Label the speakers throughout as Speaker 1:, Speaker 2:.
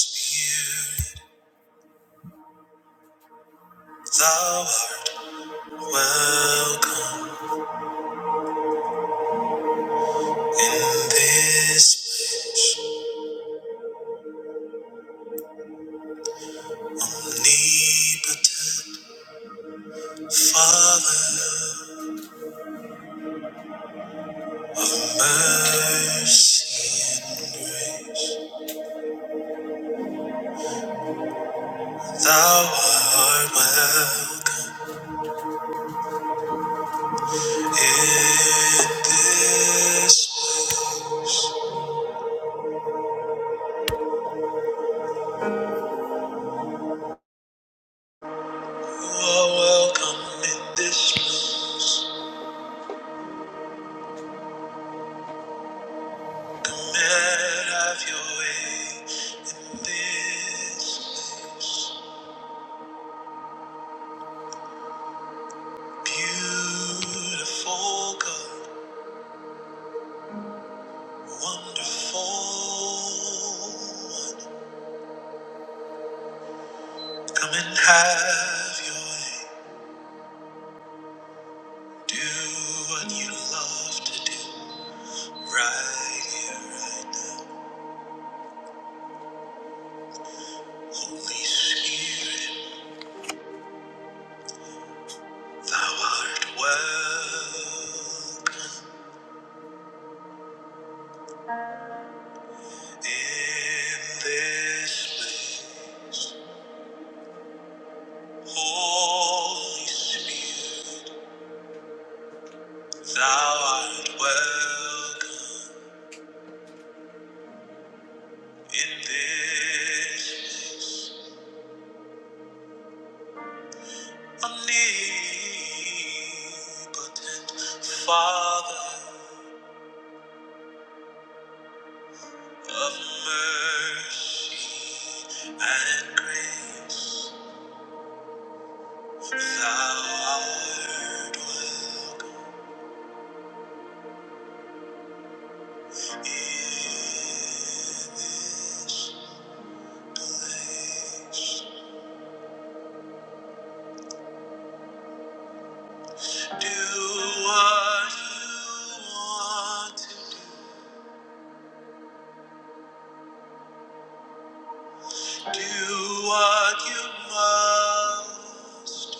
Speaker 1: Thou art welcome in this place. Need but Father, mercy and grace. Thou art welcome in this place. You are welcome in this place. Come and have your way in this place. Beautiful God. Wonderful. Come and have your way. Do what you love to do. Right here, right now. Holy Spirit, thou art welcome in this place. Holy Spirit, thou art welcome in this place. Omnipotent Father of mercy and grace, thou art welcome in this place. Do what you want to do, do what you must.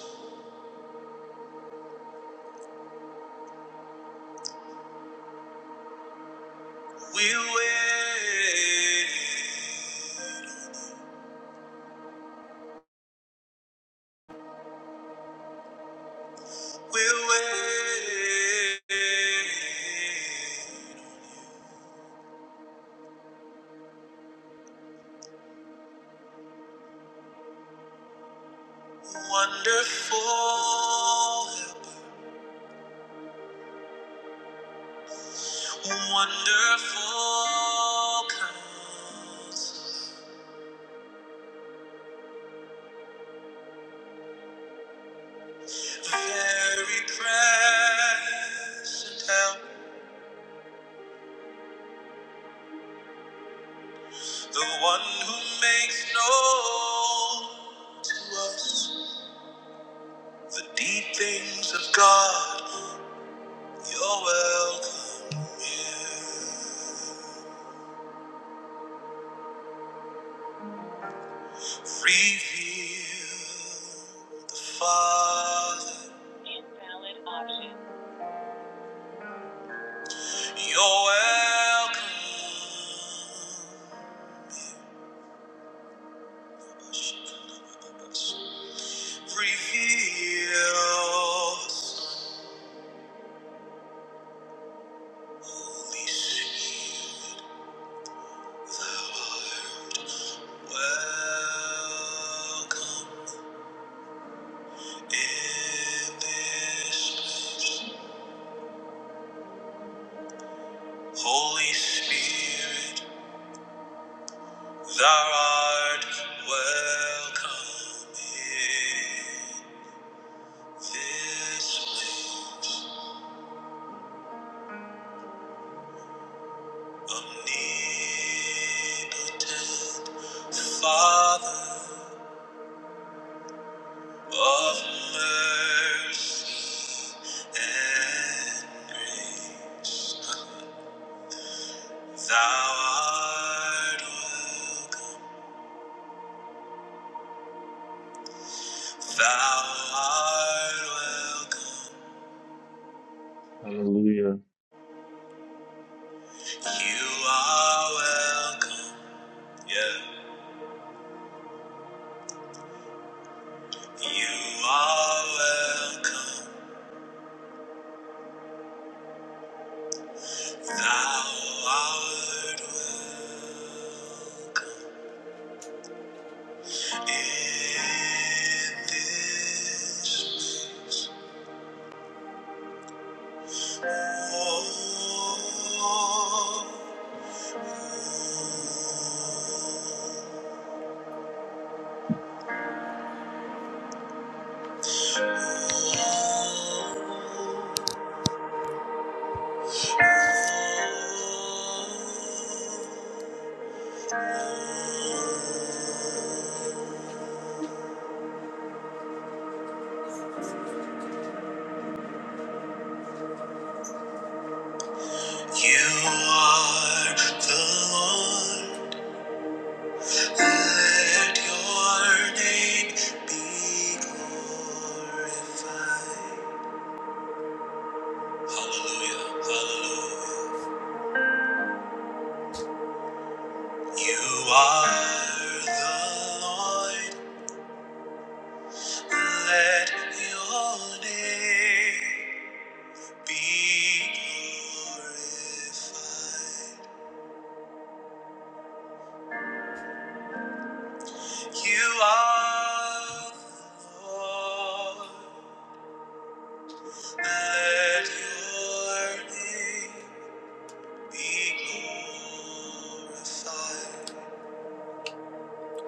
Speaker 1: We wait We'll wait. Wonderful, wonderful comes. Very present help, the one who makes known to us the deep things of God. You're welcome here. Reveal the Father. You're welcome. Reveal the Son. Holy Spirit, thou art welcome in this place. Holy Spirit, thou art welcome in. This place, omnipotent Father of mercy and grace, Thou art welcome. Thou art welcome.
Speaker 2: Hallelujah.
Speaker 1: You are welcome. Yeah. You are welcome. Thou art welcome. In this war, you are the Lord. Let your name be glorified. Hallelujah, hallelujah. You are the Lord. Let your name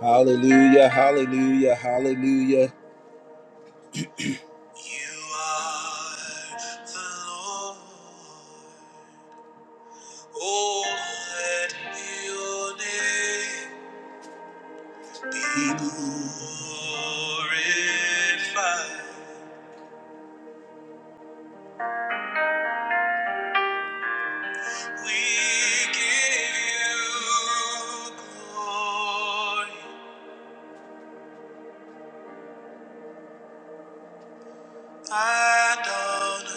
Speaker 1: Hallelujah, hallelujah, hallelujah. You are the Lord. Oh, let your name Be glorified. We give you glory, Adonai,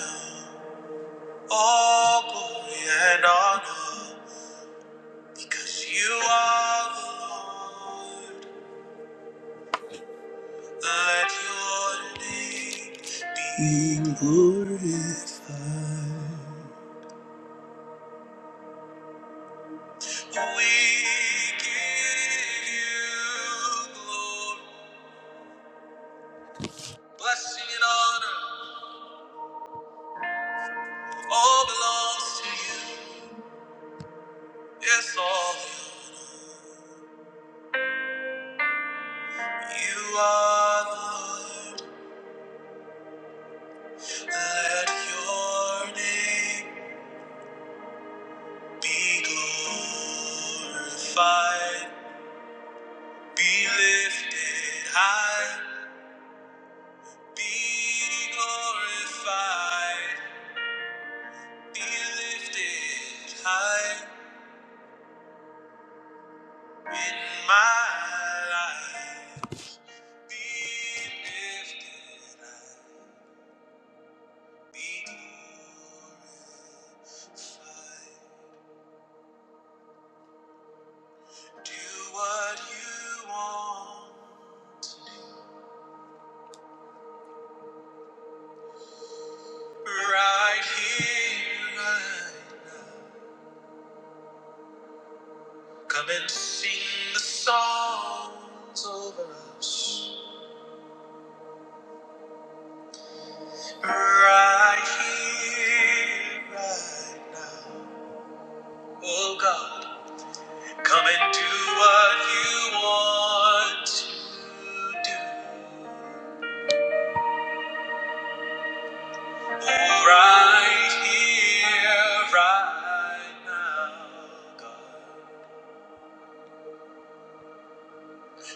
Speaker 1: all glory and honor, because you are the Lord. Let your name be glorified. We give you glory. Blessing and honor all belongs to you. Yes, all you are the Lord. Let your name be glorified, be lifted high, be glorified, be lifted high in my life. Be lifted high. right here, right now. Come and sing the songs over us right here, right now. Oh God, come and do what you want to do. Right here, right now, God.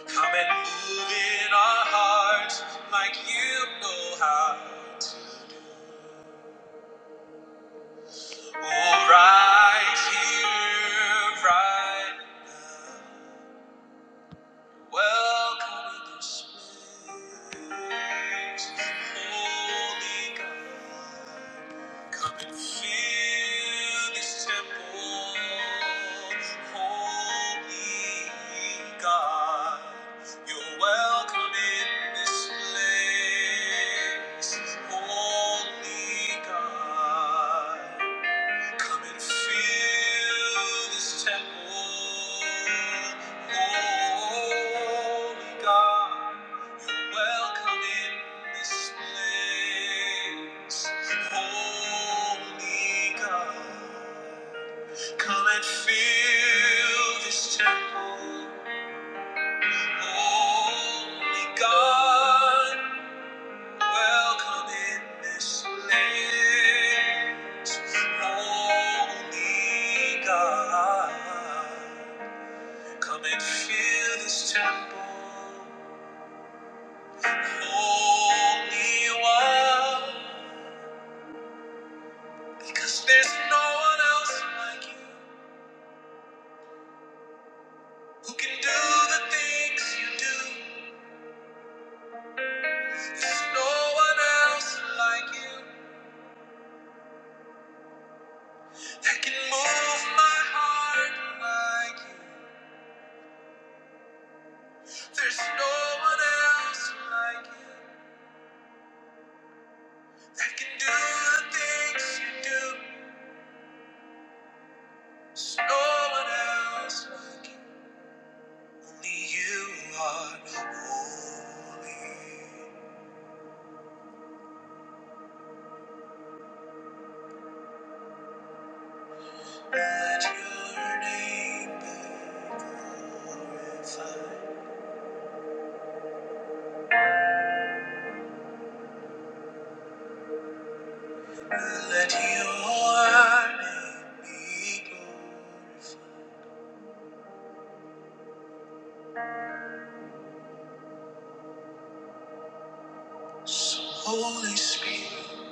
Speaker 1: Come and move in our hearts like you know how to. Oh, right here, right now. Welcome in this place, Holy God. Come and fill this temple, holy God. You're welcome in this place, holy God. Come and fill this temple, Holy God. You're welcome in this place, Holy God. Come and fill this temple, Holy God. Welcome in this place, Holy God. Come and fill this temple, Holy One. Because there's no one else like you who can do the things you do. There's no one else like you that can move my heart like you. There's no one else like You. I can do the things you do. There's no one else, only you are holy. Let your name be glorified. Let your name be glorified. So, Holy Spirit,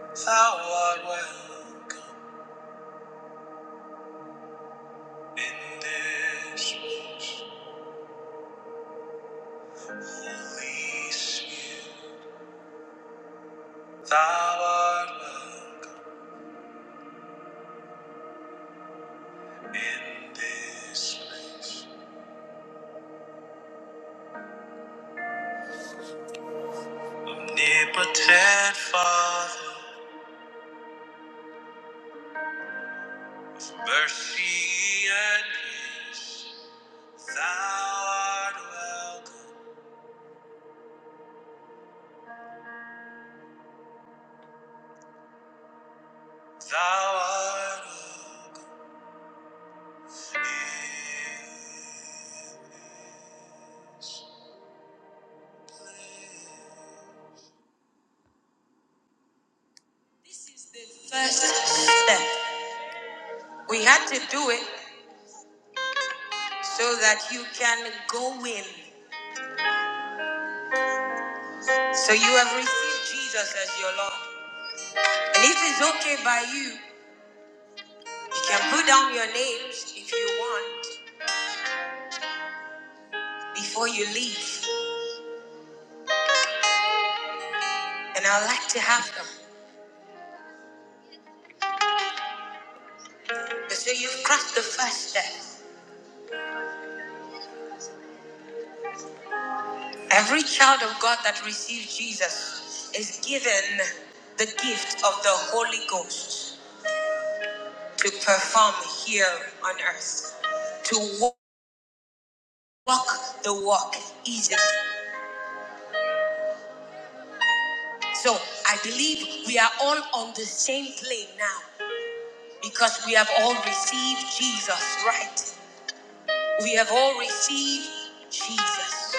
Speaker 1: thou art welcome in this place. Holy Spirit, thou art welcome. in this place. Omnipotent Father, mercy and grace, thou art welcome, thou art welcome in this place. This is the first step. We had to do it so that you can go in. So you have received Jesus as your Lord. And it is okay by you. You can put down your names if you want before you leave, and I'd like to have them. But so you've crossed the first step. Every child of God that receives Jesus is given the gift of the Holy Ghost to perform here on earth, to walk the walk easily. So I believe we are all on the same plane now because we have all received Jesus, right? We have all received Jesus.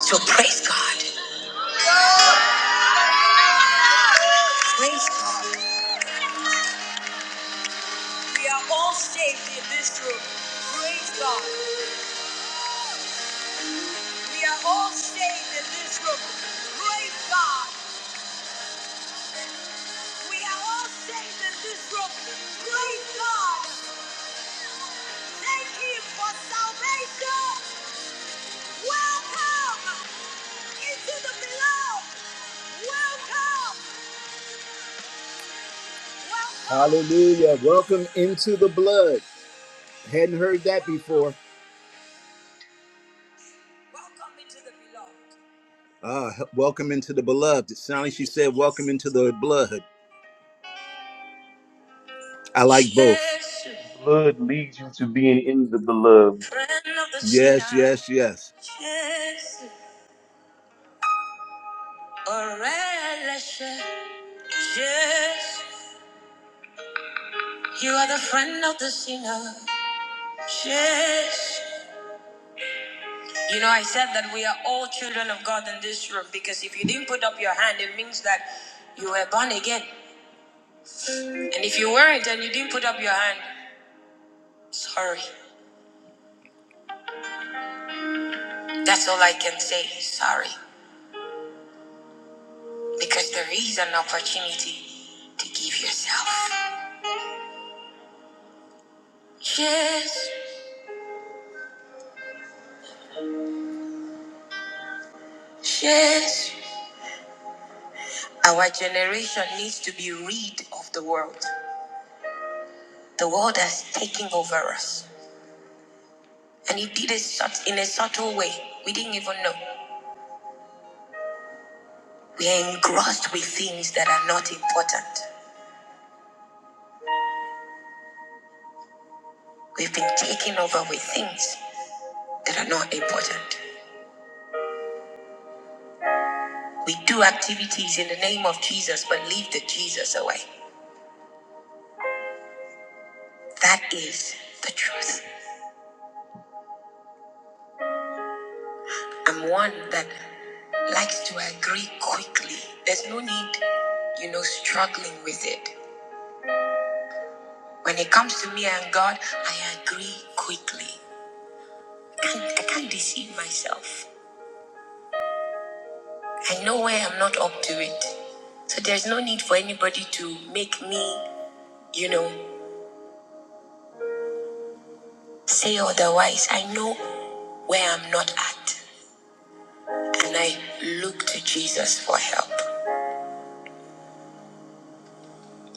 Speaker 1: So praise God. Praise God. We are all saved in this room. Praise God. We are all saved in this room. Praise God. We are all saved in this room. Praise God. Thank Him for salvation. Welcome into the beloved. Welcome. Hallelujah. Welcome into the blood. Hadn't heard that before. Welcome into the beloved. Ah, he- welcome into the beloved. It sounded like she said, Welcome into the blood. I like both. Yes,
Speaker 2: The blood leads you to being in the beloved.
Speaker 1: friend of the yes, sinner. yes, yes. Yes, a relation. Yes, you are the friend of the sinner. Yes. You know, I said that we are all children of God in this room because if you didn't put up your hand, it means that you were born again. And if you weren't and you didn't put up your hand, sorry. That's all I can say. Sorry. because there is an opportunity to give yourself. Yes, yes. Our generation needs to be rid of the world. The world has taken over us, and it did it in a subtle way. We didn't even know. We are engrossed with things that are not important. We've been taken over with things that are not important. We do activities in the name of Jesus, but leave the Jesus away. That is the truth. I'm one that likes to agree quickly. There's no need, you know, struggling with it. When it comes to me and God, I agree quickly. I can't, I can't deceive myself. I know where I'm not up to it. So there's no need for anybody to make me, you know, say otherwise. I know where I'm not at. And I look to Jesus for help.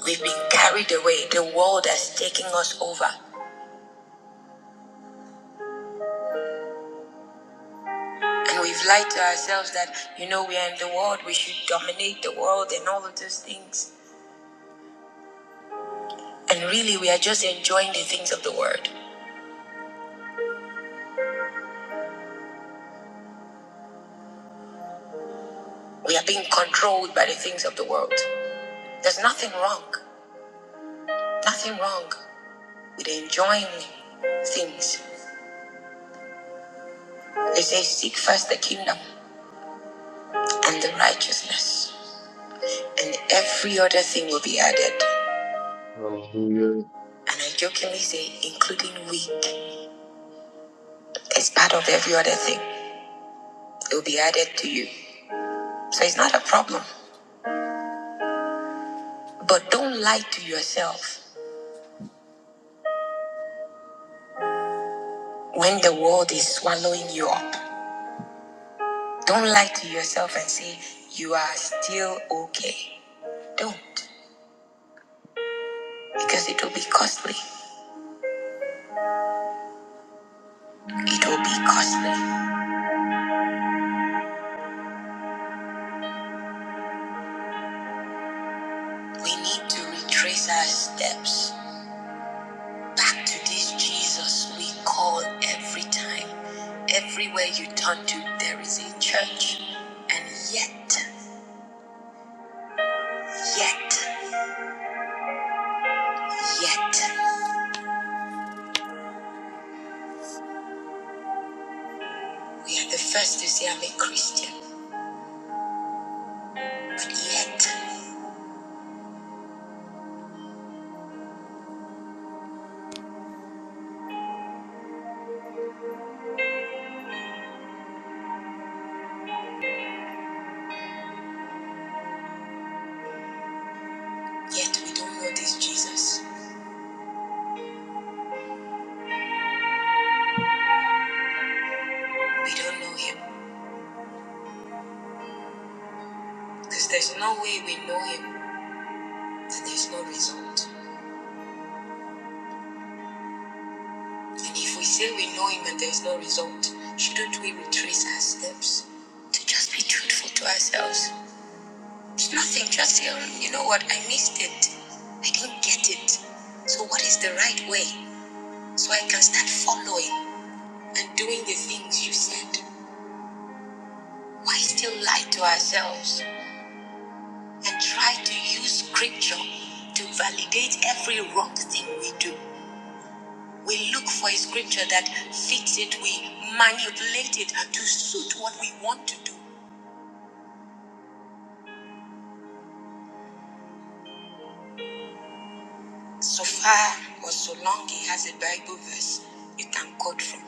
Speaker 1: We've been carried away. The world has taken us over. And we've lied to ourselves that, you know, we are in the world, we should dominate the world and all of those things. And really, we are just enjoying the things of the world. We are being controlled by the things of the world. There's nothing wrong, nothing wrong with enjoying things. They say, seek first the kingdom and the righteousness, and every other thing will be added.
Speaker 2: Hallelujah.
Speaker 1: And I jokingly say, including weak, is part of every other thing. It will be added to you. So it's not a problem. But don't lie to yourself when the world is swallowing you up. Don't lie to yourself and say you are still okay. Don't, because it will be costly. It will be costly. We need to retrace our steps back to this Jesus we call every time. Everywhere you turn to, there is a church. And yet, yet, yet, we are the first to say I'm a Christian. But yet, Yet we don't know this Jesus. We don't know him. Because there's no way we know him and there's no result. And if we say we know him and there's no result, shouldn't we retrace our steps to just be truthful to ourselves? It's nothing, just say, "Oh, you know what, I missed it. I didn't get it. So, what is the right way? So I can start following and doing the things you said. Why still lie to ourselves? and try to use scripture to validate every wrong thing we do. We look for a scripture that fits it, we manipulate it to suit what we want to do. So far or so long he has a Bible verse you can quote from,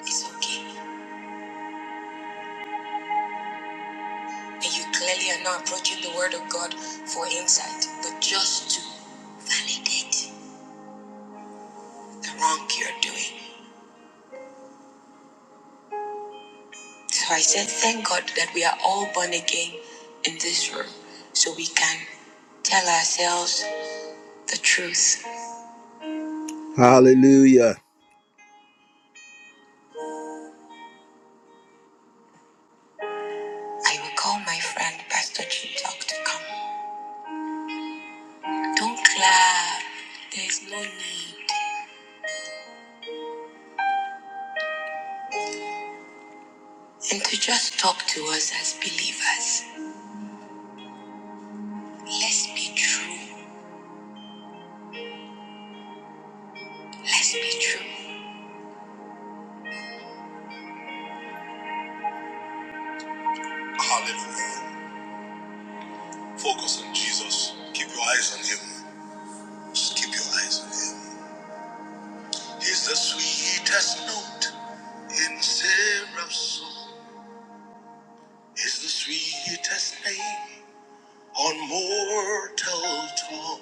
Speaker 1: it's okay. And you clearly are not approaching the Word of God for insight, but just to validate the wrong you're doing. So I said, thank God that we are all born again in this room so we can tell ourselves the truth. Hallelujah. I will call my friend Pastor Chintok to come. Don't clap. There's no need. And to just talk to us as believers. Let's be true. Let's be true. Keep your eyes. on. He's the sweetest note in Seraph's soul. He's the sweetest name. On mortal tongue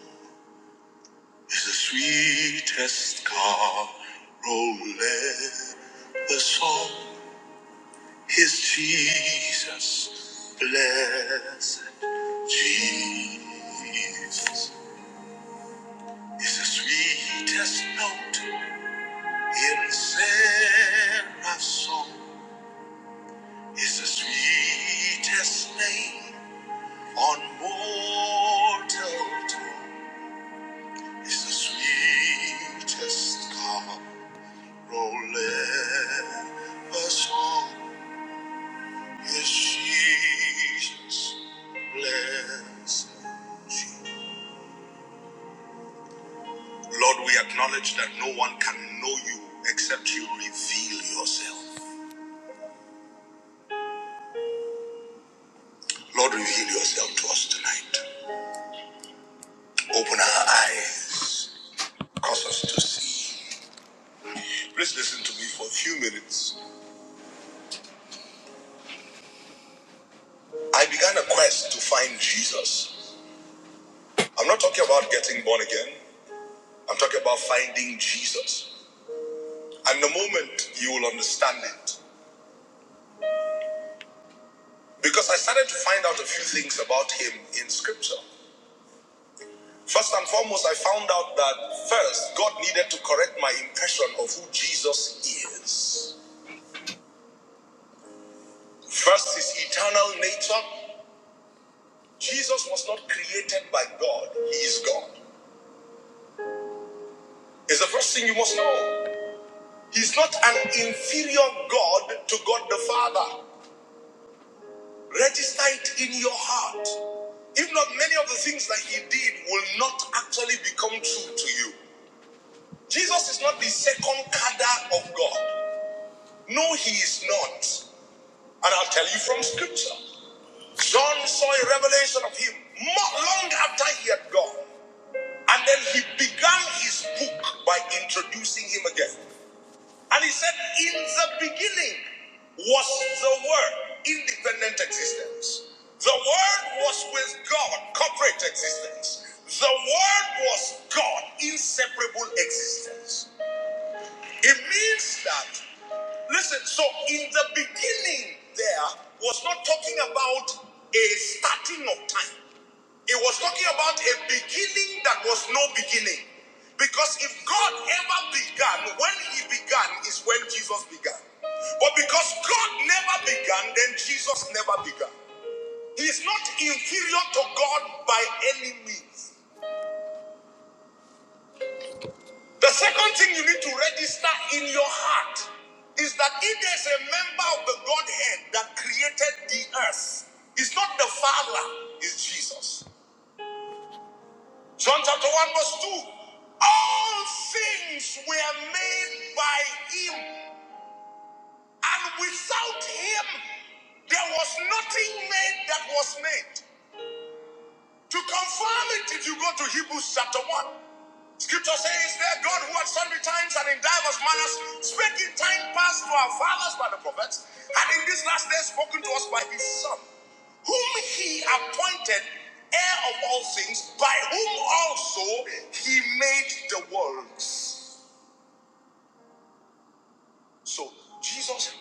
Speaker 1: is the sweetest carolette. The song is Jesus, blessed Jesus. Is the sweetest note in Sarah's song. Is the sweetest name on mortal tongue. Is the sweetest God Oh, Lord, we acknowledge that no one can make yourself. Lord, reveal yourself to us tonight. Open our eyes, cause us to see. Please listen to me for a few minutes. I began a quest to find Jesus. I'm not talking about getting born again, I'm talking about finding Jesus. And the moment you will understand it, because I started to find out a few things about him in scripture. First and foremost, I found out that first, God needed to correct my impression of who Jesus is. First, his eternal nature. Jesus was not created by God, he is God. It's the first thing you must know. He's not an inferior God to God the Father. Register it in your heart. If not, many of the things that he did will not actually become true to you. Jesus is not the second cadre of God. No, he is not. And I'll tell you from scripture. John saw a revelation of him mo- long after he had gone. And then he began his book by introducing him again. And he said, In the beginning was the Word, independent existence. The Word was with God, corporate existence. The Word was God, inseparable existence. It means that, listen, so in the beginning, there was not talking about a starting of time. It was talking about a beginning that was no beginning. Because if God ever began, when he began is when Jesus began. But because God never began, then Jesus never began. He is not inferior to God by any means. The second thing you need to register in your heart is that if there's a member of the Godhead that created the earth, it's not the Father, it's Jesus. John chapter 1, verse 2. All things were made by him, and without him there was nothing made that was made. To confirm it, if you go to Hebrews chapter 1, scripture says that God who at sundry times and in diverse manners spake in time past to our fathers by the prophets, and in this last day spoken to us by his Son, whom he appointed heir of all things, by whom also he made the worlds. So, Jesus,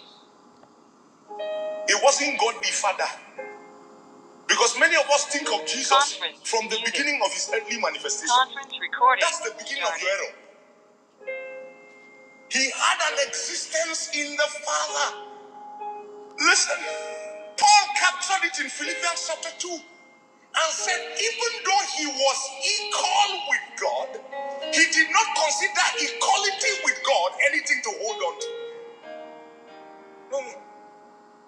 Speaker 1: it wasn't God the Father, because many of us think of Jesus, of his earthly manifestation. He had an existence in the Father. Listen, Paul captured it in Philippians chapter 2 and said, even though he was equal with God, he did not consider equality with God anything to hold on to. No, no.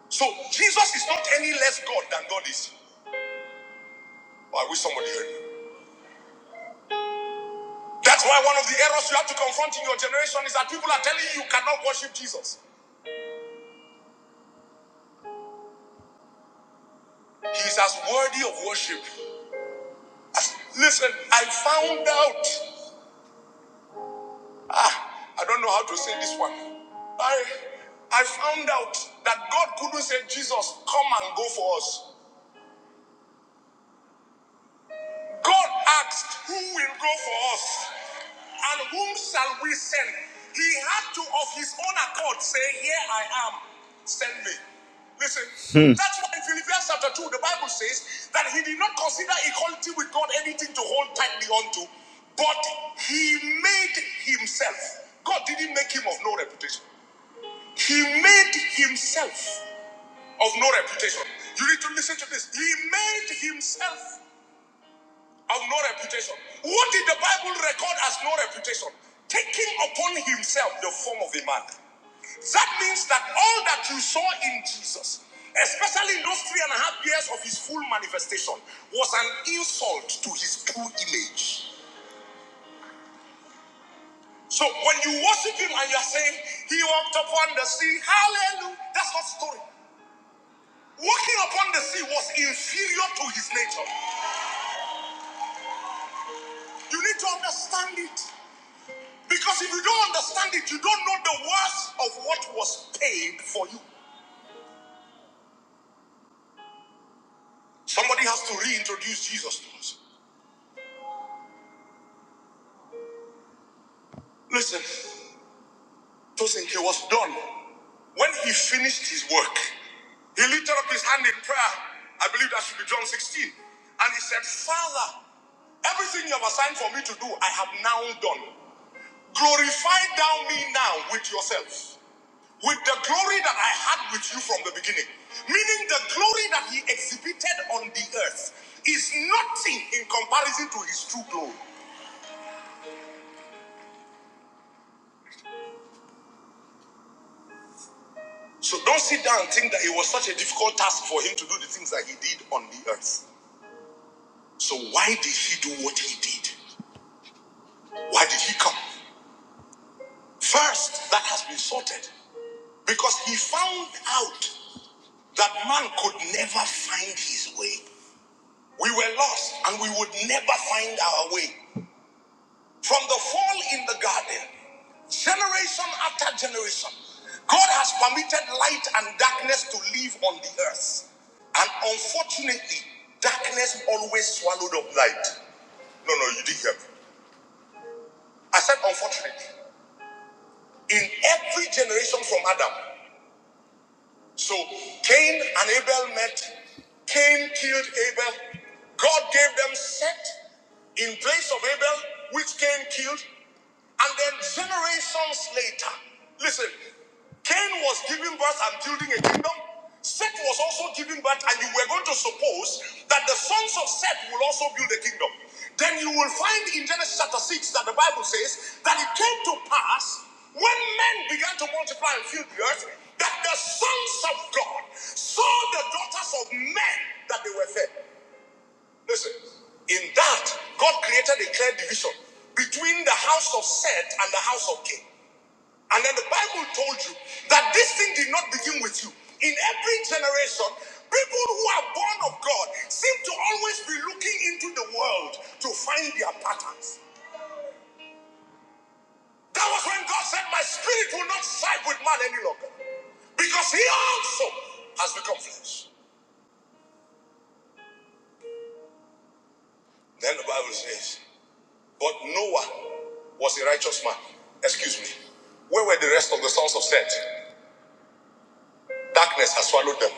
Speaker 1: So Jesus is not any less God than God is. I wish somebody heard me. That's why one of the errors you have to confront in your generation is that people are telling you you cannot worship Jesus. He is as worthy of worship. as- Listen, I found out. Ah, I don't know how to say this one. I I found out that God couldn't say Jesus, come and go for us. God asked, Who will go for us? And whom shall we send? He had to, of his own accord, say, Here I am, send me. Listen, Hmm. that's why in Philippians chapter 2, the Bible says that he did not consider equality with God anything to hold tightly onto, but he made himself. God didn't make him of no reputation. He made himself of no reputation. You need to listen to this. He made himself of no reputation. What did the Bible record as no reputation? Taking upon himself the form of a man. That means that all that you saw in Jesus, especially in those three and a half years of his full manifestation, was an insult to his true image. So when you worship him and you are saying, He walked upon the sea, hallelujah, that's not story. Walking upon the sea was inferior to his nature. You need to understand it. Because if you don't understand it, you don't know the worth of what was paid for you. Somebody has to reintroduce Jesus to us. Listen, Tosinke was done. When he finished his work, he lifted up his hand in prayer. I believe that should be John 16. And he said, Father, everything you have assigned for me to do, I have now done. Glorify thou me now with yourself. with the glory that I had with you from the beginning. Meaning the glory that he exhibited on the earth is nothing in comparison to his true glory. So don't sit down and think that it was such a difficult task for him to do the things that he did on the earth. So why did he do what he did? Why did he come? First, that has been sorted because he found out that man could never find his way. We were lost and we would never find our way. From the fall in the garden, generation after generation, God has permitted light and darkness to live on the earth. And unfortunately, darkness always swallowed up light. No, no, you didn't hear me. I said, unfortunately, in every generation from Adam, So Cain and Abel met. Cain killed Abel. God gave them Seth in place of Abel, which Cain killed. And then generations later, listen, Cain was giving birth and building a kingdom. Seth was also giving birth, and you were going to suppose that the sons of Seth will also build a kingdom. Then you will find in Genesis chapter 6 that the Bible says that it came to pass when men began to multiply and fill the earth that the sons of God saw the daughters of men that they were fed. Listen, in that, God created a clear division between the house of Seth and the house of Cain. And then the Bible told you that this thing did not begin with you. In every generation, people who are born of God seem to always be looking into the world to find their patterns. That was when God said, My spirit will not side with man any longer, because he also has become flesh. Then the Bible says, But Noah was a righteous man. Excuse me. Where were the rest of the sons of Seth? Darkness has swallowed them.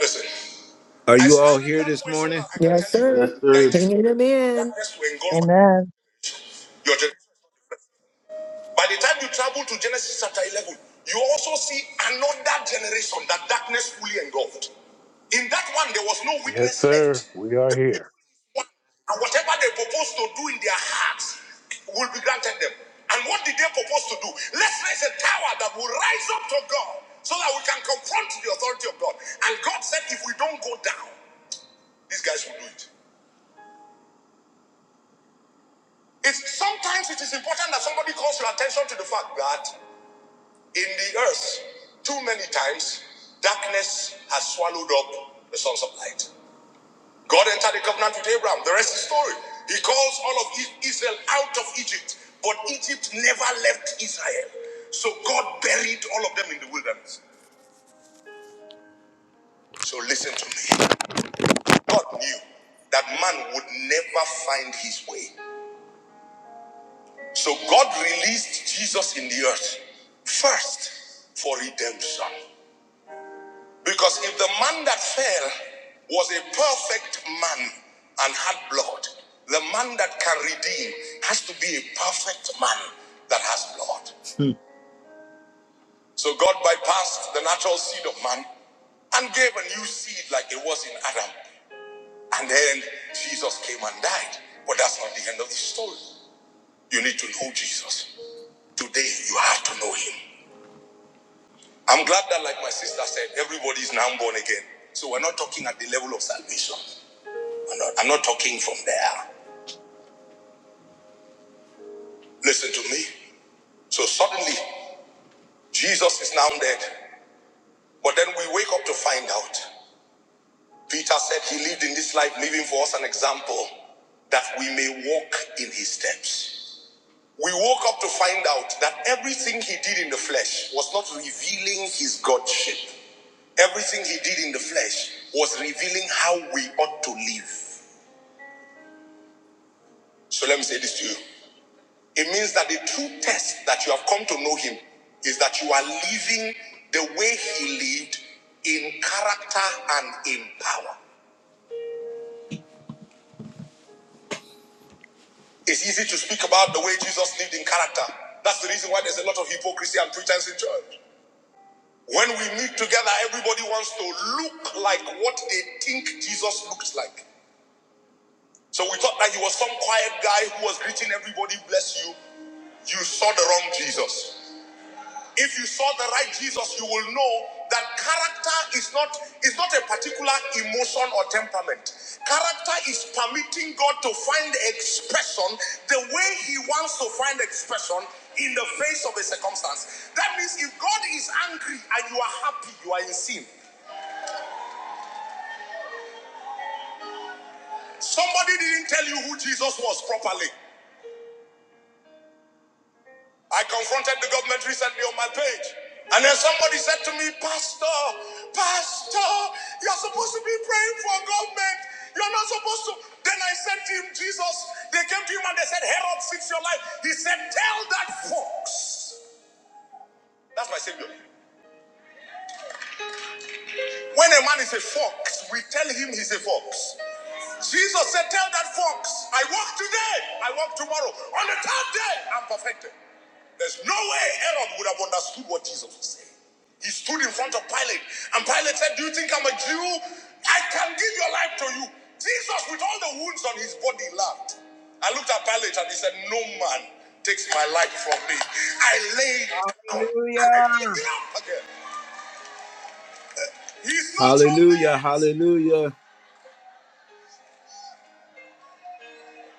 Speaker 1: Listen. Are you all here this morning? I can
Speaker 3: Yes,
Speaker 1: tell you
Speaker 2: Yes,
Speaker 3: sir.
Speaker 1: that
Speaker 2: sir.
Speaker 1: it is
Speaker 3: Pinging them in.
Speaker 1: darkness to engulf your
Speaker 4: Amen.
Speaker 1: generation. By the time you travel to Genesis chapter 11, you also see another generation that darkness fully engulfed. In that one, there was no
Speaker 5: Yes,
Speaker 1: witness
Speaker 5: sir.
Speaker 1: left.
Speaker 5: We
Speaker 1: The
Speaker 5: are
Speaker 1: people
Speaker 5: here.
Speaker 1: is one, and whatever they propose to do in their hearts will be granted them. And what did they propose to do? Let's raise a tower that will rise up to God so that we can confront the authority of God. And God said, if we don't go down, these guys will do it. It's sometimes it is important that somebody calls your attention to the fact that in the earth, too many times, darkness has swallowed up the sons of light. God entered the covenant with Abraham. The rest is story. He calls all of Israel out of Egypt, but Egypt never left Israel. So God buried all of them in the wilderness. So listen to me. God knew that man would never find his way. So God released Jesus in the earth first for redemption. Because if the man that fell was a perfect man and had blood, the man that can redeem has to be a perfect man that has blood. So God bypassed the natural seed of man and gave a new seed like it was in Adam. And then Jesus came and died. But that's not the end of the story. You need to know Jesus. Today, you have to know him. I'm glad that, like my sister said, everybody is now born again. So we're not talking at the level of salvation. I'm not, I'm not talking from there. Listen to me. So suddenly, Jesus is now dead. But then we wake up to find out. Peter said he lived in this life, leaving for us an example that we may walk in his steps. We woke up to find out that everything he did in the flesh was not revealing his Godship. Everything he did in the flesh was revealing how we ought to live. So let me say this to you. It means that the true test that you have come to know him is that you are living the way he lived in character and in power. It's easy to speak about the way Jesus lived in character. That's the reason why there's a lot of hypocrisy and pretense in church. When we meet together, everybody wants to look like what they think Jesus looks like. So we thought that he was some quiet guy who was greeting everybody, bless you. You saw the wrong Jesus. If you saw the right Jesus, you will know that character is not is not a particular emotion or temperament. Character is permitting God to find expression the way He wants to find expression in the face of a circumstance. That means if God is angry and you are happy, you are in sin. Somebody didn't tell you who Jesus was properly. I confronted the government recently on my page. And then somebody said to me, Pastor, Pastor, you're supposed to be praying for government. You're not supposed to. Then I said to him, Jesus, they came to him and they said, Herod, fix your life. He said, Tell that fox. That's my savior. When a man is a fox, we tell him he's a fox. Jesus said, Tell that fox, I walk today, I walk tomorrow. On the third day, I'm perfected. There's no way Aaron would have understood what Jesus was saying. He stood in front of Pilate, and Pilate said, Do you think I'm a Jew? I can give your life to you. Jesus, with all the wounds on his body, laughed. I looked at Pilate and he said, No man takes my life from me. I lay it down and I pick
Speaker 6: Hallelujah.
Speaker 1: it up again. He's not Hallelujah, your mate. hallelujah.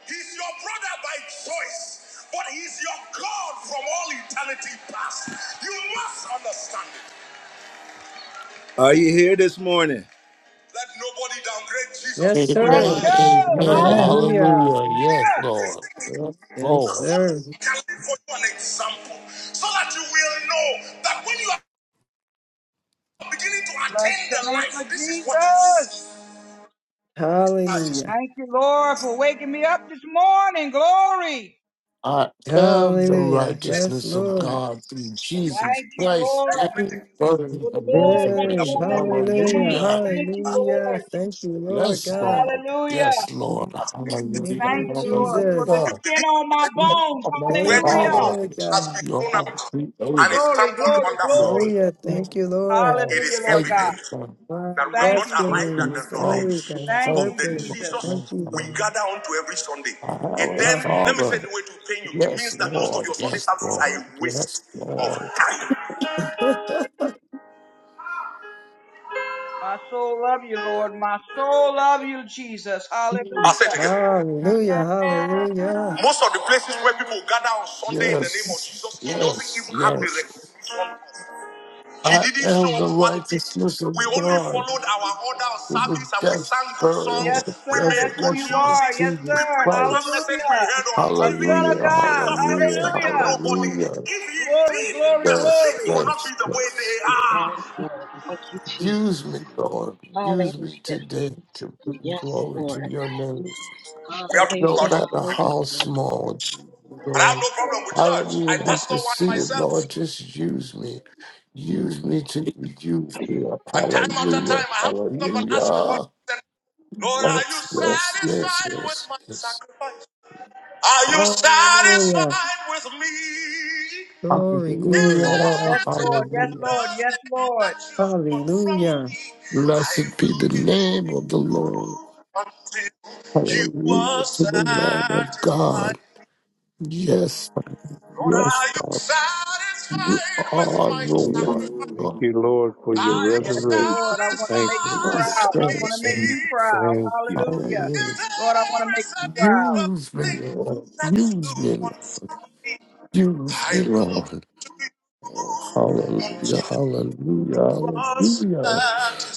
Speaker 1: He's your brother by choice, but he's your God from all eternity past. You must understand it. Are you here this morning? Let nobody downgrade Jesus
Speaker 3: Yes,
Speaker 7: Amen.
Speaker 1: before your
Speaker 6: Let's
Speaker 3: sir.
Speaker 6: go.
Speaker 1: eyes. He
Speaker 7: Amen.
Speaker 4: Amen.
Speaker 3: Hallelujah.
Speaker 7: Hallelujah.
Speaker 1: did
Speaker 7: Yes,
Speaker 6: Hallelujah.
Speaker 7: Lord.
Speaker 1: everything he
Speaker 7: Yes,
Speaker 3: Yes,
Speaker 1: just
Speaker 7: Lord.
Speaker 1: so that
Speaker 3: sir.
Speaker 1: he can live for you an example, so that you will know that when you are beginning to
Speaker 6: Bless
Speaker 1: attain
Speaker 6: the
Speaker 1: the
Speaker 6: name
Speaker 1: life,
Speaker 6: of
Speaker 1: this is what you
Speaker 6: Jesus.
Speaker 1: see. That is
Speaker 3: Hallelujah.
Speaker 6: Thank you, Lord, for waking me up this morning. Glory.
Speaker 7: I am the
Speaker 3: Hallelujah.
Speaker 1: less
Speaker 3: Yes,
Speaker 7: righteousness of
Speaker 3: Lord.
Speaker 7: God through Jesus
Speaker 6: Thank you,
Speaker 7: Christ,
Speaker 6: Lord,
Speaker 7: death,
Speaker 1: judgment
Speaker 7: burial,
Speaker 6: for the
Speaker 7: and
Speaker 6: blood running
Speaker 3: Yay.
Speaker 7: resurrection.
Speaker 6: warm
Speaker 1: against
Speaker 6: in my
Speaker 3: Hallelujah.
Speaker 6: veins.
Speaker 7: Hallelujah.
Speaker 6: Thank you,
Speaker 3: Hallelujah.
Speaker 6: Lord.
Speaker 3: Thank you, Lord
Speaker 7: Yes, Lord.
Speaker 3: God.
Speaker 6: Hallelujah.
Speaker 7: Yes, Lord.
Speaker 3: Thank
Speaker 7: Hallelujah.
Speaker 6: Thank
Speaker 3: you,
Speaker 6: you, Lord, for the
Speaker 1: the
Speaker 7: Hallelujah.
Speaker 3: Jesus.
Speaker 6: skin on my
Speaker 7: You
Speaker 6: bones.
Speaker 7: are my
Speaker 1: Where
Speaker 3: Thank
Speaker 1: the
Speaker 3: you,
Speaker 6: Hallelujah.
Speaker 1: sun
Speaker 7: father.
Speaker 3: Lord
Speaker 1: has
Speaker 3: God.
Speaker 1: been
Speaker 7: You are
Speaker 1: thrown
Speaker 7: my
Speaker 1: out and
Speaker 7: creator.
Speaker 1: is
Speaker 6: Glory,
Speaker 1: trampled
Speaker 6: glory,
Speaker 7: You
Speaker 1: underfoot,
Speaker 7: are
Speaker 6: glory.
Speaker 3: Hallelujah.
Speaker 7: my
Speaker 3: Thank you, Lord.
Speaker 1: it
Speaker 6: Hallelujah,
Speaker 1: is
Speaker 6: Lord
Speaker 7: thank
Speaker 6: God.
Speaker 7: you,
Speaker 1: evident
Speaker 7: Father.
Speaker 3: My
Speaker 1: that we have
Speaker 6: Thank
Speaker 1: not
Speaker 6: you,
Speaker 7: Thank
Speaker 1: arrived at
Speaker 7: you,
Speaker 6: Jesus.
Speaker 3: destiny.
Speaker 1: the
Speaker 7: Father.
Speaker 3: Glory
Speaker 1: knowledge
Speaker 3: God.
Speaker 6: Thank
Speaker 1: of
Speaker 7: Thank
Speaker 6: you,
Speaker 1: the
Speaker 3: Purpose.
Speaker 6: Jesus.
Speaker 3: Thank
Speaker 7: you,
Speaker 1: Jesus
Speaker 3: you,
Speaker 1: we
Speaker 7: Father.
Speaker 3: Lord.
Speaker 1: gather onto every Sunday.
Speaker 7: I have
Speaker 1: It
Speaker 7: a
Speaker 1: then,
Speaker 3: Ah.
Speaker 1: let me say the
Speaker 7: father.
Speaker 1: way to pain you, it
Speaker 7: Yes,
Speaker 1: means that most of
Speaker 7: Lord.
Speaker 1: your Sunday
Speaker 7: Yes,
Speaker 1: services are
Speaker 7: Lord.
Speaker 1: a
Speaker 7: Yes,
Speaker 1: waste of
Speaker 7: Lord.
Speaker 1: time.
Speaker 6: My soul love you, Lord. My soul love you, Jesus.
Speaker 1: I'll say it
Speaker 6: Hallelujah.
Speaker 1: again.
Speaker 3: hallelujah. Hallelujah.
Speaker 1: Most of the places where people gather on Sunday in the name of
Speaker 7: Yes,
Speaker 1: Jesus, it doesn't
Speaker 7: yes,
Speaker 1: even have the
Speaker 7: yes.
Speaker 1: recognition. of. She
Speaker 7: I
Speaker 1: didn't show
Speaker 7: am
Speaker 1: up
Speaker 7: the
Speaker 1: one bit.
Speaker 7: righteousness
Speaker 1: We
Speaker 7: of
Speaker 1: only
Speaker 7: God
Speaker 1: followed our order of
Speaker 7: through the
Speaker 1: service and we
Speaker 7: death,
Speaker 1: sang good
Speaker 7: burial,
Speaker 6: Yes,
Speaker 1: songs.
Speaker 7: and
Speaker 1: We
Speaker 6: sir.
Speaker 1: made
Speaker 6: That's who
Speaker 1: good
Speaker 6: you
Speaker 7: resurrection of
Speaker 1: music.
Speaker 6: are. Yes,
Speaker 1: We
Speaker 6: sir.
Speaker 7: Jesus
Speaker 1: preached one
Speaker 7: Christ.
Speaker 1: message we
Speaker 6: Hallelujah.
Speaker 1: heard on
Speaker 6: A
Speaker 1: TV.
Speaker 6: son
Speaker 7: Hallelujah,
Speaker 6: of God.
Speaker 1: Jesus didn't
Speaker 7: hallelujah,
Speaker 1: speak to
Speaker 6: Hallelujah.
Speaker 1: nobody.
Speaker 7: hallelujah.
Speaker 1: If he
Speaker 6: Glory,
Speaker 1: did,
Speaker 6: glory,
Speaker 1: the
Speaker 7: Yes,
Speaker 1: sick will
Speaker 6: glory.
Speaker 1: not be
Speaker 7: yes,
Speaker 1: the way they
Speaker 7: yes.
Speaker 4: Yes,
Speaker 1: are.
Speaker 4: Lord. Thank you,
Speaker 7: Use me,
Speaker 4: Jesus.
Speaker 7: Lord. Use me
Speaker 4: Hallelujah.
Speaker 7: today to bring
Speaker 4: Yes,
Speaker 7: glory
Speaker 4: Lord.
Speaker 7: to your name,
Speaker 1: We have to
Speaker 7: no
Speaker 1: go
Speaker 4: Hallelujah.
Speaker 1: out of
Speaker 7: matter
Speaker 1: religion,
Speaker 4: Hallelujah.
Speaker 7: how small,
Speaker 1: And
Speaker 4: Yes,
Speaker 1: I have
Speaker 7: Lord.
Speaker 1: no problem
Speaker 4: Lord.
Speaker 1: with
Speaker 7: I
Speaker 1: church.
Speaker 7: don't
Speaker 1: I
Speaker 7: even have to
Speaker 1: pastor one
Speaker 7: see it,
Speaker 4: Thank
Speaker 1: myself.
Speaker 7: Lord. Just use me. Use me to use me.
Speaker 1: And time after
Speaker 7: Hallelujah,
Speaker 1: time, I have to stop and ask the Lord,
Speaker 7: hallelujah.
Speaker 1: Lord, are you
Speaker 7: Yes, yes, yes,
Speaker 1: satisfied with
Speaker 7: yes,
Speaker 1: my
Speaker 7: yes.
Speaker 1: sacrifice? Are you
Speaker 3: Hallelujah.
Speaker 1: satisfied with me?
Speaker 3: Glory,
Speaker 1: If
Speaker 3: glory.
Speaker 1: there
Speaker 7: Hallelujah,
Speaker 6: Yes,
Speaker 1: is
Speaker 6: Lord. Yes,
Speaker 7: hallelujah.
Speaker 6: Lord.
Speaker 1: another
Speaker 6: Yes,
Speaker 1: thing
Speaker 6: Lord.
Speaker 1: that you want from
Speaker 3: Hallelujah.
Speaker 1: me, I
Speaker 7: Blessed be
Speaker 1: will
Speaker 7: the
Speaker 1: give
Speaker 7: name of the Lord.
Speaker 1: you until you
Speaker 7: Hallelujah
Speaker 1: are
Speaker 7: to the Lamb of
Speaker 1: satisfied.
Speaker 7: God. Yes,
Speaker 1: Lord, are
Speaker 7: yes,
Speaker 1: you
Speaker 7: God. You
Speaker 1: satisfied with
Speaker 7: are
Speaker 1: my
Speaker 7: the
Speaker 1: sacrifice?
Speaker 7: one.
Speaker 5: Thank you, Lord, for your
Speaker 1: Are you
Speaker 6: Yes,
Speaker 7: Lord.
Speaker 5: resurrection.
Speaker 6: Lord. I want to
Speaker 5: Thank
Speaker 6: make
Speaker 5: you,
Speaker 6: you
Speaker 1: satisfied
Speaker 5: Father
Speaker 7: Please
Speaker 6: proud.
Speaker 1: with
Speaker 6: I
Speaker 5: God.
Speaker 6: want to
Speaker 7: cherish
Speaker 1: me?
Speaker 6: make you proud.
Speaker 5: Thank you.
Speaker 6: Hallelujah.
Speaker 7: Hallelujah.
Speaker 1: If
Speaker 6: Lord, I want to
Speaker 1: there
Speaker 6: make
Speaker 1: is
Speaker 6: you
Speaker 1: another
Speaker 6: proud.
Speaker 7: Use me,
Speaker 1: thing
Speaker 7: Lord.
Speaker 1: that you
Speaker 7: Use me,
Speaker 1: want
Speaker 7: Lord.
Speaker 1: from me,
Speaker 7: Use
Speaker 1: I
Speaker 7: me,
Speaker 1: will
Speaker 7: Lord.
Speaker 1: give to
Speaker 7: Oh,
Speaker 1: you
Speaker 7: hallelujah,
Speaker 1: until
Speaker 7: hallelujah,
Speaker 1: you are
Speaker 7: hallelujah.
Speaker 1: satisfied.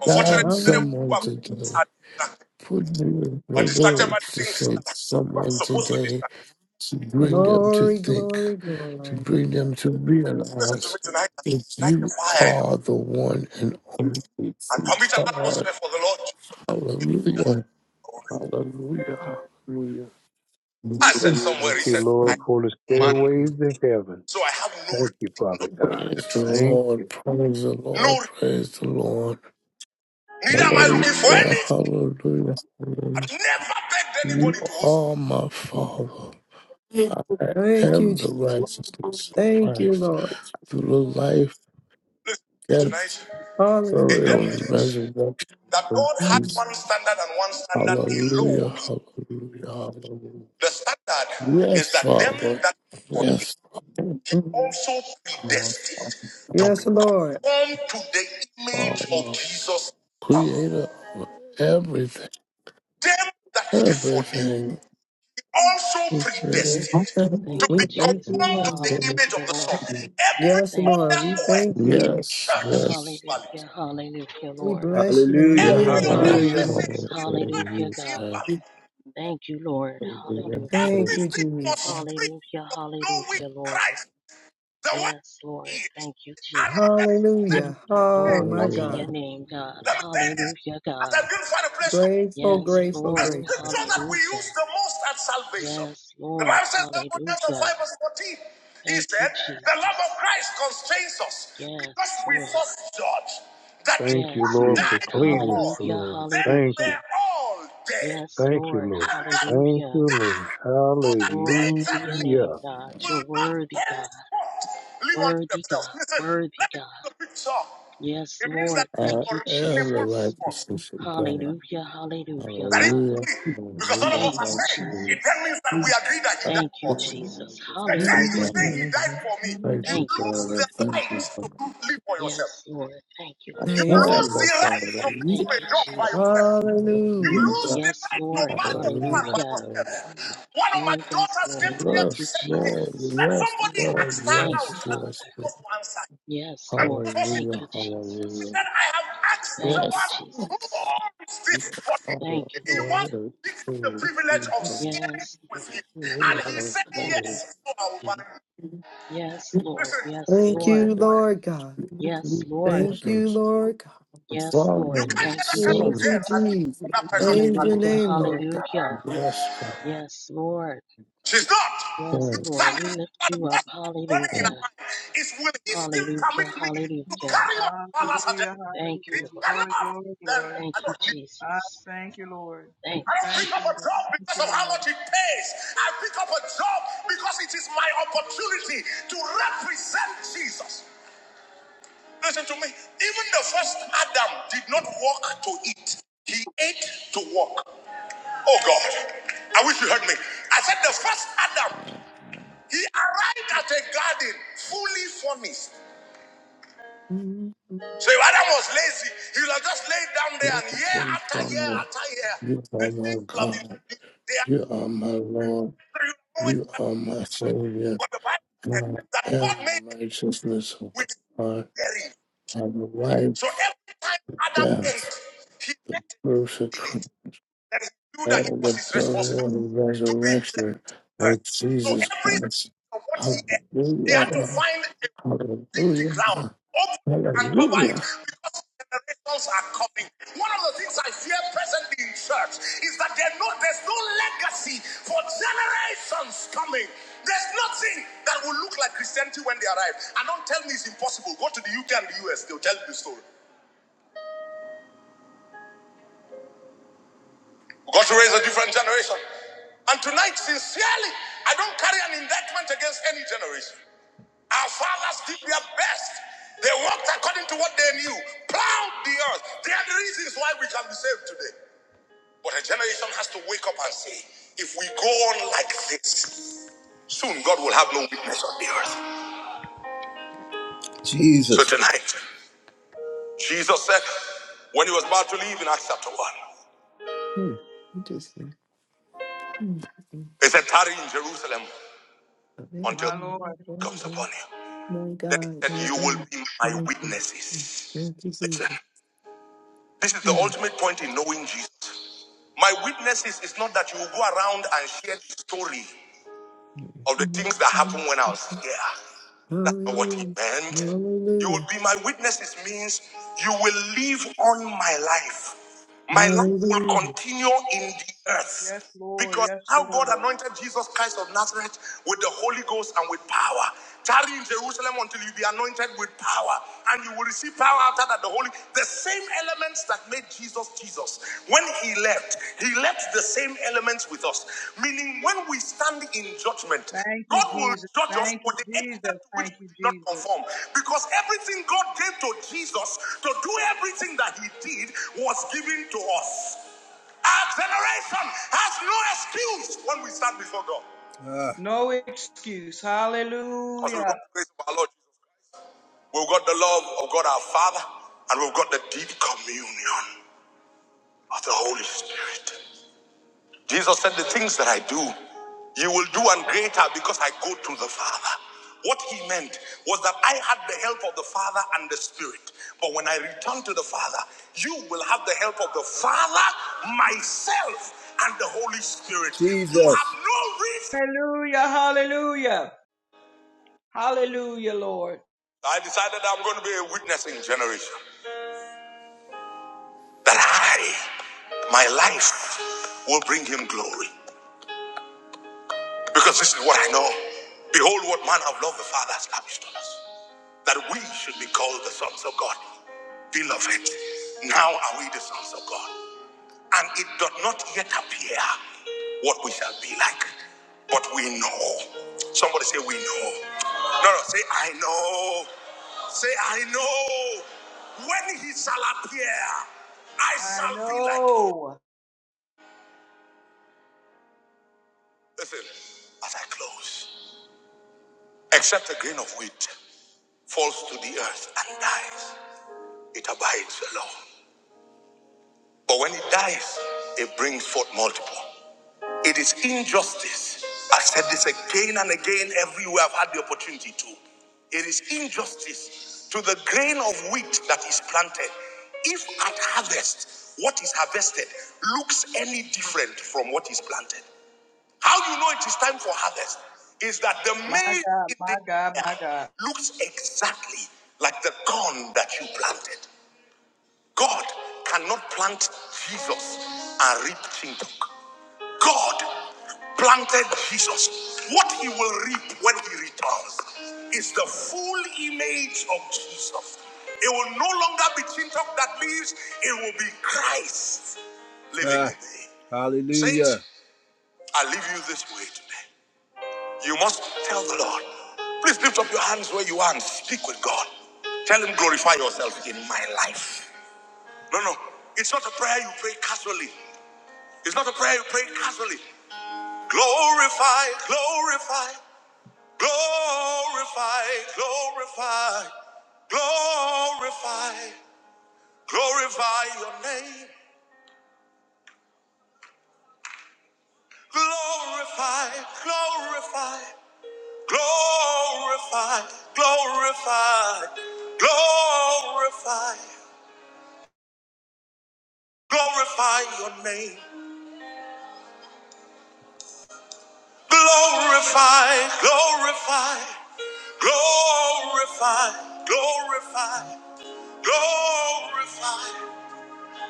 Speaker 1: Unfortunately,
Speaker 7: Guide
Speaker 1: many of us who
Speaker 7: someone
Speaker 1: are
Speaker 3: Hallelujah.
Speaker 1: Christians
Speaker 7: today.
Speaker 1: are distracted.
Speaker 7: Put me the
Speaker 1: Are distracted by
Speaker 7: words
Speaker 1: the
Speaker 7: to
Speaker 1: things
Speaker 7: say
Speaker 1: that
Speaker 7: to
Speaker 1: are not
Speaker 7: someone
Speaker 1: supposed to
Speaker 7: today,
Speaker 1: distract.
Speaker 7: to bring them to
Speaker 3: Glory,
Speaker 7: think,
Speaker 3: glory,
Speaker 7: to
Speaker 3: glory.
Speaker 7: bring them to
Speaker 1: Listen to me
Speaker 7: realize
Speaker 1: tonight.
Speaker 7: that
Speaker 1: Light the
Speaker 7: you
Speaker 1: fire
Speaker 7: are the one and only true
Speaker 1: and permit an
Speaker 7: God.
Speaker 1: atmosphere for the Lord to reveal himself.
Speaker 7: Hallelujah.
Speaker 1: glory.
Speaker 7: Hallelujah. Hallelujah.
Speaker 1: I said somewhere
Speaker 5: Thank you,
Speaker 1: recently, I
Speaker 5: Lord, for the
Speaker 1: am a man,
Speaker 5: stairways to heaven.
Speaker 1: so I have no
Speaker 5: Thank you,
Speaker 1: reason not to
Speaker 5: Father God.
Speaker 1: speak the
Speaker 7: Praise the
Speaker 1: truth.
Speaker 5: Thank
Speaker 7: Lord.
Speaker 5: you.
Speaker 7: Praise the
Speaker 1: No,
Speaker 7: Lord. Praise the Lord.
Speaker 1: neither am I looking for
Speaker 7: Hallelujah.
Speaker 1: anything.
Speaker 7: Hallelujah. hallelujah.
Speaker 1: I've never begged
Speaker 7: You
Speaker 1: anybody to host me.
Speaker 7: are my Father. I
Speaker 3: Thank you,
Speaker 7: am the
Speaker 3: Jesus.
Speaker 7: righteousness of
Speaker 3: Thank you,
Speaker 7: Christ
Speaker 3: Lord.
Speaker 7: through the life,
Speaker 1: Listen to me tonight.
Speaker 7: death,
Speaker 1: It then
Speaker 7: burial,
Speaker 3: Hallelujah.
Speaker 7: and
Speaker 1: means
Speaker 7: resurrection
Speaker 1: that
Speaker 7: of
Speaker 1: God had
Speaker 7: Jesus.
Speaker 1: one
Speaker 3: Mhm.
Speaker 1: standard and one standard
Speaker 7: Hallelujah,
Speaker 1: alone.
Speaker 7: hallelujah, hallelujah.
Speaker 1: The standard is
Speaker 7: Yes,
Speaker 1: that them
Speaker 7: Father.
Speaker 1: that for Him
Speaker 7: Yes, Father,
Speaker 1: He also
Speaker 7: Father,
Speaker 1: predestined to be
Speaker 3: Yes,
Speaker 7: Father,
Speaker 3: Lord.
Speaker 1: conformed to the image of
Speaker 7: Father.
Speaker 1: Jesus,
Speaker 7: Creator of everything,
Speaker 1: them that he foreknew.
Speaker 7: everything.
Speaker 1: He also
Speaker 7: Creator of
Speaker 1: predestined to
Speaker 4: thank you,
Speaker 1: be
Speaker 3: We
Speaker 7: everything.
Speaker 3: thank you,
Speaker 4: Jesus.
Speaker 1: conformed to
Speaker 3: Lord.
Speaker 1: the image of
Speaker 4: Hallelujah,
Speaker 1: the Son.
Speaker 4: Lord.
Speaker 1: Every
Speaker 3: Yes,
Speaker 4: Thank you,
Speaker 3: Lord.
Speaker 1: other
Speaker 3: We
Speaker 1: quest
Speaker 3: thank
Speaker 4: Jesus.
Speaker 1: in
Speaker 3: you.
Speaker 7: Yes,
Speaker 1: church is
Speaker 7: yes,
Speaker 1: valid.
Speaker 4: Hallelujah. Hallelujah,
Speaker 3: We
Speaker 4: Lord.
Speaker 3: bless your
Speaker 1: Hallelujah,
Speaker 7: I
Speaker 1: Every other
Speaker 3: name.
Speaker 4: Thank you,
Speaker 7: am
Speaker 1: hallelujah. message
Speaker 7: the
Speaker 4: Jesus.
Speaker 3: Hallelujah.
Speaker 1: in church
Speaker 4: Hallelujah,
Speaker 1: is
Speaker 4: God.
Speaker 1: invalid.
Speaker 4: Thank you, Lord. Hallelujah.
Speaker 3: Thank you,
Speaker 1: Everything
Speaker 3: Jesus.
Speaker 1: must spring
Speaker 4: Hallelujah.
Speaker 1: from knowing
Speaker 4: Hallelujah, Lord.
Speaker 1: Christ, the way
Speaker 4: Yes,
Speaker 1: he
Speaker 4: Lord.
Speaker 1: is,
Speaker 4: Thank you,
Speaker 1: and
Speaker 4: Jesus.
Speaker 1: represent
Speaker 3: Hallelujah.
Speaker 1: him
Speaker 3: Oh,
Speaker 4: Glory
Speaker 3: my
Speaker 1: on the
Speaker 4: to
Speaker 1: earth.
Speaker 4: your
Speaker 3: God.
Speaker 4: name, God.
Speaker 1: Let me say this.
Speaker 4: Hallelujah,
Speaker 1: As I
Speaker 4: God.
Speaker 1: didn't find a place to
Speaker 3: Grateful,
Speaker 4: Yes,
Speaker 3: grateful,
Speaker 1: the
Speaker 4: Lord.
Speaker 3: grateful.
Speaker 1: scripture that we use
Speaker 4: Hallelujah.
Speaker 1: the most at salvation.
Speaker 4: Yes,
Speaker 1: The
Speaker 4: Lord.
Speaker 1: Bible says someone else in
Speaker 4: Hallelujah.
Speaker 1: 5 verse 14. He
Speaker 4: Thank you,
Speaker 1: said, The love of
Speaker 4: Jesus.
Speaker 1: Christ constrains us because
Speaker 4: Yes,
Speaker 1: we
Speaker 4: Lord.
Speaker 1: first judge that if
Speaker 5: Thank you,
Speaker 4: Yes,
Speaker 1: one
Speaker 5: Lord,
Speaker 4: Lord.
Speaker 5: for
Speaker 1: died for
Speaker 5: cleaning
Speaker 1: all,
Speaker 5: us,
Speaker 4: Hallelujah.
Speaker 5: Lord.
Speaker 1: then
Speaker 5: Thank
Speaker 4: Hallelujah.
Speaker 5: you.
Speaker 1: we're all dead.
Speaker 4: Yes,
Speaker 5: Thank you,
Speaker 4: Lord.
Speaker 5: Lord.
Speaker 1: And that
Speaker 5: Thank
Speaker 4: Hallelujah.
Speaker 5: you,
Speaker 1: die,
Speaker 5: Lord.
Speaker 1: so that they
Speaker 4: Glory to
Speaker 1: that
Speaker 4: your
Speaker 1: live
Speaker 4: name,
Speaker 5: Hallelujah.
Speaker 4: God. You're
Speaker 1: will not
Speaker 4: worthy, God.
Speaker 1: henceforth live unto
Speaker 4: Worthy,
Speaker 1: themselves.
Speaker 4: God.
Speaker 1: Listen,
Speaker 4: Worthy,
Speaker 1: let me give you
Speaker 4: God.
Speaker 1: the picture.
Speaker 4: Yes,
Speaker 1: It means
Speaker 4: Lord.
Speaker 1: that this is
Speaker 4: Thank you,
Speaker 1: your reasonable
Speaker 4: Jesus.
Speaker 1: response.
Speaker 7: righteousness of God.
Speaker 4: Hallelujah. Hallelujah,
Speaker 1: That is
Speaker 4: God.
Speaker 7: Hallelujah.
Speaker 1: only because all of us
Speaker 4: Thank
Speaker 1: are
Speaker 4: you,
Speaker 7: Hallelujah. Hallelujah.
Speaker 1: saved.
Speaker 7: I
Speaker 1: It
Speaker 7: am
Speaker 1: then means
Speaker 4: Jesus.
Speaker 1: that we
Speaker 7: the
Speaker 1: agree that he died
Speaker 4: Thank you,
Speaker 1: for us.
Speaker 4: Jesus.
Speaker 7: righteousness
Speaker 1: The
Speaker 3: Thank
Speaker 7: of
Speaker 1: day you
Speaker 4: Hallelujah,
Speaker 1: say
Speaker 7: God.
Speaker 1: he
Speaker 4: Lord.
Speaker 1: died for me,
Speaker 7: Thank
Speaker 1: you
Speaker 7: you,
Speaker 4: Thank you,
Speaker 1: lose
Speaker 4: Lord.
Speaker 7: Father.
Speaker 1: the
Speaker 7: Thank
Speaker 1: right
Speaker 7: you,
Speaker 1: to
Speaker 7: Father.
Speaker 1: live for yourself.
Speaker 4: Yes, Lord. Thank you,
Speaker 7: I
Speaker 1: You
Speaker 4: Lord.
Speaker 1: lose
Speaker 7: have
Speaker 3: you.
Speaker 1: the
Speaker 7: both
Speaker 1: right
Speaker 7: Father.
Speaker 1: to pick up
Speaker 4: Thank
Speaker 7: Hallelujah.
Speaker 1: a
Speaker 4: you,
Speaker 1: job by yourself.
Speaker 4: Jesus.
Speaker 1: You
Speaker 3: Hallelujah.
Speaker 1: lose the
Speaker 4: Yes,
Speaker 1: right to
Speaker 4: Lord.
Speaker 1: marry a woman by
Speaker 7: Hallelujah.
Speaker 4: Hallelujah.
Speaker 7: Hallelujah.
Speaker 1: yourself. One of my
Speaker 4: Oh, yes,
Speaker 1: daughters came
Speaker 4: Lord.
Speaker 1: to me and
Speaker 4: Thank
Speaker 1: she
Speaker 4: you,
Speaker 7: Yes,
Speaker 1: said to me
Speaker 7: Lord,
Speaker 4: Jesus.
Speaker 1: that
Speaker 7: yes,
Speaker 1: somebody
Speaker 7: Lord,
Speaker 1: asked her
Speaker 4: Thank you,
Speaker 1: out
Speaker 7: yes,
Speaker 1: and she
Speaker 7: yes,
Speaker 1: was
Speaker 4: Father.
Speaker 7: Lord.
Speaker 1: supposed to answer.
Speaker 4: Yes,
Speaker 1: And she
Speaker 4: Lord.
Speaker 1: was supposed to say
Speaker 4: Thank
Speaker 7: Hallelujah,
Speaker 4: you,
Speaker 1: he
Speaker 4: Jesus.
Speaker 7: hallelujah.
Speaker 1: said, I have asked the
Speaker 4: Thank you,
Speaker 1: one
Speaker 7: Yes,
Speaker 1: who
Speaker 4: Jesus.
Speaker 1: owns this body.
Speaker 4: Thank
Speaker 7: Lord,
Speaker 4: you,
Speaker 1: He
Speaker 4: Lord.
Speaker 1: wants
Speaker 7: hallelujah.
Speaker 1: to give you the
Speaker 7: Thank
Speaker 1: privilege
Speaker 7: you,
Speaker 1: of
Speaker 7: God.
Speaker 1: sharing
Speaker 4: Yes,
Speaker 1: with
Speaker 4: Lord.
Speaker 1: him.
Speaker 7: We
Speaker 1: And he
Speaker 7: are
Speaker 1: said,
Speaker 4: Thank you.
Speaker 7: thankful.
Speaker 1: Yes, so I will marry you.
Speaker 4: Yes, Lord.
Speaker 1: Listen,
Speaker 4: Yes,
Speaker 3: Thank
Speaker 4: Lord.
Speaker 3: you, Lord God.
Speaker 4: Yes, Lord.
Speaker 3: Thank you,
Speaker 7: Jesus,
Speaker 3: Lord God.
Speaker 7: the
Speaker 4: Yes, Lord.
Speaker 7: Father
Speaker 1: you
Speaker 7: and the
Speaker 1: can't get
Speaker 4: Thank
Speaker 1: that
Speaker 4: you,
Speaker 1: kind of
Speaker 3: Thank
Speaker 7: Son,
Speaker 3: you,
Speaker 1: girl and
Speaker 4: Jesus.
Speaker 1: think she's
Speaker 3: Jesus.
Speaker 1: another person. to
Speaker 3: Praise
Speaker 1: marry.
Speaker 3: your
Speaker 4: Hallelujah.
Speaker 3: name, Lord God.
Speaker 4: Hallelujah.
Speaker 7: yes, from
Speaker 4: Yes, Lord.
Speaker 1: She's not. You
Speaker 4: Yes,
Speaker 7: God,
Speaker 1: stand
Speaker 4: Lord.
Speaker 1: in front
Speaker 4: We lift
Speaker 1: of the
Speaker 4: you up.
Speaker 1: first thing running in
Speaker 4: Hallelujah.
Speaker 1: her
Speaker 7: and
Speaker 1: mind is will he still permit
Speaker 4: Hallelujah.
Speaker 1: me to
Speaker 4: Hallelujah.
Speaker 1: carry my father's
Speaker 6: Hallelujah.
Speaker 1: agenda?
Speaker 4: Thank
Speaker 1: If he
Speaker 4: you,
Speaker 6: Hallelujah.
Speaker 4: Lord.
Speaker 6: Glory,
Speaker 1: cannot,
Speaker 6: glory,
Speaker 1: then
Speaker 6: glory.
Speaker 4: Thank
Speaker 1: I
Speaker 4: you,
Speaker 1: don't need.
Speaker 6: I
Speaker 4: Jesus.
Speaker 6: thank you, Lord.
Speaker 4: Thank
Speaker 1: I
Speaker 4: you,
Speaker 1: don't
Speaker 6: Thank
Speaker 1: pick
Speaker 6: you,
Speaker 1: up a
Speaker 6: Lord.
Speaker 1: job
Speaker 4: Jesus.
Speaker 6: Thank
Speaker 1: because
Speaker 6: you,
Speaker 1: of how much
Speaker 6: Lord.
Speaker 1: it pays. I pick up a job because it is my opportunity to represent Jesus. Listen to me. Even the first Adam did not walk to eat, he ate to walk. Oh God, I wish you heard me. I said, the first Adam, he arrived at a garden fully furnished.
Speaker 3: Mhm.
Speaker 1: So if Adam was lazy, he would have just laid down there
Speaker 7: you
Speaker 1: and year
Speaker 7: are
Speaker 1: after
Speaker 7: from
Speaker 1: year
Speaker 7: God.
Speaker 1: after year,
Speaker 7: You
Speaker 1: the
Speaker 7: are my
Speaker 1: seeds will have been
Speaker 7: God.
Speaker 1: produced. They are
Speaker 7: You are my Lord.
Speaker 1: always
Speaker 7: You
Speaker 1: at
Speaker 7: are my Savior.
Speaker 1: But the Bible says
Speaker 7: I
Speaker 1: that God
Speaker 7: am
Speaker 1: made them
Speaker 7: righteousness of
Speaker 1: with
Speaker 7: God.
Speaker 1: hearing.
Speaker 7: I have
Speaker 1: So
Speaker 7: arrived
Speaker 1: every time Adam ate,
Speaker 7: death,
Speaker 1: he
Speaker 7: the
Speaker 1: ate in it.
Speaker 7: crucifixion,
Speaker 1: And he knew that it was
Speaker 7: the
Speaker 1: his
Speaker 7: burial,
Speaker 1: responsibility
Speaker 7: and
Speaker 1: to replenish
Speaker 7: resurrection
Speaker 1: the earth.
Speaker 7: of
Speaker 1: So
Speaker 7: Jesus
Speaker 1: every
Speaker 7: Christ.
Speaker 1: of what he ate, he had to
Speaker 7: Hallelujah.
Speaker 1: find dig the ground,
Speaker 7: Hallelujah.
Speaker 1: open and cover it
Speaker 7: Hallelujah.
Speaker 1: because generations are coming. One of the things I fear presently in church is that there no, there's no legacy for generations coming. There's nothing that will look like Christianity when they arrive. And don't tell me it's impossible. Go to the UK and the US, they'll tell you the story. We've got to raise a different generation. And tonight, sincerely, I don't carry an indictment against any generation. Our fathers did their best. They worked according to what they knew, plowed the earth. They are the reasons why we can be saved today. But a generation has to wake up and say, if we go on like this, soon God will have no witness on the earth. Jesus. So tonight, Jesus said, when he was about to leave in Acts chapter 1,
Speaker 3: Interesting. Mhm.
Speaker 1: he said, tarry in Jerusalem until
Speaker 6: My Lord.
Speaker 1: comes upon you.
Speaker 3: My
Speaker 1: Then he
Speaker 3: God, my
Speaker 1: said, You will
Speaker 3: God.
Speaker 1: be my
Speaker 3: Mm, mm, mm.
Speaker 1: witnesses.
Speaker 3: Thank you,
Speaker 1: Listen.
Speaker 3: Jesus.
Speaker 1: This is the
Speaker 3: Mhm.
Speaker 1: ultimate point in knowing Jesus. My witness is, is not that you will go around and share the story of the things that happened when I was here. That's not what he
Speaker 3: Hallelujah.
Speaker 1: meant. You will
Speaker 3: Hallelujah.
Speaker 1: be my witnesses means you will live on my life. My life will
Speaker 3: Hallelujah.
Speaker 1: continue in the
Speaker 6: Yes,
Speaker 1: earth.
Speaker 6: Lord.
Speaker 1: Because
Speaker 6: Yes,
Speaker 1: how
Speaker 6: Lord.
Speaker 1: God anointed Jesus Christ of Nazareth with the Holy Ghost and with power. Tarry in Jerusalem until you be anointed with power, and you will receive power after that. The Holy, the same elements that made Jesus Jesus. When he left, he left the same elements with us. Meaning, when we stand in judgment,
Speaker 6: Thank you,
Speaker 1: God will
Speaker 6: Jesus.
Speaker 1: judge us
Speaker 6: Thank you,
Speaker 1: for the
Speaker 6: Jesus.
Speaker 1: extent to which
Speaker 6: Thank
Speaker 1: we
Speaker 6: you,
Speaker 1: did not
Speaker 6: Jesus.
Speaker 1: conform. Because everything God gave to Jesus to do everything that he did was given to us. Our generation has no excuse when we stand before God. Uh.
Speaker 6: No excuse.
Speaker 1: Because we've
Speaker 6: Hallelujah.
Speaker 1: got the grace of our Lord Jesus Christ. We've got the love of God our Father, and we've got the deep communion of the Holy Spirit. Jesus said, The things that I do, you will do and greater because I go to the Father. What he meant was that I had the help of the Father and the Spirit. But when I return to the Father, you will have the help of the Father, myself, and the Holy Spirit. You Jesus. You have no reason.
Speaker 6: Hallelujah. Hallelujah. Hallelujah, Lord.
Speaker 1: I decided I'm going to be a witnessing generation. That I, my life, will bring him glory. Because this is what I know. Behold, what manner of love the Father has lavished on us that we should be called the sons of God. Beloved, now are we the sons of God, and it doth not yet appear what we shall be like, but we know. Somebody say, We know. No, no, say, I know. Say, I know. When he shall appear, I
Speaker 6: I
Speaker 1: shall be like him.
Speaker 6: know.
Speaker 1: Listen, as I close, except a grain of wheat falls to the earth and dies, it abides alone. But when it dies, it brings forth multiple. It is injustice. I've said this again and again everywhere I've had the opportunity to. It is injustice to the grain of wheat that is planted. If at harvest, what is harvested looks any different from what is planted. How you know it is time for harvest is that the
Speaker 6: My
Speaker 1: maize
Speaker 6: God,
Speaker 1: in the
Speaker 6: my God, my
Speaker 1: air
Speaker 6: God.
Speaker 1: looks exactly like the corn that you planted. God cannot plant Jesus and reap Chintok. God planted Jesus. What he will reap when he returns is the full image of Jesus. It will no longer be Chintok that lives, it will be Christ living Ah, in me. Saints, hallelujah. Saints, I leave you this way today. You must tell the Lord. Please lift up your hands where you are and speak with God. Tell him, glorify yourself in my life. No, no. It's not a prayer you pray casually. It's not a prayer you pray casually. Glorify, glorify, glorify, glorify, glorify, glorify your name. Glorify, glorify, glorify, glorify, glorify, glorify your name. Glorify, glorify, Glorify, glorify, glorify,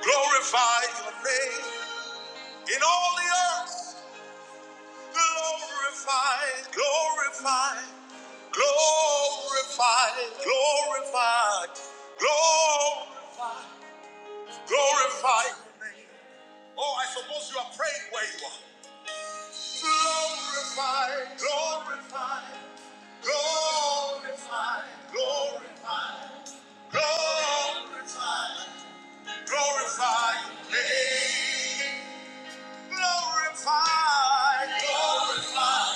Speaker 1: glorify your name in all the earth. Glorify, glorify, glorify, glorify, glor, glorify. Oh, I suppose you are praying where you are. Glorify, glorify, glorify, glorify, glorify. Glorify your name. Glorify, glorify,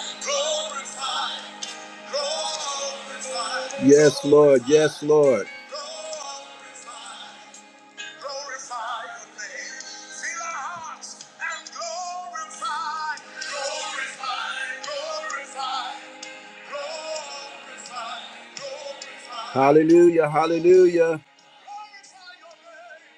Speaker 1: glorify, glorify. Yes, Lord. Yes, Lord. Glorify, glorify your name. Fill our hearts and glorify, glorify, glorify, glorify, glorify. Hallelujah. Hallelujah. Glorify your name.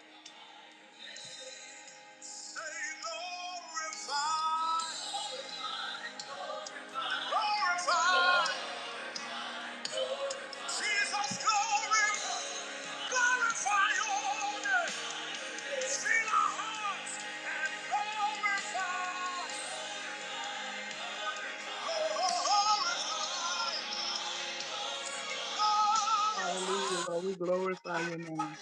Speaker 6: Hallelujah, Lord. We glorify your name.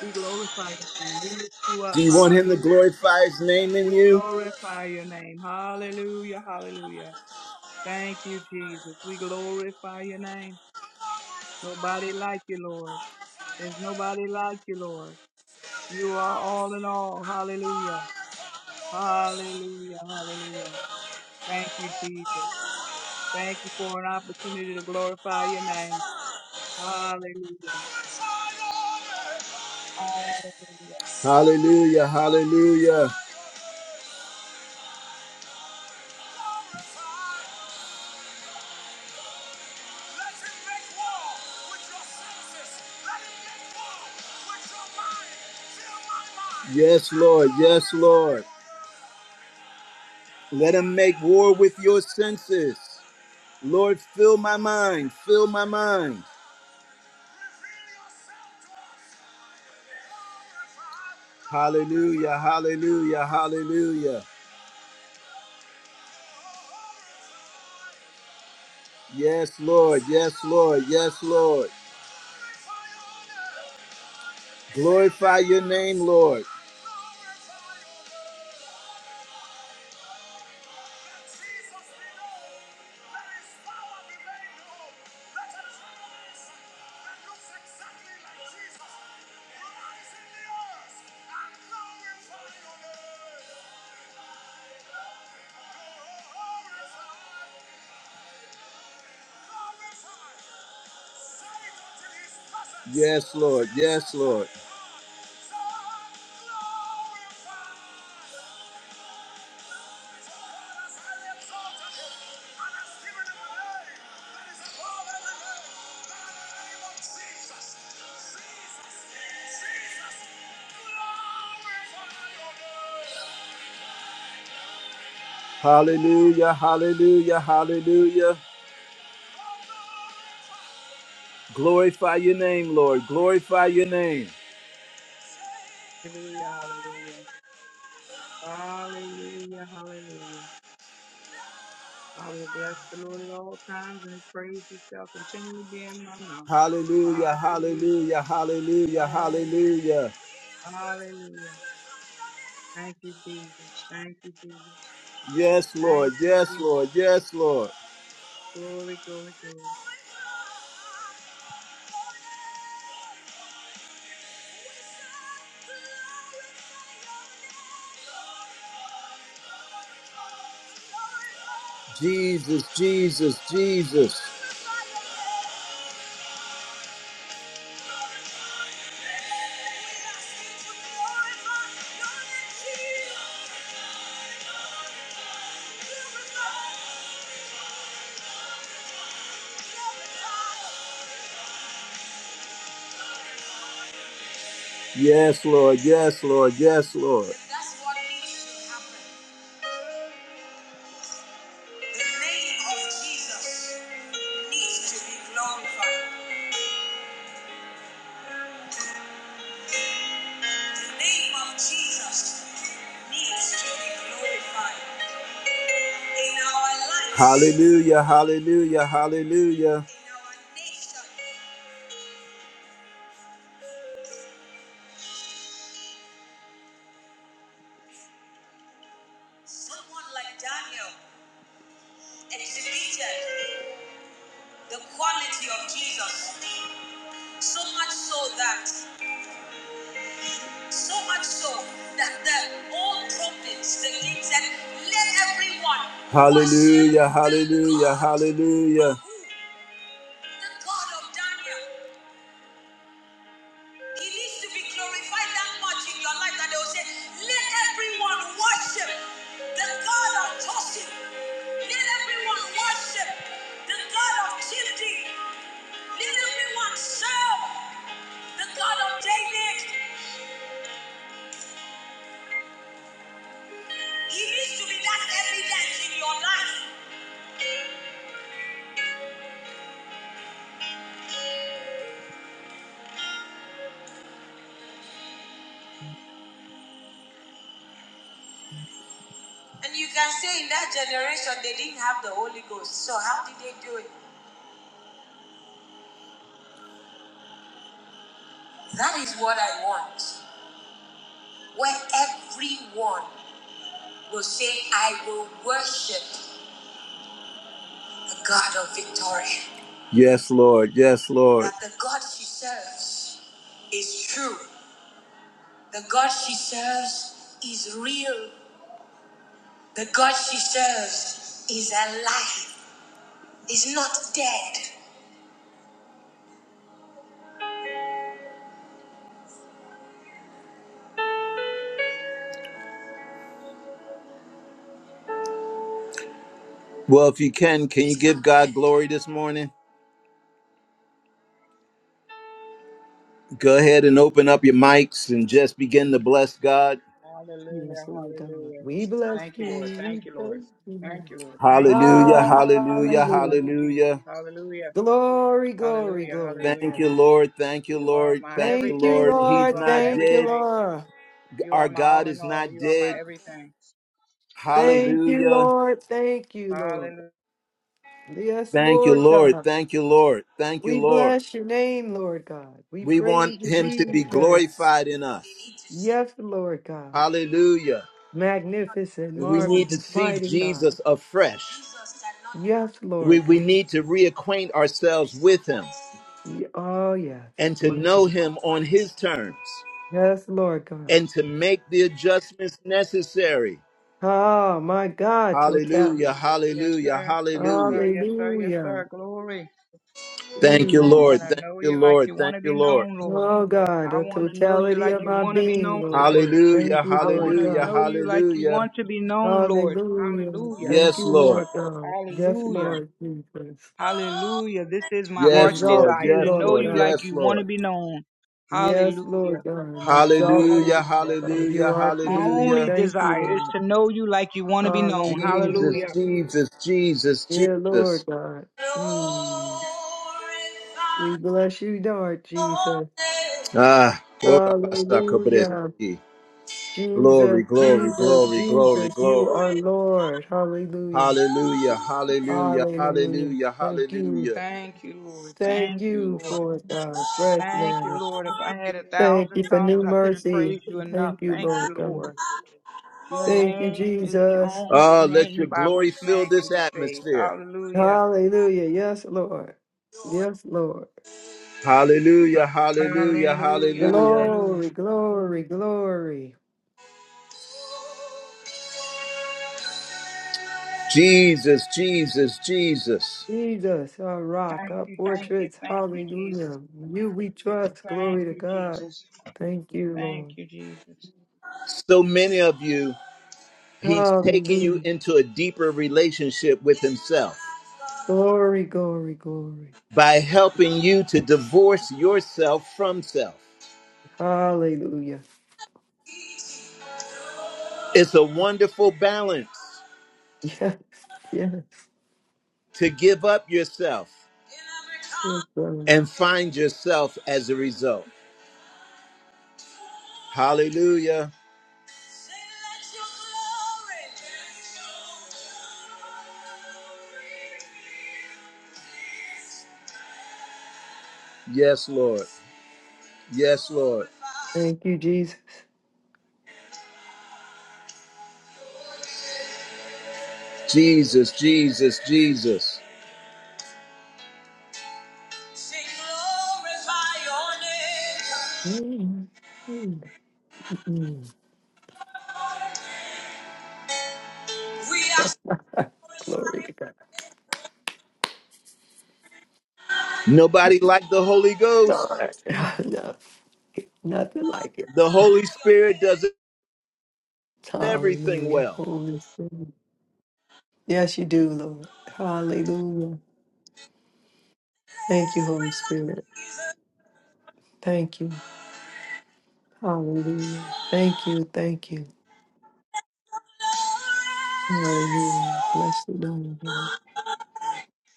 Speaker 6: We glorify your name. We lift you
Speaker 1: Do
Speaker 6: up.
Speaker 1: you want him to
Speaker 6: Hallelujah.
Speaker 1: glorify his name in
Speaker 6: We
Speaker 1: you?
Speaker 6: glorify your name. Hallelujah. Hallelujah. Thank you, Jesus. We glorify your name. Nobody like you, Lord. There's nobody like you, Lord. You are all in all. Hallelujah. Hallelujah. Hallelujah. Thank you, Jesus. Thank you for an opportunity to glorify your name. Hallelujah. Hallelujah.
Speaker 1: Hallelujah, hallelujah. Yes, Lord, yes, Lord. Let him make war with your senses. Lord, fill my mind, fill my mind. Hallelujah, hallelujah, hallelujah. Yes, Lord, yes, Lord, yes, Lord. Glorify your name, Lord. Yes, Lord, yes, Lord. Hallelujah, hallelujah, hallelujah. Glorify your name, Lord. Glorify your name.
Speaker 6: Hallelujah. Hallelujah. Hallelujah. Hallelujah. I will bless the Lord at all times and his praise shall continually be in my mouth.
Speaker 1: Hallelujah,
Speaker 6: Hallelujah.
Speaker 1: hallelujah, hallelujah,
Speaker 6: Hallelujah.
Speaker 1: hallelujah.
Speaker 6: Hallelujah. Thank you, Jesus. Thank you, Jesus.
Speaker 1: Yes, Lord.
Speaker 6: Thank you,
Speaker 1: Yes,
Speaker 6: Jesus.
Speaker 1: Lord. Yes, Lord.
Speaker 6: Glory, glory, glory.
Speaker 1: Jesus, Jesus, Jesus. Yes, Lord. Yes, Lord. Yes, Lord. Hallelujah. Hallelujah. Hallelujah. So much so that the old prophets, the kings, and let everyone. Hallelujah. Hallelujah. Hallelujah. Yes, Lord. Yes, Lord. that The God she serves. Well, if you can, can you give God glory this morning? Go ahead and open up your mics and just begin to bless God.
Speaker 3: Yes,
Speaker 6: Hallelujah,
Speaker 3: Lord God.
Speaker 6: hallelujah.
Speaker 3: We bless
Speaker 6: Thank you, Lord.
Speaker 3: you. We
Speaker 6: Thank you, Lord.
Speaker 3: thank
Speaker 6: Thank
Speaker 3: you.
Speaker 6: you, Lord. Thank you,
Speaker 1: Hallelujah,
Speaker 6: Lord. I
Speaker 1: hallelujah,
Speaker 6: so love you,
Speaker 3: Hallelujah.
Speaker 6: Jesus.
Speaker 1: hallelujah.
Speaker 6: Hallelujah,
Speaker 3: Glory, glory,
Speaker 6: hallelujah,
Speaker 3: glory,
Speaker 1: Thank
Speaker 6: hallelujah.
Speaker 1: you,
Speaker 3: glory.
Speaker 1: Lord. Thank you,
Speaker 6: You are
Speaker 1: Lord.
Speaker 6: my
Speaker 1: Thank you,
Speaker 3: Thank you,
Speaker 6: everything,
Speaker 1: Lord.
Speaker 6: Lord.
Speaker 1: He's
Speaker 6: You
Speaker 3: Lord.
Speaker 6: are my
Speaker 1: not
Speaker 3: Thank you,
Speaker 1: dead.
Speaker 6: everything.
Speaker 3: Lord.
Speaker 6: You are
Speaker 1: Our
Speaker 6: my all
Speaker 1: God
Speaker 6: in
Speaker 1: is
Speaker 6: all.
Speaker 1: not
Speaker 6: You are my
Speaker 1: dead.
Speaker 6: everything.
Speaker 3: Thank you,
Speaker 6: Hallelujah,
Speaker 1: Hallelujah.
Speaker 3: Lord. Thank you, Lord.
Speaker 6: hallelujah.
Speaker 3: Yes,
Speaker 1: Thank you,
Speaker 3: Lord
Speaker 1: Lord.
Speaker 3: God.
Speaker 1: Thank you, Lord. Thank you,
Speaker 3: We
Speaker 1: Lord.
Speaker 3: bless your name, Lord God. We
Speaker 1: We want
Speaker 3: praise you,
Speaker 1: him to be
Speaker 3: Jesus.
Speaker 1: glorified in us.
Speaker 3: Yes, Lord God.
Speaker 1: Hallelujah.
Speaker 3: Magnificent,
Speaker 1: We need to
Speaker 3: marvelous,
Speaker 1: see
Speaker 3: mighty God.
Speaker 1: Jesus afresh.
Speaker 3: Yes,
Speaker 1: We,
Speaker 3: Lord
Speaker 1: we
Speaker 3: God.
Speaker 1: need to reacquaint ourselves with him
Speaker 3: Ye- Oh, yes.
Speaker 1: and to
Speaker 3: My
Speaker 1: know
Speaker 3: God.
Speaker 1: him on his terms.
Speaker 3: Yes, Lord God.
Speaker 1: and to make the adjustments necessary.
Speaker 3: Oh my God,
Speaker 1: Hallelujah,
Speaker 3: totality.
Speaker 6: Yes,
Speaker 1: hallelujah,
Speaker 6: sir. Yes, sir.
Speaker 1: hallelujah.
Speaker 6: Yes, sir. Yes,
Speaker 3: Hallelujah.
Speaker 6: sir. Glory.
Speaker 1: Thank you,
Speaker 6: I
Speaker 3: Mm.
Speaker 1: Lord.
Speaker 6: want to
Speaker 1: Thank
Speaker 6: know
Speaker 1: you,
Speaker 6: you like
Speaker 1: Lord.
Speaker 6: you want
Speaker 1: Thank
Speaker 6: to be
Speaker 1: you, Lord.
Speaker 6: known, Lord.
Speaker 3: Oh God,
Speaker 6: I
Speaker 3: the
Speaker 6: want to know you
Speaker 3: totality
Speaker 6: like
Speaker 3: of
Speaker 6: you
Speaker 3: our
Speaker 6: want to be
Speaker 3: being,
Speaker 6: known,
Speaker 3: Lord
Speaker 6: Lord.
Speaker 3: God.
Speaker 1: Hallelujah,
Speaker 3: Thank you,
Speaker 6: I want
Speaker 3: Lord
Speaker 6: to
Speaker 1: hallelujah,
Speaker 3: God.
Speaker 6: know you like you
Speaker 1: hallelujah.
Speaker 6: want to be known, Lord.
Speaker 3: Hallelujah.
Speaker 6: Hallelujah.
Speaker 3: Thank
Speaker 1: Yes,
Speaker 3: you,
Speaker 1: Lord.
Speaker 3: Lord God. Yes,
Speaker 6: Hallelujah.
Speaker 3: Lord Jesus.
Speaker 6: Hallelujah. This is my
Speaker 3: We
Speaker 1: Yes,
Speaker 6: heart's
Speaker 3: exalt
Speaker 1: Lord.
Speaker 6: desire
Speaker 3: you,
Speaker 1: Yes,
Speaker 6: to know
Speaker 3: Lord
Speaker 1: Lord.
Speaker 6: you like
Speaker 3: God.
Speaker 1: Yes,
Speaker 6: you want to
Speaker 1: Lord.
Speaker 6: be known.
Speaker 3: Yes, Lord
Speaker 6: Hallelujah.
Speaker 3: God. We exalt
Speaker 1: Hallelujah,
Speaker 3: you.
Speaker 6: Hallelujah.
Speaker 3: God. You
Speaker 1: hallelujah,
Speaker 3: are
Speaker 6: My
Speaker 3: King. We
Speaker 6: only
Speaker 1: hallelujah.
Speaker 3: thank you,
Speaker 6: desire is
Speaker 3: Lord.
Speaker 6: to know you like you want to be known.
Speaker 3: Hallelujah.
Speaker 1: Jesus,
Speaker 6: Hallelujah.
Speaker 1: Jesus, Jesus,
Speaker 3: Dear Lord
Speaker 1: Jesus.
Speaker 3: God. Mm. We bless you, Lord Jesus.
Speaker 1: Ah,
Speaker 3: Hallelujah. Jesus,
Speaker 1: glory, glory,
Speaker 3: Jesus,
Speaker 1: glory, glory,
Speaker 3: Jesus, you
Speaker 1: glory.
Speaker 3: are Lord. Hallelujah.
Speaker 1: Hallelujah, hallelujah,
Speaker 3: Hallelujah.
Speaker 1: hallelujah,
Speaker 3: Thank you.
Speaker 1: hallelujah.
Speaker 6: Thank you, Lord.
Speaker 3: Thank
Speaker 6: Thank you,
Speaker 3: you
Speaker 6: Lord.
Speaker 3: for the fresh
Speaker 6: Thank you,
Speaker 3: manner.
Speaker 6: Lord. If I had a
Speaker 3: Thank you
Speaker 6: thousand
Speaker 3: for new
Speaker 6: tongues, I couldn't
Speaker 3: mercy.
Speaker 6: praise you enough.
Speaker 3: Thank you,
Speaker 6: Thank
Speaker 3: Lord
Speaker 6: you,
Speaker 3: God.
Speaker 6: Lord. Your
Speaker 3: Thank you,
Speaker 6: name is the
Speaker 3: Jesus.
Speaker 6: only
Speaker 1: Oh, let
Speaker 6: name
Speaker 1: your
Speaker 6: by
Speaker 1: glory
Speaker 6: which
Speaker 1: fill
Speaker 6: man can
Speaker 1: this
Speaker 6: be saved.
Speaker 1: atmosphere.
Speaker 6: Hallelujah.
Speaker 3: Hallelujah. Yes, Lord. Yes, Lord.
Speaker 1: Hallelujah, hallelujah,
Speaker 6: Hallelujah.
Speaker 1: hallelujah.
Speaker 3: Glory,
Speaker 6: Hallelujah.
Speaker 3: glory, glory.
Speaker 1: Jesus, Jesus, Jesus.
Speaker 3: Jesus, our rock,
Speaker 6: Thank
Speaker 3: our
Speaker 6: you. Thank you.
Speaker 3: fortress.
Speaker 6: Thank you, Jesus.
Speaker 3: Hallelujah. You we trust.
Speaker 6: Thank
Speaker 3: Glory to
Speaker 6: you,
Speaker 3: God.
Speaker 6: Jesus.
Speaker 3: Thank you,
Speaker 6: Thank
Speaker 3: Lord.
Speaker 6: you, Jesus.
Speaker 1: So many of you, he's taking you
Speaker 3: Hallelujah.
Speaker 1: into a deeper relationship with himself
Speaker 3: Glory, glory, glory.
Speaker 1: by helping you to divorce yourself from self.
Speaker 3: Hallelujah.
Speaker 1: It's a wonderful balance
Speaker 3: Yes, yes,
Speaker 1: to give up yourself
Speaker 3: yes, brother.
Speaker 1: and find yourself as a result. Hallelujah. Yes, Lord. Yes, Lord.
Speaker 3: Thank you, Jesus.
Speaker 1: Jesus, Jesus, Jesus.
Speaker 3: Mm, mm, mm. Glory to God.
Speaker 1: Nobody like the Holy Ghost.
Speaker 3: Lord. no, nothing like it.
Speaker 1: The Holy Spirit does everything
Speaker 3: Hallelujah.
Speaker 1: well.
Speaker 3: Holy Spirit. Yes, you do, Lord. Hallelujah. Thank you, Holy Spirit. Thank you. Hallelujah. Thank you. Thank you. Hallelujah. Bless your name, Lord.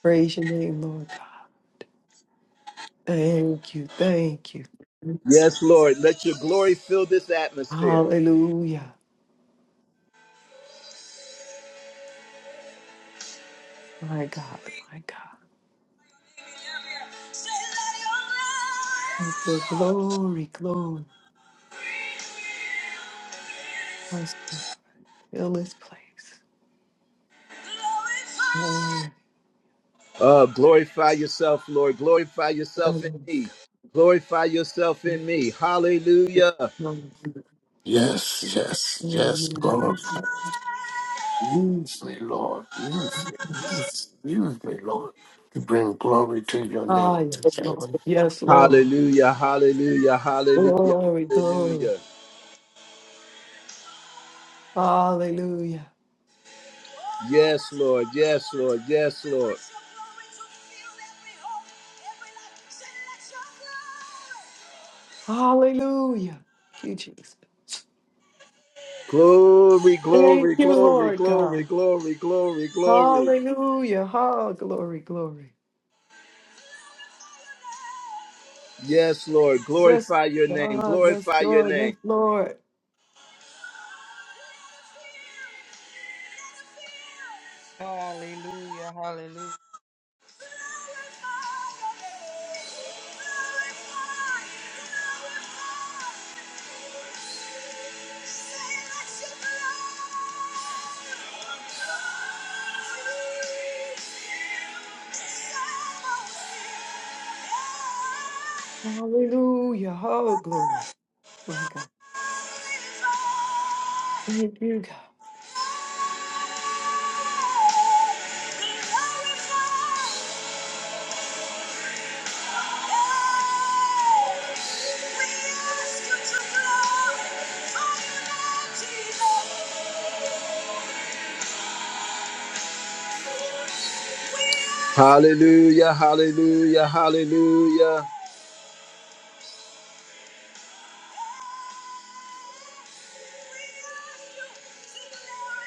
Speaker 3: Praise your name, Lord God. Thank you. Thank you.
Speaker 1: Yes, Lord. Let your glory fill this atmosphere.
Speaker 3: Hallelujah. My God. My God. Oh, Glory, glory. Us Fill this place. Oh,
Speaker 1: Uh, glorify yourself, Lord. Glorify yourself in me. Glorify yourself in me. Hallelujah.
Speaker 3: Lord.
Speaker 7: Yes, yes, yes, God. Use me, Lord. Use me. Use, use me, Lord, to bring glory to your name.
Speaker 3: Ah, yes,
Speaker 7: Yes,
Speaker 3: Lord. Yes, Lord.
Speaker 7: Lord.
Speaker 1: Hallelujah. Hallelujah. Hallelujah.
Speaker 3: Glory, glory.
Speaker 1: Hallelujah.
Speaker 3: Hallelujah.
Speaker 1: Yes, Lord. Yes, Lord. Yes, Lord.
Speaker 3: Hallelujah. Thank you, Jesus.
Speaker 1: Glory,
Speaker 3: Thank
Speaker 1: glory,
Speaker 3: you,
Speaker 1: glory,
Speaker 3: Lord
Speaker 1: glory,
Speaker 3: God.
Speaker 1: glory, glory, glory.
Speaker 3: Hallelujah. Oh, glory, glory.
Speaker 1: Yes, Lord,
Speaker 3: Yes,
Speaker 1: glorify your name,
Speaker 3: God. Yes,
Speaker 1: glorify your
Speaker 3: Lord. Yes,
Speaker 1: name.
Speaker 3: Lord.
Speaker 6: Hallelujah. Hallelujah.
Speaker 1: We ask you
Speaker 3: Hallelujah. Oh, glory. My God. Thank you, God.
Speaker 1: to blow fire, Lord Jesus. Hallelujah, hallelujah, hallelujah.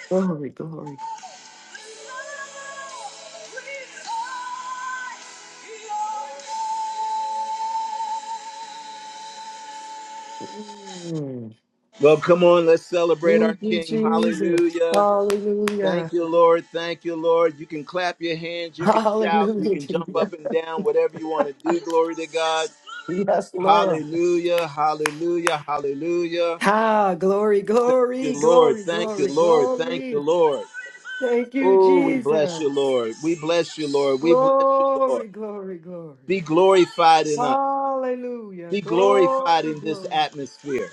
Speaker 3: Glory, glory, glory. Mm.
Speaker 1: Well, come on, let's celebrate our
Speaker 3: Thank you,
Speaker 1: King.
Speaker 3: Jesus.
Speaker 1: Hallelujah.
Speaker 3: Hallelujah.
Speaker 1: Thank you, Lord. Thank you, Lord. You can clap your hands, you can shout, you
Speaker 3: Hallelujah.
Speaker 1: can jump
Speaker 3: Jesus.
Speaker 1: up and down, whatever you want to do. Glory to God.
Speaker 3: Yes, Lord.
Speaker 1: Hallelujah, hallelujah, hallelujah.
Speaker 3: Ah, glory,
Speaker 1: Thank
Speaker 3: glory,
Speaker 1: you, Lord.
Speaker 3: glory,
Speaker 1: Thank you,
Speaker 3: glory,
Speaker 1: Lord. Thank you,
Speaker 3: glory.
Speaker 1: Lord.
Speaker 3: Thank you,
Speaker 1: Oh, we bless
Speaker 3: Jesus.
Speaker 1: you, Lord. We bless you, Lord. We bless you, Lord.
Speaker 3: Glory, glory, glory.
Speaker 1: Be glorified in us.
Speaker 3: Hallelujah.
Speaker 1: Be glorified
Speaker 3: Glory,
Speaker 1: in this
Speaker 3: glory.
Speaker 1: atmosphere.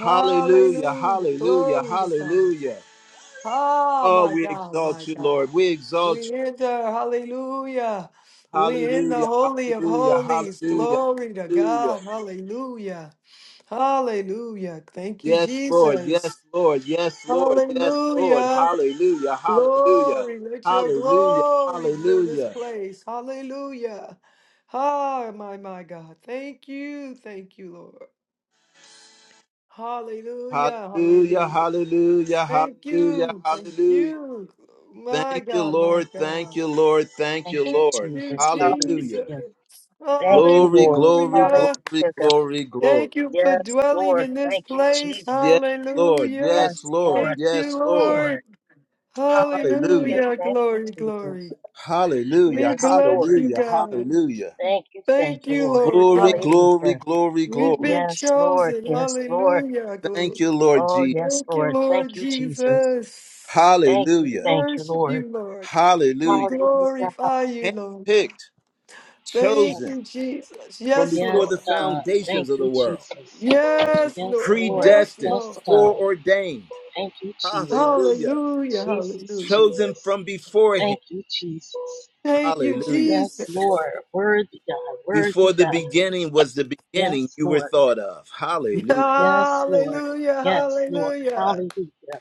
Speaker 1: Hallelujah, hallelujah,
Speaker 3: Glory to God.
Speaker 1: hallelujah.
Speaker 3: Ah,
Speaker 1: Oh,
Speaker 3: my
Speaker 1: we
Speaker 3: God, my
Speaker 1: exalt you, Lord.
Speaker 3: God.
Speaker 1: We exalt
Speaker 3: We
Speaker 1: you.
Speaker 3: enter, hallelujah. We in the
Speaker 1: Hallelujah,
Speaker 3: Holy of
Speaker 1: hallelujah,
Speaker 3: Holies.
Speaker 1: hallelujah,
Speaker 3: Glory to
Speaker 1: hallelujah.
Speaker 3: God. Hallelujah. Hallelujah. Thank you,
Speaker 1: Yes, Lord. Yes,
Speaker 3: Jesus.
Speaker 1: Lord. Yes, Lord. Yes, Lord.
Speaker 3: Hallelujah.
Speaker 1: Hallelujah, hallelujah,
Speaker 3: Glory, let your
Speaker 1: hallelujah,
Speaker 3: glory fill this
Speaker 1: hallelujah.
Speaker 3: place. Hallelujah. Ah, my, my God. Thank you. Thank you, Lord. Hallelujah.
Speaker 1: Hallelujah,
Speaker 3: Hallelujah.
Speaker 1: hallelujah,
Speaker 3: Thank
Speaker 1: hallelujah,
Speaker 3: you. Thank
Speaker 1: hallelujah.
Speaker 3: you. My
Speaker 1: Thank you,
Speaker 3: God, my
Speaker 1: Lord. Thank
Speaker 3: God.
Speaker 1: you, Lord. Thank
Speaker 4: Thank
Speaker 1: you,
Speaker 4: you,
Speaker 3: Thank
Speaker 1: Lord.
Speaker 3: you,
Speaker 4: Jesus.
Speaker 3: Jesus.
Speaker 1: Hallelujah.
Speaker 4: Hallelujah. Thank you,
Speaker 1: Glory,
Speaker 4: Lord.
Speaker 1: glory,
Speaker 4: Hallelujah.
Speaker 3: Hallelujah.
Speaker 1: glory,
Speaker 4: God.
Speaker 1: glory, glory.
Speaker 3: Thank you for
Speaker 4: Yes,
Speaker 3: dwelling
Speaker 4: Lord.
Speaker 3: in this
Speaker 4: Thank you,
Speaker 3: place.
Speaker 4: Jesus.
Speaker 1: Yes, Lord.
Speaker 3: Hallelujah.
Speaker 4: Yes,
Speaker 1: Yes, Lord.
Speaker 4: Lord.
Speaker 3: Thank
Speaker 4: Thank
Speaker 3: you,
Speaker 1: Yes,
Speaker 4: you,
Speaker 1: Lord.
Speaker 4: Lord.
Speaker 3: Lord.
Speaker 1: Hallelujah.
Speaker 4: Hallelujah.
Speaker 3: Hallelujah.
Speaker 4: Thank you,
Speaker 3: Glory,
Speaker 4: Jesus.
Speaker 3: glory. We
Speaker 1: Hallelujah.
Speaker 4: Yes,
Speaker 3: bless
Speaker 4: Lord.
Speaker 3: you,
Speaker 1: Hallelujah.
Speaker 3: God.
Speaker 1: Hallelujah.
Speaker 4: Thank you, thank
Speaker 3: Thank
Speaker 4: you,
Speaker 3: you,
Speaker 4: Lord.
Speaker 3: Lord
Speaker 1: Glory,
Speaker 3: God.
Speaker 1: glory,
Speaker 4: Hallelujah.
Speaker 1: glory,
Speaker 3: We've
Speaker 1: glory.
Speaker 3: been
Speaker 4: Yes, Lord.
Speaker 3: chosen.
Speaker 4: Yes, Lord.
Speaker 3: Hallelujah. Glory.
Speaker 1: Thank you, Lord
Speaker 4: Oh,
Speaker 1: Jesus.
Speaker 4: yes,
Speaker 3: Thank you,
Speaker 4: Lord. Thank
Speaker 3: Lord
Speaker 4: you, Jesus.
Speaker 3: Jesus.
Speaker 4: Thank you,
Speaker 3: We
Speaker 1: Hallelujah.
Speaker 4: thank you,
Speaker 3: worship
Speaker 4: Lord.
Speaker 3: you, Lord. God. We
Speaker 1: Hallelujah.
Speaker 4: Hallelujah.
Speaker 3: glorify you, Lord God.
Speaker 1: Handpicked,
Speaker 3: Thank
Speaker 4: Yes,
Speaker 1: chosen
Speaker 3: you, Jesus.
Speaker 1: from
Speaker 3: Yes,
Speaker 1: before
Speaker 4: Yes,
Speaker 1: the
Speaker 3: Lord.
Speaker 4: God. Thank
Speaker 1: foundations of the
Speaker 4: you,
Speaker 1: world,
Speaker 4: Jesus.
Speaker 3: Yes,
Speaker 4: Yes,
Speaker 3: Lord.
Speaker 4: Lord.
Speaker 3: Yes,
Speaker 1: predestined,
Speaker 4: Yes,
Speaker 3: Lord.
Speaker 4: God.
Speaker 1: foreordained.
Speaker 4: Thank you, Jesus.
Speaker 1: Hallelujah.
Speaker 3: Hallelujah.
Speaker 4: Jesus,
Speaker 3: Hallelujah.
Speaker 1: chosen
Speaker 4: Jesus.
Speaker 1: from beforehand.
Speaker 4: Thank you, Jesus.
Speaker 3: Thank you,
Speaker 1: Hallelujah.
Speaker 4: Yes,
Speaker 3: Jesus.
Speaker 4: Lord. Worthy God.
Speaker 1: Before
Speaker 4: Worthy
Speaker 1: the
Speaker 4: God.
Speaker 1: beginning was the beginning,
Speaker 4: Yes,
Speaker 1: you were
Speaker 4: Lord.
Speaker 1: thought of. Hallelujah.
Speaker 4: Yes, Lord.
Speaker 3: Hallelujah.
Speaker 4: Yes, Lord.
Speaker 3: Hallelujah.
Speaker 4: Hallelujah.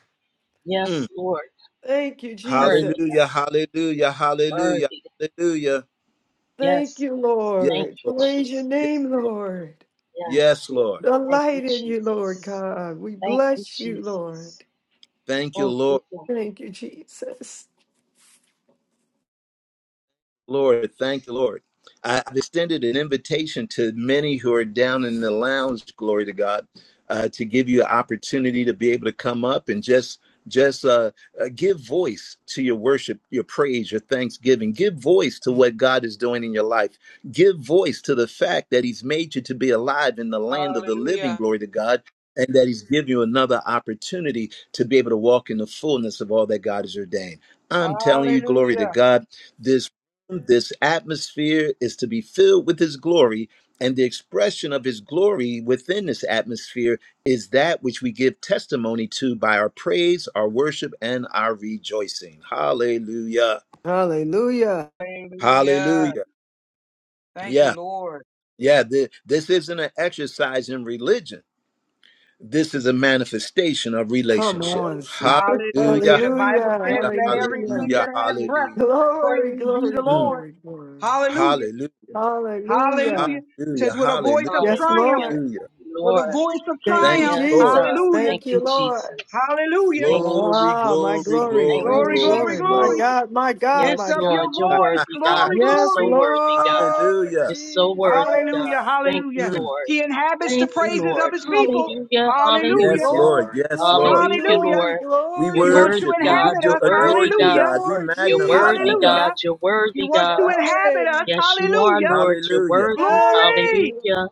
Speaker 1: Mm.
Speaker 4: Yes, Lord.
Speaker 3: Thank you,
Speaker 4: Worthy
Speaker 1: Hallelujah.
Speaker 3: Jesus.
Speaker 1: Hallelujah.
Speaker 4: God.
Speaker 1: Hallelujah.
Speaker 4: Worthy God.
Speaker 1: Hallelujah.
Speaker 3: Thank
Speaker 4: Yes,
Speaker 3: you,
Speaker 4: Lord.
Speaker 1: Yes,
Speaker 4: Thank
Speaker 3: Lord.
Speaker 4: you,
Speaker 1: Lord.
Speaker 3: Praise your
Speaker 1: Yes,
Speaker 4: Jesus.
Speaker 3: name,
Speaker 1: Lord.
Speaker 3: Lord.
Speaker 4: Yes,
Speaker 1: Yes,
Speaker 4: Lord.
Speaker 1: Lord.
Speaker 4: Thank you,
Speaker 3: Delight in you, Lord
Speaker 4: Jesus.
Speaker 3: God. We
Speaker 4: Thank you,
Speaker 3: bless you, Lord.
Speaker 4: Jesus.
Speaker 1: Thank you,
Speaker 4: Thank
Speaker 1: Lord.
Speaker 4: you, God.
Speaker 3: Thank you, Jesus.
Speaker 1: Lord, thank the Lord. I- I've extended an invitation to many who are down in the lounge, glory to God, uh, to give you an opportunity to be able to come up and just just uh, uh, give voice to your worship, your praise, your thanksgiving. Give voice to what God is doing in your life. Give voice to the fact that He's made you to be alive in the land of the living,
Speaker 6: Hallelujah.
Speaker 1: glory to God, and that He's given you another opportunity to be able to walk in the fullness of all that God has ordained. I'm telling you, glory to
Speaker 6: Hallelujah.
Speaker 1: God This this atmosphere is to be filled with his glory and the expression of his glory within this atmosphere is that which we give testimony to by our praise our worship and our rejoicing hallelujah
Speaker 3: Hallelujah.
Speaker 6: Hallelujah.
Speaker 1: hallelujah
Speaker 6: Thank you,
Speaker 1: yeah
Speaker 6: Lord.
Speaker 1: yeah th- this isn't an exercise in religion this is a manifestation of
Speaker 3: Come
Speaker 1: relationship
Speaker 3: on. sister.
Speaker 6: Hallelujah.
Speaker 1: hallelujah
Speaker 6: The Bible
Speaker 3: Hallelujah.
Speaker 6: says,
Speaker 1: hallelujah
Speaker 6: let
Speaker 3: Hallelujah.
Speaker 6: everything
Speaker 1: hallelujah
Speaker 6: that have breath
Speaker 1: hallelujah
Speaker 3: Glory,
Speaker 6: praise ye
Speaker 3: glory,
Speaker 6: the
Speaker 1: Mm.
Speaker 6: Lord.
Speaker 3: glory, glory.
Speaker 6: Hallelujah.
Speaker 1: hallelujah
Speaker 6: Hallelujah.
Speaker 3: Hallelujah.
Speaker 1: hallelujah
Speaker 6: says with a voice
Speaker 1: hallelujah
Speaker 6: of
Speaker 3: Yes,
Speaker 6: triumph,
Speaker 4: Hallelujah.
Speaker 3: Lord.
Speaker 1: hallelujah
Speaker 6: with a
Speaker 4: Lord.
Speaker 6: voice of
Speaker 3: Thank
Speaker 1: thank
Speaker 3: you,
Speaker 6: triumph.
Speaker 1: you
Speaker 4: Yes,
Speaker 1: lord
Speaker 4: God.
Speaker 3: Jesus.
Speaker 6: Hallelujah.
Speaker 4: Thank
Speaker 3: Thank
Speaker 4: you,
Speaker 3: you, Lord.
Speaker 4: Jesus.
Speaker 6: Hallelujah.
Speaker 4: Thank you,
Speaker 1: Glory,
Speaker 3: Ah, my
Speaker 1: glory,
Speaker 4: Jesus.
Speaker 3: glory,
Speaker 4: Thank
Speaker 1: glory,
Speaker 4: you,
Speaker 3: glory,
Speaker 6: Glory,
Speaker 1: glory,
Speaker 6: glory,
Speaker 3: glory. My
Speaker 6: glory.
Speaker 1: glory.
Speaker 4: Jesus.
Speaker 3: God, my God,
Speaker 6: Lift
Speaker 3: my
Speaker 4: Yes,
Speaker 6: up
Speaker 3: God.
Speaker 4: Lord.
Speaker 6: your
Speaker 4: You're
Speaker 6: voice.
Speaker 4: worthy, God.
Speaker 1: Hallelujah.
Speaker 6: Glory,
Speaker 4: You're
Speaker 3: Yes,
Speaker 4: so
Speaker 6: glory.
Speaker 4: worthy, God.
Speaker 3: Lord
Speaker 4: You're so
Speaker 3: Jesus.
Speaker 4: worthy, God.
Speaker 6: Hallelujah,
Speaker 3: Woo,
Speaker 4: Thank you,
Speaker 6: hallelujah.
Speaker 1: Mm.
Speaker 4: Lord.
Speaker 6: He inhabits the
Speaker 4: Thank you,
Speaker 6: praises of
Speaker 4: Lord.
Speaker 3: thank
Speaker 6: his
Speaker 3: you,
Speaker 6: people.
Speaker 3: Lord.
Speaker 4: Hallelujah.
Speaker 6: Hallelujah,
Speaker 1: Yes,
Speaker 4: Hallelujah.
Speaker 1: Lord.
Speaker 3: Glory,
Speaker 1: Yes,
Speaker 3: glory,
Speaker 1: Lord.
Speaker 4: Hallelujah,
Speaker 6: hallelujah.
Speaker 3: glory,
Speaker 4: Lord.
Speaker 1: We
Speaker 4: You're
Speaker 6: He
Speaker 3: glory.
Speaker 6: wants to
Speaker 1: worship
Speaker 4: worthy,
Speaker 1: you. We
Speaker 4: God.
Speaker 6: inhabit
Speaker 1: do
Speaker 4: You're
Speaker 6: us.
Speaker 1: adore
Speaker 4: worthy,
Speaker 3: Thank
Speaker 1: you,
Speaker 4: God.
Speaker 3: you,
Speaker 6: Hallelujah,
Speaker 1: God. We
Speaker 3: Lord
Speaker 4: You're
Speaker 1: magnify
Speaker 3: Jesus.
Speaker 1: you,
Speaker 4: worthy,
Speaker 1: God.
Speaker 6: hallelujah.
Speaker 4: God. You're
Speaker 6: He
Speaker 4: worthy,
Speaker 6: wants to
Speaker 4: God.
Speaker 3: Hey,
Speaker 6: inhabit us.
Speaker 4: Yes, you are,
Speaker 6: Hallelujah.
Speaker 4: Lord. You're
Speaker 1: Hallelujah.
Speaker 4: worthy.
Speaker 3: hey.
Speaker 6: Glory.
Speaker 4: Hallelujah.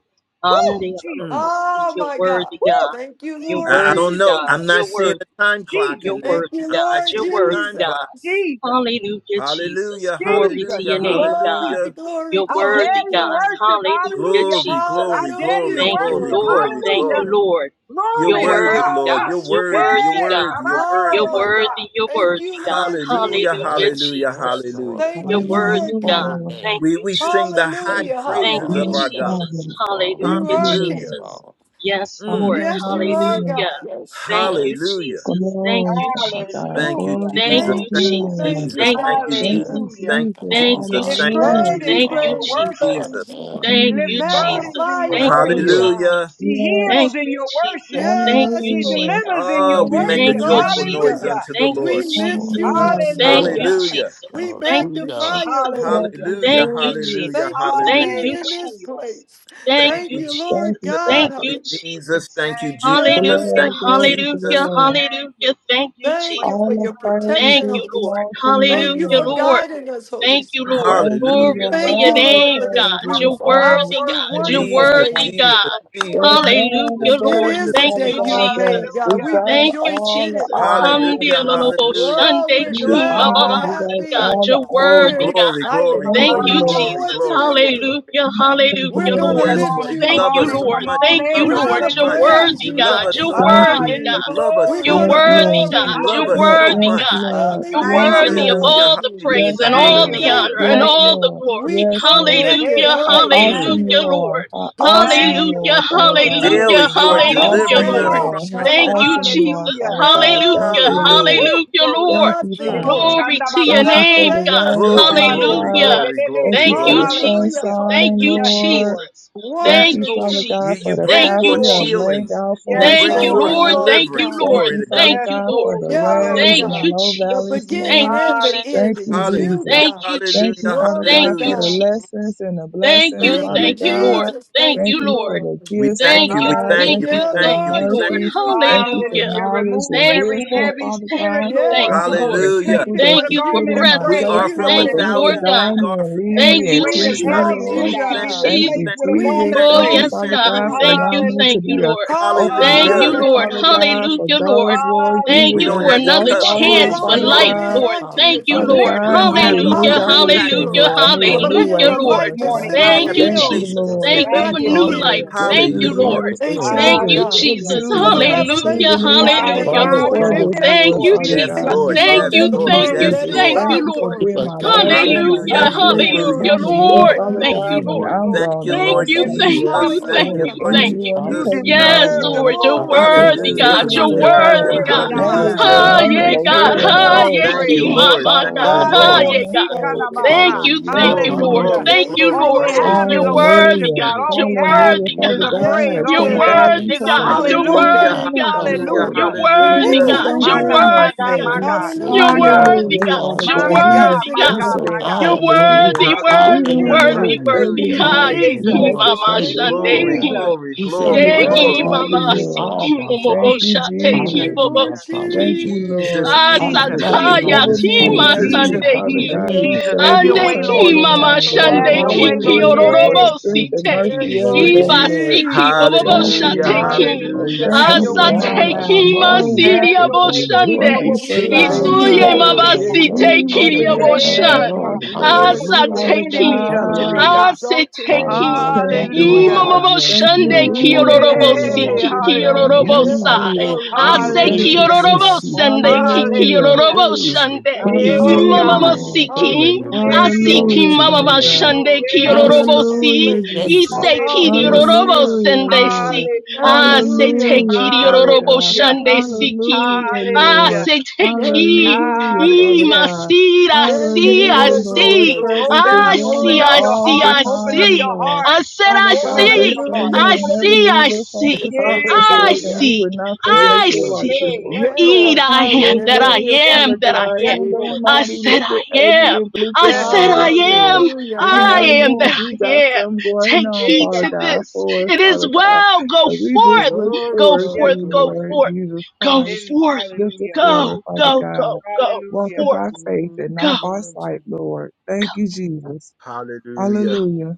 Speaker 6: Woo,
Speaker 4: Ande-
Speaker 6: Jesus.
Speaker 1: Mm.
Speaker 4: see.
Speaker 3: Oh,
Speaker 4: You're
Speaker 3: my God.
Speaker 4: worthy,
Speaker 6: Woo,
Speaker 4: God.
Speaker 3: Thank you,
Speaker 4: You're
Speaker 3: Lord
Speaker 6: Jesus,
Speaker 1: I, I don't
Speaker 4: worthy,
Speaker 1: know.
Speaker 4: God.
Speaker 1: I'm
Speaker 6: Jesus,
Speaker 3: Jesus.
Speaker 4: You're
Speaker 1: not seeing
Speaker 4: worthy.
Speaker 1: a time clock
Speaker 6: Jesus,
Speaker 4: You're
Speaker 1: in this.
Speaker 3: Thank
Speaker 4: worthy,
Speaker 3: you,
Speaker 1: I'm not
Speaker 4: God.
Speaker 3: Lord
Speaker 4: You're
Speaker 1: seeing a
Speaker 4: worthy,
Speaker 1: time clock.
Speaker 4: God.
Speaker 3: Jesus.
Speaker 6: Jesus,
Speaker 4: Hallelujah, Jesus.
Speaker 1: Hallelujah.
Speaker 4: Glory
Speaker 6: Jesus,
Speaker 4: to
Speaker 1: Hallelujah.
Speaker 4: your name,
Speaker 6: Jesus,
Speaker 4: God.
Speaker 3: Glory,
Speaker 6: Jesus.
Speaker 1: Hallelujah.
Speaker 3: glory,
Speaker 4: You're
Speaker 6: I dare
Speaker 3: glory,
Speaker 4: worthy,
Speaker 6: you to
Speaker 4: God.
Speaker 3: glory.
Speaker 6: worship.
Speaker 4: Hallelujah,
Speaker 6: Hallelujah.
Speaker 1: Glory,
Speaker 6: I
Speaker 1: glory,
Speaker 4: Jesus.
Speaker 6: dare you
Speaker 1: glory,
Speaker 6: to
Speaker 3: Hallelujah.
Speaker 4: Thank you,
Speaker 1: glory,
Speaker 6: worship.
Speaker 3: Glory,
Speaker 4: Lord.
Speaker 1: glory,
Speaker 3: glory,
Speaker 4: Thank
Speaker 6: Hallelujah.
Speaker 4: you,
Speaker 1: glory.
Speaker 3: glory.
Speaker 4: Lord.
Speaker 1: You're
Speaker 4: You're
Speaker 6: Glory to
Speaker 1: worthy,
Speaker 4: worthy,
Speaker 6: God. Ha!
Speaker 1: Lord.
Speaker 4: God.
Speaker 1: You're
Speaker 4: You're
Speaker 3: Hallelujah.
Speaker 1: worthy. You're
Speaker 4: worthy,
Speaker 6: Hey,
Speaker 4: God.
Speaker 1: worthy.
Speaker 6: Baba
Speaker 1: You're
Speaker 3: Oh
Speaker 1: worthy.
Speaker 4: You're
Speaker 3: my God.
Speaker 4: worthy, you're
Speaker 3: Thank you,
Speaker 4: worthy, God.
Speaker 3: Lord
Speaker 1: Hallelujah,
Speaker 3: Jesus.
Speaker 4: Hallelujah,
Speaker 7: Yes,
Speaker 1: hallelujah,
Speaker 7: yes,
Speaker 4: Jesus.
Speaker 7: Lord.
Speaker 1: hallelujah.
Speaker 3: Thank
Speaker 4: You're
Speaker 3: you,
Speaker 7: Praise your
Speaker 3: Lord
Speaker 4: worthy,
Speaker 7: holy
Speaker 4: God.
Speaker 3: God.
Speaker 8: Hallelujah.
Speaker 7: name.
Speaker 4: Thank
Speaker 1: We,
Speaker 4: you,
Speaker 1: we sing the
Speaker 4: Jesus.
Speaker 1: high
Speaker 7: Thank
Speaker 3: Hallelujah.
Speaker 7: you,
Speaker 4: Thank
Speaker 1: praises
Speaker 4: you,
Speaker 7: Father.
Speaker 1: of
Speaker 8: Yes,
Speaker 1: our
Speaker 3: Hallelujah.
Speaker 1: God.
Speaker 7: Thank
Speaker 8: Father.
Speaker 4: Jesus.
Speaker 7: you, Father.
Speaker 3: You
Speaker 8: Thank
Speaker 4: Hallelujah,
Speaker 8: you,
Speaker 3: are
Speaker 7: Thank you,
Speaker 8: Lord.
Speaker 1: Hallelujah.
Speaker 3: King.
Speaker 4: Jesus.
Speaker 7: Father.
Speaker 4: Yes,
Speaker 1: Mm,
Speaker 4: Lord.
Speaker 3: Yes, you are
Speaker 7: Yes,
Speaker 8: Hallelujah.
Speaker 4: Hallelujah.
Speaker 3: God.
Speaker 7: yes,
Speaker 4: Thank you,
Speaker 7: yes.
Speaker 1: hallelujah.
Speaker 4: Jesus. Thank
Speaker 8: Glory
Speaker 4: you,
Speaker 8: to my God.
Speaker 4: Jesus.
Speaker 1: Thank you,
Speaker 6: Hallelujah.
Speaker 8: Glory,
Speaker 4: Thank
Speaker 1: Jesus.
Speaker 8: glory,
Speaker 3: Thank
Speaker 7: Are,
Speaker 4: you,
Speaker 1: Thank
Speaker 3: you.
Speaker 7: are,
Speaker 1: you,
Speaker 8: glory.
Speaker 4: Jesus.
Speaker 3: Thank
Speaker 7: we
Speaker 3: you.
Speaker 1: Jesus.
Speaker 4: Thank
Speaker 1: Thank
Speaker 4: you,
Speaker 3: Thank
Speaker 7: are,
Speaker 1: you,
Speaker 3: you.
Speaker 8: Thank
Speaker 1: Jesus.
Speaker 8: you,
Speaker 7: am,
Speaker 4: Jesus.
Speaker 6: Hallelujah.
Speaker 1: Thank
Speaker 7: you
Speaker 1: you,
Speaker 8: Jesus.
Speaker 4: Thank
Speaker 7: are,
Speaker 6: He
Speaker 4: you,
Speaker 1: Jesus.
Speaker 7: I
Speaker 6: lifts
Speaker 1: Thank you, Jesus.
Speaker 7: am,
Speaker 4: Jesus.
Speaker 8: Hallelujah.
Speaker 3: Praise
Speaker 7: you
Speaker 3: you.
Speaker 6: burdens
Speaker 1: Thank
Speaker 4: Thank
Speaker 6: in
Speaker 4: you,
Speaker 7: are,
Speaker 6: your
Speaker 3: Praise you.
Speaker 1: you,
Speaker 7: I
Speaker 6: worship.
Speaker 4: Jesus.
Speaker 3: Praise
Speaker 1: Jesus.
Speaker 3: you.
Speaker 8: Thank
Speaker 7: am,
Speaker 6: He
Speaker 4: Thank
Speaker 7: you
Speaker 6: lifts
Speaker 8: you,
Speaker 4: you,
Speaker 8: Lord.
Speaker 7: are.
Speaker 6: burdens in
Speaker 3: Magnify
Speaker 4: Jesus.
Speaker 6: your
Speaker 3: you,
Speaker 4: Thank you,
Speaker 3: Lord
Speaker 6: worship.
Speaker 7: Hallelujah.
Speaker 3: God.
Speaker 1: Hallelujah.
Speaker 4: Jesus.
Speaker 6: He
Speaker 8: Yes.
Speaker 6: heals
Speaker 4: Thank
Speaker 6: in
Speaker 4: you,
Speaker 6: your worship.
Speaker 4: Jesus. Thank
Speaker 3: Yes,
Speaker 4: you,
Speaker 6: He
Speaker 3: Lord
Speaker 8: Hallelujah.
Speaker 6: delivers
Speaker 3: God.
Speaker 4: Jesus.
Speaker 6: in
Speaker 1: Oh,
Speaker 6: your
Speaker 1: we
Speaker 3: We
Speaker 1: make a
Speaker 4: Thank
Speaker 6: worship.
Speaker 4: you,
Speaker 3: exalt
Speaker 1: joyful
Speaker 8: Hallelujah.
Speaker 3: you,
Speaker 1: noise
Speaker 3: God.
Speaker 4: Jesus.
Speaker 6: Hallelujah.
Speaker 1: unto the
Speaker 4: Thank you,
Speaker 3: We
Speaker 1: Lord.
Speaker 7: Yes,
Speaker 3: lift
Speaker 7: Lord.
Speaker 3: you
Speaker 4: Jesus.
Speaker 3: up,
Speaker 7: Yes,
Speaker 8: Hallelujah.
Speaker 4: Thank
Speaker 3: Lord
Speaker 4: you,
Speaker 6: Hallelujah.
Speaker 7: yes.
Speaker 3: God.
Speaker 1: Hallelujah.
Speaker 3: We
Speaker 4: Jesus. Thank you,
Speaker 3: magnify
Speaker 7: Hallelujah.
Speaker 3: you,
Speaker 4: Jesus.
Speaker 3: Lord.
Speaker 6: Hallelujah.
Speaker 1: Hallelujah,
Speaker 4: Thank you,
Speaker 8: Hallelujah.
Speaker 1: hallelujah,
Speaker 3: Thank you
Speaker 4: Jesus.
Speaker 3: for
Speaker 4: Thank
Speaker 1: hallelujah.
Speaker 3: being
Speaker 4: you,
Speaker 3: in this
Speaker 6: Hallelujah.
Speaker 4: Jesus.
Speaker 3: place.
Speaker 4: Thank
Speaker 1: Thank
Speaker 6: Thank
Speaker 3: Thank
Speaker 1: you,
Speaker 4: you,
Speaker 6: you.
Speaker 3: you,
Speaker 6: Lord.
Speaker 1: Jesus.
Speaker 3: Lord
Speaker 8: Thank you,
Speaker 4: Jesus.
Speaker 1: Thank
Speaker 3: God.
Speaker 4: Thank
Speaker 8: Father.
Speaker 1: you,
Speaker 4: you,
Speaker 3: Hallelujah.
Speaker 1: Jesus.
Speaker 4: Jesus.
Speaker 1: Thank you,
Speaker 6: Thank you, Lord.
Speaker 1: Jesus.
Speaker 4: Hallelujah,
Speaker 1: Thank
Speaker 8: Glory,
Speaker 3: Hey,
Speaker 1: you,
Speaker 8: glory,
Speaker 1: Jesus.
Speaker 3: Jesus.
Speaker 4: hallelujah,
Speaker 8: glory.
Speaker 6: Thank you.
Speaker 4: hallelujah.
Speaker 6: Lord. We
Speaker 4: Thank
Speaker 6: give
Speaker 4: you,
Speaker 6: you
Speaker 3: Thank
Speaker 6: what
Speaker 3: you
Speaker 4: Jesus.
Speaker 6: you
Speaker 8: All
Speaker 3: for
Speaker 8: the
Speaker 3: your
Speaker 6: deserve.
Speaker 4: Thank
Speaker 3: protection,
Speaker 8: praises
Speaker 4: you,
Speaker 3: Holy
Speaker 4: Lord.
Speaker 8: belong
Speaker 3: Spirit.
Speaker 8: to
Speaker 6: Our
Speaker 3: Thank
Speaker 8: you,
Speaker 3: you
Speaker 6: pure
Speaker 4: Hallelujah,
Speaker 8: Lord.
Speaker 3: for
Speaker 4: Lord.
Speaker 6: worship.
Speaker 3: guiding us, Holy
Speaker 4: Thank you,
Speaker 3: Spirit.
Speaker 4: Lord.
Speaker 8: Thank you
Speaker 6: give
Speaker 8: for
Speaker 4: Glory
Speaker 6: you
Speaker 1: Hallelujah.
Speaker 4: to
Speaker 6: what
Speaker 3: Thank
Speaker 4: your
Speaker 3: you,
Speaker 6: you
Speaker 8: all the
Speaker 3: Lord,
Speaker 4: name,
Speaker 3: for
Speaker 6: deserve.
Speaker 3: this
Speaker 4: God.
Speaker 8: praise and
Speaker 6: Our
Speaker 8: the
Speaker 4: You're
Speaker 3: beautiful,
Speaker 6: pure
Speaker 8: honor,
Speaker 4: worthy,
Speaker 3: absolute,
Speaker 4: God.
Speaker 6: worship,
Speaker 4: You're
Speaker 8: Heavenly
Speaker 3: wonderful
Speaker 8: Father.
Speaker 1: Jesus,
Speaker 3: day
Speaker 8: God.
Speaker 4: worthy,
Speaker 3: you've
Speaker 1: Jesus,
Speaker 3: given
Speaker 4: God.
Speaker 6: our
Speaker 3: us, God.
Speaker 6: pure
Speaker 8: There's
Speaker 1: Jesus,
Speaker 8: no
Speaker 6: worship,
Speaker 4: Hallelujah,
Speaker 8: one
Speaker 1: Jesus,
Speaker 6: Lord.
Speaker 3: It
Speaker 4: Lord.
Speaker 8: above
Speaker 3: is
Speaker 8: you,
Speaker 3: the
Speaker 1: Jesus,
Speaker 4: Thank
Speaker 8: Father
Speaker 3: day
Speaker 4: you,
Speaker 8: God,
Speaker 3: you've
Speaker 1: Jesus.
Speaker 8: that
Speaker 3: made,
Speaker 4: Jesus.
Speaker 3: God. We
Speaker 6: Hallelujah,
Speaker 8: deserve
Speaker 4: Thank you,
Speaker 3: rejoice
Speaker 8: all
Speaker 3: in it,
Speaker 8: the
Speaker 4: Jesus.
Speaker 3: Lord.
Speaker 8: honor, Father
Speaker 1: Hallelujah,
Speaker 6: hallelujah,
Speaker 8: God.
Speaker 4: Handelolobo
Speaker 1: hallelujah,
Speaker 3: Oh,
Speaker 4: shande
Speaker 3: we're
Speaker 8: You the
Speaker 1: hallelujah.
Speaker 3: glad.
Speaker 8: honor
Speaker 3: We're
Speaker 8: and
Speaker 4: kimababasi,
Speaker 8: deserve
Speaker 4: God.
Speaker 3: happy.
Speaker 8: all the
Speaker 4: You're
Speaker 6: hallelujah,
Speaker 1: Oh,
Speaker 3: We're
Speaker 8: honor.
Speaker 4: worthy,
Speaker 1: glory,
Speaker 4: God.
Speaker 3: excited,
Speaker 1: glory,
Speaker 8: Thank
Speaker 4: Thank
Speaker 3: Lord.
Speaker 8: you,
Speaker 1: glory,
Speaker 3: We
Speaker 4: you,
Speaker 8: Lord.
Speaker 3: know
Speaker 1: glory,
Speaker 3: what
Speaker 4: Jesus.
Speaker 3: to
Speaker 1: glory.
Speaker 6: hallelujah.
Speaker 3: do, glory to
Speaker 4: Hallelujah,
Speaker 3: God.
Speaker 8: Thank you,
Speaker 3: We're
Speaker 6: Thank
Speaker 4: hallelujah,
Speaker 3: going
Speaker 6: you.
Speaker 8: Lord.
Speaker 3: to
Speaker 4: Lord.
Speaker 6: Come
Speaker 1: Yes,
Speaker 6: on
Speaker 8: Lord.
Speaker 3: lift
Speaker 1: Lord,
Speaker 6: in,
Speaker 1: you
Speaker 3: you
Speaker 6: come
Speaker 4: Thank
Speaker 3: up,
Speaker 1: love
Speaker 6: on
Speaker 4: you,
Speaker 1: us
Speaker 6: in,
Speaker 1: so
Speaker 3: Lord
Speaker 4: Lord.
Speaker 6: come
Speaker 3: God.
Speaker 1: much.
Speaker 6: on
Speaker 4: Thank
Speaker 1: You
Speaker 6: in.
Speaker 1: love
Speaker 4: you,
Speaker 3: We're
Speaker 1: us
Speaker 4: Lord.
Speaker 3: going
Speaker 1: so
Speaker 3: to
Speaker 4: You're
Speaker 1: much.
Speaker 6: Hallelujah.
Speaker 3: praise
Speaker 4: worthy,
Speaker 1: You
Speaker 3: you,
Speaker 1: love
Speaker 4: God.
Speaker 3: God,
Speaker 1: us
Speaker 4: You're
Speaker 3: as
Speaker 1: so
Speaker 3: our
Speaker 8: Thank
Speaker 1: much.
Speaker 6: Ah,
Speaker 4: worthy,
Speaker 8: you.
Speaker 6: in
Speaker 4: God.
Speaker 6: the
Speaker 1: You
Speaker 3: King.
Speaker 1: love us
Speaker 3: We're
Speaker 6: glory,
Speaker 1: so
Speaker 4: You're
Speaker 3: going
Speaker 8: Yes,
Speaker 6: in
Speaker 3: to
Speaker 1: much.
Speaker 6: the
Speaker 4: worthy,
Speaker 3: bless
Speaker 8: Lord.
Speaker 6: glory.
Speaker 1: You
Speaker 3: you,
Speaker 4: God.
Speaker 1: love
Speaker 4: You're
Speaker 3: Lord
Speaker 1: us so
Speaker 3: God.
Speaker 6: Hallelujah.
Speaker 4: worthy,
Speaker 8: Yes,
Speaker 1: much.
Speaker 4: God.
Speaker 8: Lord.
Speaker 4: You're
Speaker 6: Thank
Speaker 8: Yes,
Speaker 6: you,
Speaker 4: worthy
Speaker 3: Hallelujah,
Speaker 4: of
Speaker 8: Lord.
Speaker 6: Lord.
Speaker 4: all
Speaker 1: Hallelujah,
Speaker 4: the
Speaker 3: hallelujah.
Speaker 4: praise
Speaker 8: Yes,
Speaker 1: hallelujah,
Speaker 4: and
Speaker 6: Thank
Speaker 4: all
Speaker 3: We
Speaker 6: you,
Speaker 8: Lord.
Speaker 4: the
Speaker 6: Lord.
Speaker 3: thank
Speaker 1: hallelujah.
Speaker 4: honor
Speaker 3: you,
Speaker 4: and
Speaker 8: Yes,
Speaker 6: Thank
Speaker 3: Lord.
Speaker 6: you,
Speaker 4: all the
Speaker 8: Lord.
Speaker 6: Lord.
Speaker 4: glory.
Speaker 3: We
Speaker 8: Yes,
Speaker 3: come
Speaker 6: Hey,
Speaker 8: Lord.
Speaker 6: hey,
Speaker 3: naked,
Speaker 4: Hallelujah,
Speaker 8: How
Speaker 6: hey. Thank
Speaker 1: Mm.
Speaker 8: awesome
Speaker 6: you,
Speaker 3: hallelujah.
Speaker 8: you
Speaker 4: hallelujah,
Speaker 6: Lord.
Speaker 8: are.
Speaker 4: Lord.
Speaker 8: How
Speaker 6: Thank
Speaker 8: awesome
Speaker 6: you,
Speaker 8: you
Speaker 4: Hallelujah,
Speaker 8: are,
Speaker 6: Lord.
Speaker 3: Glory,
Speaker 8: Father
Speaker 3: glory,
Speaker 8: God.
Speaker 6: That's it.
Speaker 3: glory.
Speaker 1: Daily,
Speaker 4: hallelujah,
Speaker 6: Come
Speaker 1: you are
Speaker 8: How
Speaker 6: on, come
Speaker 3: No
Speaker 6: on,
Speaker 4: hallelujah,
Speaker 8: awesome
Speaker 1: delivering
Speaker 6: come
Speaker 8: you
Speaker 1: us
Speaker 4: Lord.
Speaker 6: on.
Speaker 1: from
Speaker 8: are.
Speaker 3: baggage.
Speaker 8: How
Speaker 4: Thank
Speaker 1: ourselves.
Speaker 4: you,
Speaker 8: awesome
Speaker 3: Hallelujah.
Speaker 8: you are,
Speaker 4: Jesus.
Speaker 6: Hallelujah.
Speaker 8: Father God.
Speaker 4: Hallelujah,
Speaker 8: Thank
Speaker 3: No
Speaker 8: you,
Speaker 6: Ah,
Speaker 8: Lord.
Speaker 1: Hallelujah.
Speaker 6: woo,
Speaker 3: burdens.
Speaker 4: hallelujah,
Speaker 6: glory.
Speaker 4: Lord.
Speaker 8: Thank you,
Speaker 3: Nothing,
Speaker 1: Mm.
Speaker 6: Erebo
Speaker 3: God.
Speaker 8: Father.
Speaker 4: Glory
Speaker 6: shanda
Speaker 4: to
Speaker 6: baba
Speaker 4: your
Speaker 8: Thank you for
Speaker 4: name,
Speaker 8: the
Speaker 3: Separate
Speaker 4: God.
Speaker 3: us,
Speaker 8: rain,
Speaker 3: God,
Speaker 1: Glory,
Speaker 8: Father
Speaker 3: from your
Speaker 1: glory,
Speaker 6: Ribansure
Speaker 4: Hallelujah.
Speaker 8: God.
Speaker 3: love.
Speaker 1: glory,
Speaker 8: Thank
Speaker 1: glory,
Speaker 8: you
Speaker 6: bebebete.
Speaker 4: Thank
Speaker 8: for
Speaker 4: you,
Speaker 8: the
Speaker 1: glory.
Speaker 3: Hallelujah.
Speaker 6: Hallelujah.
Speaker 4: Jesus. Thank
Speaker 8: sunshine,
Speaker 4: you,
Speaker 6: Yes,
Speaker 3: Hallelujah.
Speaker 8: Lord.
Speaker 6: Lord.
Speaker 4: Jesus.
Speaker 3: Walk
Speaker 8: Thank
Speaker 6: Yes,
Speaker 3: in
Speaker 4: Thank
Speaker 8: you,
Speaker 3: the
Speaker 4: you,
Speaker 6: Lord.
Speaker 8: Father
Speaker 3: truth.
Speaker 1: You,
Speaker 8: God, for
Speaker 1: you
Speaker 4: Jesus.
Speaker 8: the
Speaker 1: bring
Speaker 6: Yes,
Speaker 4: Thank
Speaker 8: path
Speaker 3: Live
Speaker 4: you,
Speaker 3: in
Speaker 1: forth
Speaker 8: you
Speaker 3: the
Speaker 8: have
Speaker 6: Lord.
Speaker 3: truth.
Speaker 8: laid
Speaker 4: Jesus.
Speaker 1: healing.
Speaker 8: out
Speaker 1: You
Speaker 8: for
Speaker 3: We
Speaker 6: Yes,
Speaker 8: us,
Speaker 4: Thank
Speaker 1: bring
Speaker 4: you,
Speaker 8: Father
Speaker 3: thank
Speaker 1: forth
Speaker 6: Lord.
Speaker 3: you,
Speaker 4: Lord.
Speaker 8: God.
Speaker 3: Lord
Speaker 4: Thank you,
Speaker 1: deliverance.
Speaker 3: God.
Speaker 8: Thank
Speaker 4: Lord.
Speaker 1: Glory
Speaker 8: you,
Speaker 1: to God.
Speaker 8: Father
Speaker 4: Thank
Speaker 6: Yes,
Speaker 4: you,
Speaker 8: God,
Speaker 4: Lord.
Speaker 8: for
Speaker 6: Lord.
Speaker 8: the
Speaker 3: Yeah, Lord
Speaker 8: waves
Speaker 4: Thank
Speaker 8: and the
Speaker 6: Hallelujah.
Speaker 3: God.
Speaker 4: you,
Speaker 8: low
Speaker 3: The
Speaker 8: valleys,
Speaker 4: Jesus.
Speaker 3: beginning
Speaker 4: Thank
Speaker 8: Lord.
Speaker 4: you,
Speaker 3: and the
Speaker 6: Halle-
Speaker 8: Thank
Speaker 4: Jesus.
Speaker 3: ending
Speaker 8: you,
Speaker 3: is
Speaker 1: Hallelujah,
Speaker 3: you,
Speaker 8: Jesus.
Speaker 4: Thank
Speaker 3: God.
Speaker 4: you,
Speaker 8: Thank you,
Speaker 1: hallelujah,
Speaker 4: Jesus.
Speaker 8: Father
Speaker 3: Glory to
Speaker 4: Thank
Speaker 8: God, for
Speaker 4: you,
Speaker 8: the
Speaker 1: hallelujah.
Speaker 3: God.
Speaker 8: lessons
Speaker 4: Jesus.
Speaker 8: and the
Speaker 4: Thank
Speaker 8: blessings,
Speaker 4: you,
Speaker 3: Thank
Speaker 8: Father
Speaker 3: you,
Speaker 1: Mm.
Speaker 4: thank you,
Speaker 8: God.
Speaker 4: Lord.
Speaker 3: Jesus.
Speaker 4: Thank
Speaker 3: Thank
Speaker 8: Thank
Speaker 4: you,
Speaker 3: you,
Speaker 8: you for
Speaker 4: Lord.
Speaker 8: the
Speaker 3: Lord.
Speaker 1: We
Speaker 8: gifts,
Speaker 1: thank
Speaker 4: Thank
Speaker 8: Father
Speaker 1: you,
Speaker 4: you,
Speaker 1: we
Speaker 8: God.
Speaker 1: thank
Speaker 4: thank
Speaker 1: you,
Speaker 8: Thank
Speaker 1: we
Speaker 8: you
Speaker 4: you,
Speaker 3: Yeah,
Speaker 6: Hallelujah.
Speaker 8: for the
Speaker 1: thank
Speaker 4: thank
Speaker 1: you,
Speaker 4: you,
Speaker 3: Lord
Speaker 1: we thank
Speaker 4: Lord.
Speaker 1: you,
Speaker 8: mercy.
Speaker 1: we
Speaker 3: Jesus,
Speaker 1: thank
Speaker 3: your
Speaker 8: Thank you for
Speaker 3: Lord
Speaker 4: Hallelujah.
Speaker 6: Hallelujah.
Speaker 3: Jesus.
Speaker 8: knowledge
Speaker 6: Remove
Speaker 8: and
Speaker 4: Thank
Speaker 6: every
Speaker 4: you,
Speaker 8: wisdom,
Speaker 4: Lord.
Speaker 6: heavy
Speaker 8: Father
Speaker 4: Thank
Speaker 6: spirit,
Speaker 8: God.
Speaker 4: you, thank
Speaker 1: you.
Speaker 6: Lord.
Speaker 3: Yeah,
Speaker 8: Thank
Speaker 4: you,
Speaker 8: you for
Speaker 4: Lord.
Speaker 3: Holy-
Speaker 8: the
Speaker 1: Hallelujah.
Speaker 6: Place
Speaker 3: we
Speaker 8: people
Speaker 6: it
Speaker 8: that
Speaker 6: with
Speaker 4: Thank
Speaker 6: a
Speaker 3: bless
Speaker 8: you
Speaker 4: you for
Speaker 3: you.
Speaker 8: put
Speaker 6: garment
Speaker 3: We
Speaker 8: in
Speaker 6: of
Speaker 4: breath,
Speaker 8: my
Speaker 1: We
Speaker 3: bless
Speaker 4: Lord.
Speaker 6: praise.
Speaker 8: place,
Speaker 1: offer
Speaker 3: you,
Speaker 1: up a
Speaker 8: Lord, that
Speaker 4: Thank you,
Speaker 3: Lord.
Speaker 8: help
Speaker 4: Lord
Speaker 6: Hallelujah.
Speaker 1: thousand
Speaker 4: God.
Speaker 8: guide
Speaker 1: thank
Speaker 8: me and
Speaker 1: offerings
Speaker 8: lead
Speaker 1: to
Speaker 4: Thank
Speaker 6: Every
Speaker 1: you.
Speaker 8: me and
Speaker 4: you,
Speaker 3: We
Speaker 6: weight
Speaker 1: Glory
Speaker 6: of
Speaker 1: to
Speaker 8: teach me,
Speaker 1: God.
Speaker 3: exalt
Speaker 4: Jesus.
Speaker 6: heaviness,
Speaker 3: you,
Speaker 8: Lord.
Speaker 1: We
Speaker 4: Thank
Speaker 6: God,
Speaker 4: you,
Speaker 6: be
Speaker 1: thank
Speaker 3: God.
Speaker 1: you,
Speaker 8: Thank
Speaker 1: we
Speaker 4: Jesus.
Speaker 8: you,
Speaker 6: replaced
Speaker 1: thank
Speaker 6: with a
Speaker 1: you, we
Speaker 3: We
Speaker 8: Jesus.
Speaker 6: garment of
Speaker 1: thank
Speaker 4: Oh,
Speaker 8: Thank
Speaker 1: you,
Speaker 8: you,
Speaker 1: we
Speaker 3: exalt
Speaker 6: praise.
Speaker 4: yes,
Speaker 8: Father
Speaker 1: thank
Speaker 3: you,
Speaker 4: God.
Speaker 1: you,
Speaker 8: God,
Speaker 1: we
Speaker 3: Lord
Speaker 8: for
Speaker 1: thank
Speaker 4: Thank you,
Speaker 8: allowing me
Speaker 3: God.
Speaker 4: thank
Speaker 8: to
Speaker 4: you,
Speaker 6: Hallelujah.
Speaker 8: be a
Speaker 4: Lord.
Speaker 8: open
Speaker 4: Thank you,
Speaker 1: Hallelujah.
Speaker 8: vessel,
Speaker 3: Hallelujah,
Speaker 4: Lord.
Speaker 8: Father
Speaker 6: Hallelujah.
Speaker 8: God,
Speaker 3: hallelujah.
Speaker 8: for
Speaker 4: Hallelujah, Lord.
Speaker 8: those, Lord
Speaker 7: Use
Speaker 4: Thank
Speaker 7: me,
Speaker 8: Jesus,
Speaker 1: We
Speaker 4: you
Speaker 1: don't
Speaker 8: that
Speaker 6: Hallelujah.
Speaker 4: for
Speaker 8: is
Speaker 7: Lord.
Speaker 1: have to
Speaker 3: Lifting
Speaker 4: another
Speaker 7: Use
Speaker 8: lost
Speaker 7: me,
Speaker 3: you
Speaker 1: cut
Speaker 3: up
Speaker 8: out
Speaker 3: and
Speaker 7: use
Speaker 8: here,
Speaker 7: me,
Speaker 6: Thank
Speaker 4: chance
Speaker 1: bulls
Speaker 4: for
Speaker 1: or
Speaker 3: drawing
Speaker 7: use
Speaker 6: you,
Speaker 8: Father
Speaker 3: all
Speaker 6: Lord,
Speaker 4: life,
Speaker 8: God.
Speaker 7: me.
Speaker 1: goats.
Speaker 3: men
Speaker 4: Lord.
Speaker 3: unto
Speaker 4: Thank
Speaker 6: for
Speaker 4: you,
Speaker 8: Father
Speaker 7: Hallelujah.
Speaker 3: yourself,
Speaker 4: Lord.
Speaker 1: We
Speaker 8: God,
Speaker 6: lifting.
Speaker 3: Lord.
Speaker 1: don't
Speaker 8: need
Speaker 1: have
Speaker 8: a
Speaker 1: to
Speaker 8: new
Speaker 4: Hallelujah,
Speaker 6: Hallelujah.
Speaker 1: offer
Speaker 7: Hallelujah.
Speaker 3: Hallelujah,
Speaker 8: direction,
Speaker 4: hallelujah,
Speaker 3: Lord.
Speaker 1: sacrifice.
Speaker 6: Thank
Speaker 8: Lord.
Speaker 3: Thank
Speaker 6: you
Speaker 8: Need
Speaker 3: you
Speaker 8: a
Speaker 6: for
Speaker 7: all
Speaker 3: for
Speaker 7: the
Speaker 8: new
Speaker 3: being
Speaker 4: hallelujah,
Speaker 8: way,
Speaker 3: the
Speaker 6: lifting this
Speaker 7: awesome,
Speaker 4: Lord.
Speaker 8: Father
Speaker 3: light that
Speaker 6: morning.
Speaker 8: God.
Speaker 7: all
Speaker 3: sit
Speaker 1: We
Speaker 7: the
Speaker 3: on a
Speaker 4: Thank
Speaker 1: have
Speaker 7: honor
Speaker 4: you,
Speaker 8: Thank
Speaker 6: Hallelujah.
Speaker 8: you,
Speaker 7: you
Speaker 3: hill,
Speaker 7: make
Speaker 4: Jesus.
Speaker 7: us.
Speaker 8: Lord.
Speaker 1: relationship.
Speaker 4: Thank you
Speaker 6: Thank
Speaker 8: Thank
Speaker 4: for
Speaker 7: You
Speaker 3: cannot
Speaker 6: you,
Speaker 8: you,
Speaker 3: be
Speaker 7: are
Speaker 4: new
Speaker 7: the
Speaker 8: Lord.
Speaker 4: life.
Speaker 3: hidden.
Speaker 6: Jesus.
Speaker 8: Thank
Speaker 4: Thank
Speaker 7: beginning,
Speaker 8: you,
Speaker 4: you,
Speaker 7: you
Speaker 1: Hallelujah.
Speaker 7: are
Speaker 4: Lord.
Speaker 8: Jesus,
Speaker 7: the
Speaker 8: for
Speaker 3: Thank you,
Speaker 7: end,
Speaker 4: Thank
Speaker 3: Lord
Speaker 8: choosing,
Speaker 4: you,
Speaker 3: God,
Speaker 7: and
Speaker 6: Hallelujah.
Speaker 4: Jesus.
Speaker 3: for
Speaker 7: everything
Speaker 8: choosing
Speaker 3: the
Speaker 7: in
Speaker 8: us,
Speaker 4: Hallelujah,
Speaker 8: choosing
Speaker 7: between.
Speaker 6: Well,
Speaker 3: revelation,
Speaker 6: If
Speaker 8: me,
Speaker 3: God.
Speaker 6: I,
Speaker 8: Father
Speaker 6: if
Speaker 3: Thank
Speaker 4: hallelujah,
Speaker 3: you
Speaker 6: I
Speaker 8: God,
Speaker 7: Father
Speaker 6: be
Speaker 4: Lord.
Speaker 3: for
Speaker 8: for
Speaker 3: it,
Speaker 7: God,
Speaker 3: God.
Speaker 8: this
Speaker 6: lifted up,
Speaker 4: Thank
Speaker 8: war,
Speaker 6: Lord,
Speaker 7: use
Speaker 4: you,
Speaker 6: we
Speaker 7: me,
Speaker 8: Father
Speaker 6: lift
Speaker 1: Yes,
Speaker 6: you
Speaker 8: God.
Speaker 6: up.
Speaker 3: Thank
Speaker 4: Jesus.
Speaker 3: you,
Speaker 1: Lord.
Speaker 7: use
Speaker 4: Thank
Speaker 3: Lord,
Speaker 7: me,
Speaker 3: for
Speaker 1: Yes,
Speaker 4: you,
Speaker 3: the
Speaker 8: Thank you,
Speaker 1: Lord.
Speaker 6: We
Speaker 4: thank
Speaker 7: use
Speaker 3: pearl
Speaker 4: you,
Speaker 7: me.
Speaker 6: lift
Speaker 1: Yes,
Speaker 3: that is
Speaker 8: Jesus.
Speaker 6: you
Speaker 4: thank
Speaker 1: Lord.
Speaker 8: Thank
Speaker 6: up.
Speaker 4: you,
Speaker 3: hidden.
Speaker 8: you
Speaker 4: Lord.
Speaker 8: for
Speaker 7: If
Speaker 3: Glory
Speaker 8: being
Speaker 7: I
Speaker 3: to
Speaker 8: my
Speaker 6: We
Speaker 7: got
Speaker 3: God.
Speaker 7: it,
Speaker 6: lift
Speaker 7: use
Speaker 8: backbone,
Speaker 6: you
Speaker 8: my
Speaker 4: Hallelujah.
Speaker 1: Hallelujah.
Speaker 6: up,
Speaker 7: me,
Speaker 3: Thank
Speaker 8: refuge
Speaker 3: you,
Speaker 7: and
Speaker 8: in
Speaker 6: Lord.
Speaker 1: Hallelujah.
Speaker 4: Hallelujah,
Speaker 3: Lord
Speaker 8: time
Speaker 7: use
Speaker 8: of need,
Speaker 7: me,
Speaker 6: Woo!
Speaker 4: Lord.
Speaker 8: Father
Speaker 7: use
Speaker 4: Thank
Speaker 3: Jesus.
Speaker 6: Glory,
Speaker 8: God,
Speaker 4: you,
Speaker 8: when
Speaker 7: me,
Speaker 4: Lord.
Speaker 6: glory,
Speaker 7: Lord.
Speaker 8: I'm
Speaker 6: glory.
Speaker 1: Thank
Speaker 8: gone
Speaker 1: you,
Speaker 8: and
Speaker 4: Thank
Speaker 6: We
Speaker 8: lost
Speaker 1: Lord
Speaker 4: you,
Speaker 8: all
Speaker 6: lift you
Speaker 7: Use
Speaker 4: thank
Speaker 8: here.
Speaker 7: me,
Speaker 6: up,
Speaker 4: you,
Speaker 1: Jesus.
Speaker 7: Lord.
Speaker 8: Or
Speaker 1: Thank
Speaker 8: when
Speaker 4: thank
Speaker 6: Lord.
Speaker 1: you,
Speaker 8: the
Speaker 3: Hallelujah,
Speaker 4: you,
Speaker 1: Lord
Speaker 4: thank
Speaker 8: enemy
Speaker 7: Hallelujah,
Speaker 4: you.
Speaker 8: want to
Speaker 3: hallelujah.
Speaker 6: You
Speaker 1: Jesus.
Speaker 8: take me
Speaker 7: hallelujah.
Speaker 8: out,
Speaker 4: Yes,
Speaker 6: deserve the
Speaker 8: Lord.
Speaker 4: Lord, you're
Speaker 7: I
Speaker 3: Glory,
Speaker 8: Thank
Speaker 6: glory.
Speaker 8: you
Speaker 7: thank
Speaker 3: glory,
Speaker 8: for
Speaker 4: worthy,
Speaker 7: you for
Speaker 8: your
Speaker 6: You
Speaker 4: God.
Speaker 1: Hallelujah.
Speaker 7: this
Speaker 3: glory.
Speaker 4: You're
Speaker 8: healing
Speaker 7: day. I
Speaker 1: Hallelujah.
Speaker 4: worthy,
Speaker 8: powers,
Speaker 7: thank
Speaker 6: deserve
Speaker 7: you
Speaker 6: the
Speaker 8: your
Speaker 4: God.
Speaker 7: for
Speaker 3: Yeah,
Speaker 6: honor.
Speaker 7: yesterday.
Speaker 8: wonderful,
Speaker 1: Hallelujah.
Speaker 4: Ah,
Speaker 7: I
Speaker 6: You
Speaker 4: yeah,
Speaker 3: Lord
Speaker 7: thank
Speaker 8: wonderful
Speaker 7: you
Speaker 4: God.
Speaker 7: for the
Speaker 6: deserve
Speaker 8: healing
Speaker 3: Jesus.
Speaker 4: Ah,
Speaker 6: our
Speaker 7: last
Speaker 8: powers,
Speaker 4: yeah,
Speaker 1: Thank
Speaker 8: Father
Speaker 6: praise.
Speaker 1: you,
Speaker 4: King,
Speaker 8: God
Speaker 4: my,
Speaker 1: Lord.
Speaker 4: my
Speaker 1: Thank you,
Speaker 4: God.
Speaker 8: body,
Speaker 7: 3,000
Speaker 4: Ah,
Speaker 1: Lord.
Speaker 3: Yeah,
Speaker 8: mind,
Speaker 4: yeah,
Speaker 8: and
Speaker 7: days.
Speaker 3: Lord,
Speaker 4: God.
Speaker 3: I'm
Speaker 8: soul, Lord.
Speaker 3: okay.
Speaker 4: Thank
Speaker 6: Hadebosikanamasai.
Speaker 4: you,
Speaker 8: Thank
Speaker 4: thank
Speaker 7: Hallelujah,
Speaker 4: you,
Speaker 8: you,
Speaker 1: Glory,
Speaker 4: Lord.
Speaker 6: Hallelujah.
Speaker 8: Lord.
Speaker 1: glory,
Speaker 4: Thank
Speaker 7: hallelujah.
Speaker 3: Thank
Speaker 4: you,
Speaker 3: you,
Speaker 1: glory,
Speaker 6: All we
Speaker 4: Lord.
Speaker 3: Lord
Speaker 1: glory.
Speaker 7: Thank
Speaker 6: have
Speaker 7: you
Speaker 6: is
Speaker 4: You're
Speaker 6: a
Speaker 7: for
Speaker 3: Jesus.
Speaker 4: worthy,
Speaker 6: worship,
Speaker 7: saving
Speaker 8: Hallelujah.
Speaker 6: God.
Speaker 4: God.
Speaker 7: me.
Speaker 6: All
Speaker 4: You're
Speaker 6: we have
Speaker 8: Hallelujah.
Speaker 4: worthy,
Speaker 6: is
Speaker 4: God.
Speaker 8: Father
Speaker 6: a
Speaker 7: Hallelujah.
Speaker 3: Yeah,
Speaker 8: God, I
Speaker 6: praise.
Speaker 3: you're
Speaker 8: had
Speaker 6: All
Speaker 4: You're
Speaker 6: we
Speaker 7: Keeping
Speaker 6: have
Speaker 3: worthy.
Speaker 8: 10,000
Speaker 7: me
Speaker 4: worthy,
Speaker 6: is a
Speaker 4: God.
Speaker 8: times.
Speaker 7: safe.
Speaker 3: We're
Speaker 4: You're
Speaker 8: You thank
Speaker 3: walking
Speaker 6: hallelujah.
Speaker 8: you
Speaker 1: Hallelujah.
Speaker 7: I
Speaker 4: worthy,
Speaker 3: in it
Speaker 8: enough,
Speaker 4: God.
Speaker 3: by
Speaker 7: am
Speaker 1: Hallelujah.
Speaker 8: Lord.
Speaker 3: faith.
Speaker 4: You're
Speaker 6: Hallelujah.
Speaker 7: worthy.
Speaker 3: We're
Speaker 8: Can't
Speaker 7: You
Speaker 4: worthy,
Speaker 1: Hallelujah.
Speaker 8: even
Speaker 7: are
Speaker 3: mixing
Speaker 6: Woo!
Speaker 4: God.
Speaker 3: the
Speaker 8: thank
Speaker 6: My
Speaker 4: You're
Speaker 8: you
Speaker 6: God,
Speaker 3: word
Speaker 7: worthy.
Speaker 3: with
Speaker 8: enough,
Speaker 6: my
Speaker 4: worthy.
Speaker 6: God,
Speaker 3: faith.
Speaker 6: my
Speaker 8: Lord.
Speaker 7: You
Speaker 6: God,
Speaker 7: said
Speaker 4: You're
Speaker 6: my
Speaker 7: you
Speaker 3: Hallelujah,
Speaker 6: God,
Speaker 7: are
Speaker 3: Lord.
Speaker 4: worthy,
Speaker 8: Hallelujah,
Speaker 7: you
Speaker 4: God.
Speaker 7: are
Speaker 8: Father
Speaker 4: You're
Speaker 6: my
Speaker 8: God.
Speaker 3: We're
Speaker 8: You
Speaker 7: worthy.
Speaker 6: God,
Speaker 4: worthy,
Speaker 3: mixing
Speaker 6: my
Speaker 8: make
Speaker 4: God.
Speaker 3: it,
Speaker 7: You
Speaker 6: God,
Speaker 3: oh
Speaker 7: said
Speaker 6: my
Speaker 8: everything
Speaker 7: I
Speaker 6: God.
Speaker 3: God.
Speaker 4: You're
Speaker 7: am
Speaker 8: perfect,
Speaker 7: worthy.
Speaker 8: Lord.
Speaker 4: worthy,
Speaker 7: that
Speaker 6: Oh,
Speaker 3: Thank
Speaker 7: I
Speaker 3: you,
Speaker 4: worthy,
Speaker 8: Even
Speaker 1: Hallelujah.
Speaker 8: when
Speaker 7: am
Speaker 8: it
Speaker 3: Lord.
Speaker 6: Jesus,
Speaker 4: worthy,
Speaker 8: looks
Speaker 3: Thank
Speaker 7: worthy.
Speaker 3: you,
Speaker 4: worthy.
Speaker 8: ugly,
Speaker 1: Hallelujah.
Speaker 4: Ha,
Speaker 7: Praise the
Speaker 8: you
Speaker 6: Jesus,
Speaker 4: yeki
Speaker 3: Jesus.
Speaker 8: make
Speaker 7: Lord.
Speaker 8: it
Speaker 4: mama
Speaker 7: Praise
Speaker 8: perfect,
Speaker 7: the
Speaker 8: Father
Speaker 4: shande
Speaker 1: Glory,
Speaker 3: Hallelujah.
Speaker 7: Lord.
Speaker 6: Jesus.
Speaker 8: God.
Speaker 4: ki.
Speaker 1: glory,
Speaker 7: You said
Speaker 8: Father
Speaker 1: glory,
Speaker 7: you are
Speaker 8: God,
Speaker 7: my
Speaker 4: Yeki
Speaker 6: Woo!
Speaker 1: glory.
Speaker 8: thank
Speaker 7: father.
Speaker 8: you,
Speaker 4: mama
Speaker 3: Glory,
Speaker 6: Jesus,
Speaker 7: You
Speaker 8: Lord.
Speaker 3: glory,
Speaker 7: are
Speaker 4: siki
Speaker 7: my
Speaker 3: glory.
Speaker 4: momo
Speaker 8: Thank
Speaker 4: bo
Speaker 7: father.
Speaker 8: you,
Speaker 6: Jesus,
Speaker 4: shate
Speaker 3: Thank
Speaker 6: Jesus,
Speaker 4: ki
Speaker 8: Jesus.
Speaker 3: you,
Speaker 4: bobo
Speaker 3: Lord
Speaker 7: Hallelujah.
Speaker 6: Jesus.
Speaker 7: Hallelujah.
Speaker 8: Thank
Speaker 4: siki.
Speaker 6: Come
Speaker 8: you,
Speaker 6: on.
Speaker 3: Jesus.
Speaker 8: Lord.
Speaker 1: Jesus,
Speaker 3: Jesus.
Speaker 7: I'm
Speaker 6: Jesus,
Speaker 1: Jesus,
Speaker 8: What
Speaker 7: not
Speaker 4: Asata
Speaker 8: the
Speaker 6: Jesus,
Speaker 8: devil
Speaker 7: alone.
Speaker 1: Jesus,
Speaker 4: yati
Speaker 8: meant
Speaker 4: ma
Speaker 8: bad for
Speaker 1: Jesus,
Speaker 8: me,
Speaker 6: Jesus,
Speaker 7: Hallelujah.
Speaker 1: Jesus.
Speaker 4: sande
Speaker 8: Father
Speaker 4: ki.
Speaker 6: Jesus,
Speaker 8: God, you
Speaker 7: Hallelujah.
Speaker 6: Jesus.
Speaker 8: sure
Speaker 3: Glory,
Speaker 6: Have your
Speaker 8: did
Speaker 7: I
Speaker 6: way,
Speaker 4: Ande
Speaker 3: glory,
Speaker 8: turn
Speaker 4: ki
Speaker 6: Lord.
Speaker 8: it
Speaker 7: am
Speaker 3: glory,
Speaker 4: mama
Speaker 7: not
Speaker 8: around, Lord.
Speaker 6: Have
Speaker 3: glory,
Speaker 4: shande
Speaker 6: your
Speaker 4: ki
Speaker 7: alone.
Speaker 6: way,
Speaker 3: glory,
Speaker 4: ki
Speaker 6: Lord.
Speaker 7: Praise the
Speaker 8: Hallelujah
Speaker 3: glory.
Speaker 8: for
Speaker 4: ororobo
Speaker 6: Yeah,
Speaker 7: Lord.
Speaker 8: strength
Speaker 7: Thank
Speaker 8: and
Speaker 7: you,
Speaker 4: site.
Speaker 3: Yeah,
Speaker 8: mercy
Speaker 7: Jesus. You
Speaker 8: every
Speaker 3: Lord
Speaker 8: day,
Speaker 4: Iba
Speaker 7: walk,
Speaker 8: Lord.
Speaker 4: siki
Speaker 7: you
Speaker 3: Jesus, we
Speaker 4: bobobo
Speaker 8: Thank
Speaker 7: talk with
Speaker 3: praise
Speaker 8: you,
Speaker 1: Hallelujah,
Speaker 4: shate
Speaker 7: me,
Speaker 4: ki.
Speaker 8: Lord.
Speaker 7: and
Speaker 6: Hallelujah.
Speaker 7: you
Speaker 1: hallelujah,
Speaker 8: Thank
Speaker 6: Have
Speaker 7: tell
Speaker 8: you
Speaker 6: your
Speaker 7: me
Speaker 8: for
Speaker 6: way,
Speaker 8: not
Speaker 7: I'm
Speaker 4: Asate
Speaker 6: Lord.
Speaker 3: you.
Speaker 7: not
Speaker 4: ki
Speaker 8: allowing
Speaker 4: ma
Speaker 8: no
Speaker 7: alone.
Speaker 4: siri
Speaker 6: Have
Speaker 8: weapon.
Speaker 6: your
Speaker 4: abo
Speaker 7: And
Speaker 6: way,
Speaker 7: the
Speaker 6: Lord. You
Speaker 7: joy
Speaker 4: shande.
Speaker 6: know
Speaker 8: Thank
Speaker 7: we
Speaker 8: you
Speaker 6: what we
Speaker 8: for
Speaker 7: share
Speaker 6: stand
Speaker 7: is
Speaker 6: in
Speaker 8: allowing,
Speaker 3: Thank
Speaker 7: the
Speaker 6: need
Speaker 4: Itsuye
Speaker 3: you,
Speaker 8: not
Speaker 6: of
Speaker 7: same
Speaker 3: Lord.
Speaker 4: mama
Speaker 6: today,
Speaker 8: allowing
Speaker 7: that
Speaker 6: God.
Speaker 3: Hey,
Speaker 7: none
Speaker 4: site
Speaker 8: any
Speaker 3: hey, hey,
Speaker 7: other
Speaker 4: kiri
Speaker 8: weapon
Speaker 3: hey.
Speaker 7: has
Speaker 4: abo
Speaker 8: that
Speaker 7: ever
Speaker 6: Yeah,
Speaker 8: has
Speaker 4: shan.
Speaker 6: God.
Speaker 7: known.
Speaker 3: We
Speaker 6: You
Speaker 8: prospered.
Speaker 6: know what
Speaker 3: bless
Speaker 6: we
Speaker 3: your
Speaker 7: Hallelujah.
Speaker 4: Asate
Speaker 8: Father
Speaker 3: name.
Speaker 6: stand
Speaker 3: We
Speaker 6: in need
Speaker 4: ki.
Speaker 3: lift
Speaker 6: of
Speaker 3: you up.
Speaker 8: God,
Speaker 6: today,
Speaker 3: We
Speaker 7: Hallelujah.
Speaker 6: God.
Speaker 3: exalt your
Speaker 4: Asate
Speaker 7: I
Speaker 3: name.
Speaker 4: ki.
Speaker 7: want
Speaker 8: thank
Speaker 7: that,
Speaker 3: Hallelujah.
Speaker 8: you,
Speaker 7: Lord.
Speaker 6: Hallelujah.
Speaker 7: I
Speaker 8: Lord.
Speaker 4: Imomomo
Speaker 7: want to
Speaker 8: Thank you,
Speaker 4: shande
Speaker 7: give
Speaker 4: ki
Speaker 7: glory
Speaker 3: Yay,
Speaker 7: to
Speaker 8: Jesus,
Speaker 4: ororobo
Speaker 7: your
Speaker 3: glory,
Speaker 8: for
Speaker 6: Hey,
Speaker 7: name.
Speaker 4: siki
Speaker 8: walking
Speaker 3: glory.
Speaker 4: ki
Speaker 8: it all the
Speaker 6: hallelujah.
Speaker 4: ororobo
Speaker 8: way,
Speaker 7: You
Speaker 3: Yay,
Speaker 8: Father
Speaker 4: sai.
Speaker 7: be
Speaker 8: God.
Speaker 7: it
Speaker 3: glory,
Speaker 7: any
Speaker 3: glory,
Speaker 4: Ase
Speaker 7: way
Speaker 8: Thank
Speaker 4: ki
Speaker 3: glory.
Speaker 8: you,
Speaker 6: Hallelujah.
Speaker 7: that you
Speaker 4: ororobo
Speaker 8: Lord.
Speaker 7: see fit.
Speaker 4: sende ki
Speaker 3: Yay,
Speaker 4: ki
Speaker 8: Hallelujah.
Speaker 6: Hallelujah.
Speaker 3: glory,
Speaker 4: ororobo
Speaker 7: Praise
Speaker 3: glory.
Speaker 7: the
Speaker 4: shande.
Speaker 7: praise
Speaker 6: Yeah,
Speaker 7: the
Speaker 8: Hallelujah,
Speaker 7: praise
Speaker 6: God.
Speaker 7: the
Speaker 8: Lord.
Speaker 3: Hallelujah,
Speaker 7: praise
Speaker 4: Imamamosiki,
Speaker 7: the
Speaker 3: hallelujah.
Speaker 7: praise
Speaker 6: Yeah,
Speaker 4: Asiki
Speaker 7: glory
Speaker 6: God.
Speaker 8: Hallelujah,
Speaker 7: to
Speaker 4: mama
Speaker 7: the
Speaker 4: ma
Speaker 8: Father
Speaker 3: Thank you,
Speaker 7: Lord.
Speaker 8: God.
Speaker 4: shande
Speaker 3: Lord.
Speaker 4: ki
Speaker 6: Yeah,
Speaker 3: We're
Speaker 7: Yes,
Speaker 4: yororobo
Speaker 6: God.
Speaker 3: in
Speaker 7: Father.
Speaker 3: that
Speaker 4: si.
Speaker 8: Hallelujah,
Speaker 3: place.
Speaker 7: Yes,
Speaker 8: Jesus.
Speaker 4: Ise
Speaker 7: Father.
Speaker 4: ki
Speaker 6: Hallelujah.
Speaker 7: Yes, Father.
Speaker 4: yororobo
Speaker 3: Hallelujah,
Speaker 8: Hallelujah,
Speaker 4: sende si.
Speaker 8: Lord.
Speaker 4: Ah,
Speaker 6: Hallelujah.
Speaker 4: se te
Speaker 3: hallelujah.
Speaker 4: ki
Speaker 8: Hallelujah, Father
Speaker 4: yororobo
Speaker 8: God.
Speaker 6: Hallelujah.
Speaker 4: shande si
Speaker 3: Mm.
Speaker 4: ki.
Speaker 8: Hallelujah,
Speaker 4: Ah,
Speaker 8: Lord.
Speaker 6: Hallelujah.
Speaker 4: se te
Speaker 3: Thank
Speaker 4: ki.
Speaker 3: you,
Speaker 8: Hallelujah,
Speaker 4: I
Speaker 3: Jesus.
Speaker 8: Father
Speaker 6: Hallelujah.
Speaker 4: ma
Speaker 8: God.
Speaker 4: si, I
Speaker 3: They can
Speaker 4: see, I
Speaker 8: Hallelujah,
Speaker 6: Oh,
Speaker 8: Lord.
Speaker 3: intercede
Speaker 8: Your
Speaker 6: glory,
Speaker 4: see.
Speaker 6: glory.
Speaker 3: us.
Speaker 8: presence
Speaker 6: Open
Speaker 8: is
Speaker 3: Thank
Speaker 6: up,
Speaker 4: I
Speaker 3: you,
Speaker 6: open
Speaker 4: see,
Speaker 8: wanted
Speaker 6: up
Speaker 4: I
Speaker 6: your
Speaker 3: Lord
Speaker 8: all
Speaker 4: see,
Speaker 8: the
Speaker 6: heart,
Speaker 4: I
Speaker 6: open
Speaker 3: Jesus.
Speaker 6: up
Speaker 8: time,
Speaker 4: see.
Speaker 6: your
Speaker 8: Lord.
Speaker 6: heart,
Speaker 4: I said,
Speaker 8: Father
Speaker 4: I
Speaker 6: open
Speaker 8: God,
Speaker 6: up
Speaker 8: they
Speaker 4: see,
Speaker 6: your
Speaker 8: say
Speaker 6: heart.
Speaker 8: you
Speaker 4: I
Speaker 8: would
Speaker 3: Hallelujah.
Speaker 8: never
Speaker 4: see,
Speaker 6: Hallelujah.
Speaker 4: I
Speaker 8: leave us or
Speaker 4: see.
Speaker 8: forsake
Speaker 6: Yeah,
Speaker 8: us,
Speaker 4: I
Speaker 8: Lord,
Speaker 6: God.
Speaker 8: and you
Speaker 3: Hallelujah.
Speaker 4: see,
Speaker 8: would not
Speaker 6: Yeah,
Speaker 8: forsake
Speaker 3: Yes,
Speaker 4: I
Speaker 8: the
Speaker 6: yeah,
Speaker 3: Lord.
Speaker 4: see.
Speaker 8: righteous,
Speaker 6: yeah. Yes,
Speaker 8: Lord.
Speaker 4: E
Speaker 6: Lord.
Speaker 3: Yes.
Speaker 4: that I am, that I
Speaker 8: Hallelujah,
Speaker 3: Yes.
Speaker 6: Yes,
Speaker 4: am,
Speaker 8: Father
Speaker 4: that
Speaker 6: Lord.
Speaker 4: I
Speaker 8: God.
Speaker 6: Yes,
Speaker 8: Even
Speaker 4: am.
Speaker 8: though
Speaker 3: Sweet.
Speaker 8: it
Speaker 6: Lord.
Speaker 4: I
Speaker 8: might
Speaker 6: Yes,
Speaker 8: be
Speaker 6: Lord.
Speaker 4: said,
Speaker 8: looking
Speaker 4: I am.
Speaker 8: ugly and bleak
Speaker 4: I
Speaker 6: Yes,
Speaker 4: said,
Speaker 8: around
Speaker 4: I
Speaker 8: us,
Speaker 6: Lord.
Speaker 8: Lord,
Speaker 4: am.
Speaker 3: Hallelujah.
Speaker 8: we
Speaker 4: I
Speaker 6: Yes,
Speaker 8: know
Speaker 4: am that
Speaker 8: you,
Speaker 3: Hallelujah.
Speaker 6: Lord.
Speaker 8: you
Speaker 4: I
Speaker 8: got
Speaker 4: am.
Speaker 8: something going
Speaker 4: Take
Speaker 8: on,
Speaker 6: Yeah,
Speaker 4: heed
Speaker 8: Father
Speaker 4: to
Speaker 6: God.
Speaker 8: God,
Speaker 4: this.
Speaker 8: for us,
Speaker 4: It is
Speaker 8: Father God.
Speaker 4: well. Go
Speaker 8: And we just
Speaker 4: forth.
Speaker 8: look
Speaker 3: Glory,
Speaker 4: Go
Speaker 8: forward to,
Speaker 6: Yes,
Speaker 3: glory,
Speaker 4: forth.
Speaker 6: Lord.
Speaker 4: Go
Speaker 3: glory,
Speaker 8: Lord
Speaker 4: forth.
Speaker 3: glory.
Speaker 8: Jesus
Speaker 4: Go
Speaker 8: Christ,
Speaker 6: And
Speaker 4: forth.
Speaker 8: just look
Speaker 6: hallelujah.
Speaker 8: forward,
Speaker 4: Go,
Speaker 8: Father
Speaker 4: go,
Speaker 8: God.
Speaker 4: go, go.
Speaker 6: Hallelujah.
Speaker 8: Walking
Speaker 4: Forth.
Speaker 8: by faith
Speaker 3: In
Speaker 8: and
Speaker 3: the
Speaker 4: Go.
Speaker 8: not by
Speaker 3: name of
Speaker 8: sight,
Speaker 3: Jesus.
Speaker 8: Lord. Thank you, Jesus.
Speaker 1: hallelujah.
Speaker 8: Hallelujah.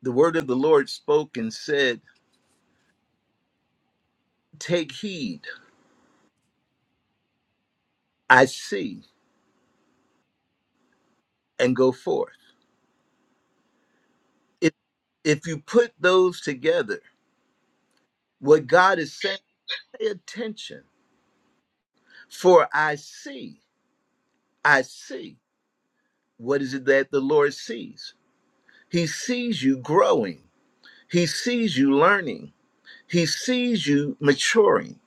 Speaker 1: The word of the Lord spoke and said, Take heed, I see, and go forth. If, if you put those together, what God is saying, pay attention, for I see, I see. What is it that the Lord sees? He sees you growing, He sees you learning. He sees you maturing.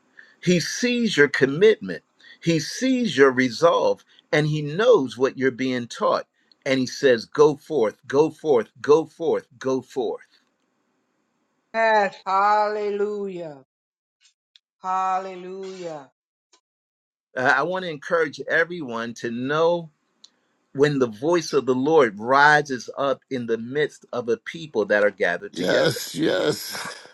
Speaker 1: He sees your commitment. He sees your resolve and he knows what you're being taught. And he says, Go forth, go forth, go forth, go forth.
Speaker 6: Yes, hallelujah. Hallelujah. Hallelujah.
Speaker 1: Uh, I want to encourage everyone to know when the voice of the Lord rises up in the midst of a people that are gathered together.
Speaker 7: Yes, yes.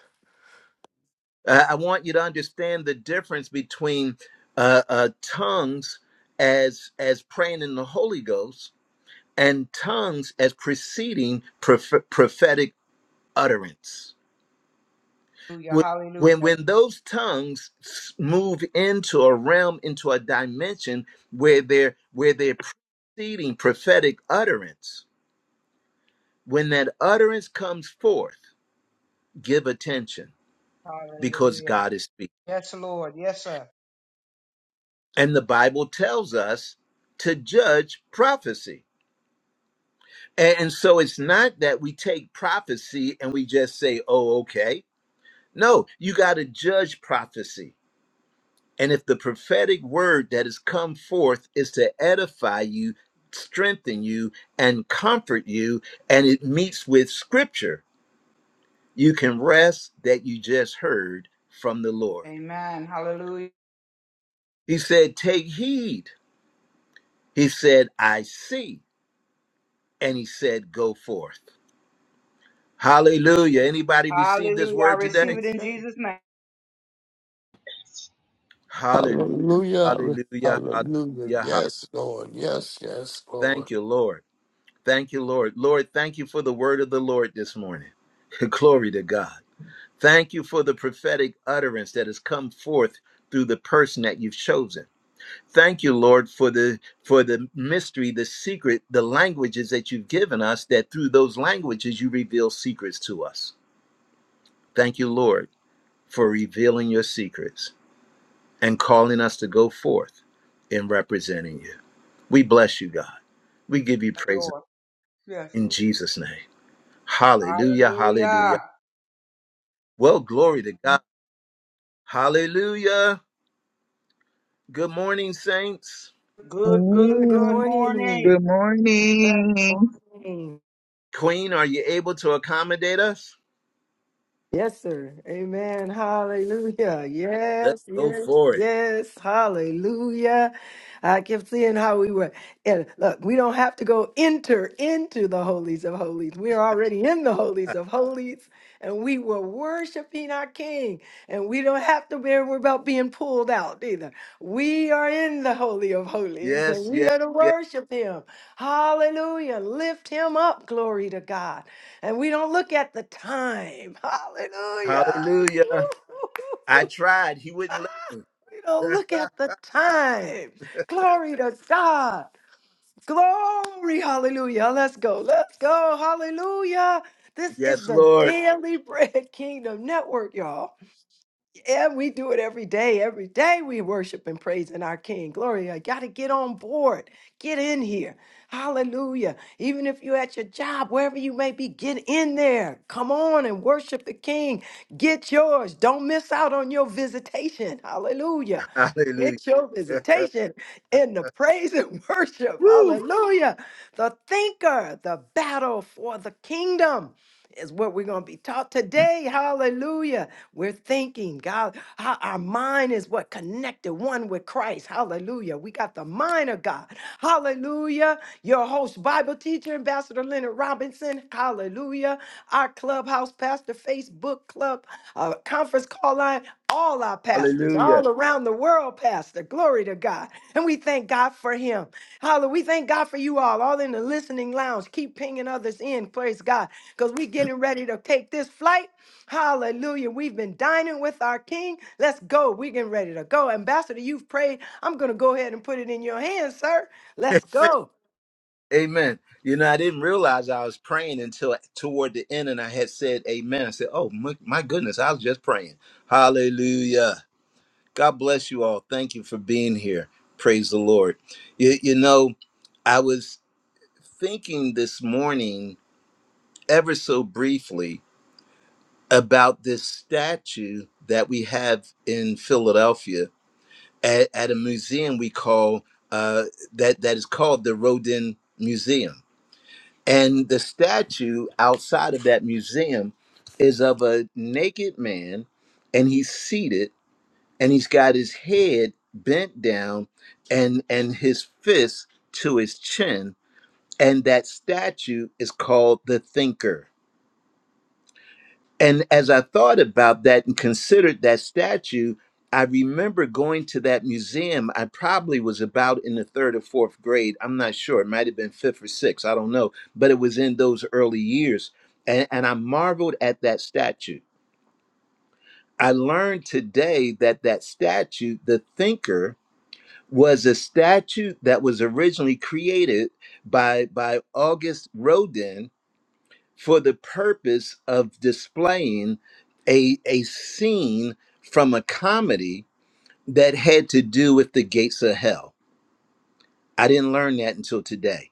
Speaker 1: Uh, I want you to understand the difference between uh, uh, tongues as as praying in the Holy Ghost and tongues as preceding proph- prophetic utterance. Wh- When,
Speaker 6: Hallelujah.
Speaker 1: when those tongues s- move into a realm, into a dimension where they're where they're preceding prophetic utterance, when that utterance comes forth, give attention because
Speaker 6: Hallelujah.
Speaker 1: God is speaking.
Speaker 6: Yes, Lord. Yes, sir.
Speaker 1: And the Bible tells us to judge prophecy. A- And so it's not that we take prophecy and we just say, oh, okay No, you got to judge prophecy. And if the prophetic word that has come forth is to edify you, strengthen you, and comfort you, and it meets with scripture, you can rest that you just heard from the Lord.
Speaker 6: Amen. Hallelujah.
Speaker 1: He said, Take heed. He said, I see. And he said, Go forth. Hallelujah. Anybody receive this
Speaker 6: Hallelujah. I
Speaker 1: word today?
Speaker 6: receive it
Speaker 3: Yes,
Speaker 6: in
Speaker 3: sir.
Speaker 6: Jesus' name.
Speaker 1: Hallelujah.
Speaker 7: Hallelujah.
Speaker 1: Hallelujah. Hallelujah.
Speaker 7: Hallelujah.
Speaker 1: hallelujah.
Speaker 7: Yes, Lord. Yes, yes, Lord.
Speaker 1: Thank you, Lord. Thank you, Lord. Lord, thank you for the word of the Lord this morning. Glory to God. Thank you for the prophetic utterance that has come forth through the person that you've chosen. Thank you, Lord, for the for the mystery, the secret, the languages that you've given us that through those languages you reveal secrets to us. Thank you, Lord, for revealing your secrets and calling us to go forth in representing you. We bless you, God. We give you
Speaker 6: Yes,
Speaker 1: praise
Speaker 6: Lord. Yes,
Speaker 1: in
Speaker 6: Lord.
Speaker 1: Jesus name. Hallelujah. Hallelujah.
Speaker 6: Hallelujah.
Speaker 1: Well, glory to God. Hallelujah. Good morning, saints.
Speaker 6: Good, good,
Speaker 3: Ah, Good
Speaker 6: good
Speaker 8: Hallelujah.
Speaker 3: morning.
Speaker 6: morning.
Speaker 8: Good
Speaker 3: Good
Speaker 8: morning.
Speaker 3: morning.
Speaker 1: Queen, are you able to accommodate us?
Speaker 3: Yes, sir. Amen. Hallelujah.
Speaker 1: Let's
Speaker 3: Yes,
Speaker 1: go
Speaker 3: yes,
Speaker 1: for it.
Speaker 3: yes. Hallelujah. I kept seeing how we were. And look, we don't have to go enter into the holies of holies. We are already in the holies of holies, and we were worshiping our King. And we don't have to be worried about being pulled out either. We are in the holy of holies, and
Speaker 1: Yes,
Speaker 3: we
Speaker 1: yes,
Speaker 3: are to
Speaker 1: yes.
Speaker 3: worship Him. Hallelujah. Lift Him up. Glory to God and we don't look at the time. Hallelujah.
Speaker 1: Hallelujah. I tried. He wouldn't let me.
Speaker 3: You don't look at the time. Glory to God. Glory. Hallelujah. Let's go. Let's go. Hallelujah. This is
Speaker 1: yes,
Speaker 3: the
Speaker 1: Lord.
Speaker 3: Daily Bread Kingdom Network, y'all. Yeah, we do it every day. Every day we worship and praise in our King. Gloria, you got to get on board. Get in here. Hallelujah. Even if you're at your job, wherever you may be, get in there. Come on and worship the King. Get yours. Don't miss out on your visitation. Hallelujah.
Speaker 1: Hallelujah.
Speaker 3: Get your visitation in the praise and worship.
Speaker 1: Woo.
Speaker 3: Hallelujah. The thinker, the battle for the kingdom is what we're going to be taught today. Hallelujah. We're thinking, God, how our mind is what connected one with Christ. Hallelujah. We got the mind of God. Hallelujah. Your host, Bible teacher, Ambassador Leonard Robinson. Hallelujah. Our clubhouse, pastor, Facebook club, uh, conference call line, all our pastors
Speaker 1: Hallelujah.
Speaker 3: all around the world, Pastor. Glory to God. And we thank God for him. Hallelujah. We thank God for you all, all in the listening lounge. Keep pinging others in. Praise God. Because we're getting ready to take this flight. Hallelujah. We've been dining with our King. Let's go. We're getting ready to go. Ambassador, you've prayed. I'm going to go ahead and put it in your hands, sir. Let's go.
Speaker 1: Amen. You know, I didn't realize I was praying until toward the end and I had said amen. I said, oh, my, my goodness, I was just praying. Hallelujah. God bless you all. Thank you for being here. Praise the Lord. You, you know, I was thinking this morning, ever so briefly, about this statue that we have in Philadelphia at, at a museum we call uh, that that is called the Rodin Museum, and the statue outside of that museum is of a naked man, and he's seated and he's got his head bent down and and his fist to his chin and that statue is called the thinker and as i thought about that and considered that statue i remember going to that museum i probably was about in the third or fourth grade i'm not sure it might have been fifth or sixth i don't know but it was in those early years and, and i marveled at that statue i learned today that that statue the thinker was a statute that was originally created by by August Rodin for the purpose of displaying a a scene from a comedy that had to do with the gates of hell. I didn't learn that until today,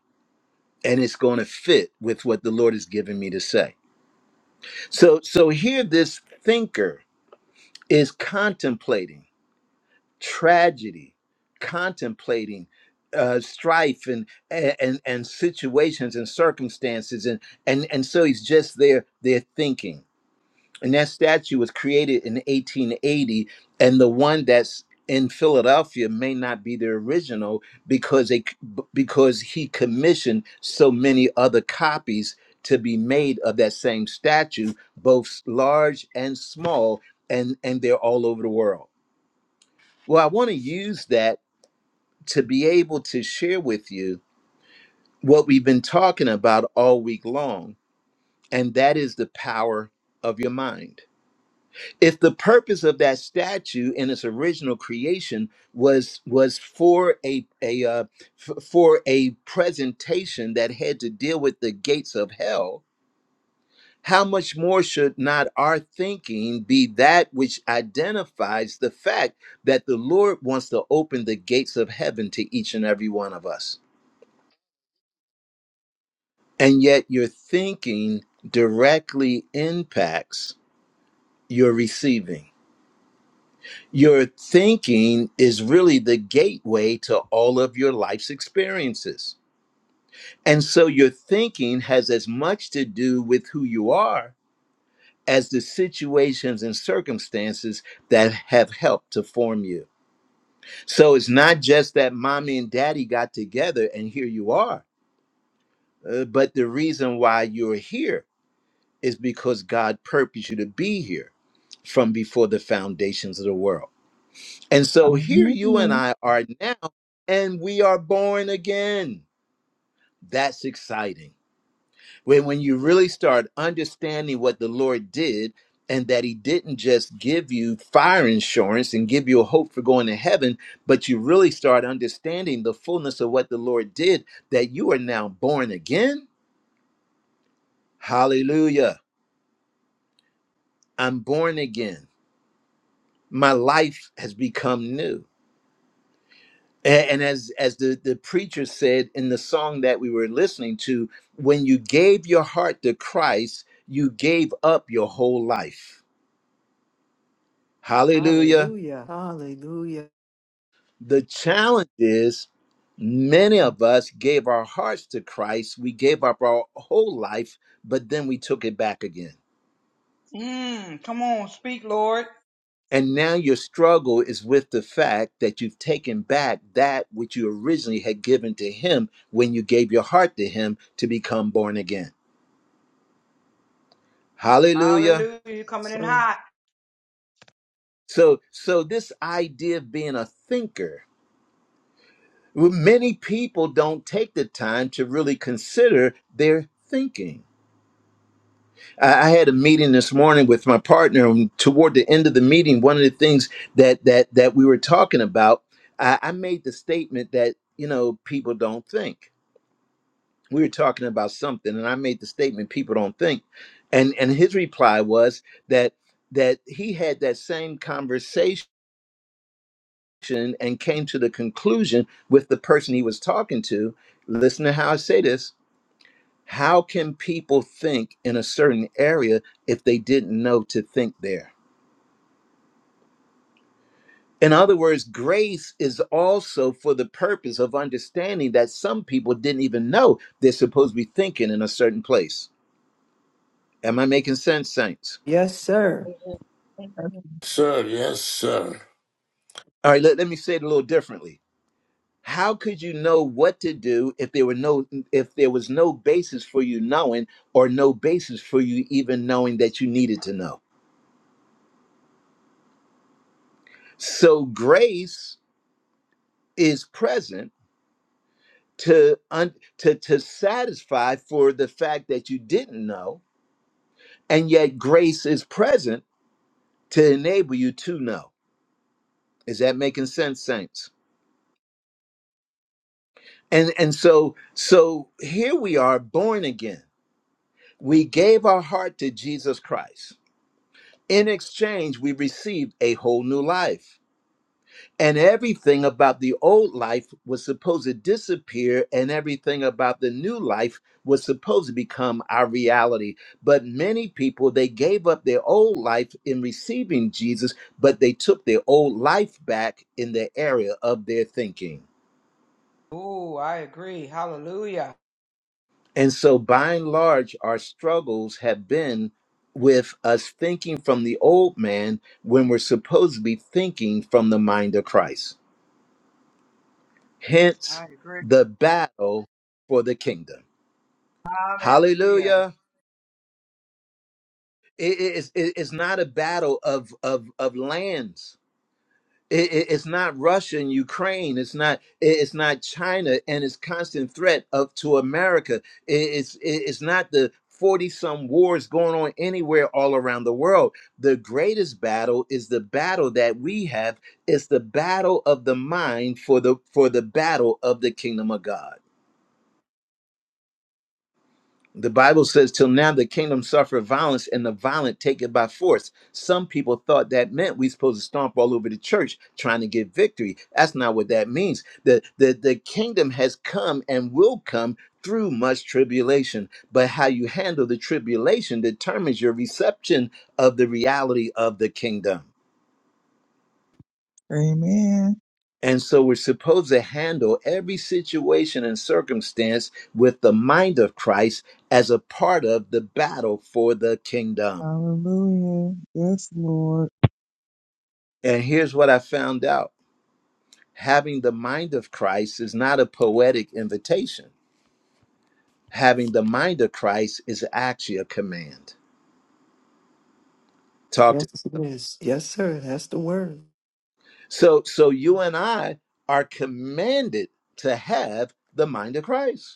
Speaker 1: and it's going to fit with what the Lord has given me to say. So so here this thinker is contemplating tragedy, contemplating uh, strife and, and and situations and circumstances, and and and so he's just there, there thinking. And that statue was created in 1880, and the one that's in Philadelphia may not be the original because they because he commissioned so many other copies to be made of that same statue, both large and small, and and they're all over the world. Well, I want to use that to be able to share with you what we've been talking about all week long, and that is the power of your mind. If the purpose of that statue in its original creation was was for a a uh, f- for a presentation that had to deal with the gates of hell, how much more should not our thinking be that which identifies the fact that the Lord wants to open the gates of heaven to each and every one of us? And yet your thinking directly impacts your receiving. Your thinking is really the gateway to all of your life's experiences. And so your thinking has as much to do with who you are as the situations and circumstances that have helped to form you. So it's not just that mommy and daddy got together and here you are, uh, but the reason why you're here is because God purposed you to be here from before the foundations of the world. And so here you and
Speaker 8: Hallelujah.
Speaker 1: I are now, and we are born again. That's exciting. When, when you really start understanding what the Lord did and that He didn't just give you fire insurance and give you a hope for going to heaven, but you really start understanding the fullness of what the Lord did, that you are now born again. Hallelujah. I'm born again. my life has become new A- and as as the, the preacher said in the song that we were listening to when you gave your heart to christ you gave up your whole life hallelujah
Speaker 3: Hallelujah. Hallelujah.
Speaker 1: the challenge is many of us gave our hearts to christ we gave up our whole life but then we took it back again
Speaker 6: Mm, come on, speak, Lord.
Speaker 1: And now your struggle is with the fact that you've taken back that which you originally had given to Him when you gave your heart to Him to become born again. Hallelujah.
Speaker 6: Hallelujah. You're coming in
Speaker 3: Sir.
Speaker 6: hot.
Speaker 1: So, so this idea of being a thinker, well, many people don't take the time to really consider their thinking. I, I had a meeting this morning with my partner, and toward the end of the meeting, one of the things that that that we were talking about, I, I made the statement that you know people don't think we were talking about something and i made the statement people don't think and and his reply was that that he had that same conversation and came to the conclusion with the person he was talking to listen to how i say this how can people think in a certain area if they didn't know to think there in other words grace is also for the purpose of understanding that some people didn't even know they're supposed to be thinking in a certain place am i making sense saints
Speaker 3: Yes, sir.
Speaker 4: Amen.
Speaker 7: Sir, yes, sir.
Speaker 1: All right, let, let me say it a little differently. How could you know what to do if there were no if there was no basis for you knowing or no basis for you even knowing that you needed to know? So grace is present to un, to to satisfy for the fact that you didn't know, and yet grace is present to enable you to know. Is that making sense, saints? And and so so here we are born again. We gave our heart to Jesus Christ In exchange, we received a whole new life. And everything about the old life was supposed to disappear, and everything about the new life was supposed to become our reality. But many people, they gave up their old life in receiving Jesus, but they took their old life back in the area of their thinking.
Speaker 6: Oh, I agree. Hallelujah.
Speaker 1: And so, by and large, our struggles have been with us thinking from the old man when we're supposed to be thinking from the mind of Christ. Hence
Speaker 6: I agree.
Speaker 1: the battle for the kingdom.
Speaker 6: Hallelujah.
Speaker 1: Hallelujah. It- it- it's, it- it's not a battle of, of, of lands. It- it- it's not Russia and Ukraine. It's not it- it's not China and its constant threat of to America. It- it's it- it's not the 40 some wars going on anywhere all around the world. The greatest battle is the battle that we have. It's the battle of the mind for the for the battle of the kingdom of God. The Bible says, till now the kingdom suffered violence and the violent take it by force. Some people thought that meant we supposed to stomp all over the church trying to get victory. That's not what that means. The, the, the kingdom has come and will come through much tribulation. But how you handle the tribulation determines your reception of the reality of the kingdom.
Speaker 8: Amen.
Speaker 1: And so we're supposed to handle every situation and circumstance with the mind of Christ as a part of the battle for the kingdom.
Speaker 8: Hallelujah. Yes, Lord.
Speaker 1: And here's what I found out having the mind of Christ is not a poetic invitation, having the mind of Christ is actually a command. Talk
Speaker 3: Yes,
Speaker 1: to
Speaker 3: it is. Yes, sir. That's the word.
Speaker 1: so so you and I are commanded to have the mind of Christ.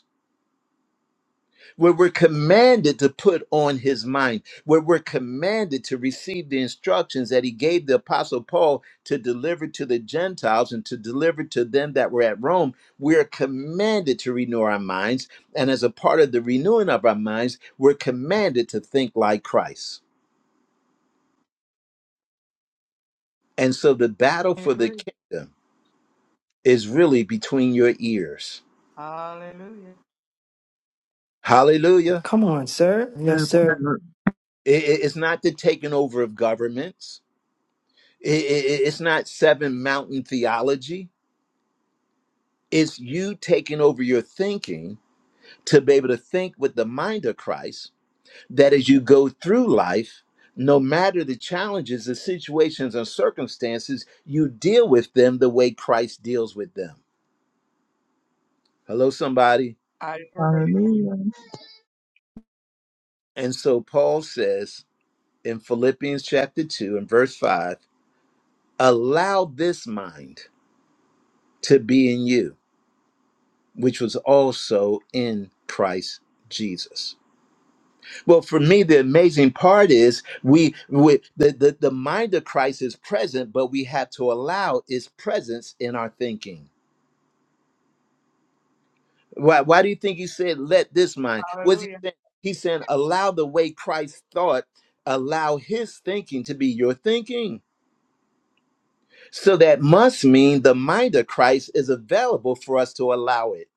Speaker 1: where we're commanded to put on his mind, where we're commanded to receive the instructions that he gave the apostle Paul to deliver to the Gentiles and to deliver to them that were at Rome, we're commanded to renew our minds. And as a part of the renewing of our minds, we're commanded to think like Christ. And so the battle
Speaker 6: I
Speaker 1: for the
Speaker 6: agree.
Speaker 1: kingdom is really between your ears.
Speaker 6: Hallelujah.
Speaker 1: Hallelujah.
Speaker 3: Come on, sir. Yes,
Speaker 8: That
Speaker 3: sir.
Speaker 8: part.
Speaker 1: I- I- It's not the taking over of governments. I- I- It's not seven mountain theology. It's you taking over your thinking to be able to think with the mind of Christ that as you go through life, no matter the challenges, the situations, or circumstances, you deal with them the way Christ deals with them. Hello, somebody.
Speaker 6: I agree.
Speaker 8: Hallelujah.
Speaker 1: And so Paul says in Philippians chapter 2 and verse 5 allow this mind to be in you, which was also in Christ Jesus. Well, for me, the amazing part is we, we the, the the mind of Christ is present, but we have to allow its presence in our thinking. Why why do you think he said, let this mind? Was he
Speaker 6: Hallelujah.
Speaker 1: saying he's saying allow the way Christ thought, allow his thinking to be your thinking. So that must mean the mind of Christ is available for us to allow it.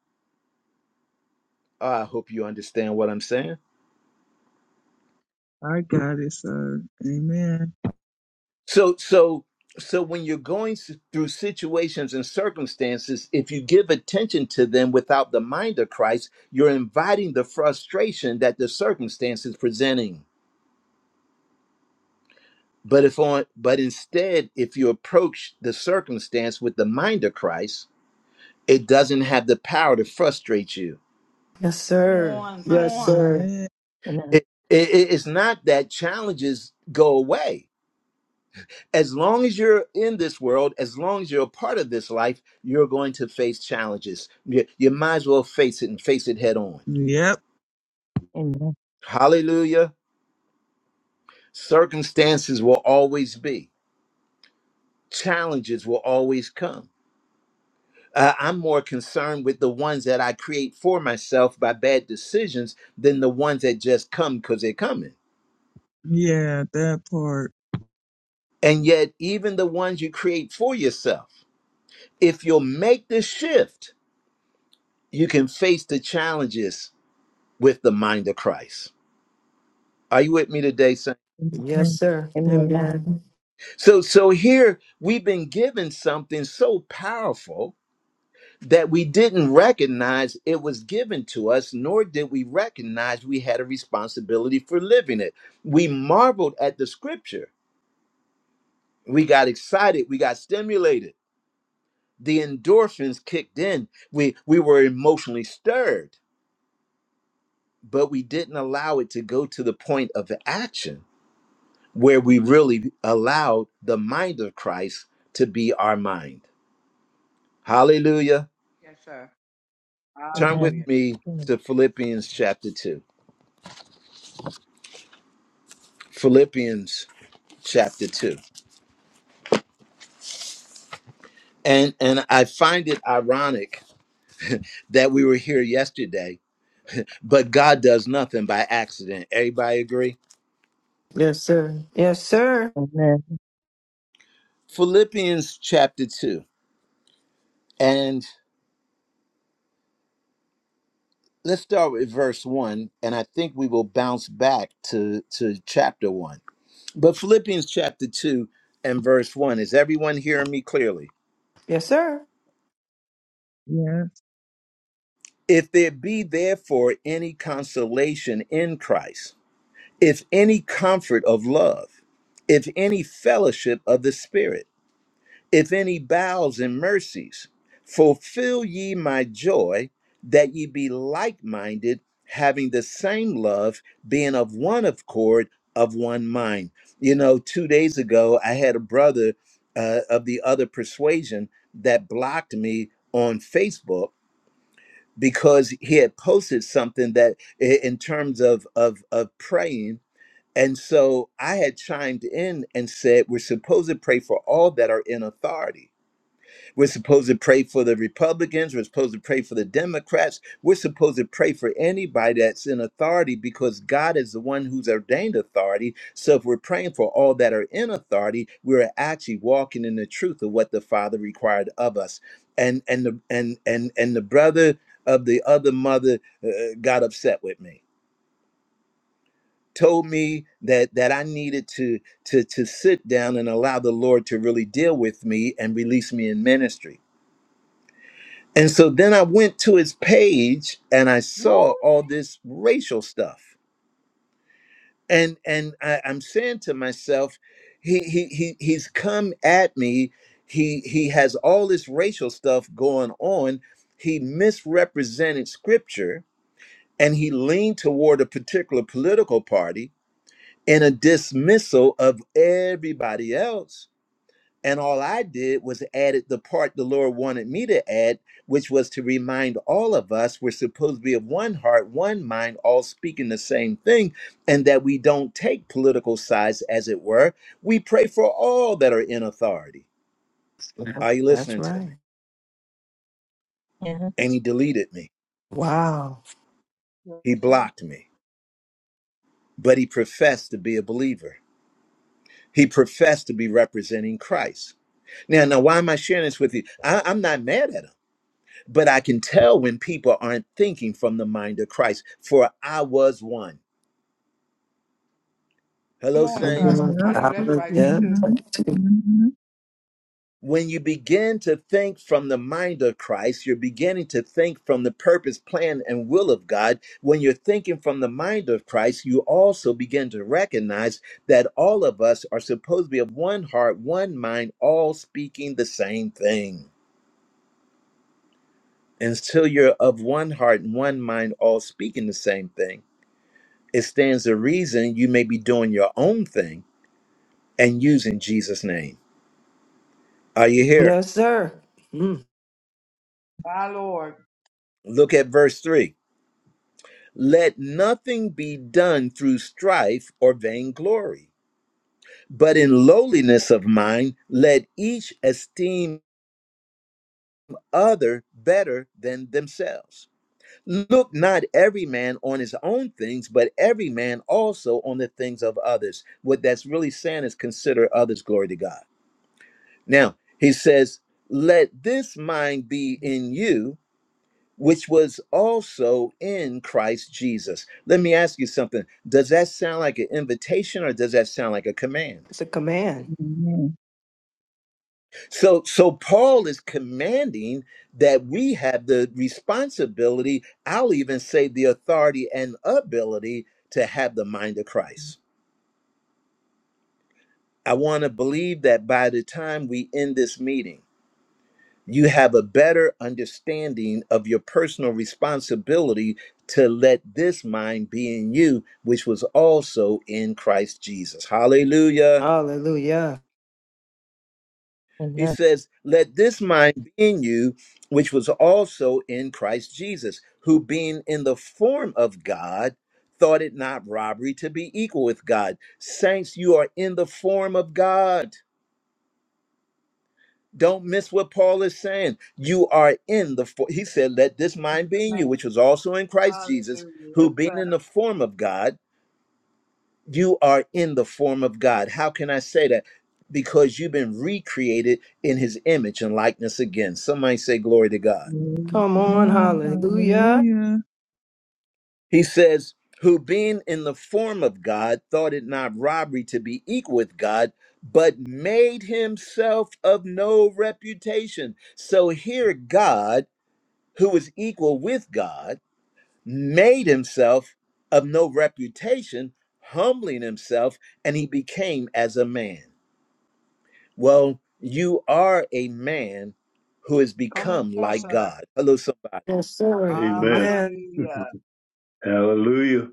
Speaker 1: Uh, I hope you understand what I'm saying.
Speaker 8: I got it, sir. Amen.
Speaker 1: So so so when you're going s- through situations and circumstances, if you give attention to them without the mind of Christ, you're inviting the frustration that the circumstance is presenting. But if on but instead, if you approach the circumstance with the mind of Christ, it doesn't have the power to frustrate you.
Speaker 3: Yes,
Speaker 6: Come
Speaker 3: sir.
Speaker 6: on. Come
Speaker 3: Yes,
Speaker 6: on.
Speaker 3: sir.
Speaker 8: Amen.
Speaker 4: Amen.
Speaker 1: It, it, it- it's not that challenges go away as long as you're in this world, as long as you're a part of this life, you're going to face challenges. You, you might as well face it and face it head on.
Speaker 8: Yep.
Speaker 4: Amen.
Speaker 1: Hallelujah. Circumstances will always be, challenges will always come. Uh, I'm more concerned with the ones that I create for myself by bad decisions than the ones that just come because they're coming.
Speaker 8: Yeah, that part.
Speaker 1: And yet, even the ones you create for yourself, if you'll make the shift, you can face the challenges with the mind of Christ. Are you with me today, son?
Speaker 3: Yes,
Speaker 8: Amen.
Speaker 3: sir. Amen.
Speaker 1: So so here we've been given something so powerful that we didn't recognize it was given to us, nor did we recognize we had a responsibility for living it. We marveled at the scripture. We got excited, we got stimulated. The endorphins kicked in. We we were emotionally stirred, but we didn't allow it to go to the point of action where we really allowed the mind of Christ to be our mind. Hallelujah.
Speaker 6: Yes, sir.
Speaker 1: Turn with
Speaker 4: Amen.
Speaker 6: Hallelujah.
Speaker 1: me
Speaker 4: Amen.
Speaker 1: to Philippians chapter 2. Philippians chapter 2. And and I find it ironic that we were here yesterday, but God does nothing by accident. Everybody agree?
Speaker 3: Yes, sir. Yes, sir.
Speaker 4: Amen.
Speaker 1: Philippians chapter 2. And let's start with verse 1 and I think we will bounce back to to chapter 1. But Philippians chapter 2 and verse 1 is everyone hearing me clearly?
Speaker 3: Yes, sir.
Speaker 8: Yes.
Speaker 1: If there be therefore any consolation in Christ, if any comfort of love, if any fellowship of the Spirit, if any bowels and mercies, fulfill ye my joy, that ye be like minded, having the same love, being of one accord, of one mind. You know, two days ago, I had a brother uh, of the other persuasion that blocked me on Facebook because he had posted something that i- in terms of of of praying and so i had chimed in and said we're supposed to pray for all that are in authority we're supposed to pray for the Republicans. We're supposed to pray for the Democrats. We're supposed to pray for anybody that's in authority because God is the one who's ordained authority. So if we're praying for all that are in authority, we're actually walking in the truth of what the Father required of us. And and the and and and the brother of the other mother uh, got upset with me. Told me that that I needed to to to sit down and allow the Lord to really deal with me and release me in ministry And so then I went to his page and I saw
Speaker 6: Lord.
Speaker 1: all this racial stuff. And and I, I'm saying to myself, he he he he's come at me. He he has all this racial stuff going on. He misrepresented scripture and he leaned toward a particular political party in a dismissal of everybody else and all I did was added the part the Lord wanted me to add, which was to remind all of us we're supposed to be of one heart, one mind, all speaking the same thing, and that we don't take political sides, as it were. We pray for all that are in authority.
Speaker 3: Yep,
Speaker 1: Are you
Speaker 3: That's
Speaker 1: listening to
Speaker 3: right.
Speaker 1: me? And he deleted me,
Speaker 3: Wow.
Speaker 1: he
Speaker 6: Yes, sir.
Speaker 1: blocked me, but he professed to be a believer. He professed to be representing Christ. Now, now, why am I sharing this with you? I, I'm not mad at him. But I can tell when people aren't thinking from the mind of Christ, for I was one.
Speaker 6: Come
Speaker 1: Hello,
Speaker 6: on,
Speaker 3: I've been
Speaker 6: sir.
Speaker 1: saints.
Speaker 3: on.
Speaker 6: I
Speaker 8: Yep.
Speaker 6: know
Speaker 3: I've
Speaker 6: that's
Speaker 3: been-
Speaker 6: right. Me
Speaker 3: Yep.
Speaker 6: too.
Speaker 8: Mm-hmm. Mm-hmm.
Speaker 1: When you begin to think from the mind of Christ, you're beginning to think from the purpose, plan, and will of God. When you're thinking from the mind of Christ, you also begin to recognize that all of us are supposed to be of one heart, one mind, all speaking the same thing. Until you're of one heart and one mind, all speaking the same thing it stands to reason you may be doing your own thing and using Jesus' name. Are you here?
Speaker 3: Yes, sir. Mm,
Speaker 6: My Lord.
Speaker 1: Look at verse 3. Let nothing be done through strife or vainglory, but in lowliness of mind, let each esteem other better than themselves. Look not every man on his own things, but every man also on the things of others. What that's really saying is consider others glory to God. Now, he says, Let this mind be in you, which was also in Christ Jesus. Let me ask you something. Does that sound like an invitation or does that sound like a command?
Speaker 3: it's a command.
Speaker 8: Amen.
Speaker 1: So, so Paul is commanding that we have the responsibility, I'll even say the authority and ability to have the mind of Christ. I want to believe that by the time we end this meeting, you have a better understanding of your personal responsibility to let this mind be in you, which was also in Christ Jesus. Hallelujah.
Speaker 3: Hallelujah.
Speaker 1: He
Speaker 4: Amen.
Speaker 1: says, Let this mind be in you, which was also in Christ Jesus, who being in the form of God, thought it not robbery to be equal with God. Saints, you are in the form of God. Don't miss what Paul is saying. You are in the, fo- he said, let this
Speaker 6: It's a
Speaker 1: mind be in you,
Speaker 6: command.
Speaker 1: which was also in Christ Jesus,
Speaker 6: Hallelujah. Yes,
Speaker 1: who being
Speaker 6: sir.
Speaker 1: in the form of God, you are in the form of God. How can I say that? Because you've been recreated in his image and likeness again. Somebody say, Glory to God.
Speaker 8: Praise
Speaker 3: Come on.
Speaker 8: God.
Speaker 3: Hallelujah.
Speaker 8: Hallelujah.
Speaker 1: He says, who being in the form of God thought it not robbery to be equal with God, but made himself of no reputation. So here, God who was equal with God, made himself of no reputation, humbling himself, and he became as a man. Well, you are a man who has
Speaker 6: Come
Speaker 1: become
Speaker 6: on,
Speaker 1: like
Speaker 6: sir.
Speaker 1: God. Hello, somebody.
Speaker 3: Yes, sir.
Speaker 5: Amen.
Speaker 3: Amen.
Speaker 6: Hallelujah.
Speaker 5: Hallelujah.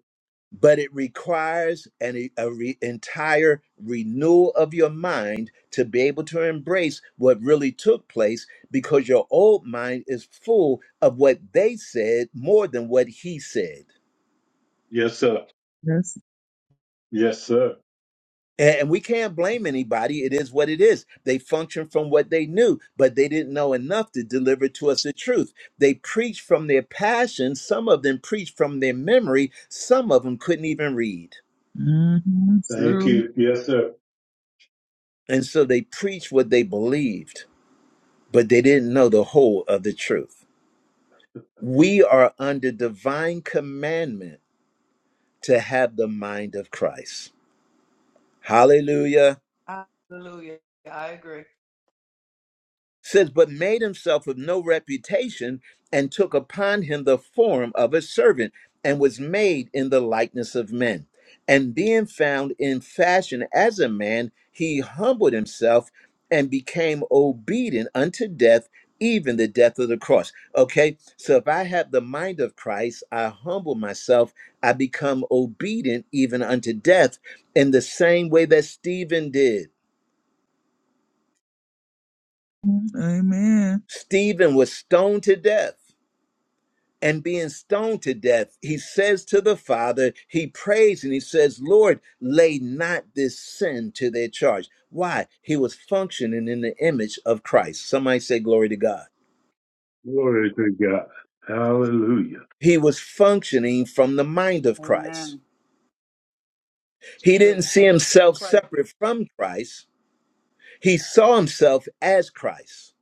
Speaker 1: But it requires an a re- entire renewal of your mind to be able to embrace what really took place because your old mind is full of what they said more than what he said.
Speaker 5: Yes, sir.
Speaker 8: Yes.
Speaker 5: Yes, sir.
Speaker 1: A- And we can't blame anybody. It is what it is. They functioned from what they knew, but they didn't know enough to deliver to us the truth. They preached from their passion. Some of them preached from their memory. Some of them couldn't even read.
Speaker 8: Mm-hmm.
Speaker 5: Thank
Speaker 8: True.
Speaker 5: you. Yes, sir.
Speaker 1: And so they preached what they believed, but they didn't know the whole of the truth. We are under divine commandment to have the mind of Christ. Hallelujah.
Speaker 6: Hallelujah. I agree.
Speaker 1: says, but made himself of no reputation and took upon him the form of a servant and was made in the likeness of men. And being found in fashion as a man, he humbled himself and became obedient unto death, even the death of the cross. Okay, so if I have the mind of Christ, I humble myself, I become obedient even unto death in the same way that Stephen did.
Speaker 8: Amen.
Speaker 1: Stephen was stoned to death and being stoned to death, he says to the Father, he prays and he says, Lord, lay not this sin to their charge. Why? He was functioning in the image of Christ. Somebody say, Glory to God.
Speaker 5: Glory to God. Hallelujah.
Speaker 1: He was functioning from the mind of Christ.
Speaker 6: Amen.
Speaker 1: He
Speaker 6: Said
Speaker 1: didn't
Speaker 6: the
Speaker 1: see
Speaker 6: same thing
Speaker 1: himself
Speaker 6: Christ
Speaker 1: separate
Speaker 6: said.
Speaker 1: from Christ, he saw himself as Christ.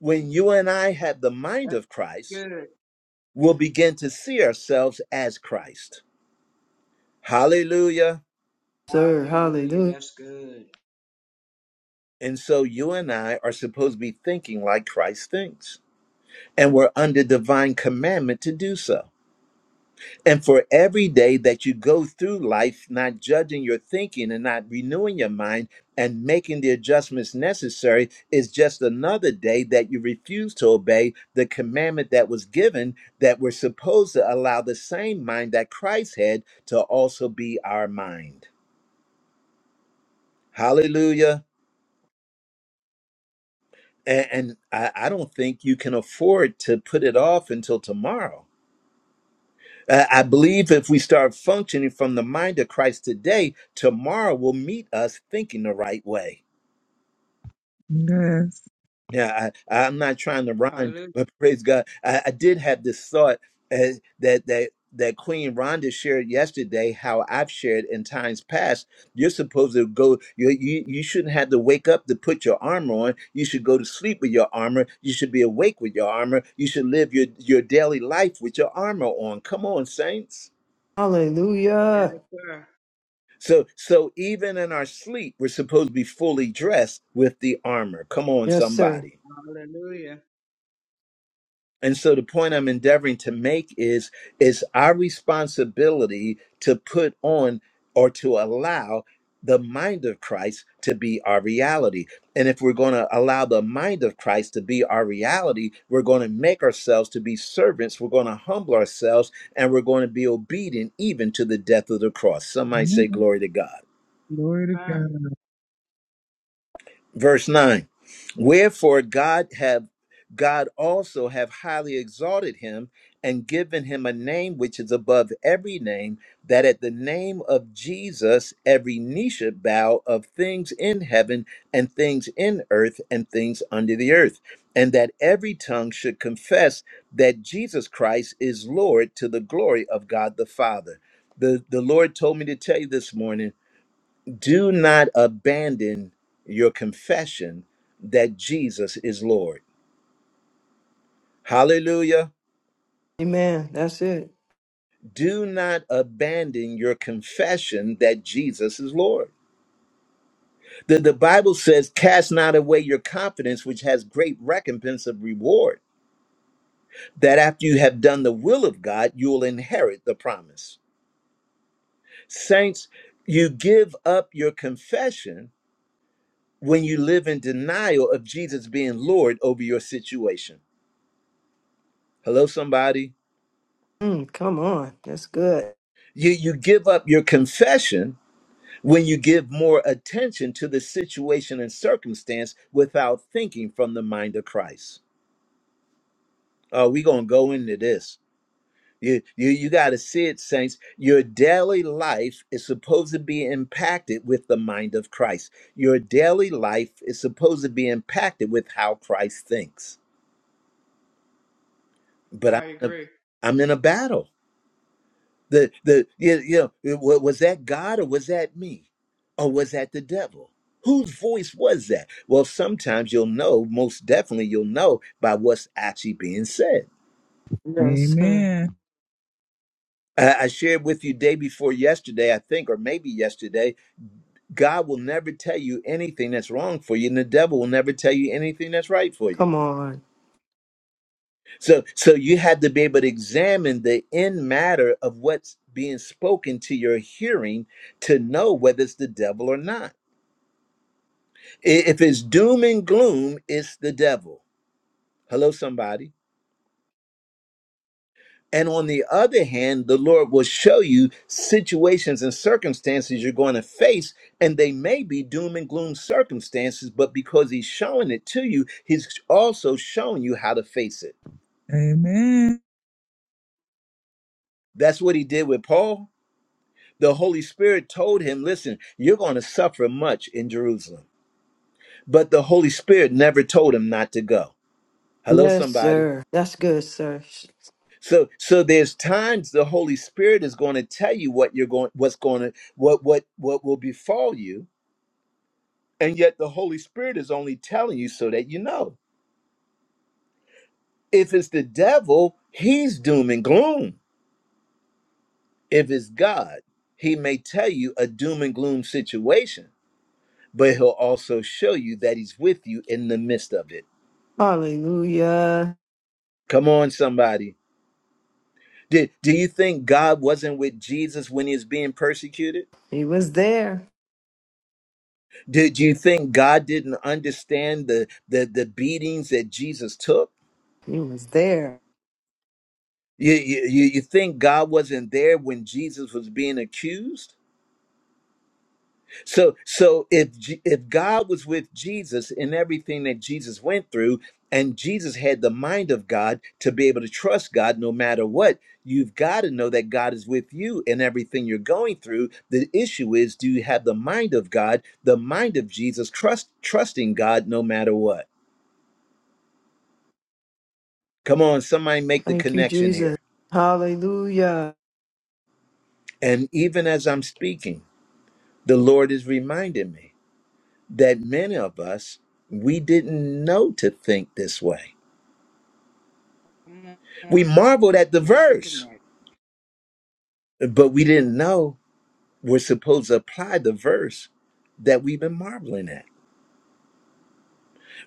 Speaker 1: When you and I have the mind
Speaker 6: That's
Speaker 1: of Christ,
Speaker 6: good.
Speaker 1: we'll begin to see ourselves as Christ. Hallelujah.
Speaker 3: Sir.
Speaker 6: Hallelujah.
Speaker 3: Hallelujah.
Speaker 6: That's good.
Speaker 1: And so you and I are supposed to be thinking like Christ thinks. And we're under divine commandment to do so. And for every day that you go through life not judging your thinking and not renewing your mind and making the adjustments necessary is just another day that you refuse to obey the commandment that was given that we're supposed to allow the same mind that Christ had to also be our mind. Hallelujah. and, and I, I don't think you can afford to put it off until tomorrow. I, I believe if we start functioning from the mind of Christ today, tomorrow will meet us thinking the right way.
Speaker 8: Yes.
Speaker 1: Yeah, I, I'm not trying to rhyme,
Speaker 6: Hallelujah.
Speaker 1: but praise God. I, I did have this thought uh, that that that Queen Rhonda shared yesterday, how I've shared in times past. You're supposed to go. You you you shouldn't have to wake up to put your armor on. You should go to sleep with your armor. You should be awake with your armor. You should live your your daily life with your armor on. Come on, saints.
Speaker 6: Yes, sir.
Speaker 3: Hallelujah.
Speaker 6: Yes, sir.
Speaker 1: So so even in our sleep, we're supposed to be fully dressed with the armor. Come on,
Speaker 3: Yes, sir.
Speaker 1: somebody.
Speaker 6: Hallelujah.
Speaker 1: And so the point I'm endeavoring to make is is our responsibility to put on or to allow the mind of Christ to be our reality. And if we're going to allow the mind of Christ to be our reality, we're going to make ourselves to be servants, we're going to humble ourselves, and we're going to be obedient even to the death of the cross. Some might say
Speaker 8: Amen.
Speaker 1: glory to God.
Speaker 6: Yes,
Speaker 8: Glory to
Speaker 6: Sir,
Speaker 8: God.
Speaker 1: verse 9 wherefore god have god also have highly exalted him and given him a name which is above every name that at the name of jesus every knee should bow of things in heaven and things in earth and things under the earth and that every tongue should confess that jesus christ is lord to the glory of god the father the, the lord told me to tell you this morning do not abandon your confession that Jesus is Lord. Hallelujah.
Speaker 3: Amen. That's it.
Speaker 1: Do not abandon your confession that Jesus is Lord. The, the Bible says, Cast not away your confidence, which has great recompense of reward, that after you have done the will of God, you will inherit the promise. Saints, you give up your confession when you live in denial of Jesus being Lord over your situation. Hello, somebody.
Speaker 3: Mm, come on. That's good.
Speaker 1: You you give up your confession when you give more attention to the situation and circumstance without thinking from the mind of Christ. Oh, we're gonna go into this. You you you gotta see it, saints. Your daily life is supposed to be impacted with the mind of Christ. Your daily life is supposed to be impacted with how Christ thinks. But I'm
Speaker 6: I
Speaker 1: in
Speaker 6: agree.
Speaker 1: a, I'm in a battle. The the you you know it wa- was that God or was that me, or was that the devil? Whose voice was that? Well, sometimes you'll know. Most definitely, you'll know by what's actually being said.
Speaker 3: Yes, sir.
Speaker 8: Amen.
Speaker 1: I I shared with you day before yesterday, I think, or maybe yesterday. God will never tell you anything that's wrong for you, and the devil will never tell you anything that's right for you.
Speaker 3: Come on.
Speaker 1: So, so you have to be able to examine the end matter of what's being spoken to your hearing to know whether it's the devil or not. I- If it's doom and gloom, it's the devil. Hello, somebody. And on the other hand, the Lord will show you situations and circumstances you're going to face, and they may be doom and gloom circumstances, but because He's showing it to you, He's also showing you how to face it.
Speaker 8: Amen.
Speaker 1: That's what He did with Paul. The Holy Spirit told him, Listen, you're going to suffer much in Jerusalem. But the Holy Spirit never told him not to go. Hello,
Speaker 3: Yes,
Speaker 1: somebody.
Speaker 3: sir. That's good, sir.
Speaker 1: So so there's times the Holy Spirit is going to tell you what you're going what's going to what what what will befall you and yet the Holy Spirit is only telling you so that you know. If it's the devil, he's doom and gloom. If it's God, he may tell you a doom and gloom situation, but he'll also show you that he's with you in the midst of it.
Speaker 3: Hallelujah.
Speaker 1: Come on somebody. Did, do you think God wasn't with Jesus when he was being persecuted?
Speaker 3: He was there.
Speaker 1: Did you think God didn't understand the the, the beatings that Jesus took?
Speaker 3: He was there.
Speaker 1: You, you you you think God wasn't there when Jesus was being accused? So so if J- if God was with Jesus in everything that Jesus went through, and Jesus had the mind of God to be able to trust God no matter what, you've got to know that God is with you in everything you're going through. The issue is, do you have the mind of God, the mind of Jesus, trust trusting God no matter what? Come on, somebody make the
Speaker 3: Thank you,
Speaker 1: connection
Speaker 3: Jesus.
Speaker 1: here.
Speaker 3: Hallelujah.
Speaker 1: And even as I'm speaking, the Lord is reminding me that many of us, we didn't know to think this way.
Speaker 6: Come
Speaker 1: We
Speaker 6: on.
Speaker 1: marveled at the
Speaker 6: Make the
Speaker 1: verse,
Speaker 6: connect.
Speaker 1: but we didn't know we're supposed to apply the verse that we've been marveling at.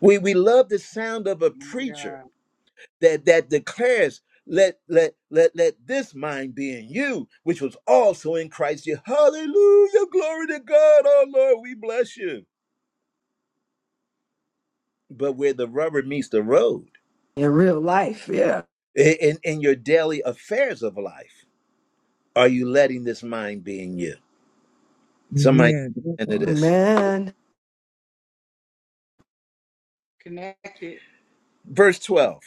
Speaker 1: We we love the sound of a
Speaker 6: Oh my
Speaker 1: preacher
Speaker 6: God.
Speaker 1: that that declares, let let let let this mind be in you, which was also in Christ. Jesus." Hallelujah, glory to God, oh Lord, we bless you but where the rubber meets the road
Speaker 3: In real life, yeah.
Speaker 1: in, in your daily affairs of life are you letting this mind be in you somebody
Speaker 8: Yeah, that
Speaker 1: into
Speaker 8: part.
Speaker 1: this
Speaker 3: Amen.
Speaker 6: Connect it.
Speaker 1: verse 12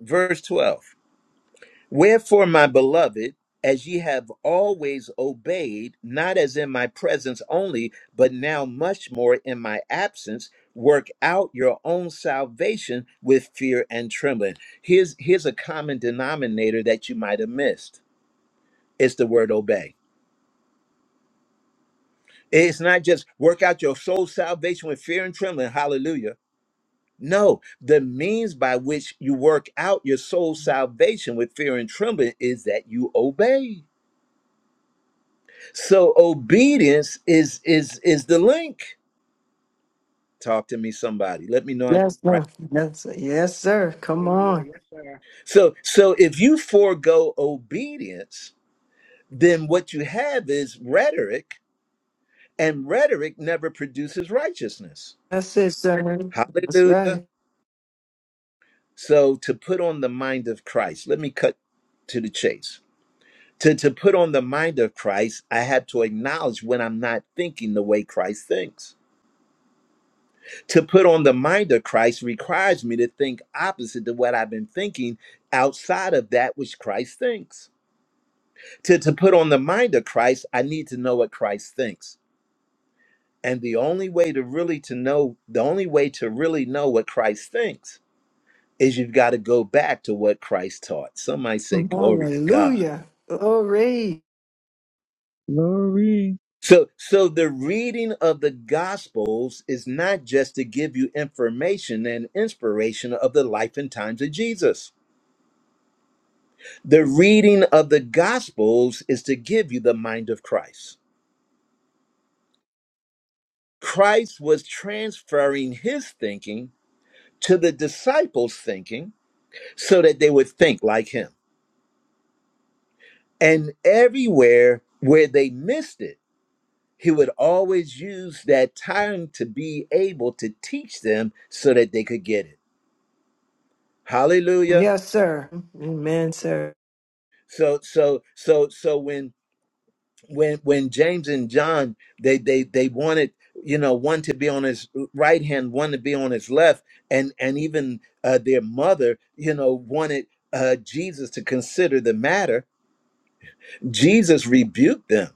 Speaker 1: verse 12 wherefore my beloved as ye have always obeyed not as in my presence only but now much more in my absence work out your own salvation with fear and trembling here's here's a common denominator that you might have missed it's the word obey It's not just work out your soul salvation with fear and trembling. Hallelujah. No, the means by which you work out your soul salvation with fear and trembling is that you obey. So obedience is is is the link. Talk to me somebody. Let me know I'm
Speaker 3: Yes, sir.
Speaker 1: right.
Speaker 3: Yes, sir. Yes, sir. Come on.
Speaker 6: Hallelujah. Yes, sir.
Speaker 1: So so if you forego obedience, then what you have is rhetoric and rhetoric never produces righteousness.
Speaker 3: That's it, sir. That's
Speaker 1: Hallelujah.
Speaker 3: right.
Speaker 1: So to put on the mind of Christ, let me cut to the chase. To, to put on the mind of Christ, I have to acknowledge when I'm not thinking the way Christ thinks. To put on the mind of Christ requires me to think opposite to what I've been thinking outside of that which Christ thinks. To, to put on the mind of Christ, I need to know what Christ thinks. And the only way to really to know, the only way to really know what Christ thinks is you've got to go back to what Christ taught. Some might say, glory to God.
Speaker 3: Hallelujah. Glory.
Speaker 8: Glory
Speaker 1: So, so the reading of the Gospels is not just to give you information and inspiration of the life and times of Jesus. The reading of the Gospels is to give you the mind of Christ. Christ was transferring his thinking to the disciples' thinking so that they would think like him. And everywhere where they missed it, he would always use that time to be able to teach them so that they could get it. Hallelujah.
Speaker 3: Yes, sir. Amen, sir.
Speaker 1: So so so so when when when James and John they they they wanted you know one to be on his right hand, one to be on his left, and and even uh, their mother you know wanted uh, Jesus to consider the matter. Jesus rebuked them,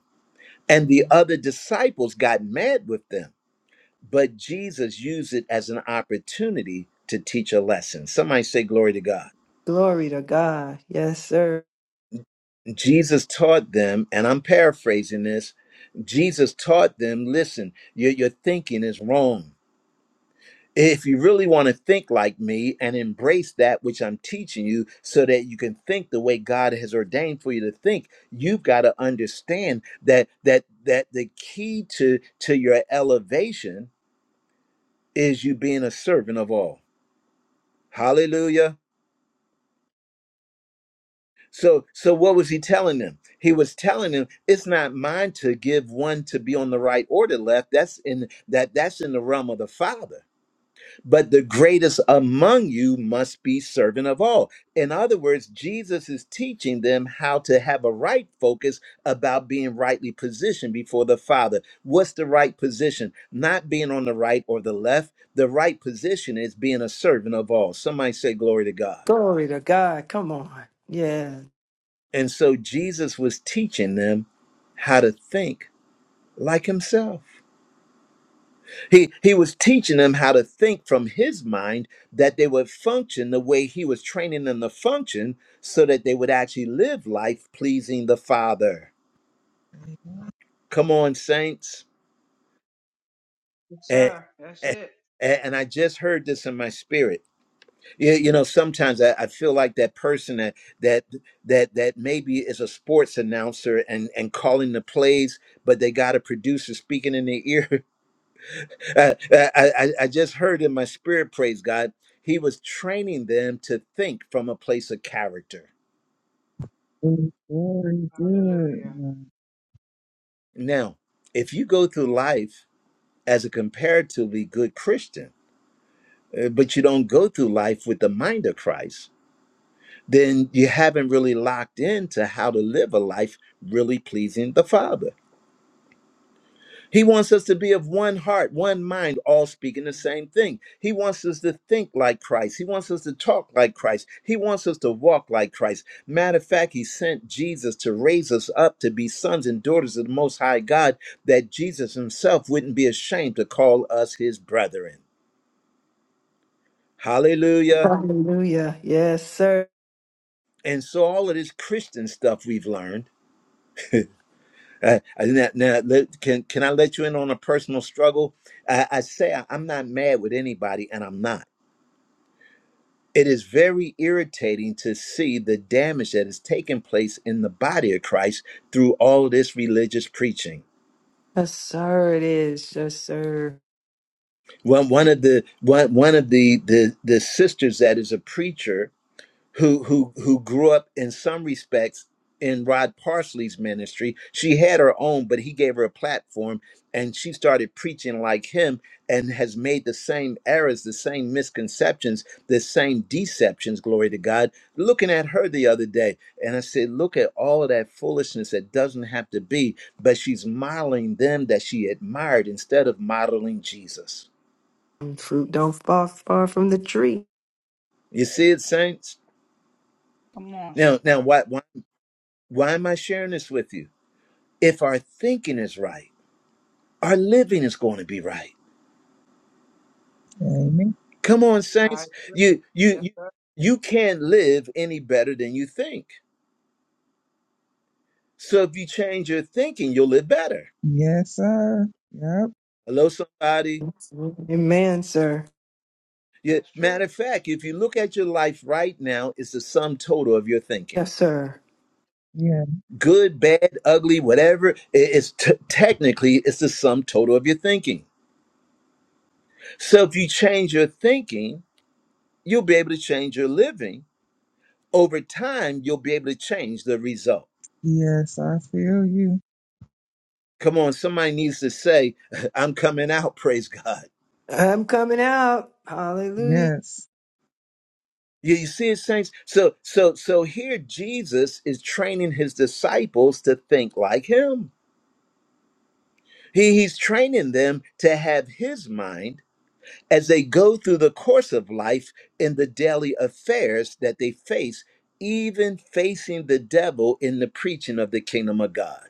Speaker 1: and the other disciples got mad with them. But Jesus used it as an opportunity to teach a lesson. Somebody say glory to God.
Speaker 3: Glory to God. Yes, sir.
Speaker 1: Jesus taught them, and I'm paraphrasing this Jesus taught them, listen, your, your thinking is wrong. If you really want to think like me and embrace that which I'm teaching you so that you can think the way God has ordained for you to think, you've got to understand that that that the key to to your elevation is you being a servant of all. Hallelujah. So, so what was he telling them? He was telling them it's not mine to give one to be on the right or the left. That's in that that's in the realm of the Father. But the greatest among you must be servant of all. In other words, Jesus is teaching them how to have a right focus about being rightly positioned before the Father. What's the right position? Not being on the right or the left. The right position is being a servant of all. Somebody say glory to God.
Speaker 3: Glory to God. Come on. Yeah.
Speaker 1: And so Jesus was teaching them how to think like himself. He, he was teaching them how to think from his mind that they would function the way he was training them to function so that they would actually live life pleasing the Father. Come on, saints.
Speaker 6: Yes,
Speaker 1: And,
Speaker 6: sir. That's
Speaker 1: and,
Speaker 6: it.
Speaker 1: and I just heard this in my spirit Yeah, you know, sometimes I, I feel like that person that that that that maybe is a sports announcer and and calling the plays, but they got a producer speaking in their ear. I, I I I just heard in my spirit, praise God, He was training them to think from a place of character.
Speaker 8: is very
Speaker 6: Hallelujah.
Speaker 8: good.
Speaker 1: Now, if you go through life as a comparatively good Christian, uh, but you don't go through life with the mind of Christ then you haven't really locked into how to live a life really pleasing the Father. He wants us to be of one heart, one mind, all speaking the same thing. He wants us to think like Christ. He wants us to talk like Christ. He wants us to walk like Christ. Matter of fact, He sent Jesus to raise us up to be sons and daughters of the Most High God, that Jesus Himself wouldn't be ashamed to call us His brethren. Hallelujah.
Speaker 3: Hallelujah. Yes, sir.
Speaker 1: And so, all of this Christian stuff we've learned. Uh, and now, let- can can I let you in on a personal struggle? I, I say I, I'm not mad with anybody, and I'm not. It is very irritating to see the damage that is taking place in the body of Christ through all this religious preaching.
Speaker 3: Yes, sir, it is. Yes, sir.
Speaker 1: One one of the one one of the the the sisters that is a preacher who who who grew up in some respects in Rod Parsley's ministry. She had her own, but he gave her a platform and she started preaching like him and has made the same errors, the same misconceptions, the same deceptions, glory to God. Looking at her the other day, and I said, Look at all of that foolishness that doesn't have to be, but she's modeling them that she admired instead of modeling Jesus.
Speaker 3: Fruit don't fall far from the tree.
Speaker 1: You see it, saints?
Speaker 6: Come on, sir.
Speaker 1: Now now why why why am I sharing this with you? if our thinking is right, our living is going to be right.
Speaker 8: Amen.
Speaker 1: Come on,
Speaker 6: I
Speaker 1: saints.
Speaker 6: agree.
Speaker 1: You you
Speaker 6: Yes,
Speaker 1: you,
Speaker 6: sir.
Speaker 1: you can't live any better than you think. So if you change your thinking, you'll live better.
Speaker 8: Yes, sir. Yep.
Speaker 1: Hello, somebody.
Speaker 3: Amen, sir.
Speaker 1: Yeah,
Speaker 6: That's true.
Speaker 1: matter of fact, if you look at your life right now, it's the sum total of your thinking.
Speaker 3: Yes, sir.
Speaker 8: Yeah.
Speaker 1: Good, bad, ugly, whatever. i- It's t- technically it's the sum total of your thinking. So if you change your thinking, you'll be able to change your living. Over time, you'll be able to change the result.
Speaker 8: Yes, I feel you.
Speaker 1: Come on, somebody needs to say, I'm coming out, praise God.
Speaker 3: I'm coming out. Hallelujah.
Speaker 8: Yes.
Speaker 1: You, you see it, saints? So so so here Jesus is training his disciples to think like him. He, he's training them to have his mind as they go through the course of life in the daily affairs that they face, even facing the devil in the preaching of the kingdom of God.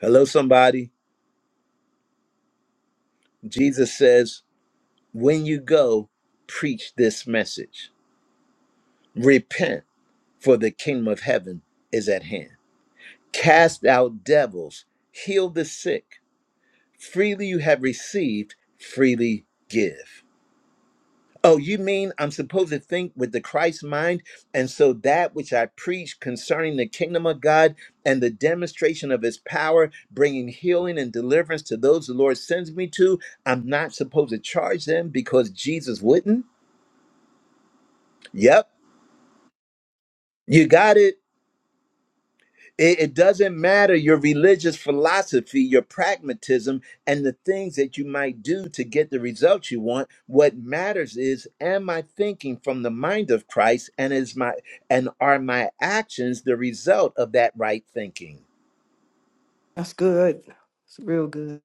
Speaker 1: Hello, somebody. Jesus says, when you go, preach this message. Repent for the kingdom of heaven is at hand. Cast out devils, heal the sick. Freely you have received, freely give. Oh, you mean I'm supposed to think with the Christ mind? And so that which I preach concerning the kingdom of God and the demonstration of his power, bringing healing and deliverance to those the Lord sends me to, I'm not supposed to charge them because Jesus wouldn't? Yep, you got it. It, it doesn't matter your religious philosophy, your pragmatism, and the things that you might do to get the results you want. What matters is am I thinking from the mind of Christ and is my and are my actions the result of that right thinking?
Speaker 3: That's good. It's real good.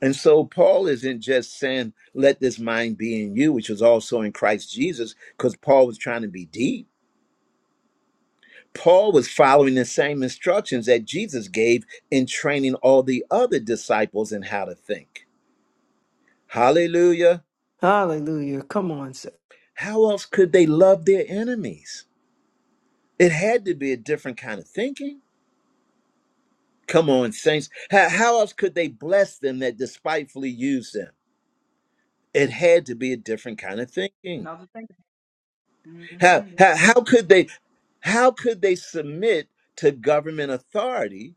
Speaker 1: And so Paul isn't just saying, let this mind be in you, which was also in Christ Jesus, because Paul was trying to be deep. Paul was following the same instructions that Jesus gave in training all the other disciples in how to think. Hallelujah.
Speaker 3: Hallelujah. Come on, sir.
Speaker 1: How else could they love their enemies? It had to be a different kind of thinking. Come on, saints. How, how else could they bless them that despitefully use them? It had to be a different kind of thinking.
Speaker 6: Another thing. hmm
Speaker 1: How,
Speaker 6: Yes,
Speaker 1: how,
Speaker 6: sir.
Speaker 1: how could they how could they submit to government authority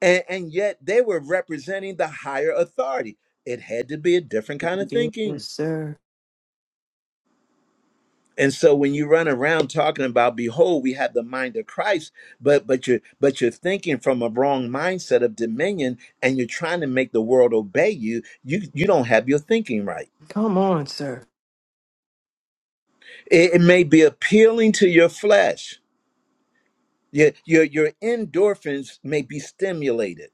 Speaker 1: and, and yet they were representing the higher authority? It had to be a different kind of thinking.
Speaker 3: Yes, sir.
Speaker 1: And so when you run around talking about, behold, we have the mind of Christ, but but you're but you're thinking from a wrong mindset of dominion, and you're trying to make the world obey you. You you don't have your thinking right.
Speaker 3: Come on, sir.
Speaker 1: It, it may be appealing to your flesh. Your, your your endorphins may be stimulated,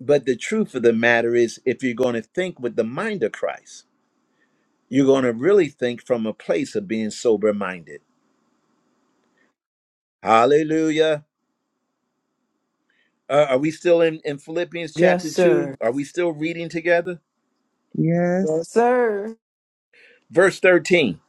Speaker 1: but the truth of the matter is, if you're going to think with the mind of Christ, you're going to really think from a place of being sober minded. Hallelujah. Uh, are we still in, in Philippians
Speaker 3: Yes,
Speaker 1: chapter
Speaker 3: sir.
Speaker 1: 2? Are we still reading together?
Speaker 8: Yes.
Speaker 3: Yes, sir.
Speaker 1: Verse 13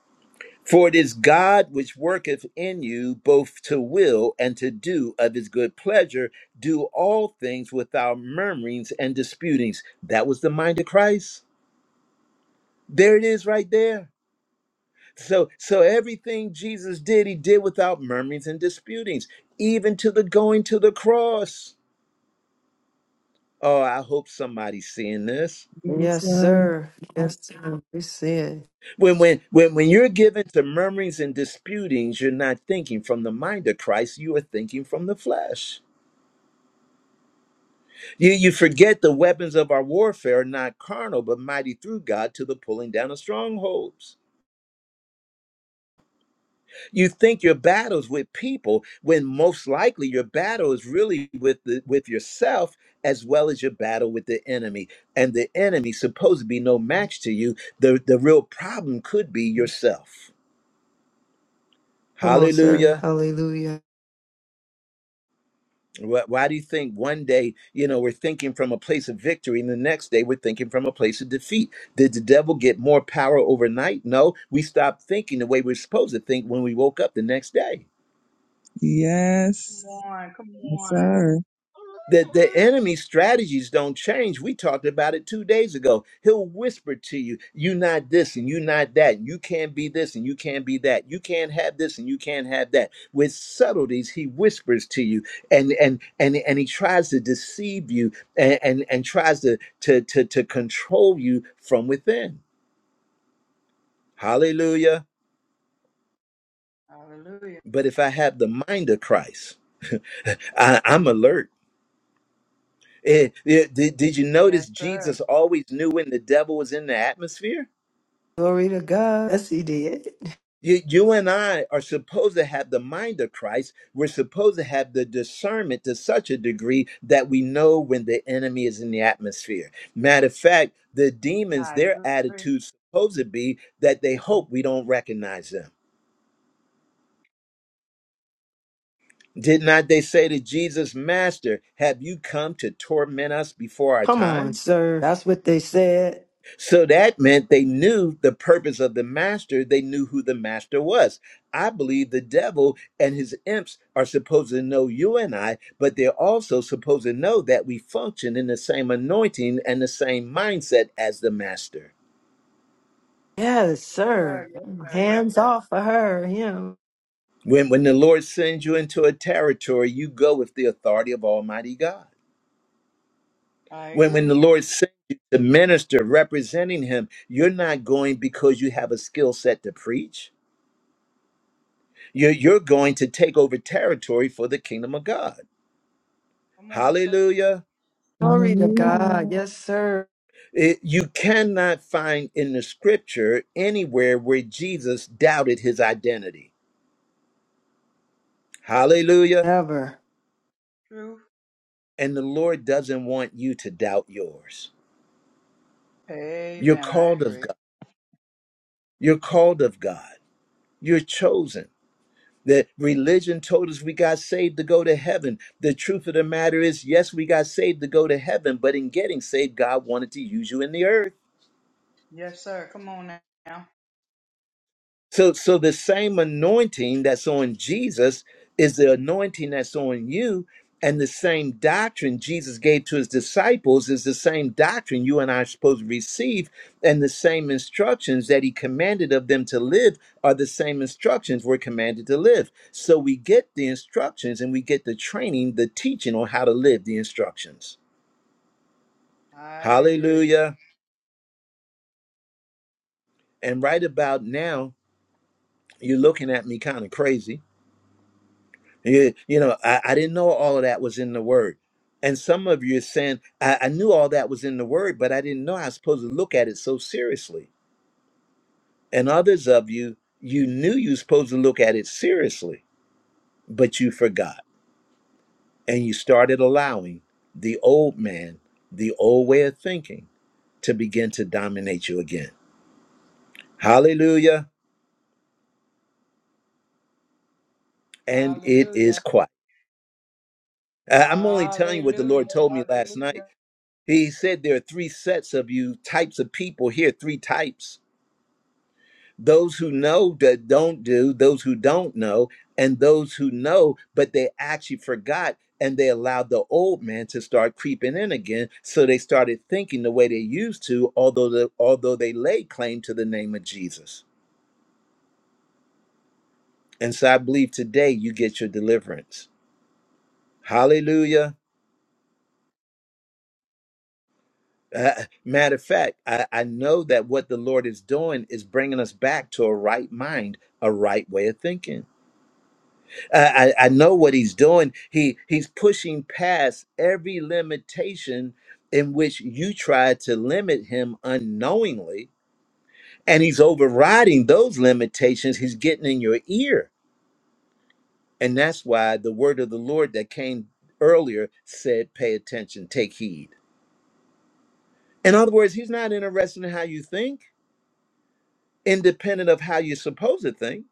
Speaker 1: For it is God which worketh in you both to will and to do of his good pleasure, do all things without murmurings and disputings. That was the mind of Christ. There it is right there. So, so everything Jesus did, he did without murmurings and disputings, even to the going to the cross. Oh, I hope somebody's seeing this.
Speaker 8: Yes,
Speaker 3: Yes,
Speaker 8: sir.
Speaker 3: sir. Yes, sir. We see it.
Speaker 1: When when when when you're given to murmurings and disputings, you're not thinking from the mind of Christ, you are thinking from the flesh. You you forget the weapons of our warfare are not carnal, but mighty through God to the pulling down of strongholds. You think your battles with people when most likely your battle is really with the, with yourself as well as your battle with the enemy. And the enemy supposed to be no match to you. The the real problem could be yourself.
Speaker 3: Come on, sir.
Speaker 1: Hallelujah.
Speaker 3: Hallelujah.
Speaker 1: Why, why do you think one day, you know, we're thinking from a place of victory and the next day we're thinking from a place of defeat? Did the devil get more power overnight? No, we stopped thinking the way we're supposed to think when we woke up the next day.
Speaker 6: Come
Speaker 8: Yes.
Speaker 6: on, come
Speaker 8: Yes,
Speaker 6: on.
Speaker 8: sir.
Speaker 1: that the the enemy strategies don't change. We talked about it two days ago. He'll whisper to you, you not this and you not that. You can't be this and you can't be that. You can't have this and you can't have that. With subtleties, he whispers to you and and and, and he tries to deceive you and, and, and tries to, to to to control you from within. Hallelujah.
Speaker 6: Hallelujah.
Speaker 1: But if I have the mind of Christ, I, I'm alert. Eh, eh, did, did you
Speaker 6: Yes,
Speaker 1: notice
Speaker 6: sir.
Speaker 1: Jesus always knew when the devil was in the atmosphere?
Speaker 3: Glory to God. Yes, he did.
Speaker 1: You, you and I are supposed to have the mind of Christ. We're supposed to have the discernment to such a degree that we know when the enemy is in the atmosphere. Matter of fact, the demons,
Speaker 6: I
Speaker 1: their
Speaker 6: agree.
Speaker 1: attitude's supposed to be that they hope we don't recognize them. Did not they say to Jesus, Master, have you come to torment us before our
Speaker 3: Come on,
Speaker 1: time?
Speaker 3: sir. That's what they said.
Speaker 1: So that meant they knew the purpose of the master. They knew who the master was. I believe the devil and his imps are supposed to know you and I, but they're also supposed to know that we function in the same anointing and the same mindset as the master.
Speaker 3: Yes,
Speaker 6: Yes,
Speaker 3: sir.
Speaker 6: sir. Yes, sir. Yes,
Speaker 3: Hands
Speaker 6: sir.
Speaker 3: off for her. Him.
Speaker 1: When, when the Lord sends you into a territory, you go with the authority of Almighty God.
Speaker 6: I
Speaker 1: When, when
Speaker 6: agree.
Speaker 1: the Lord sends you to minister representing him, you're not going because you have a skill set to preach You're, you're going to take over territory for the kingdom of God.
Speaker 6: Come on, sir.
Speaker 1: Hallelujah.
Speaker 3: Glory to God.
Speaker 8: Hallelujah.
Speaker 3: Yes, sir.
Speaker 1: It- you cannot find in the scripture anywhere where Jesus doubted his identity. Hallelujah.
Speaker 3: Ever.
Speaker 6: Truth.
Speaker 1: And the Lord doesn't want you to doubt yours. You're
Speaker 6: Amen. I
Speaker 1: called of
Speaker 6: agree.
Speaker 1: God. You're called of God. You're chosen. The religion told us we got saved to go to heaven. The truth of the matter is, yes, we got saved to go to heaven, but in getting saved, God wanted to use you in the earth.
Speaker 6: Yes, sir. Come on now.
Speaker 1: So, so the same anointing that's on Jesus is the anointing that's on you, and the same doctrine Jesus gave to his disciples is the same doctrine you and I are supposed to receive, and the same instructions that he commanded of them to live are the same instructions we're commanded to live. So we get the instructions and we get the training, the teaching on how to live the instructions.
Speaker 6: I agree.
Speaker 1: Hallelujah. And right about now, you're looking at me kind of crazy You, you know, I, I didn't know all of that was in the word. And some of you are saying, I, I knew all that was in the word, but I didn't know I was supposed to look at it so seriously. And others of you, you knew you were supposed to look at it seriously, but you forgot. And you started allowing the old man, the old way of thinking, to begin to dominate you again. Hallelujah. And it is
Speaker 6: Hallelujah.
Speaker 1: quiet. I- I'm only telling you what the
Speaker 6: Hallelujah.
Speaker 1: Lord told me last night
Speaker 6: Hallelujah.
Speaker 1: He said there are three sets of you types of people here, three types. Those who know that don't do, those who don't know, and those who know, but they actually forgot and they allowed the old man to start creeping in again. So they started thinking the way they used to, although the, although they laid claim to the name of Jesus. And so I believe today you get your deliverance. Hallelujah. Uh, matter of fact, I, I know that what the Lord is doing is bringing us back to a right mind, a right way of thinking. Uh, I, I know what He's doing. He He's pushing past every limitation in which you try to limit Him unknowingly, and He's overriding those limitations. He's getting in your ear, and that's why the word of the Lord that came earlier said, "Pay attention, take heed." In other words, He's not interested in how you think. independent of how you suppose a thing.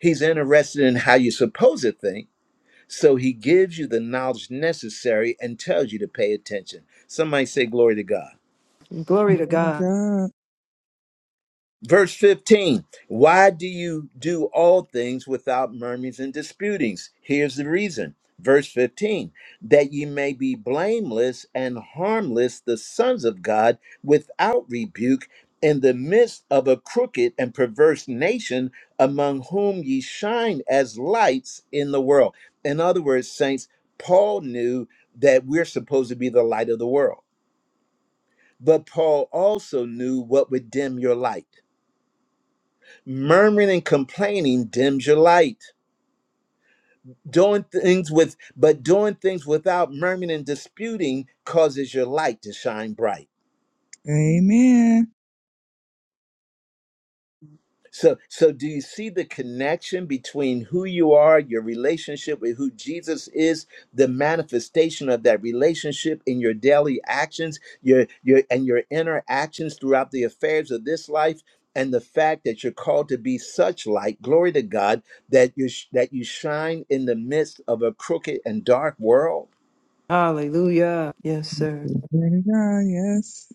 Speaker 1: He's interested in how you suppose a thing. So he gives you the knowledge necessary and tells you to pay attention. Somebody say, Glory to God.
Speaker 3: Glory to
Speaker 8: Glory to
Speaker 3: God.
Speaker 8: God.
Speaker 1: Verse 15, why do you do all things without murmurings and disputings? Here's the reason. Verse 15, that ye may be blameless and harmless, the sons of God, without rebuke, in the midst of a crooked and perverse nation, among whom ye shine as lights in the world. In other words, saints, Paul knew that we're supposed to be the light of the world, but Paul also knew what would dim your light Murmuring and complaining dims your light. Doing things with but doing things without murmuring and disputing causes your light to shine bright.
Speaker 8: Amen.
Speaker 1: So, so do you see the connection between who you are, your relationship with who Jesus is, the manifestation of that relationship in your daily actions, your your and your interactions throughout the affairs of this life, and the fact that you're called to be such light, glory to God, that you sh- that you shine in the midst of a crooked and dark world.
Speaker 3: Hallelujah. Yes, sir.
Speaker 8: Glory to God. Yes.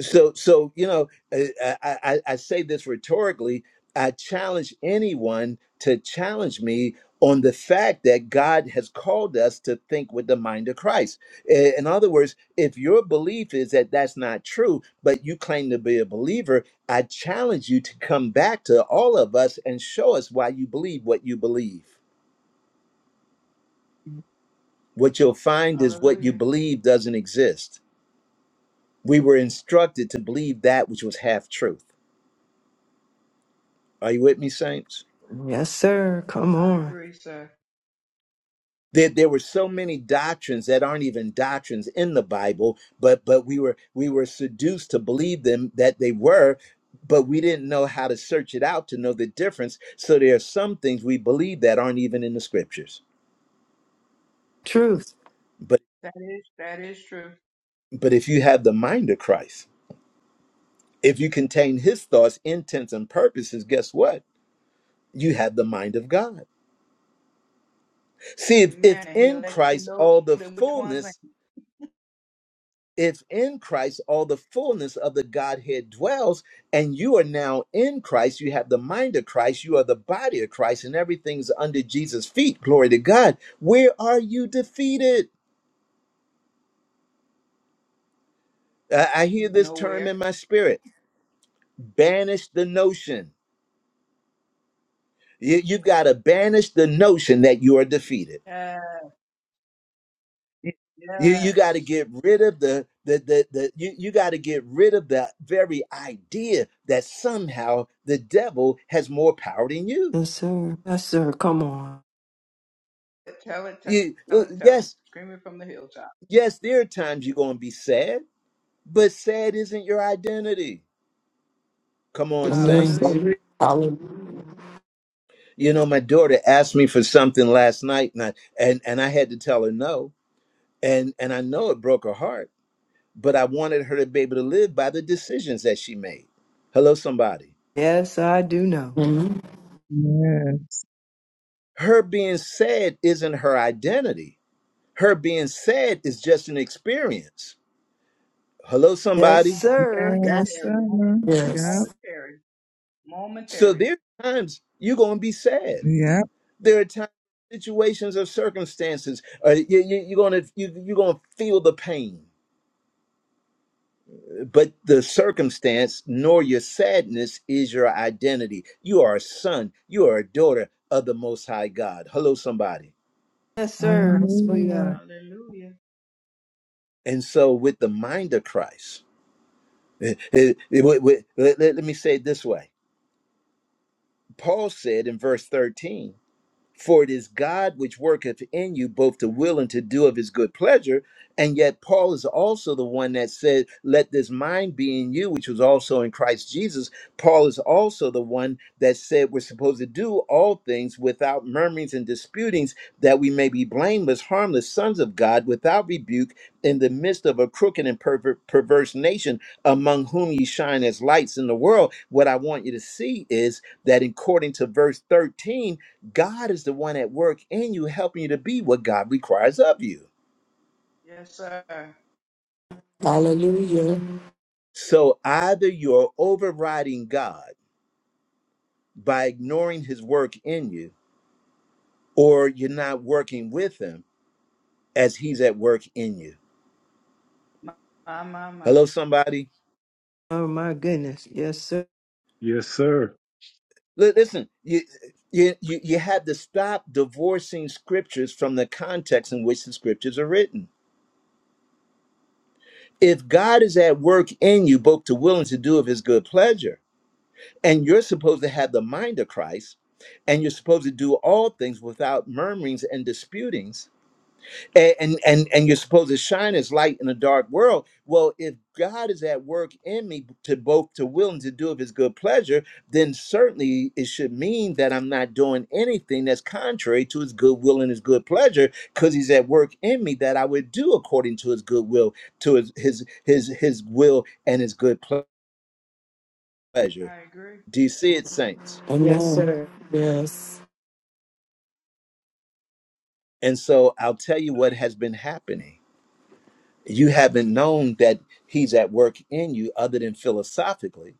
Speaker 1: so so you know uh, I, I i say this rhetorically i challenge anyone to challenge me on the fact that god has called us to think with the mind of christ I- in other words if your belief is that that's not true but you claim to be a believer i challenge you to come back to all of us and show us why you believe what you believe what you'll find is what you
Speaker 6: Hallelujah.
Speaker 1: believe doesn't exist we were instructed to believe that which was half truth are you with me saints
Speaker 3: Yes, sir. Come
Speaker 6: I
Speaker 3: on.
Speaker 6: agree, sir.
Speaker 1: there, there were so many doctrines that aren't even doctrines in the bible but but we were we were seduced to believe them that they were but we didn't know how to search it out to know the difference so there are some things we believe that aren't even in the scriptures
Speaker 3: Truth.
Speaker 1: but
Speaker 6: That is that is true.
Speaker 1: but if you have the mind of christ if you contain his thoughts intents and purposes guess what you have the mind of god see if, if
Speaker 6: Amen. And he'll
Speaker 1: in
Speaker 6: let you
Speaker 1: christ
Speaker 6: know
Speaker 1: all the
Speaker 6: that which ones ain't
Speaker 1: fullness if in Christ all the fullness of the Godhead dwells, and you are now in Christ, you have the mind of Christ, you are the body of Christ, and everything's under Jesus' feet. Glory to God. Where are you defeated? I I hear this term in
Speaker 6: nowhere.
Speaker 1: my spirit banish the notion. You, you got to banish the notion that you are defeated.
Speaker 6: Yeah.
Speaker 1: You, you got to
Speaker 6: Yes.
Speaker 1: get rid of the, the, the, the you, you got to get rid of the very idea that somehow the devil has more power than you.
Speaker 3: Yes, sir. Yes, sir. Come on.
Speaker 6: it, tell it, tell
Speaker 1: You,
Speaker 6: tell
Speaker 1: uh,
Speaker 6: it, tell it.
Speaker 1: yes,
Speaker 6: Scream it from the hilltop.
Speaker 1: yes, there are times you're going to be sad, but sad isn't your identity. Come on,
Speaker 3: Yes,
Speaker 9: Amen.
Speaker 1: saints.
Speaker 6: Hallelujah.
Speaker 3: sir.
Speaker 9: Hallelujah.
Speaker 1: You know, my daughter asked me for something last night, and I, and, and I had to tell her no. And, and I know it broke her heart, but I wanted her to be able to live by the decisions that she made. Hello, somebody.
Speaker 3: Yes, I do know.
Speaker 9: Amen.
Speaker 8: Yes.
Speaker 1: Her being sad isn't her identity. Her being sad is just an experience. Hello,
Speaker 6: Come
Speaker 3: Yes,
Speaker 1: somebody.
Speaker 6: on.
Speaker 3: sir. Gotcha.
Speaker 8: Yes,
Speaker 6: Momentary,
Speaker 8: sir.
Speaker 6: momentary,
Speaker 8: Yep.
Speaker 9: Yes.
Speaker 6: momentary,
Speaker 1: So
Speaker 6: momentary.
Speaker 1: there are times you're going to be sad
Speaker 8: Yep.
Speaker 1: There are times, situations, or circumstances. Uh, you, you, you're gonna you, you're gonna feel the pain, but the circumstance nor your sadness is your identity. You are a son. You are a daughter of the Most High God. Hello, somebody.
Speaker 3: Yes, sir. Yes, we
Speaker 8: Hallelujah.
Speaker 3: are.
Speaker 6: Hallelujah.
Speaker 1: And so, with the mind of Christ, eh, eh, eh, wait, wait, let let- let me say it this way. Paul said in verse 13. For it is God which worketh in you both to will and to do of his good pleasure. And yet, Paul is also the one that said, Let this mind be in you, which was also in Christ Jesus. Paul is also the one that said, We're supposed to do all things without murmurings and disputings, that we may be blameless, harmless sons of God, without rebuke, in the midst of a crooked and perver- perverse nation, among whom ye shine as lights in the world. What I want you to see is that according to verse 13, God is the one at work in you, helping you to be what God requires of you.
Speaker 6: Yes, sir.
Speaker 9: Hallelujah.
Speaker 1: So either you're overriding God by ignoring his work in you, or you're not working with him as he's at work in you.
Speaker 6: My, my, my. my.
Speaker 1: Hello, somebody?
Speaker 3: Oh, my goodness. Yes, sir.
Speaker 5: Yes, sir.
Speaker 1: Li- Listen, you, you, you you have to stop divorcing scriptures from the context in which the scriptures are written. If God is at work in you, both to will and to do of his good pleasure, And you're supposed to have the mind of Christ, and you're supposed to do all things without murmurings and disputings, and, and, and, and you're supposed to shine as light in a dark world. Well, if God is at work in me to both to will and to do of his good pleasure, then certainly it should mean that I'm not doing anything that's contrary to his good will and his good pleasure, because he's at work in me that I would do according to his good will, to his his his, his will and his good pleasure.
Speaker 6: I agree.
Speaker 1: Do you see it, saints?
Speaker 3: Yes,
Speaker 9: Amen.
Speaker 3: sir.
Speaker 9: Yes.
Speaker 1: And so I'll tell you what has been happening. You haven't known that he's at work in you other than philosophically.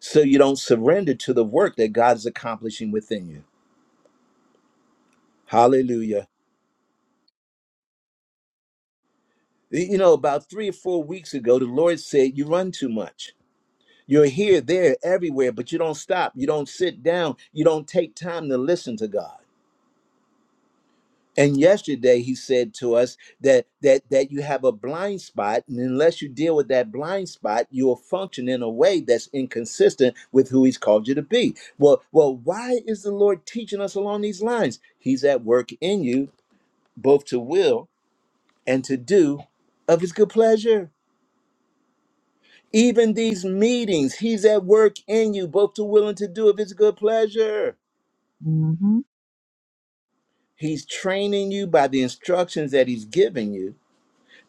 Speaker 1: So you don't surrender to the work that God's accomplishing within you. Hallelujah. You know, about three or four weeks ago, the Lord said, You run too much. You're here, there, everywhere, but you don't stop. You don't sit down. You don't take time to listen to God. And yesterday he said to us that that that you have a blind spot, and unless you deal with that blind spot, you will function in a way that's inconsistent with who he's called you to be. Well, well, why is the Lord teaching us along these lines? He's at work in you, both to will and to do of his good pleasure. Even these meetings, he's at work in you, both to will and to do of his good pleasure.
Speaker 8: Mm-hmm.
Speaker 1: He's training you by the instructions that he's giving you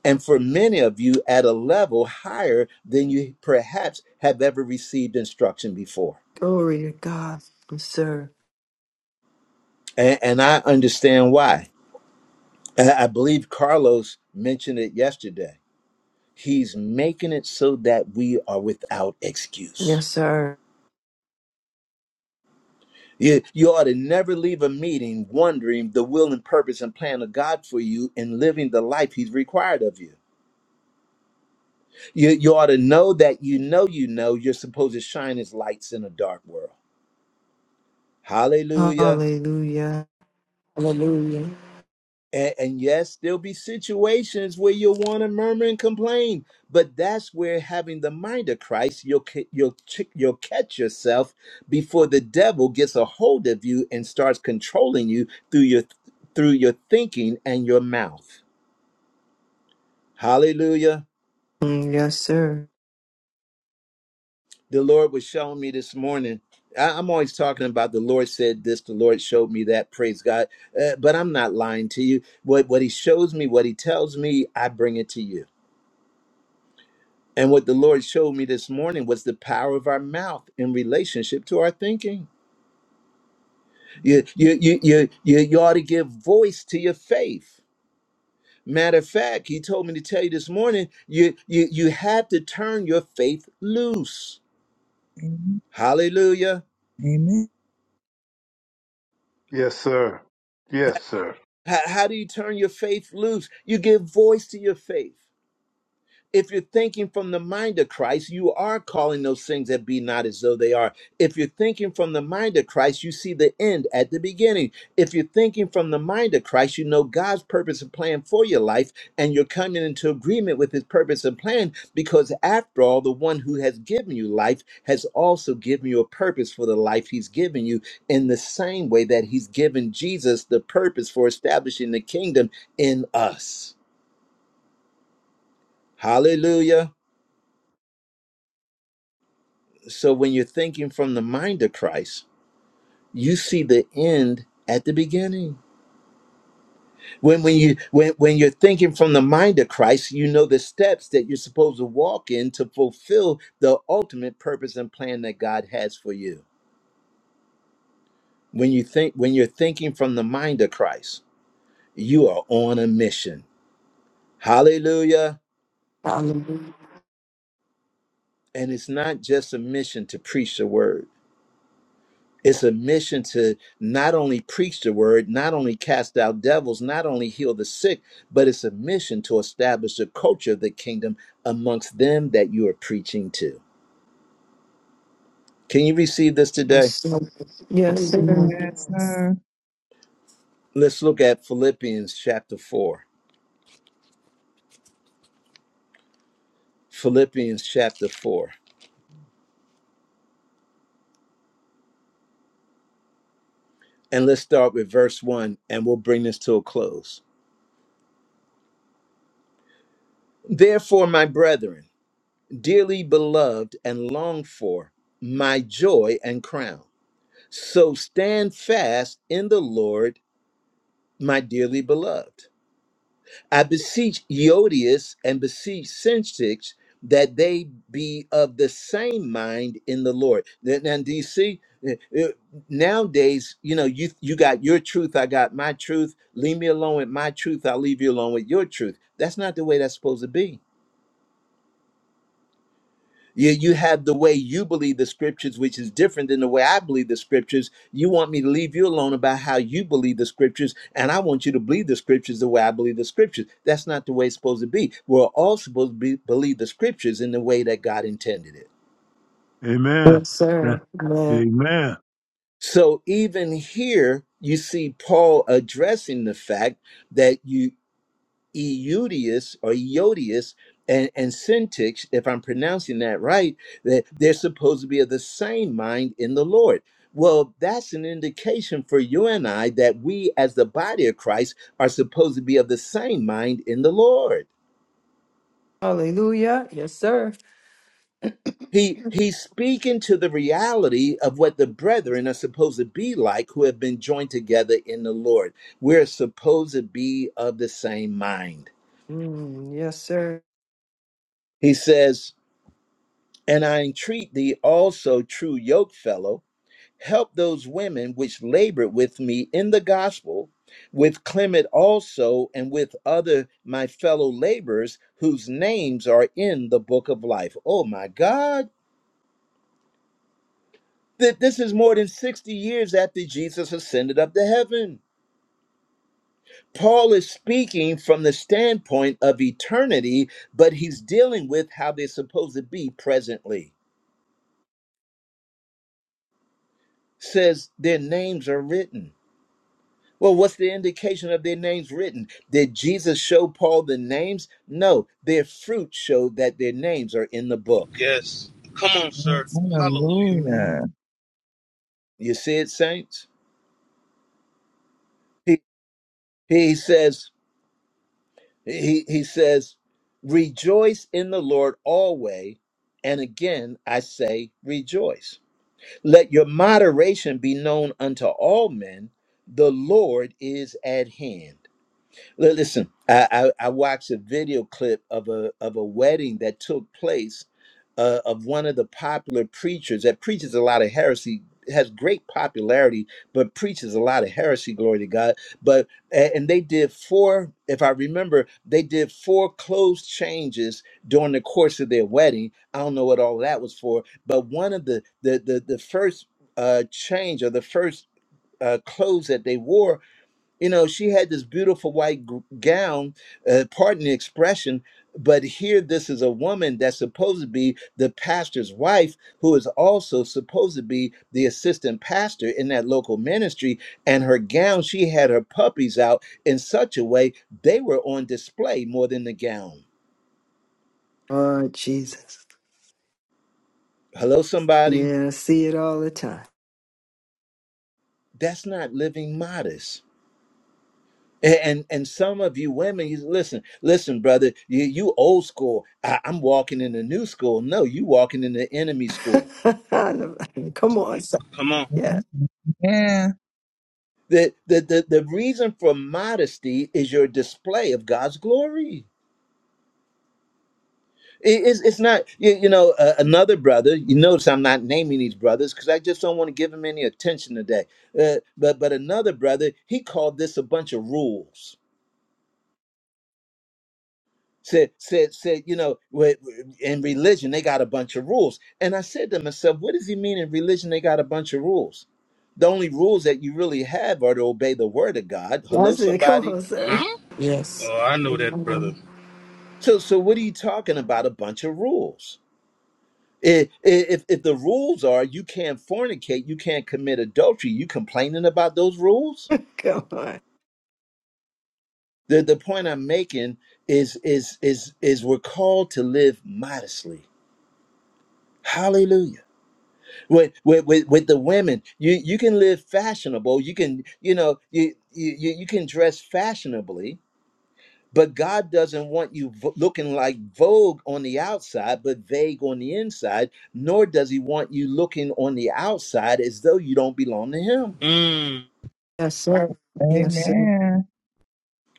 Speaker 1: and for many of you at a level higher than you perhaps have ever received instruction before.
Speaker 3: Glory to God. Yes, sir.
Speaker 1: And, and I understand why. And I believe Carlos mentioned it yesterday. He's making it so that we are without excuse.
Speaker 3: Yes, sir.
Speaker 1: You, you ought to never leave a meeting wondering the will and purpose and plan of God for you in living the life He's required of you. You, you ought to know that you know you know you're supposed to shine as lights in a dark world. Hallelujah.
Speaker 3: Hallelujah.
Speaker 9: Hallelujah.
Speaker 1: And, and yes, there'll be situations where you'll want to murmur and complain, but that's where having the mind of Christ, you'll ca- you'll ch- you'll catch yourself before the devil gets a hold of you and starts controlling you through your through your thinking and your mouth. Hallelujah!
Speaker 3: Mm, Yes, sir.
Speaker 1: The Lord was showing me this morning. I- I'm always talking about the Lord said this, the Lord showed me that. Praise God! Uh, but I'm not lying to you. What what He shows me, what He tells me, I bring it to you And what the Lord showed me this morning was the power of our mouth in relationship to our thinking. You, you, you, you, you, you ought to give voice to your faith. Matter of fact, He told me to tell you this morning, you, you, you have to turn your faith loose.
Speaker 8: Amen.
Speaker 1: Hallelujah.
Speaker 8: Amen.
Speaker 5: Yes, sir. Yes, sir.
Speaker 1: How, how do you turn your faith loose? You give voice to your faith. If you're thinking from the mind of Christ, you are calling those things that be not as though they are. If you're thinking from the mind of Christ, you see the end at the beginning. If you're thinking from the mind of Christ, you know God's purpose and plan for your life, and you're coming into agreement with his purpose and plan because, after all, the one who has given you life has also given you a purpose for the life he's given you in the same way that he's given Jesus the purpose for establishing the kingdom in us. Hallelujah. So when you're thinking from the mind of Christ, you see the end at the beginning. When when you when when you're thinking from the mind of Christ, you know the steps that you're supposed to walk in to fulfill the ultimate purpose and plan that God has for you. When you think when you're thinking from the mind of Christ, you are on a mission. Hallelujah.
Speaker 9: Hallelujah.
Speaker 1: And it's not just a mission to preach the word. It's a mission to not only preach the word, not only cast out devils, not only heal the sick, but it's a mission to establish the culture of the kingdom amongst them that you are preaching to. Can you receive this
Speaker 3: Yes,
Speaker 1: today?
Speaker 3: sir. Yes, sir.
Speaker 9: Amen.
Speaker 8: Yes, sir.
Speaker 1: Let's look at Philippians chapter 4. Philippians chapter 4. And let's start with verse 1, and we'll bring this to a close. Therefore, my brethren, dearly beloved and longed for, my joy and crown. So stand fast in the Lord, my dearly beloved. I beseech Eodius and beseech Syntyx that they be of the same mind in the Lord. Now, now, do you see? Eh, eh, Nowadays, you know, you you got your truth, I got my truth. Leave me alone with my truth, I'll leave you alone with your truth. That's not the way that's supposed to be. You, you have the way you believe the scriptures, which is different than the way I believe the scriptures. You want me to leave you alone about how you believe the scriptures, and I want you to believe the scriptures the way I believe the scriptures. That's not the way it's supposed to be. We're all supposed to be, believe the scriptures in the way that God intended it.
Speaker 5: Amen.
Speaker 3: Yes,
Speaker 5: Yeah.
Speaker 3: sir. Amen.
Speaker 5: Amen.
Speaker 1: So even here, you see Paul addressing the fact that you Eutius or Eodius and, and Syntyx, if I'm pronouncing that right, that they're supposed to be of the same mind in the Lord. Well, that's an indication for you and I that we as the body of Christ are supposed to be of the same mind in the Lord.
Speaker 3: Hallelujah. Yes, sir.
Speaker 1: He he's speaking to the reality of what the brethren are supposed to be like who have been joined together in the Lord. We're supposed to be of the same mind.
Speaker 3: Mm, yes, sir.
Speaker 1: He says, And I entreat thee also, true yokefellow, help those women which labor with me in the gospel, with Clement also, and with other my fellow laborers whose names are in the book of life. Oh my God. Th- This is more than 60 years after Jesus ascended up to heaven. Paul is speaking from the standpoint of eternity, but he's dealing with how they're supposed to be presently. Says their names are written. Well, what's the indication of their names written? Did Jesus show Paul the names? No, their fruit showed that their names are in the book.
Speaker 2: Yes. Come on, sir. Hallelujah.
Speaker 8: Hallelujah.
Speaker 3: Amen.
Speaker 1: You see it, saints? He, he says, he, he says, rejoice in the Lord always. And again, I say, rejoice. Let your moderation be known unto all men. The Lord is at hand. Li- Listen, I, I, I watched a video clip of a of a wedding that took place uh, of one of the popular preachers that preaches a lot of heresy, has great popularity, but preaches a lot of heresy. Glory to God! But a- and they did four, if I remember, they did four clothes changes during the course of their wedding. I don't know what all that was for, but one of the the the, the first uh, change or the first uh, clothes that they wore you know she had this beautiful white g- gown uh, pardon the expression but here this is a woman that's supposed to be the pastor's wife who is also supposed to be the assistant pastor in that local ministry and her gown she had her puppies out in such a way they were on display more than the gown
Speaker 3: Oh, Jesus.
Speaker 1: hello somebody
Speaker 3: Yeah, I see it all the time.
Speaker 1: that's not living modest A- And and some of you women, you listen, listen, brother, you, you old school. I, I'm walking in the new school. No, you walking in the enemy school.
Speaker 3: Come on, sir.
Speaker 2: Come on.
Speaker 3: Yeah.
Speaker 8: Yeah.
Speaker 1: The, the the the reason for modesty is your display of God's glory. It- it's, it's not you, you know uh, another brother. You notice I'm not naming these brothers because I just don't want to give him any attention today. Uh, but but another brother, he called this a bunch of rules said said said you know wh- in religion they got a bunch of rules and i said to myself what does he mean in religion they got a bunch of rules the only rules that you really have are to obey the word of god
Speaker 3: I
Speaker 1: hello
Speaker 3: it. come
Speaker 1: somebody
Speaker 3: on, sir.
Speaker 2: Huh?
Speaker 9: Yes.
Speaker 2: Oh, I know that, brother.
Speaker 9: Amen.
Speaker 1: so so what are you talking about a bunch of rules I- i- if if the rules are you can't fornicate you can't commit adultery you complaining about those rules
Speaker 3: Come on.
Speaker 1: the the point i'm making is is is is we're called to live modestly hallelujah with with with, with the women you you can live fashionable you can you know you you you you can dress fashionably but god doesn't want you v- looking like vogue on the outside but vague on the inside nor does he want you looking on the outside as though you don't belong to him
Speaker 2: Mm.
Speaker 3: Yes, sir. Yes, sir.
Speaker 8: Amen.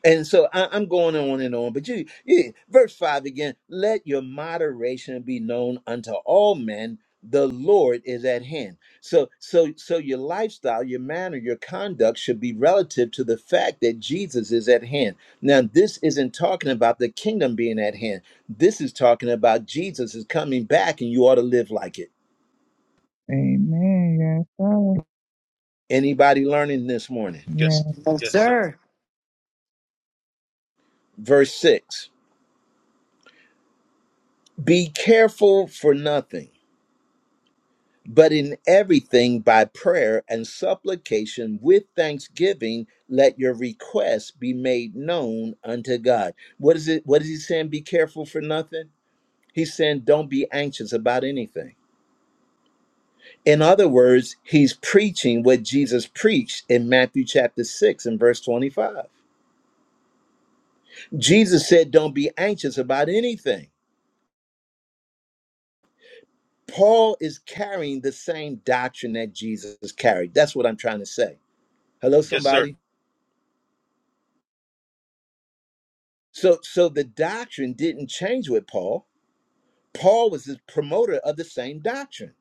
Speaker 1: And so I, I'm going on and on, but you, you, verse five again. Let your moderation be known unto all men. The Lord is at hand. So, so, so your lifestyle, your manner, your conduct should be relative to the fact that Jesus is at hand. Now, this isn't talking about the kingdom being at hand. This is talking about Jesus is coming back, and you ought to live like it.
Speaker 8: Amen. Yes, sir.
Speaker 1: Anybody learning this morning?
Speaker 8: Yeah.
Speaker 2: Yes.
Speaker 3: Yes,
Speaker 2: Yes, sir.
Speaker 3: sir.
Speaker 1: Verse six. Be careful for nothing But in everything by prayer and supplication with thanksgiving, let your requests be made known unto God. What is it? What is he saying? Be careful for nothing? He's saying, don't be anxious about anything. In other words, he's preaching what Jesus preached in Matthew chapter 6 and verse 25. Jesus said, don't be anxious about anything. Paul is carrying the same doctrine that Jesus carried. That's what I'm trying to say. Hello,
Speaker 2: Yes, sir.
Speaker 1: somebody? So so the doctrine didn't change with Paul. Paul was the promoter of the same doctrine.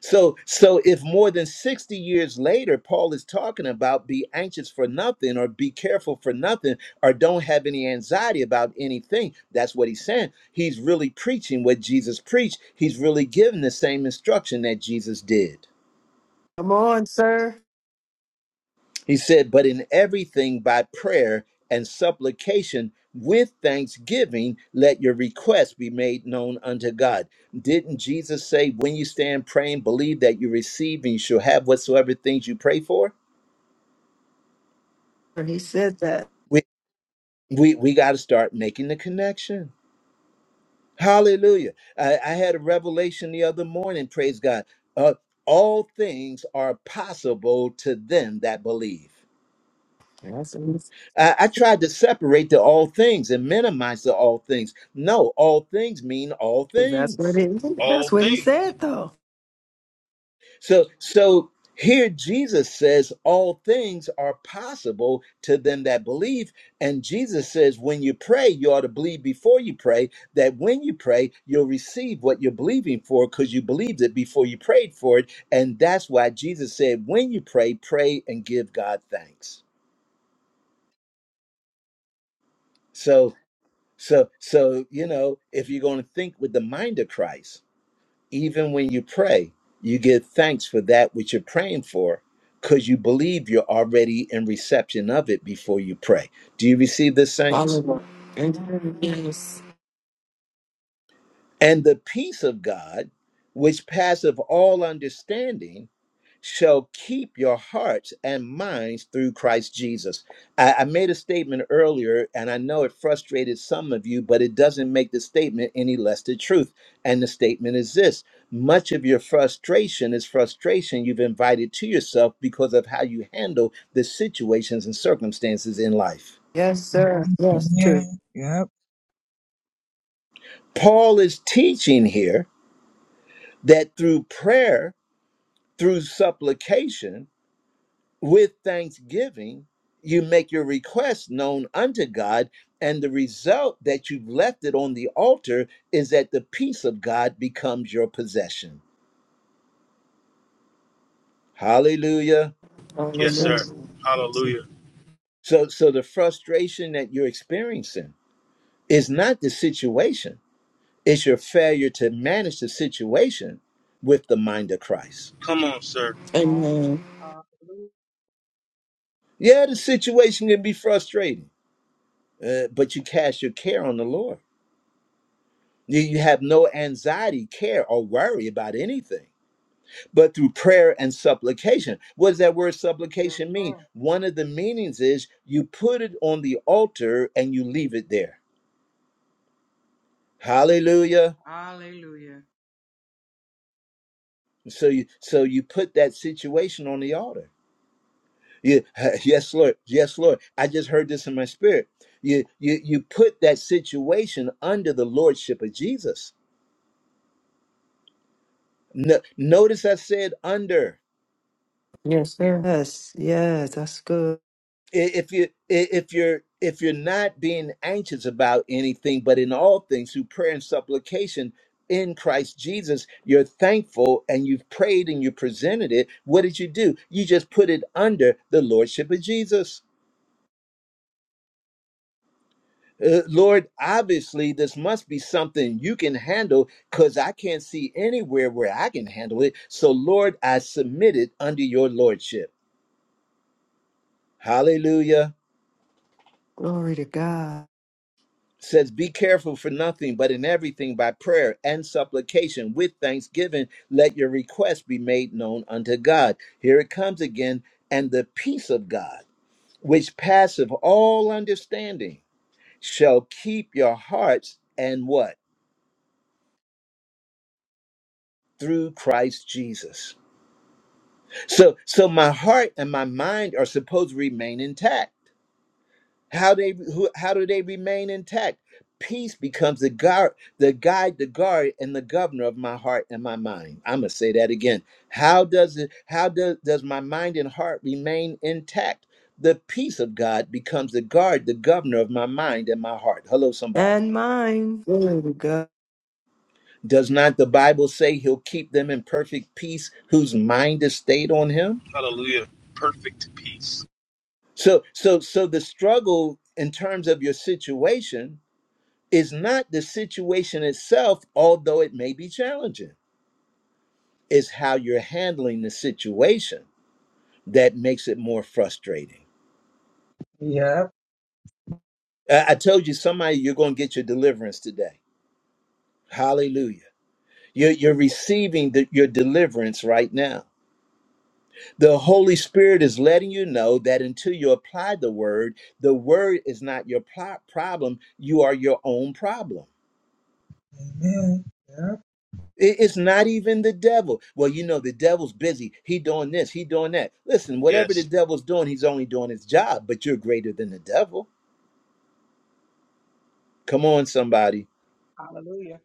Speaker 1: So so if more than 60 years later Paul is talking about be anxious for nothing or be careful for nothing or don't have any anxiety about anything, that's what he's saying. He's really preaching what Jesus preached. He's really giving the same instruction that Jesus did.
Speaker 3: Come on, sir.
Speaker 1: He said, But in everything by prayer and supplication with thanksgiving, let your requests be made known unto God. Didn't Jesus say, When you stand praying, believe that you receive and you shall have whatsoever things you pray for?
Speaker 3: He said that.
Speaker 1: We, we, we got to start making the connection. Hallelujah. I, I had a revelation the other morning, praise God. Uh, all things are possible to them that believe.
Speaker 3: That's, what
Speaker 1: I, I tried to separate the all things and minimize the all things. No, all things mean all
Speaker 3: he, that's what
Speaker 1: things.
Speaker 3: it is.
Speaker 2: All
Speaker 3: That's what he
Speaker 2: things.
Speaker 3: said, though.
Speaker 1: So so here Jesus says all things are possible to them that believe. And Jesus says when you pray, you ought to believe before you pray, that when you pray, you'll receive what you're believing for because you believed it before you prayed for it. And that's why Jesus said, when you pray, pray and give God thanks. So So, so you know, if you're going to think with the mind of Christ, even when you pray, you give thanks for that which you're praying for, because you believe you're already in reception of it before you pray. Do you receive this, saints?
Speaker 9: Hallelujah. Amen. Yes.
Speaker 1: And the peace of God, which passeth all understanding shall keep your hearts and minds through Christ Jesus. I, I made a statement earlier, and I know it frustrated some of you, but it doesn't make the statement any less the truth. And the statement is this much of your frustration is frustration you've invited to yourself because of how you handle the situations and circumstances in life.
Speaker 3: Yes, sir. Yes, true.
Speaker 8: Amen. Yep.
Speaker 1: Paul is teaching here that through prayer, through supplication, with thanksgiving you make your request known unto god and the result that you've left it on the altar is that the peace of god becomes your possession hallelujah
Speaker 3: Yes,
Speaker 2: Yes,
Speaker 3: sir.
Speaker 2: sir.
Speaker 9: Hallelujah.
Speaker 2: Hallelujah.
Speaker 1: so so the frustration that you're experiencing is not the situation it's your failure to manage the situation with the mind of christ
Speaker 2: Come on, sir.
Speaker 6: Hall-
Speaker 9: Amen.
Speaker 6: Hallelujah.
Speaker 1: yeah the situation can be frustrating uh, but you cast your care on the lord you, you have no anxiety care or worry about anything but through prayer and supplication. What does that word
Speaker 6: Yes,
Speaker 1: supplication mean?
Speaker 6: sir.
Speaker 1: One of the meanings is you put it on the altar and you leave it there. Hallelujah.
Speaker 6: Hallelujah.
Speaker 1: So you so you put that situation on the altar. You, yes, Lord. Yes, Lord. I just heard this in my spirit. You you you put that situation under the lordship of Jesus. No, notice I said under.
Speaker 3: Yes, sir. Yes, yes, that's good.
Speaker 1: if you if you're if you're not being anxious about anything but in all things through prayer and supplication in Christ Jesus you're thankful and you've prayed and you presented it what did you do you just put it under the lordship of Jesus Uh, Lord, obviously, this must be something you can handle because I can't see anywhere where I can handle it. So, Lord, I submit it under your lordship. Hallelujah.
Speaker 3: Glory to God.
Speaker 1: says, Be careful for nothing, but in everything by prayer and supplication with thanksgiving, let your requests be made known unto God. Here it comes again. And the peace of God, which passeth all understanding, shall keep your hearts and what? Through Christ Jesus. So, so my heart and my mind are supposed to remain intact. How they who, how do they remain intact? Peace becomes the guard, the guide, the guard, and the governor of my heart and my mind. I'm gonna say that again. How does it? How does does my mind and heart remain intact? The peace of God becomes the guard, the governor of my mind and my heart. Hello, somebody.
Speaker 3: And mine. Glory to God.
Speaker 1: Does not the Bible say He'll keep them in perfect peace whose mind is stayed on Him?
Speaker 2: Hallelujah. Perfect peace.
Speaker 1: So, so, so the struggle in terms of your situation is not the situation itself, although it may be challenging. It's how you're handling the situation that makes it more frustrating.
Speaker 8: Yep.
Speaker 1: I, I told you, somebody, you're going to get your deliverance today. Hallelujah. You're, you're receiving the, your deliverance right now. The Holy Spirit is letting you know that until you apply the word, the word is not your pro- problem. You are your own problem.
Speaker 8: Amen. Yep.
Speaker 1: It- It's not even the devil. Well, you know, the devil's busy. He doing this, he doing that. Listen, whatever the
Speaker 2: Yes.
Speaker 1: devil's doing, he's only doing his job, but you're greater than the devil. Come on, somebody.
Speaker 6: Hallelujah.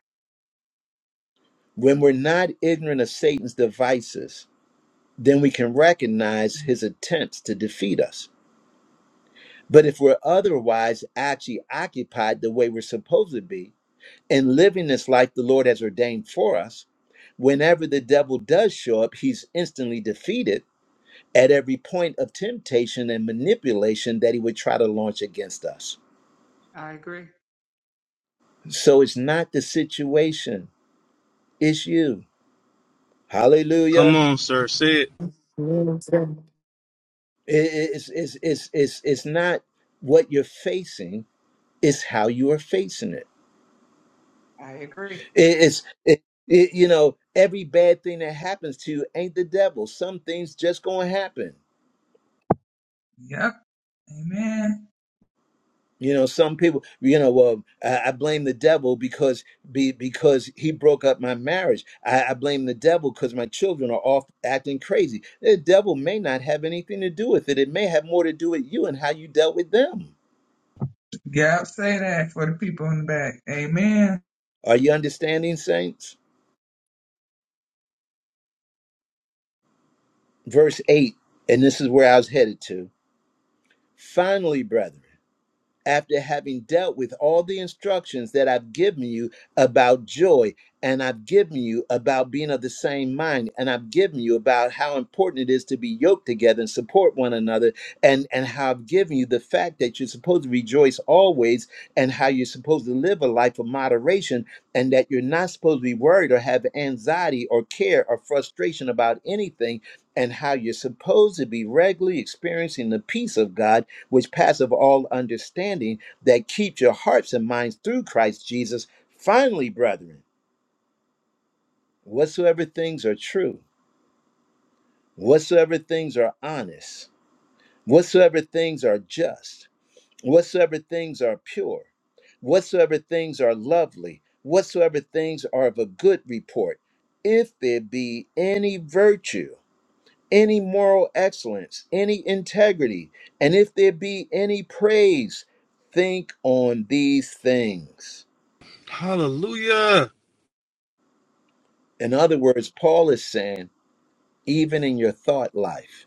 Speaker 1: When we're not ignorant of Satan's devices, then we can recognize his attempts to defeat us. But if we're otherwise actually occupied the way we're supposed to be and living this life the Lord has ordained for us, whenever the devil does show up, he's instantly defeated at every point of temptation and manipulation that he would try to launch against us.
Speaker 6: I agree.
Speaker 1: So it's not the situation, it's you.
Speaker 2: Come
Speaker 1: Hallelujah.
Speaker 2: on, sir. Say it.
Speaker 3: Yes, sir.
Speaker 1: I- i- It's, it's, it's, it's, it's not what you're facing, it's how you are facing it.
Speaker 6: I agree.
Speaker 1: I- It's, it, it, you know, every bad thing that happens to you ain't the devil. Some things just gonna happen.
Speaker 8: Yep. Amen.
Speaker 1: You know, some people, you know, well, I, I blame the devil because be, because he broke up my marriage. I, I blame the devil because my children are off acting crazy. The devil may not have anything to do with it. It may have more to do with you and how you dealt with them.
Speaker 8: Yep. Say that for the people in the back. Amen.
Speaker 1: Are you understanding, saints? Verse 8, and this is where I was headed to. Finally, brethren. after having dealt with all the instructions that I've given you about joy, and I've given you about being of the same mind, and I've given you about how important it is to be yoked together and support one another, and and how I've given you the fact that you're supposed to rejoice always, and how you're supposed to live a life of moderation, and that you're not supposed to be worried or have anxiety or care or frustration about anything, and how you're supposed to be regularly experiencing the peace of God, which passeth all understanding, that keeps your hearts and minds through Christ Jesus. Finally, brethren, whatsoever things are true, whatsoever things are honest, whatsoever things are just whatsoever things are pure, whatsoever things are lovely, whatsoever things are of a good report, if there be any virtue, any moral excellence, any integrity, and if there be any praise, think on these things.
Speaker 2: Hallelujah.
Speaker 1: In other words, Paul is saying, even in your thought life,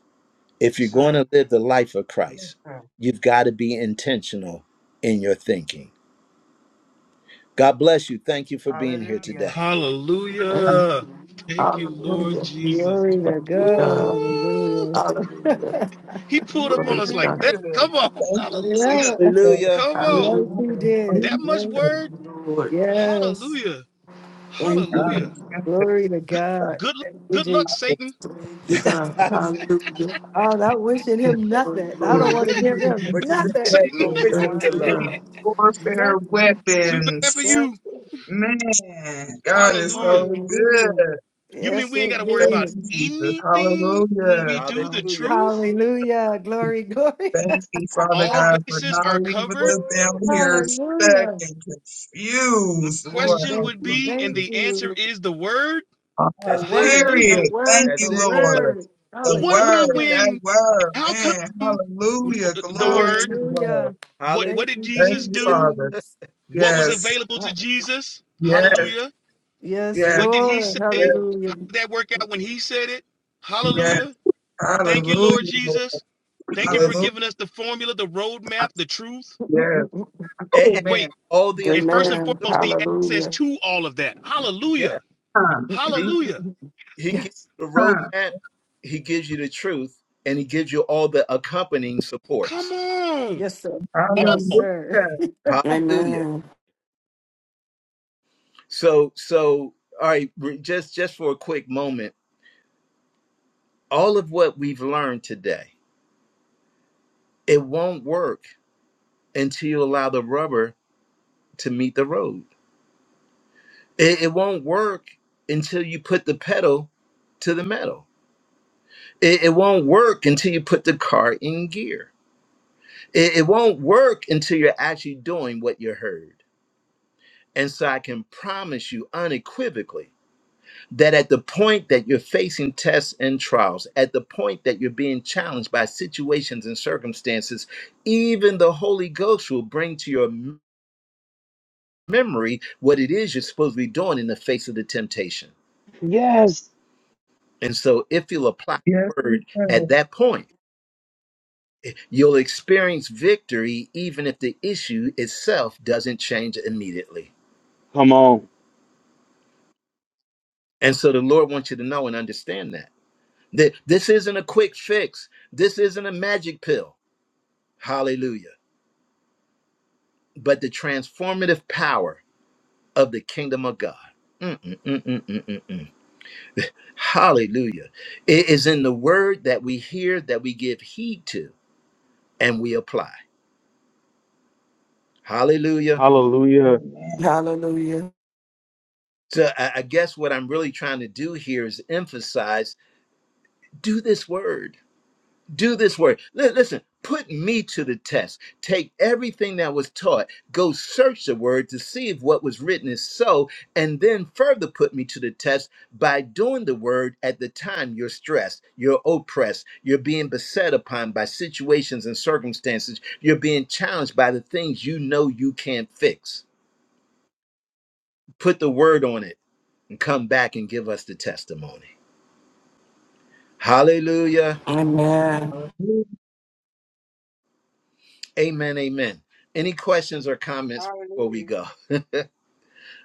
Speaker 1: if you're
Speaker 6: Yes,
Speaker 1: going
Speaker 6: sir.
Speaker 1: to live the life of
Speaker 6: Yes,
Speaker 1: Christ,
Speaker 6: sir.
Speaker 1: you've got to be intentional in your thinking. God bless you. Thank you for being here
Speaker 6: Hallelujah.
Speaker 1: today.
Speaker 9: Amen.
Speaker 2: Hallelujah. Thank you, Lord
Speaker 9: Hallelujah.
Speaker 2: Jesus.
Speaker 3: Glory
Speaker 9: Thank
Speaker 3: to
Speaker 9: you,
Speaker 3: God.
Speaker 9: God.
Speaker 2: Woo!
Speaker 3: Hallelujah.
Speaker 9: Hallelujah.
Speaker 2: He pulled up
Speaker 9: Glory
Speaker 2: on us
Speaker 9: to
Speaker 6: Mm-hmm,
Speaker 2: like
Speaker 9: God.
Speaker 2: that.
Speaker 6: good.
Speaker 2: Come on.
Speaker 8: Thank you,
Speaker 2: Hallelujah.
Speaker 3: yeah.
Speaker 8: sister.
Speaker 1: Hallelujah.
Speaker 2: Come
Speaker 3: Yes,
Speaker 2: on.
Speaker 3: he
Speaker 9: Hallelujah.
Speaker 3: did.
Speaker 2: That much
Speaker 3: Yes.
Speaker 9: Thank
Speaker 8: Hallelujah.
Speaker 2: word.
Speaker 9: you, Lord.
Speaker 3: Yes.
Speaker 2: Hallelujah.
Speaker 9: Thank you,
Speaker 8: God
Speaker 9: God.
Speaker 2: Hallelujah.
Speaker 8: is good.
Speaker 3: Glory to
Speaker 2: Good
Speaker 8: God
Speaker 3: God.
Speaker 2: good
Speaker 3: Thank you,
Speaker 2: good luck,
Speaker 3: Jesus.
Speaker 8: is
Speaker 2: Satan.
Speaker 9: Thank you, God.
Speaker 1: but
Speaker 9: Hallelujah.
Speaker 3: I'm not wishing
Speaker 8: good.
Speaker 3: him
Speaker 9: Glory,
Speaker 3: nothing. I
Speaker 8: We've
Speaker 3: don't
Speaker 9: glory.
Speaker 3: want to
Speaker 8: been
Speaker 3: give him
Speaker 8: given
Speaker 1: you say
Speaker 8: these
Speaker 1: you ain't even
Speaker 3: nothing.
Speaker 2: Satan,
Speaker 1: gonna wish
Speaker 8: weapons.
Speaker 1: him
Speaker 9: Praise
Speaker 1: good
Speaker 9: be
Speaker 1: luck.
Speaker 8: These
Speaker 6: Hallelujah.
Speaker 9: God.
Speaker 8: Warfare
Speaker 3: nothing.
Speaker 2: too bad for
Speaker 8: weapons.
Speaker 3: Yes.
Speaker 2: you.
Speaker 8: Man, God is
Speaker 2: Hallelujah.
Speaker 8: so
Speaker 3: Hallelujah.
Speaker 8: good.
Speaker 2: You mean
Speaker 3: Yes,
Speaker 2: we ain't
Speaker 3: it
Speaker 2: gotta worry
Speaker 8: Thank
Speaker 2: about
Speaker 3: did.
Speaker 8: you, Jesus.
Speaker 2: anything when we
Speaker 8: Hallelujah.
Speaker 2: do the
Speaker 3: Um,
Speaker 1: Hallelujah.
Speaker 2: truth?
Speaker 3: hallelujah. Glory, glory.
Speaker 8: Thank you, Father
Speaker 2: All
Speaker 3: Ah,
Speaker 8: God, for
Speaker 2: bases are
Speaker 8: not leaving
Speaker 2: covered.
Speaker 8: us
Speaker 3: Woo,
Speaker 8: down here stuck
Speaker 3: hallelujah.
Speaker 8: and
Speaker 2: My
Speaker 8: confused,
Speaker 3: We
Speaker 8: Lord.
Speaker 2: question
Speaker 3: Thank
Speaker 2: would
Speaker 3: you,
Speaker 2: be, and
Speaker 3: thank
Speaker 8: Hallelujah.
Speaker 2: the answer
Speaker 3: you.
Speaker 2: is the word.
Speaker 8: Uh,
Speaker 3: The
Speaker 1: That's it.
Speaker 3: word, the
Speaker 2: Hallelujah.
Speaker 8: Period. Thank
Speaker 3: word,
Speaker 8: you,
Speaker 1: That's
Speaker 3: the
Speaker 1: it.
Speaker 2: Like,
Speaker 8: Lord.
Speaker 3: word.
Speaker 2: well,
Speaker 8: The
Speaker 2: what about
Speaker 8: word,
Speaker 3: Hallelujah.
Speaker 8: that
Speaker 2: when
Speaker 8: word,
Speaker 2: how come
Speaker 8: man. Hallelujah.
Speaker 2: the
Speaker 8: Glory
Speaker 2: word?
Speaker 8: to you, Lord.
Speaker 3: Hallelujah.
Speaker 2: What
Speaker 1: Hallelujah.
Speaker 2: what
Speaker 3: Thank
Speaker 2: did
Speaker 3: you,
Speaker 8: Thank
Speaker 2: Jesus
Speaker 8: you,
Speaker 2: do?
Speaker 8: Father.
Speaker 3: Jesus.
Speaker 2: What was
Speaker 8: Yes,
Speaker 2: available to
Speaker 3: Uh,
Speaker 2: Jesus?
Speaker 3: uh,
Speaker 8: yes,
Speaker 2: Hallelujah.
Speaker 3: Yes,
Speaker 8: yes,
Speaker 2: What did he
Speaker 3: Lord.
Speaker 2: say?
Speaker 8: yes,
Speaker 2: How
Speaker 3: Hallelujah.
Speaker 2: did that work out when he said it?
Speaker 8: yes.
Speaker 2: Hallelujah. Thank you,
Speaker 8: Hallelujah,
Speaker 2: Lord
Speaker 8: Lord.
Speaker 2: Jesus. Thank you for
Speaker 8: Hallelujah.
Speaker 1: Listen.
Speaker 2: giving us the formula, the roadmap, the truth.
Speaker 8: Yes.
Speaker 1: And,
Speaker 8: Oh,
Speaker 1: and
Speaker 2: Wait,
Speaker 8: man.
Speaker 1: all the
Speaker 2: and first
Speaker 1: accompanying
Speaker 2: and
Speaker 9: Amen.
Speaker 2: foremost,
Speaker 1: support.
Speaker 2: the access
Speaker 9: Hallelujah.
Speaker 2: to all of that.
Speaker 1: Yeah.
Speaker 2: Hallelujah.
Speaker 8: Huh,
Speaker 1: He
Speaker 2: Hallelujah.
Speaker 1: he gives you
Speaker 3: Yes.
Speaker 1: the
Speaker 8: huh.
Speaker 1: roadmap, he gives you the truth, and he gives you all the accompanying
Speaker 2: Come
Speaker 1: supports.
Speaker 2: on.
Speaker 3: Yes, sir. Yes,
Speaker 8: Hallelujah.
Speaker 2: All.
Speaker 3: sir.
Speaker 1: Hallelujah.
Speaker 9: Amen.
Speaker 1: So so all right, re- just just for a quick moment, all of what we've learned today, it won't work until you allow the rubber to meet the road It, it won't work until you put the pedal to the metal. It, it won't work until you put the car in gear. It, it won't work until you're actually doing what you heard. And so I can promise you unequivocally that at the point that you're facing tests and trials, at the point that you're being challenged by situations and circumstances, even the Holy Ghost will bring to your m- memory what it is you're supposed to be doing in the face of the temptation.
Speaker 2: Yes.
Speaker 1: And so, if you'll apply
Speaker 8: Yes,
Speaker 1: the
Speaker 8: we
Speaker 1: word at
Speaker 8: have.
Speaker 1: that point, eh, you'll experience victory even if the issue itself doesn't change immediately.
Speaker 2: Oh,
Speaker 1: And so, the Lord wants you to know and understand that. That this isn't a quick fix, this isn't a magic pill. Hallelujah. But the transformative power of the kingdom of God. Mm, mm, mm, mm, mm, mm, mm. Hallelujah. It is in the word that we hear, that we give heed to, and we apply. Hallelujah.
Speaker 2: hallelujah.
Speaker 8: Amen.
Speaker 9: Hallelujah.
Speaker 1: So I, I guess what I'm really trying to do here is emphasize do this word. Do this word. Li- listen, put me to the test. Take everything that was taught, go search the word to see if what was written is so, and then further put me to the test by doing the word at the time you're stressed, you're oppressed, you're being beset upon by situations and circumstances, you're being challenged by the things you know you can't fix. Put the word on it and come back and give us the testimony. Hallelujah.
Speaker 9: Amen.
Speaker 8: Hallelujah.
Speaker 1: Amen. Amen. Any questions or comments before
Speaker 6: Hallelujah.
Speaker 1: we go?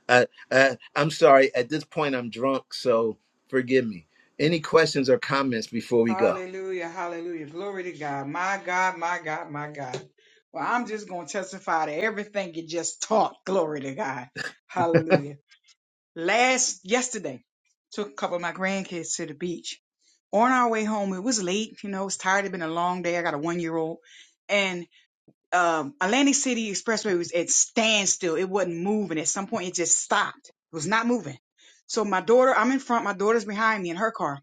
Speaker 1: I, I, I'm sorry. At this point, I'm drunk, so forgive me. Any questions or comments before we go?
Speaker 6: Hallelujah, hallelujah. Glory to God. My God, my God, my God. Well, I'm just going to testify to everything you just taught. Glory to God. Hallelujah. Last, yesterday, took a couple of my grandkids to the beach. On our way home, it was late. You know, it's tired. It's been a long day. I got a one year old. And um, Atlantic City Expressway was at standstill. It wasn't moving. At some point, it just stopped. It was not moving. So my daughter, I'm in front. My daughter's behind me in her car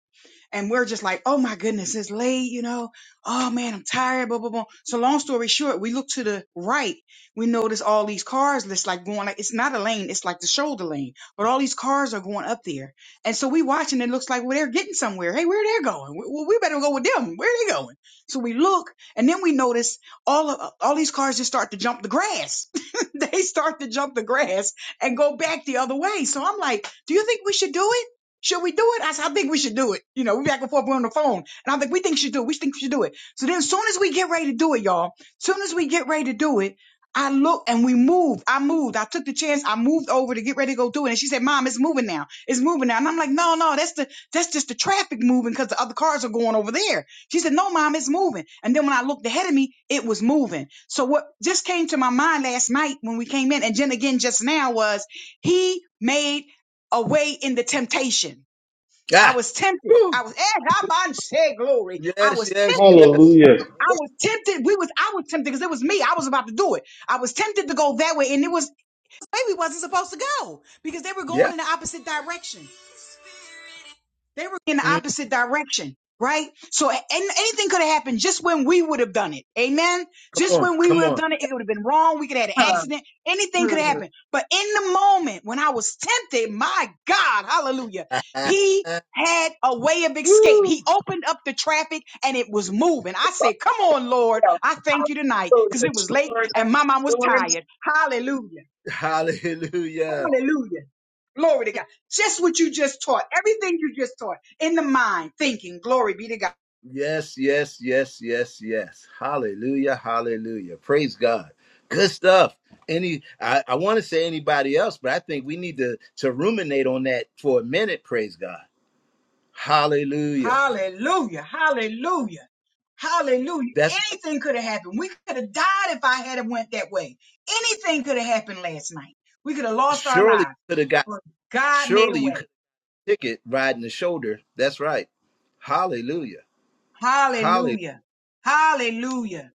Speaker 6: and we're just like, oh my goodness, it's late, you know. Oh man, I'm tired, blah, blah, blah. So long story short, we look to the right. We notice all these cars that's like going like it's not a lane, it's like the shoulder lane. But all these cars are going up there. And so we watching, it looks like well, they're getting somewhere. Hey, where they're going? Well, we better go with them. Where are they going? So we look, and then we notice all of all these cars just start to jump the grass. they start to jump the grass and go back the other way. So I'm like, do you think we should do it? Should we do it? I said, I think we should do it. You know, we back and forth, we're on the phone. And i think we think she should do it. We think we should do it. So then as soon as we get ready to do it, y'all, soon as we get ready to do it, I look and we moved. I moved. I took the chance. I moved over to get ready to go do it. And she said, Mom, it's moving now. It's moving now. And I'm like, no, no, that's the that's just the traffic moving because the other cars are going over there. She said, No, mom, it's moving. And then when I looked ahead of me, it was moving. So what just came to my mind last night when we came in, and then again just now was he made a way in the temptation. I
Speaker 1: Ah,
Speaker 6: was tempted.
Speaker 1: woo.
Speaker 6: I was eh, God, man, say glory. I
Speaker 1: yes,
Speaker 6: was
Speaker 1: yes,
Speaker 6: tempted.
Speaker 1: yes.
Speaker 2: Hallelujah.
Speaker 6: I was tempted. We was I was tempted because it was me. I was about to do it. I was tempted to go that way, and it was maybe wasn't supposed to go because they were going
Speaker 1: Yeah.
Speaker 6: in the opposite direction. They were in the
Speaker 1: Mm,
Speaker 6: opposite direction, right? So a- and anything could have happened just when we would have done it. Amen.
Speaker 1: come
Speaker 6: Just
Speaker 1: on.
Speaker 6: when we would
Speaker 1: Come
Speaker 6: have
Speaker 1: on.
Speaker 6: done it, it would have been wrong. We could have had an accident. Anything could have happened. But in the moment when I was tempted, my God, hallelujah, he had a way of escape. He
Speaker 1: woo.
Speaker 6: opened up the traffic and it was moving. I said, come on, Lord.
Speaker 8: Y'all
Speaker 6: I thank you tonight
Speaker 8: close
Speaker 6: because
Speaker 8: the
Speaker 6: it was late
Speaker 8: doors
Speaker 6: and my
Speaker 8: after
Speaker 6: mom was
Speaker 8: doors.
Speaker 6: tired. Hallelujah.
Speaker 1: Hallelujah.
Speaker 6: Hallelujah. Glory to God. Just what you just taught, everything you just taught in the mind, thinking, glory be to God.
Speaker 1: Yes, yes, yes, yes, yes. Hallelujah, hallelujah. Praise God. Good stuff. Any I, I want to say anybody else, but I think we need to to ruminate on that for a minute, praise God. Hallelujah.
Speaker 6: Hallelujah. Hallelujah. Hallelujah.
Speaker 1: That's
Speaker 6: Anything could have happened. We could have died if I had have went that way. Anything could have happened last night. We could have lost our
Speaker 1: surely
Speaker 6: lives.
Speaker 1: you could have got
Speaker 6: But God made a
Speaker 1: surely you could
Speaker 6: way.
Speaker 1: have ticket riding the shoulder. That's right. Hallelujah. Hallelujah.
Speaker 6: Hallelujah. Hallelujah.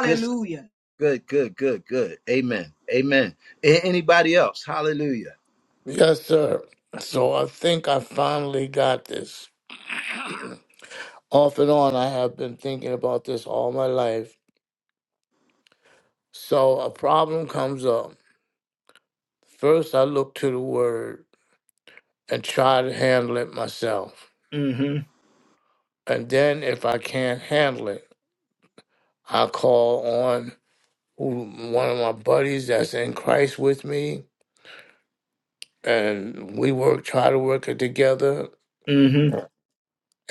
Speaker 1: Good stuff. Good, good, good, good. Amen. Amen. A- anybody else? Hallelujah.
Speaker 7: Yes, sir. So I think I finally got this. Off and on, I have been thinking about this all my life. So a problem comes up. First, I look to the word. and try to handle it myself.
Speaker 1: hmm
Speaker 7: And then if I can't handle it, I call on who- one of my buddies that's in Christ with me, and we work, try to work it together,
Speaker 1: hmm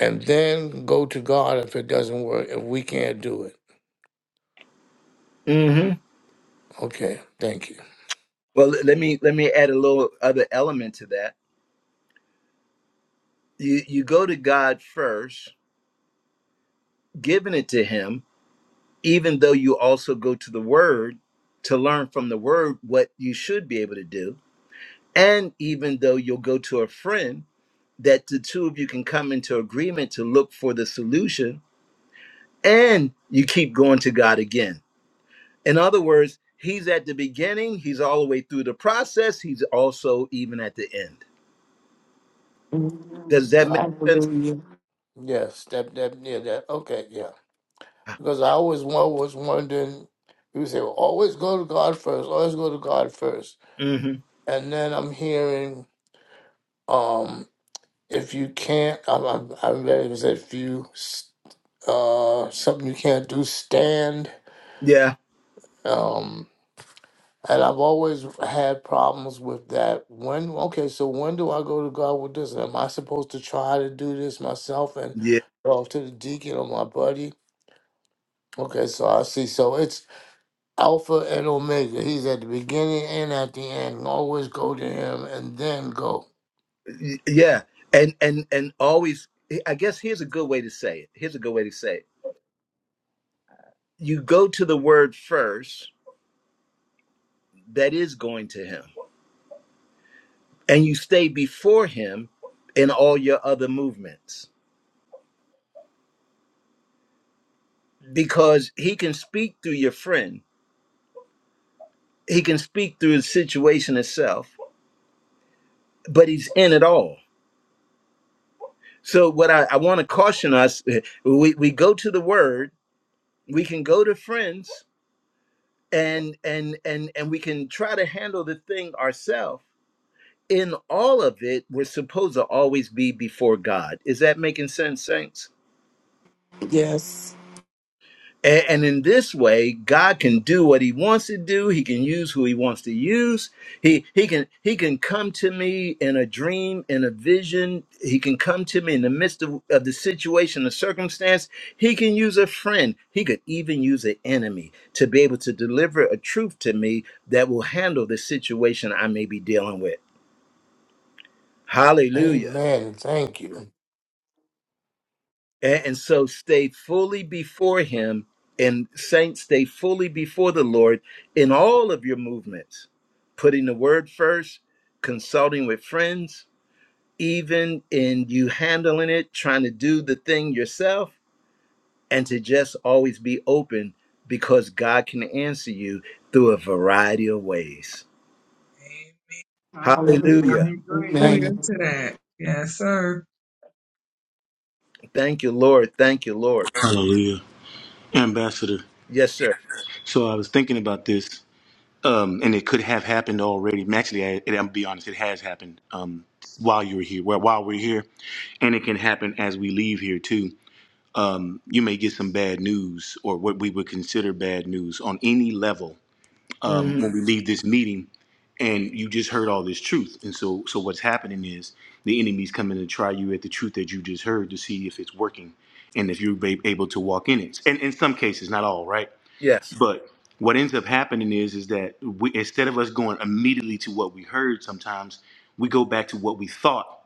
Speaker 7: and then go to God if it doesn't work, if we can't do it.
Speaker 1: hmm
Speaker 7: Okay, thank you.
Speaker 1: Well, let me let me add a little other element to that. You you go to God first, giving it to him, even though you also go to the word to learn from the word what you should be able to do. And even though you'll go to a friend that the two of you can come into agreement to look for the solution and you keep going to God again. In other words, he's at the beginning, he's all the way through the process, he's also even at the end.
Speaker 9: Amen.
Speaker 1: Does that make
Speaker 7: God.
Speaker 1: sense?
Speaker 9: Hallelujah.
Speaker 7: Yes, that, that, yeah, that, okay, yeah. Because I always wa- was wondering, people say, well, always go to God first, always go to God first.
Speaker 1: Mhm.
Speaker 7: And then I'm hearing, um. if you can't, I, I, I read it was if you uh something you can't do, stand. Um, and I've always had problems with that. When okay, so when do I go to God with this? Am I supposed to try to do this myself and
Speaker 1: Yeah,
Speaker 7: go to the deacon or my buddy? Okay, so I see. So it's Alpha and Omega. He's at the beginning and at the end. Always go to Him and then go.
Speaker 1: y- yeah, and and and always. I guess here's a good way to say it. Here's a good way to say it. You go to the word first, that is going to Him, and you stay before Him in all your other movements because He can speak through your friend. He can speak through the situation itself, but He's in it all. So what I, I want to caution us: eh, we we go to the word, we can go to friends, and and and and we can try to handle the thing ourselves in all of it, we're supposed to always be before God. Is that making sense, saints?
Speaker 9: Yes.
Speaker 1: A- And in this way, God can do what He wants to do. He can use who He wants to use. He He can He can come to me in a dream, in a vision. He can come to me in the midst of, of the situation, the circumstance. He can use a friend. He could even use an enemy to be able to deliver a truth to me that will handle the situation I may be dealing with. Hallelujah.
Speaker 7: Amen. Thank you.
Speaker 1: A- And so stay fully before him and saints stay fully before the Lord in all of your movements, putting the word first, consulting with friends, even in you handling it, trying to do the thing yourself, and to just always be open because God can answer you through a variety of ways.
Speaker 7: Thank
Speaker 6: Hallelujah.
Speaker 9: Hallelujah.
Speaker 6: I
Speaker 1: Hallelujah.
Speaker 8: Amen.
Speaker 6: agree.
Speaker 8: Hallelujah
Speaker 9: Amen.
Speaker 8: to that. Yes, sir.
Speaker 1: Thank you, Lord. Thank you, Lord.
Speaker 2: Hallelujah. Ambassador.
Speaker 1: Yes, sir.
Speaker 2: So I was thinking about this. um, and it could have happened already. Actually, I, it, I'll be honest, it has happened um, while you were here. Well, while we're here, and it can happen as we leave here too. Um, you may get some bad news, or what we would consider bad news, on any level um,
Speaker 1: Mhm.
Speaker 2: when we leave this meeting. And you just heard all this truth, and so so what's happening is the enemy's coming to try you at the truth that you just heard to see if it's working, and if you're ba- able to walk in it. And in some cases, not all, right?
Speaker 1: Yes.
Speaker 2: But what ends up happening is is that we instead of us going immediately to what we heard, sometimes we go back to what we thought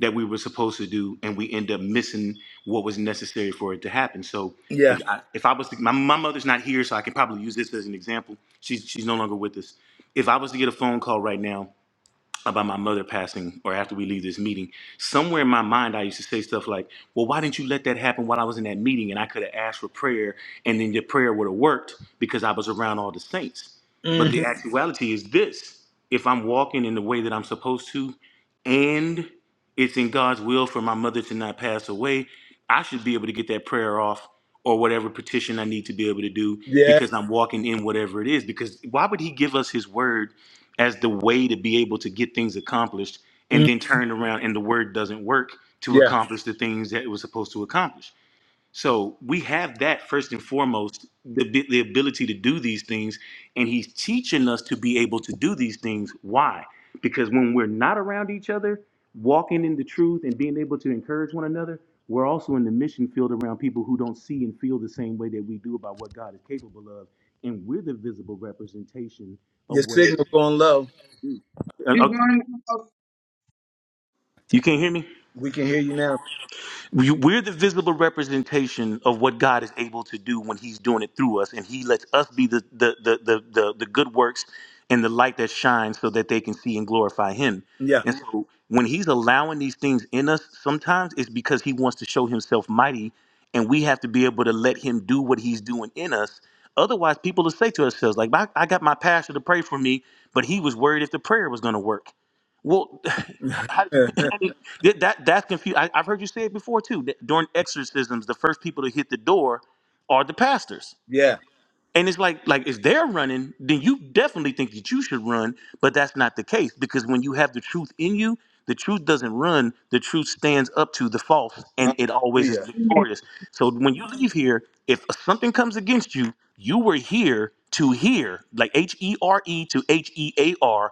Speaker 2: that we were supposed to do, and we end up missing what was necessary for it to happen. So
Speaker 1: Yeah.
Speaker 2: if I, if I was to, my my mother's not here, so I can probably use this as an example. She's she's no longer with us. If I was to get a phone call right now about my mother passing or after we leave this meeting, somewhere in my mind I used to say stuff like, Well, why didn't you let that happen while I was in that meeting? And I could have asked for prayer and then your prayer would have worked because I was around all the saints. But the
Speaker 1: Mhm.
Speaker 2: actuality is this if I'm walking in the way that I'm supposed to and it's in God's will for my mother to not pass away, I should be able to get that prayer off or whatever petition I need to be able to do
Speaker 1: Yeah.
Speaker 2: because I'm walking in whatever it is. Because why would He give us His word? as the way to be able to get things accomplished and
Speaker 1: Mm.
Speaker 2: then turn around and the word doesn't work to
Speaker 1: Yeah.
Speaker 2: accomplish the things that it was supposed to accomplish so we have that first and foremost the, bi- the ability to do these things and he's teaching us to be able to do these things why because when we're not around each other walking in the truth and being able to encourage one another we're also in the mission field around people who don't see and feel the same way that we do about what god is capable of and we're the visible representation
Speaker 1: Your
Speaker 2: of what it
Speaker 1: signal going low.
Speaker 8: you
Speaker 2: is.
Speaker 8: want? to go.
Speaker 2: You can't hear me? We- We're the visible representation of what God is able to do when He's doing it through us, and He lets us be the the the the the, the good works and the light that shines, so that they can see and glorify Him.
Speaker 1: Yeah.
Speaker 2: And so, when He's allowing these things in us, sometimes it's because He wants to show Himself mighty, and we have to be able to let Him do what He's doing in us. Otherwise, people will say to ourselves, like, "I I got my pastor to pray for me, but he was worried if the prayer was going to work." Well, how, Th- That that's confused. I've heard you say it before too. That during exorcisms, the first people to hit the door are the pastors,
Speaker 1: yeah.
Speaker 2: and it's like like if they're running, then you definitely think that you should run, but that's not the case because when you have the truth in you, the truth doesn't run. The truth stands up to the false, and it always is
Speaker 1: Hallelujah.
Speaker 2: victorious. So when you leave here, if something comes against you, you were here to hear, like H E R E to H E A R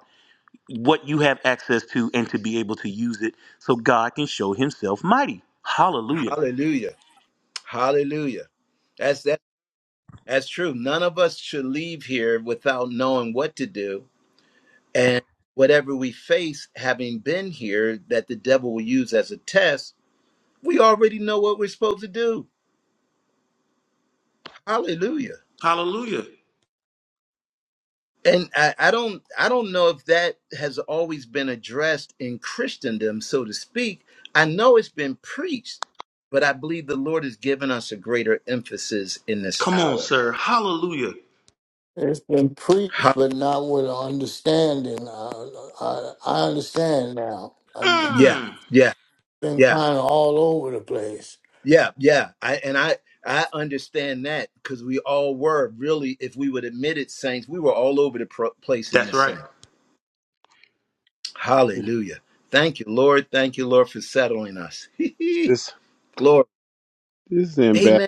Speaker 2: what you have access to and to be able to use it so God can show himself mighty. Hallelujah.
Speaker 1: Hallelujah. Hallelujah. That's that that's true. None of us should leave here without knowing what to do. And whatever we face having been here that the devil will use as a test, we already know what we're supposed to do. Hallelujah.
Speaker 2: Hallelujah.
Speaker 1: And I, I don't I don't know if that has always been addressed in Christendom, so to speak. I know it's been preached, but I believe the Lord has given us a greater emphasis in this
Speaker 2: Come on,
Speaker 1: hour.
Speaker 2: sir. Hallelujah.
Speaker 7: It's been preached,
Speaker 1: Ha-
Speaker 7: but not with understanding. I, I, I understand now. I've
Speaker 1: yeah,
Speaker 2: Mm.
Speaker 1: yeah,
Speaker 7: been
Speaker 1: yeah,
Speaker 7: kind of all over the place.
Speaker 1: yeah, yeah. I and I I understand that because we all were really, if we would admit it, saints, we were all over the pro- place in
Speaker 2: That's
Speaker 1: this
Speaker 2: right.
Speaker 1: thing.
Speaker 10: This
Speaker 1: Hallelujah. Thank you, Lord. Thank you, Lord, for settling us.
Speaker 10: this
Speaker 1: Glory.
Speaker 10: is ambassador.
Speaker 1: Amen.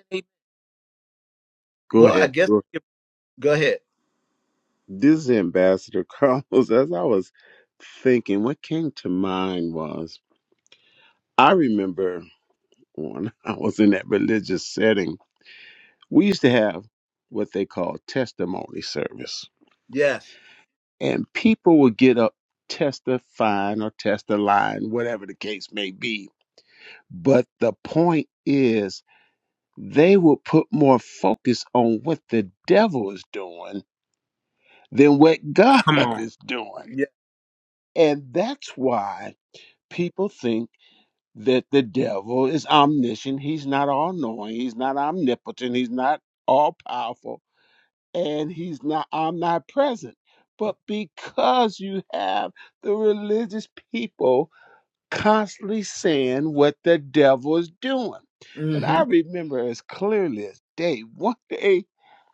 Speaker 10: Go
Speaker 1: Well, I
Speaker 10: ahead.
Speaker 1: guess
Speaker 10: Go-
Speaker 1: go ahead.
Speaker 10: This is Ambassador Carlos. As I was thinking, what came to mind was I remember when I was in that religious setting, we used to have what they call testimony service,
Speaker 1: Yes.
Speaker 10: and people would get up testifying or testifying, whatever the case may be. But the point is, they will put more focus on what the devil is doing than what God
Speaker 2: Come on.
Speaker 10: is doing
Speaker 1: Yeah.
Speaker 10: And that's why people think that the devil is omniscient. He's not all knowing, he's not omnipotent, he's not all powerful, and he's not omnipresent. But because you have the religious people constantly saying what the devil is doing. And
Speaker 1: hmm
Speaker 10: I remember as clearly as day, one day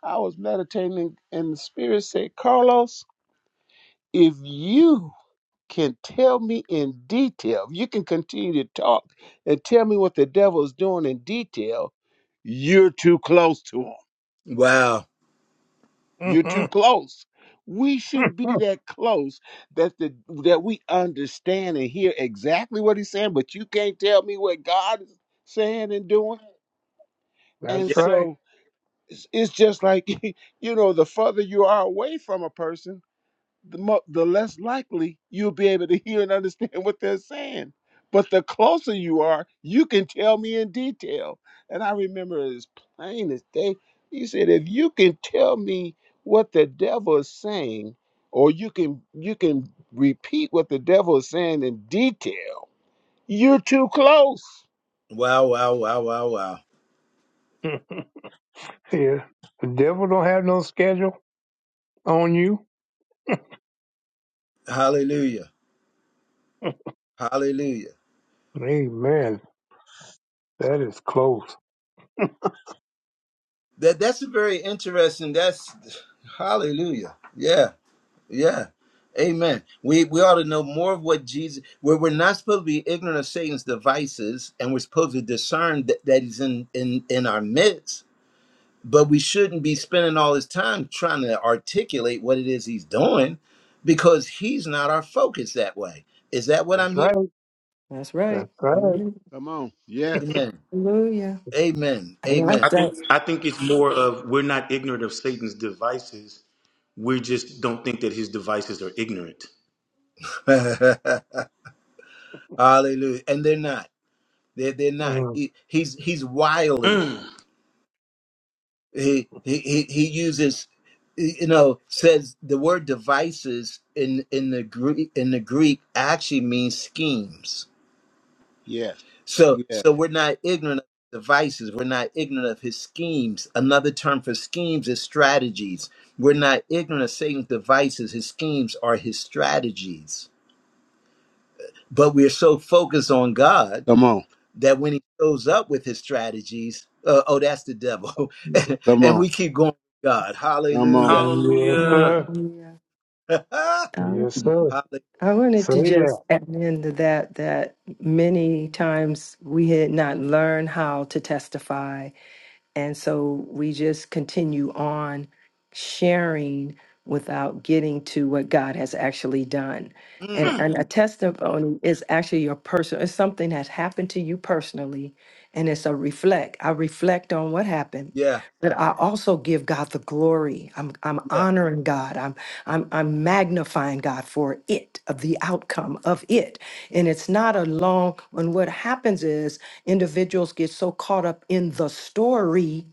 Speaker 10: I was meditating and the spirit said, Carlos, if you can tell me in detail, if you can continue to talk and tell me what the devil is doing in detail, you're too close to him.
Speaker 1: Wow.
Speaker 10: You're too
Speaker 5: Mhm.
Speaker 10: close. We shouldn't be that close that the that we understand and hear exactly what he's saying, but you can't tell me what God is saying and doing. And
Speaker 1: Yeah.
Speaker 5: That's right.
Speaker 10: so it's it's just like you know, the further you are away from a person, the, mo- the less likely you'll be able to hear and understand what they're saying. But the closer you are, you can tell me in detail. And I remember it as plain as day. He said, if you can tell me what the devil is saying, or you can you can repeat what the devil is saying in detail, you're too close.
Speaker 1: Wow. Wow. Wow. Wow. Wow.
Speaker 5: yeah. The devil don't have no schedule on you.
Speaker 1: Hallelujah. Hallelujah.
Speaker 5: Amen. That is close.
Speaker 1: That that's a very interesting. That's hallelujah. Yeah. Yeah. Amen. We we ought to know more of what Jesus. Where we're not supposed to be ignorant of Satan's devices, and we're supposed to discern that, that he's in in in our midst. But we shouldn't be spending all his time trying to articulate what it is he's doing, because he's not our focus that way. Is that what I'm
Speaker 5: That's
Speaker 1: hearing?
Speaker 5: right.
Speaker 3: That's right.
Speaker 5: That's right.
Speaker 10: Come on. Yes.
Speaker 1: Amen.
Speaker 3: Hallelujah.
Speaker 1: Amen.
Speaker 3: I
Speaker 1: Amen.
Speaker 3: like
Speaker 2: I
Speaker 3: that.
Speaker 2: think I think it's more of we're not ignorant of Satan's devices. We just don't think that his devices are ignorant.
Speaker 1: Hallelujah. And they're not. They're, they're not.
Speaker 5: Mm.
Speaker 1: He, he's he's wily.
Speaker 2: Mm.
Speaker 1: He, he he he uses you know says the word devices in in the Greek in the Greek actually means schemes.
Speaker 10: Yes.
Speaker 1: So
Speaker 10: Yes.
Speaker 1: so we're not ignorant of his devices. We're not ignorant of his schemes. Another term for schemes is strategies. We're not ignorant of Satan's devices. His schemes are his strategies. but we're so focused on God
Speaker 10: Come on.
Speaker 1: that when he shows up with his strategies, uh, oh, that's the devil.
Speaker 8: Yes,
Speaker 10: Come
Speaker 1: and
Speaker 10: on.
Speaker 1: we keep going, with God,
Speaker 10: Come on.
Speaker 1: hallelujah.
Speaker 5: Yes,
Speaker 2: Hallelujah.
Speaker 5: sir.
Speaker 3: Hallelujah.
Speaker 1: hallelujah.
Speaker 5: Yes, sir.
Speaker 3: I wanted
Speaker 5: Say
Speaker 3: to
Speaker 5: that.
Speaker 3: just add into that that many times we had not learned how to testify and so we just continue on sharing without getting to what God has actually done.
Speaker 1: Mm,
Speaker 3: And, and a testimony is actually your personal, it's something that's happened to you personally. And it's a reflect. I reflect on what happened,
Speaker 1: yeah,
Speaker 3: but I also give God the glory. I'm, I'm
Speaker 1: yeah,
Speaker 3: honoring God. I'm, I'm, I'm magnifying God for it, of the outcome of it. And it's not a long, and what happens is Individuals get so caught up in the story,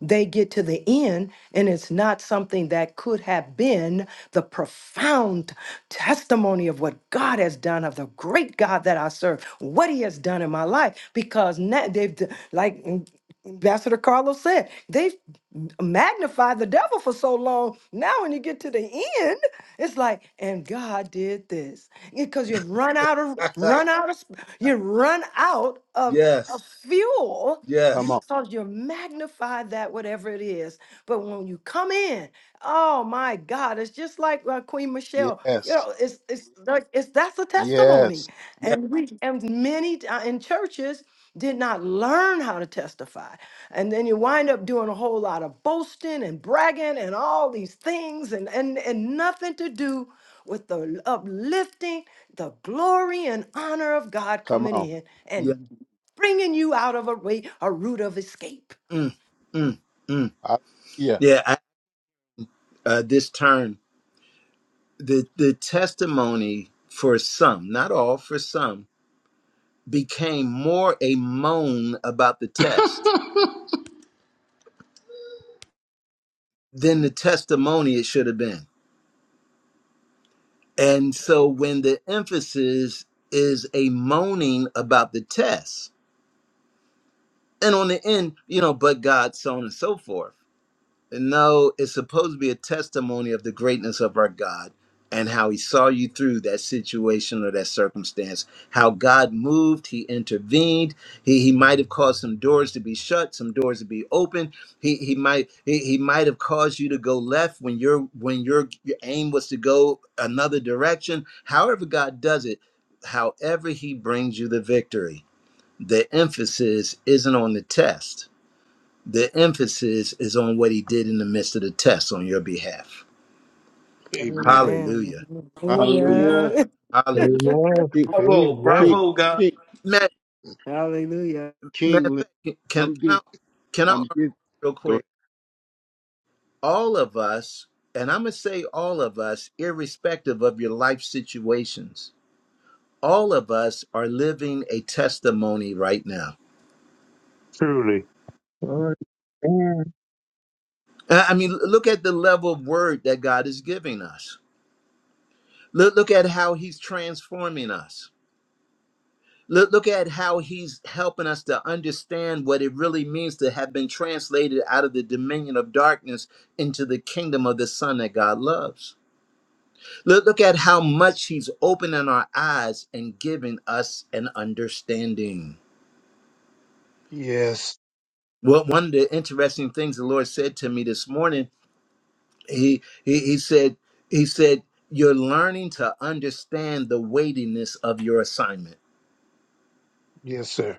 Speaker 3: they get to the end, and it's not something that could have been the profound testimony of what God has done, of the great God that I serve, what He has done in my life, because now they've, d- like mm, Ambassador Carlos said, they've magnified the devil for so long. Now, when you get to the end, it's like, and God did this because you've run out of run out of sp- you run out of a
Speaker 1: yes,
Speaker 3: fuel
Speaker 10: Come
Speaker 1: yes,
Speaker 10: on.
Speaker 3: because you're magnified that whatever it is. But when you come in, oh my God, it's just like uh, Queen Michelle. You
Speaker 10: Yes.
Speaker 3: know, it's it's like it's that's a testimony,
Speaker 10: Yes.
Speaker 1: yeah,
Speaker 3: and we and many t- uh, in churches did not learn how to testify, and then you wind up doing a whole lot of boasting and bragging and all these things, and and and nothing to do with the uplifting, the glory and honor of God
Speaker 10: Come
Speaker 3: coming
Speaker 10: on.
Speaker 3: in.
Speaker 1: yeah.
Speaker 3: And bringing you out of a way, a route of escape.
Speaker 1: Mm, mm, mm.
Speaker 10: Hallelujah.
Speaker 1: Yeah, I, uh, this term, the, the testimony for some, not all, for some, became more a moan about the test than the testimony it should have been. And so when the emphasis is a moaning about the test, and on the end, you know, but God, so on and so forth. And No, it's supposed to be a testimony of the greatness of our God and how he saw you through that situation or that circumstance. How God moved, he intervened. He he might have caused some doors to be shut, some doors to be open. He he might he, he might have caused you to go left when your when your your aim was to go another direction. However God does it, however he brings you the victory. The emphasis isn't on the test the emphasis is on what he did in the midst of the test on your behalf.
Speaker 10: Amen.
Speaker 3: Amen.
Speaker 1: Hallelujah.
Speaker 10: Hallelujah.
Speaker 3: Hallelujah.
Speaker 1: Hallelujah.
Speaker 5: Amen.
Speaker 10: King, King,
Speaker 5: Amen.
Speaker 10: King,
Speaker 1: Man,
Speaker 3: Hallelujah.
Speaker 1: man
Speaker 10: King Leonard.
Speaker 1: can, can
Speaker 10: I'm
Speaker 1: I
Speaker 10: good.
Speaker 1: can I
Speaker 10: I'm
Speaker 1: argue
Speaker 10: good.
Speaker 1: real
Speaker 10: Go ahead.
Speaker 1: quick? All of us, and I'm gonna say all of us, irrespective of your life situations, all of us are living a testimony right now.
Speaker 5: Truly.
Speaker 8: Lord. Amen.
Speaker 1: I I mean, look at the level of word that God is giving us. Look, look at how He's transforming us. Look, look at how he's helping us to understand what it really means to have been translated out of the dominion of darkness into the kingdom of the Son that God loves. Look, look at how much he's opening our eyes and giving us an understanding.
Speaker 5: Yes.
Speaker 1: Well, one of the interesting things the Lord said to me this morning, he, he, he said, he said, you're learning to understand the weightiness of your assignment.
Speaker 5: Yes, sir.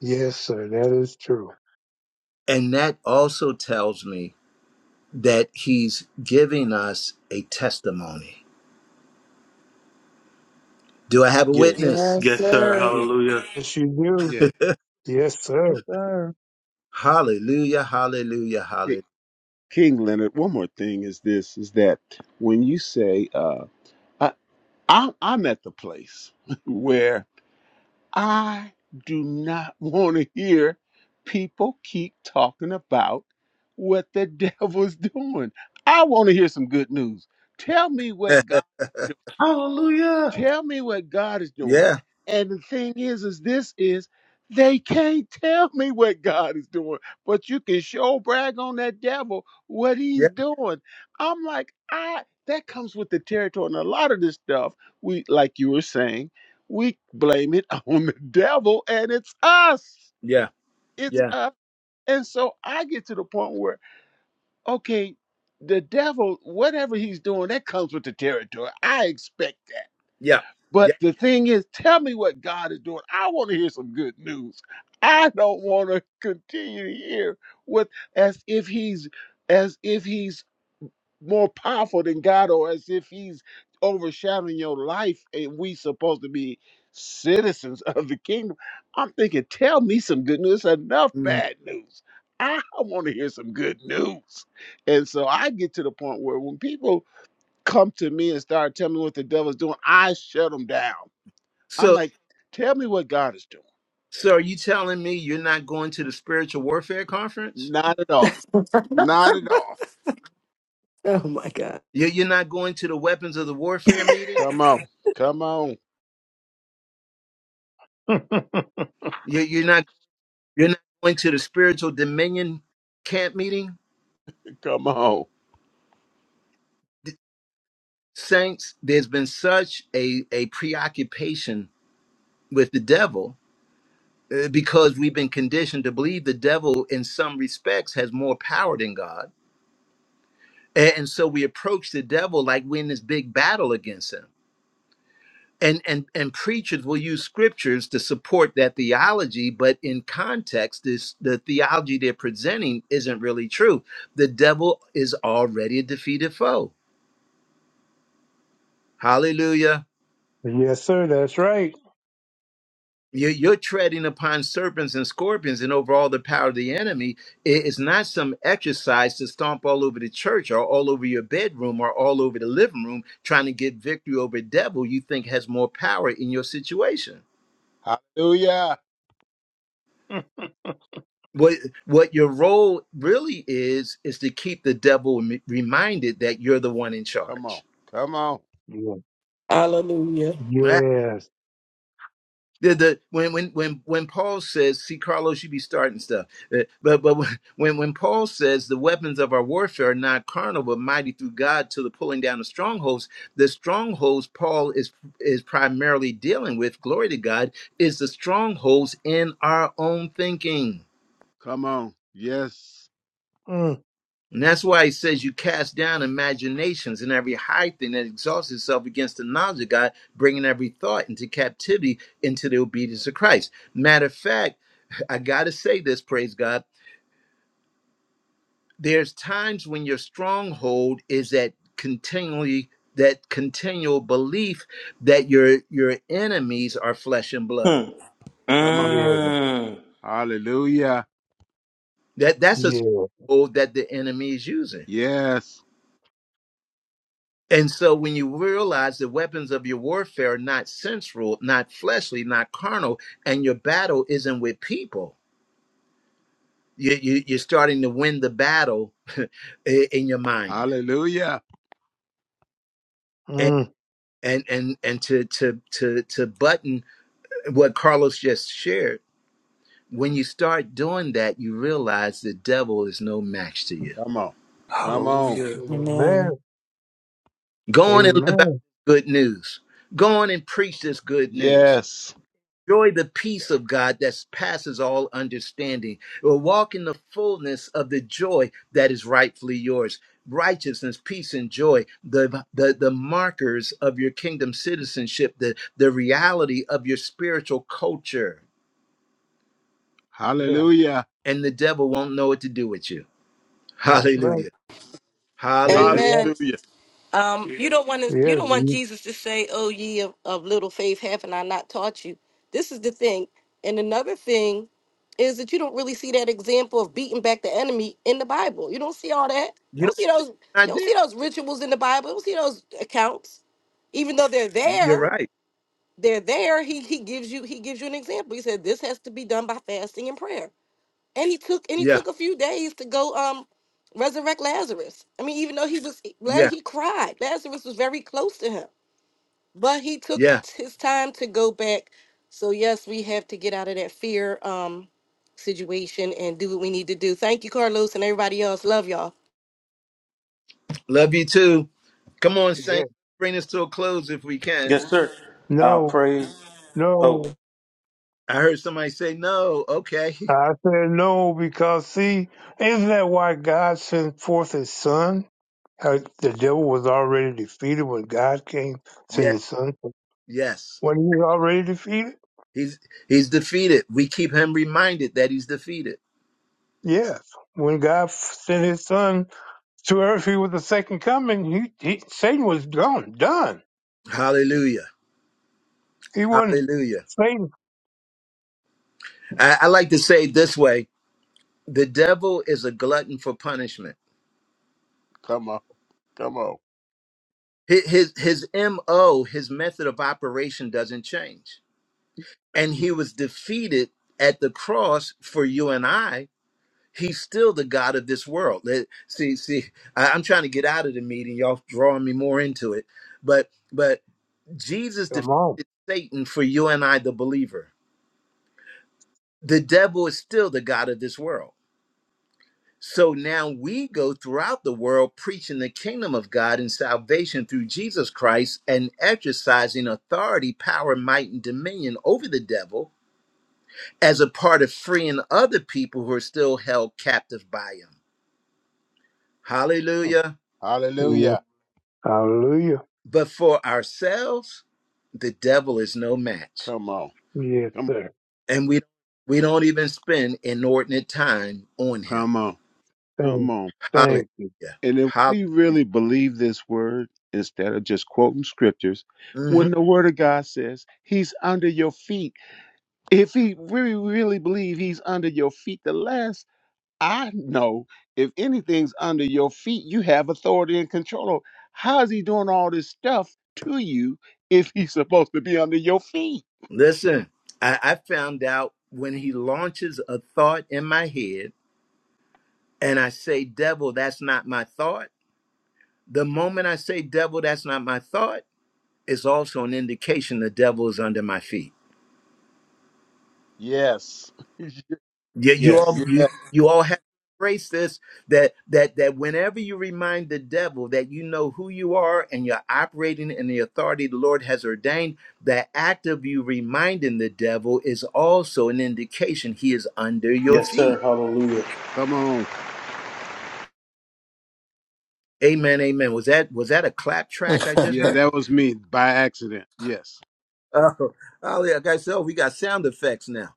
Speaker 5: Yes, sir. That is true.
Speaker 1: And that also tells me that he's giving us a testimony. Do I have a
Speaker 2: Yes.
Speaker 1: witness?
Speaker 3: Yes,
Speaker 2: Yes, sir.
Speaker 3: sir.
Speaker 10: Yeah.
Speaker 2: Hallelujah.
Speaker 5: Yes, you
Speaker 10: Yeah.
Speaker 5: do. Yes, sir.
Speaker 8: Yes, sir.
Speaker 1: Hallelujah, hallelujah,
Speaker 10: Ki-
Speaker 1: hallelujah.
Speaker 10: King Leonard. One more thing is this: is that when you say, uh, I, I, I'm at the place where I do not want to hear people keep talking about what the devil's doing. I want to hear some good news. Tell me what God. Tell me what God is doing.
Speaker 1: yeah,
Speaker 10: And the thing is, is this is they can't tell me what God is doing, but you can show brag on that devil what
Speaker 1: yeah,
Speaker 10: he's doing. I'm like, I that comes with the territory. And a lot of this stuff, we like you were saying, we blame it on the devil, and it's us.
Speaker 1: yeah,
Speaker 10: It's
Speaker 1: yeah,
Speaker 10: us. And so I get to the point where, okay, the devil, whatever he's doing, that comes with the territory. I expect that.
Speaker 1: yeah,
Speaker 10: But
Speaker 1: yeah.
Speaker 10: the thing is, tell me what God is doing. I want to hear some good news. I don't want to continue to hear what as if he's as if he's more powerful than God or as if he's overshadowing your life and we supposed to be citizens of the kingdom. I'm thinking, tell me some good news. Enough
Speaker 1: Mhm.
Speaker 10: bad news. I want to hear some good news. And so I get to the point where when people come to me and start telling me what the devil's doing, I shut them down. I'm
Speaker 1: So,
Speaker 10: like, tell me what God is doing.
Speaker 1: so are you telling me you're not going to the spiritual warfare conference?
Speaker 10: Not at all.
Speaker 3: oh
Speaker 10: Not at all.
Speaker 3: my God.
Speaker 1: You're, you're not going to the weapons of the warfare meeting?
Speaker 10: Come on. Come on.
Speaker 1: You're, you're not you're not going to the spiritual dominion camp meeting?
Speaker 10: Come on.
Speaker 1: Saints, there's been such a, a preoccupation with the devil uh, because we've been conditioned to believe the devil, in some respects, has more power than God, A- and so we approach the devil like we're in this big battle against him. And and and preachers will use scriptures to support that theology, but in context, this the theology they're presenting isn't really true. The devil is already a defeated foe. Hallelujah.
Speaker 5: Yes, sir. That's right.
Speaker 1: You're, you're treading upon serpents and scorpions and over all the power of the enemy. It- It's not some exercise to stomp all over the church or all over your bedroom or all over the living room trying to get victory over a devil you think has more power in your situation.
Speaker 10: Hallelujah.
Speaker 5: Mm.
Speaker 1: What what your role really is is to keep the devil m- reminded that you're the one in
Speaker 10: Come on.
Speaker 1: charge.
Speaker 10: Come on.
Speaker 5: Yeah.
Speaker 9: Hallelujah.
Speaker 5: Yes.
Speaker 1: The, the when when when when Paul says, "See, Carlos, you be starting stuff," Uh, but but when when Paul says the weapons of our warfare are not carnal but mighty through God to the pulling down of strongholds, the strongholds Paul is is primarily dealing with. Glory to God is the strongholds in our own thinking.
Speaker 10: Come on. Yes.
Speaker 5: Mm.
Speaker 1: And that's why he says you cast down imaginations and every high thing that exalts itself against the knowledge of God, bringing every thought into captivity into the obedience of Christ. Matter of fact, I got to say this, praise God. There's times when your stronghold is that continually that continual belief that your your enemies are flesh and blood.
Speaker 2: Mm.
Speaker 10: Come on.
Speaker 5: Yeah.
Speaker 2: Mm.
Speaker 10: Hallelujah.
Speaker 1: That that's a
Speaker 5: Yeah.
Speaker 1: stronghold that the enemy is using.
Speaker 10: Yes.
Speaker 1: And so when you realize the weapons of your warfare are not sensual, not fleshly, not carnal, and your battle isn't with people, you, you, you're starting to win the battle i- in your mind.
Speaker 10: Hallelujah.
Speaker 1: And,
Speaker 5: Mm.
Speaker 1: and, and, and to, to, to, to button what Carlos just shared, when you start doing that, you realize the devil is no match to you.
Speaker 10: Come on. Come on.
Speaker 2: Hallelujah.
Speaker 5: Amen.
Speaker 9: Amen.
Speaker 1: Go on and live out
Speaker 5: Amen.
Speaker 1: good news. Go on and preach this good news
Speaker 10: Yes.
Speaker 1: Enjoy the peace of God that passes all understanding. Or walk in the fullness of the joy that is rightfully yours. Righteousness, peace, and joy, the, the, the markers of your kingdom citizenship, the, the reality of your spiritual culture.
Speaker 5: Yeah.
Speaker 10: Hallelujah.
Speaker 1: And the devil won't know what to do with you.
Speaker 5: That's right.
Speaker 1: Hallelujah.
Speaker 5: Is that
Speaker 1: Hallelujah.
Speaker 5: what?
Speaker 11: Amen.
Speaker 10: Hallelujah.
Speaker 11: Um, you don't want to. You
Speaker 5: Yeah.
Speaker 11: don't want
Speaker 5: you-
Speaker 11: Jesus to say, "Oh, ye of, of little faith, haven't I not taught you?" This is the thing. And another thing is that you don't really see that example of beating back the enemy in the Bible. You don't see all that. You
Speaker 1: You know,
Speaker 11: don't see those.
Speaker 1: I
Speaker 11: You don't see
Speaker 1: did.
Speaker 11: those rituals in the Bible. You don't see those accounts. Even though they're there,
Speaker 1: You're right.
Speaker 11: they're there. He he gives you he gives you an example. He said this has to be done by fasting and prayer and he took and he
Speaker 1: Yeah.
Speaker 11: took a few days to go um resurrect Lazarus. I mean, even though he was La-
Speaker 1: Yeah.
Speaker 11: he cried, Lazarus was very close to him, but he took
Speaker 1: Yeah.
Speaker 11: t- his time to go back. So yes, we have to get out of that fear um situation and do what we need to do. Thank you, Carlos, and everybody else. Love y'all.
Speaker 1: Love you too. Come on,
Speaker 5: Yeah.
Speaker 1: Saint. Bring this to a close if we can.
Speaker 5: No. No.
Speaker 1: I heard somebody say, "No, okay,
Speaker 5: I said no because see, isn't that why God sent forth His Son? How the devil was already defeated when God came, sent
Speaker 1: yeah,
Speaker 5: His Son.
Speaker 1: yes."
Speaker 5: When he was already defeated,
Speaker 1: He's he's defeated. We keep him reminded that he's defeated.
Speaker 5: yes. When God sent His Son, to earth he was the second coming, he, he Satan was gone, done.
Speaker 1: Hallelujah,
Speaker 5: He wasn't
Speaker 1: Hallelujah.
Speaker 5: Satan.
Speaker 1: I, I like to say it this way: the devil is a glutton for punishment.
Speaker 10: Come on. Come on.
Speaker 1: His his, his mo, his method of operation doesn't change, and he was defeated at the cross for you and I. He's still the God of this world. Let- See, see, I, I'm trying to get out of the meeting. Y'all drawing me more into it, but but Jesus
Speaker 5: Come on.
Speaker 1: defeated Satan for you and I, the believer. The devil is still the God of this world. So now we go throughout the world preaching the kingdom of God and salvation through Jesus Christ and exercising authority, power, might, and dominion over the devil as a part of freeing other people who are still held captive by him. Hallelujah.
Speaker 5: Yeah.
Speaker 10: Hallelujah.
Speaker 5: Hallelujah.
Speaker 1: But for ourselves, the devil is no match.
Speaker 10: Come on.
Speaker 5: Yes,
Speaker 10: Come on.
Speaker 5: sir.
Speaker 1: And we, we don't even spend inordinate time on him.
Speaker 10: Come on. Come
Speaker 5: Thank,
Speaker 10: on.
Speaker 5: thank
Speaker 1: Hallelujah.
Speaker 5: you.
Speaker 10: And if
Speaker 1: Hallelujah.
Speaker 10: we really believe this word instead of just quoting scriptures,
Speaker 1: hmm
Speaker 10: when the word of God says he's under your feet, if he really, really believe he's under your feet, the last I know, if anything's under your feet, you have authority and control. How is he doing all this stuff to you if he's supposed to be under your feet?
Speaker 1: Listen, I, I found out when he launches a thought in my head and I say, devil, that's not my thought. The moment I say, devil, that's not my thought, it's also an indication the devil is under my feet.
Speaker 10: Yes.
Speaker 1: you, you all
Speaker 10: yeah.
Speaker 1: you you all have to embrace this that that that whenever you remind the devil that you know who you are and you're operating in the authority the Lord has ordained, that act of you reminding the devil is also an indication he is under your
Speaker 2: Yes, sir.
Speaker 1: feet.
Speaker 2: Hallelujah.
Speaker 10: Come on.
Speaker 1: Amen, amen. Was that was that a clap track I just
Speaker 10: Yeah,
Speaker 1: heard?
Speaker 10: that was me by accident. Yes.
Speaker 1: Oh, oh yeah, guys. So we got sound effects now.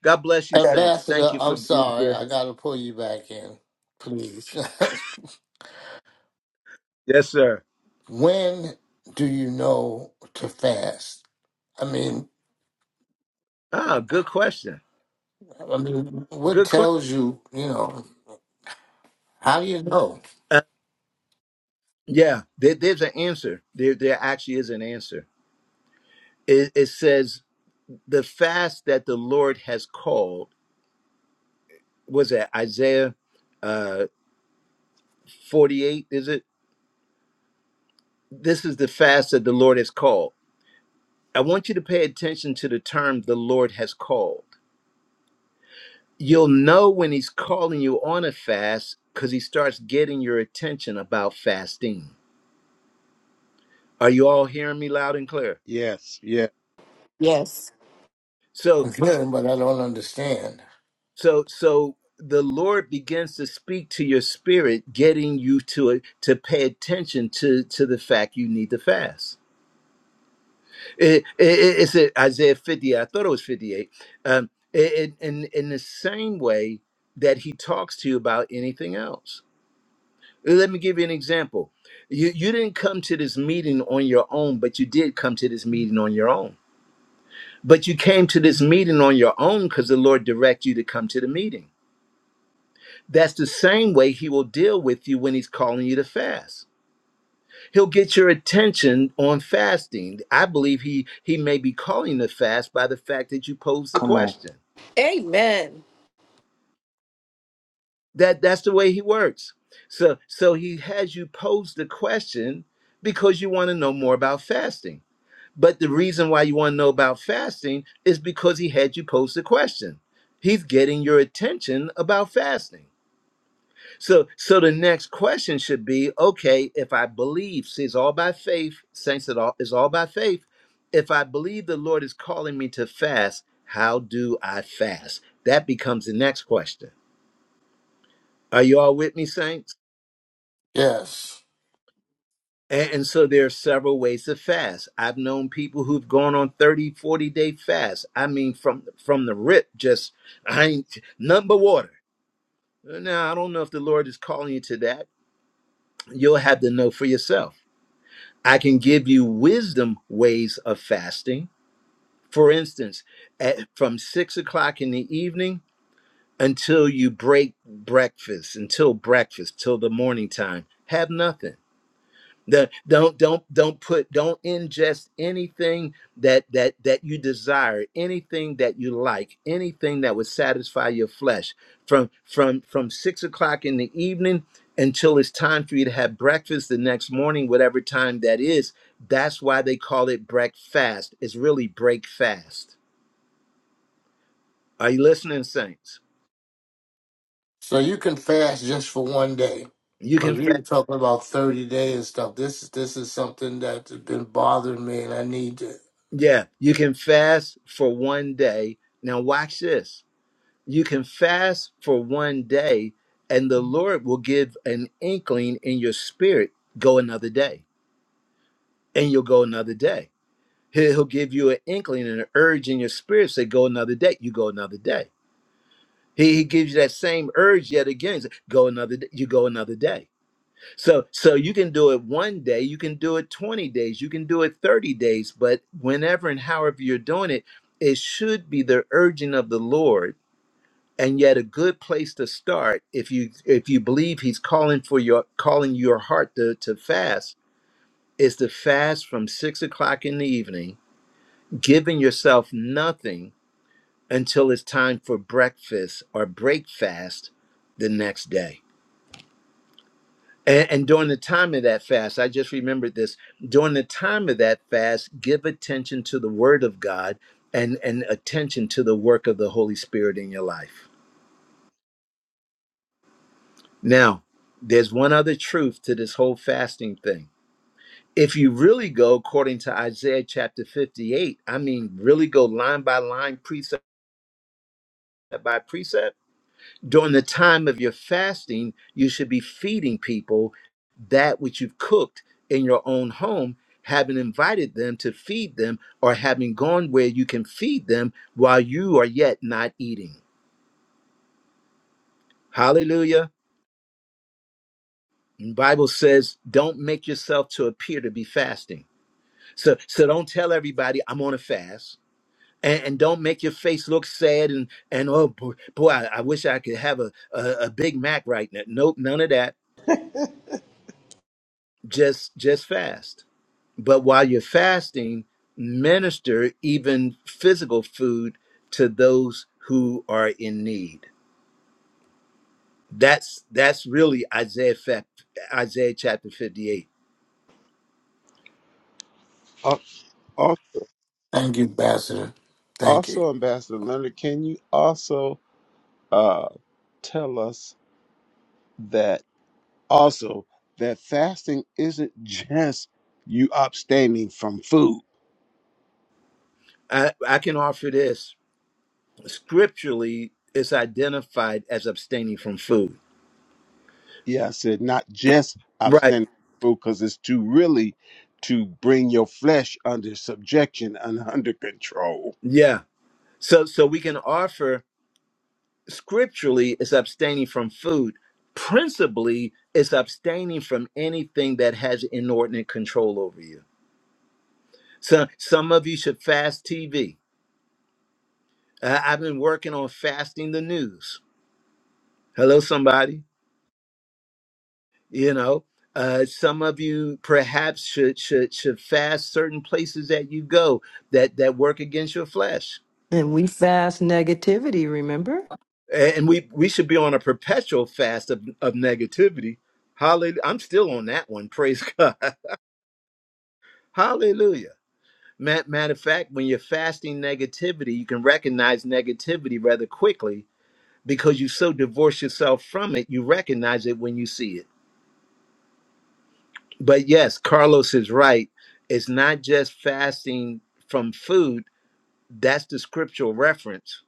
Speaker 1: God bless
Speaker 2: I
Speaker 1: you,
Speaker 2: got you.
Speaker 1: saints. Thank
Speaker 7: Ambassador,
Speaker 1: you for
Speaker 7: I'm
Speaker 1: being
Speaker 7: sorry.
Speaker 1: here.
Speaker 7: I got to pull you back in, please.
Speaker 1: Yes, sir.
Speaker 7: when do you know to fast? I mean,
Speaker 1: Ah, good question.
Speaker 7: I mean, what
Speaker 1: Good question.
Speaker 7: tells you? You know, how do you know?
Speaker 1: Yeah, there, there's an answer. There, there actually is an answer. It, it says the fast that the Lord has called was that Isaiah uh, 48. Is it? This is the fast that the Lord has called. I want you to pay attention to the term the Lord has called. You'll know when He's calling you on a fast because He starts getting your attention about fasting. Are you all hearing me loud and clear?
Speaker 10: Yes. Yeah.
Speaker 9: Yes.
Speaker 1: So
Speaker 7: I'm good, but I don't understand.
Speaker 1: So so the Lord begins to speak to your spirit, getting you to it to pay attention to to the fact you need to fast. It, it, it's in Isaiah 50. I thought it was 58. Um, it, it- in in the same way that He talks to you about anything else. Let me give you an example. You you didn't come to this meeting on your own, but you did come to this meeting on your own. But you came to this meeting on your own because the Lord directed you to come to the meeting That's the same way he will deal with you when he's calling you to fast. He'll get your attention on fasting. I believe he he may be calling the fast by the fact that you pose the
Speaker 2: Come on.
Speaker 1: question.
Speaker 11: Amen.
Speaker 1: That that's the way he works. So so he has you pose the question because you want to know more about fasting. But the reason why you want to know about fasting is because he had you pose the question. He's getting your attention about fasting. So, so the next question should be, okay, if I believe, see, it's all by faith, saints, it all is all by faith. If I believe the Lord is calling me to fast, how do I fast? That becomes the next question. Are you all with me, saints?
Speaker 7: Yes.
Speaker 1: And, and so there are several ways to fast. I've known people who've gone on 30, 40 day fast. I mean, from from the rip, just I ain't nothing but water. Now, I don't know if the Lord is calling you to that. You'll have to know for yourself. I can give you wisdom ways of fasting. For instance, at, from six o'clock in the evening until you break breakfast, until breakfast, till the morning time, have nothing. The- don't don't don't put don't ingest anything that that that you desire, anything that you like, anything that would satisfy your flesh. From from from six o'clock in the evening until it's time for you to have breakfast the next morning, whatever time that is. That's why they call it breakfast. It's really break fast. Are you listening, saints?
Speaker 7: So you can fast just for one day,
Speaker 1: You
Speaker 7: because
Speaker 1: can
Speaker 7: we
Speaker 1: fast.
Speaker 7: were talking about thirty days and stuff. This this is something that's been bothering me, and I need to
Speaker 1: Yeah, you can fast for one day. Now watch this you can fast for one day and the lord will give an inkling in your spirit go another day and you'll go another day He- he'll give you an inkling and an urge in your spirit say go another day you go another day he, he gives you that same urge yet again say, go another day you go another day so so you can do it one day you can do it 20 days you can do it 30 days but whenever and however you're doing it it should be the urging of the lord and yet a good place to start if you if you believe he's calling for your calling your heart to, to fast is to fast from six o'clock in the evening giving yourself nothing until it's time for breakfast or break fast the next day and, and during the time of that fast i just remembered this during the time of that fast give attention to the word of god and and attention to the work of the holy spirit in your life Now, there's one other truth to this whole fasting thing. If you really go according to Isaiah chapter 58, I mean, really go line by line, precept by precept, during the time of your fasting, you should be feeding people that which you've cooked in your own home, having invited them to feed them or having gone where you can feed them while you are yet not eating. Hallelujah. The Bible says, don't make yourself to appear to be fasting. So so don't tell everybody I'm on a fast. And, and don't make your face look sad and and oh boy, boy I, I wish I could have a, a a Big Mac right now. Nope, none of that. Just just fast. But while you're fasting, minister even physical food to those who are in need. That's that's really Isaiah fa- Isaiah chapter 58.
Speaker 10: Al-
Speaker 7: thank you, Ambassador. Thank you.
Speaker 10: Also, Ambassador Leonard, can you also uh, tell us that also that fasting isn't just you abstaining from food?
Speaker 1: I, I can offer this. Scripturally, it's identified as abstaining from food.
Speaker 10: Yeah, I said not just
Speaker 1: Right.
Speaker 10: abstaining from food because it's to really to bring your flesh under subjection and under control.
Speaker 1: Yeah. So so we can offer scripturally is abstaining from food. Principally is abstaining from anything that has inordinate control over you. So some of you should fast TV. Uh, I've been working on fasting the news. Hello, somebody. You know, uh, some of you perhaps should should should fast certain places that you go that that work against your flesh
Speaker 3: And we fast negativity, remember?
Speaker 1: and we we should be on a perpetual fast of, of negativity hallelujah i'm still on that one praise god hallelujah Ma- matter of fact when you're fasting negativity you can recognize negativity rather quickly because you so divorce yourself from it you recognize it when you see it but yes carlos is right it's not just fasting from food that's the scriptural reference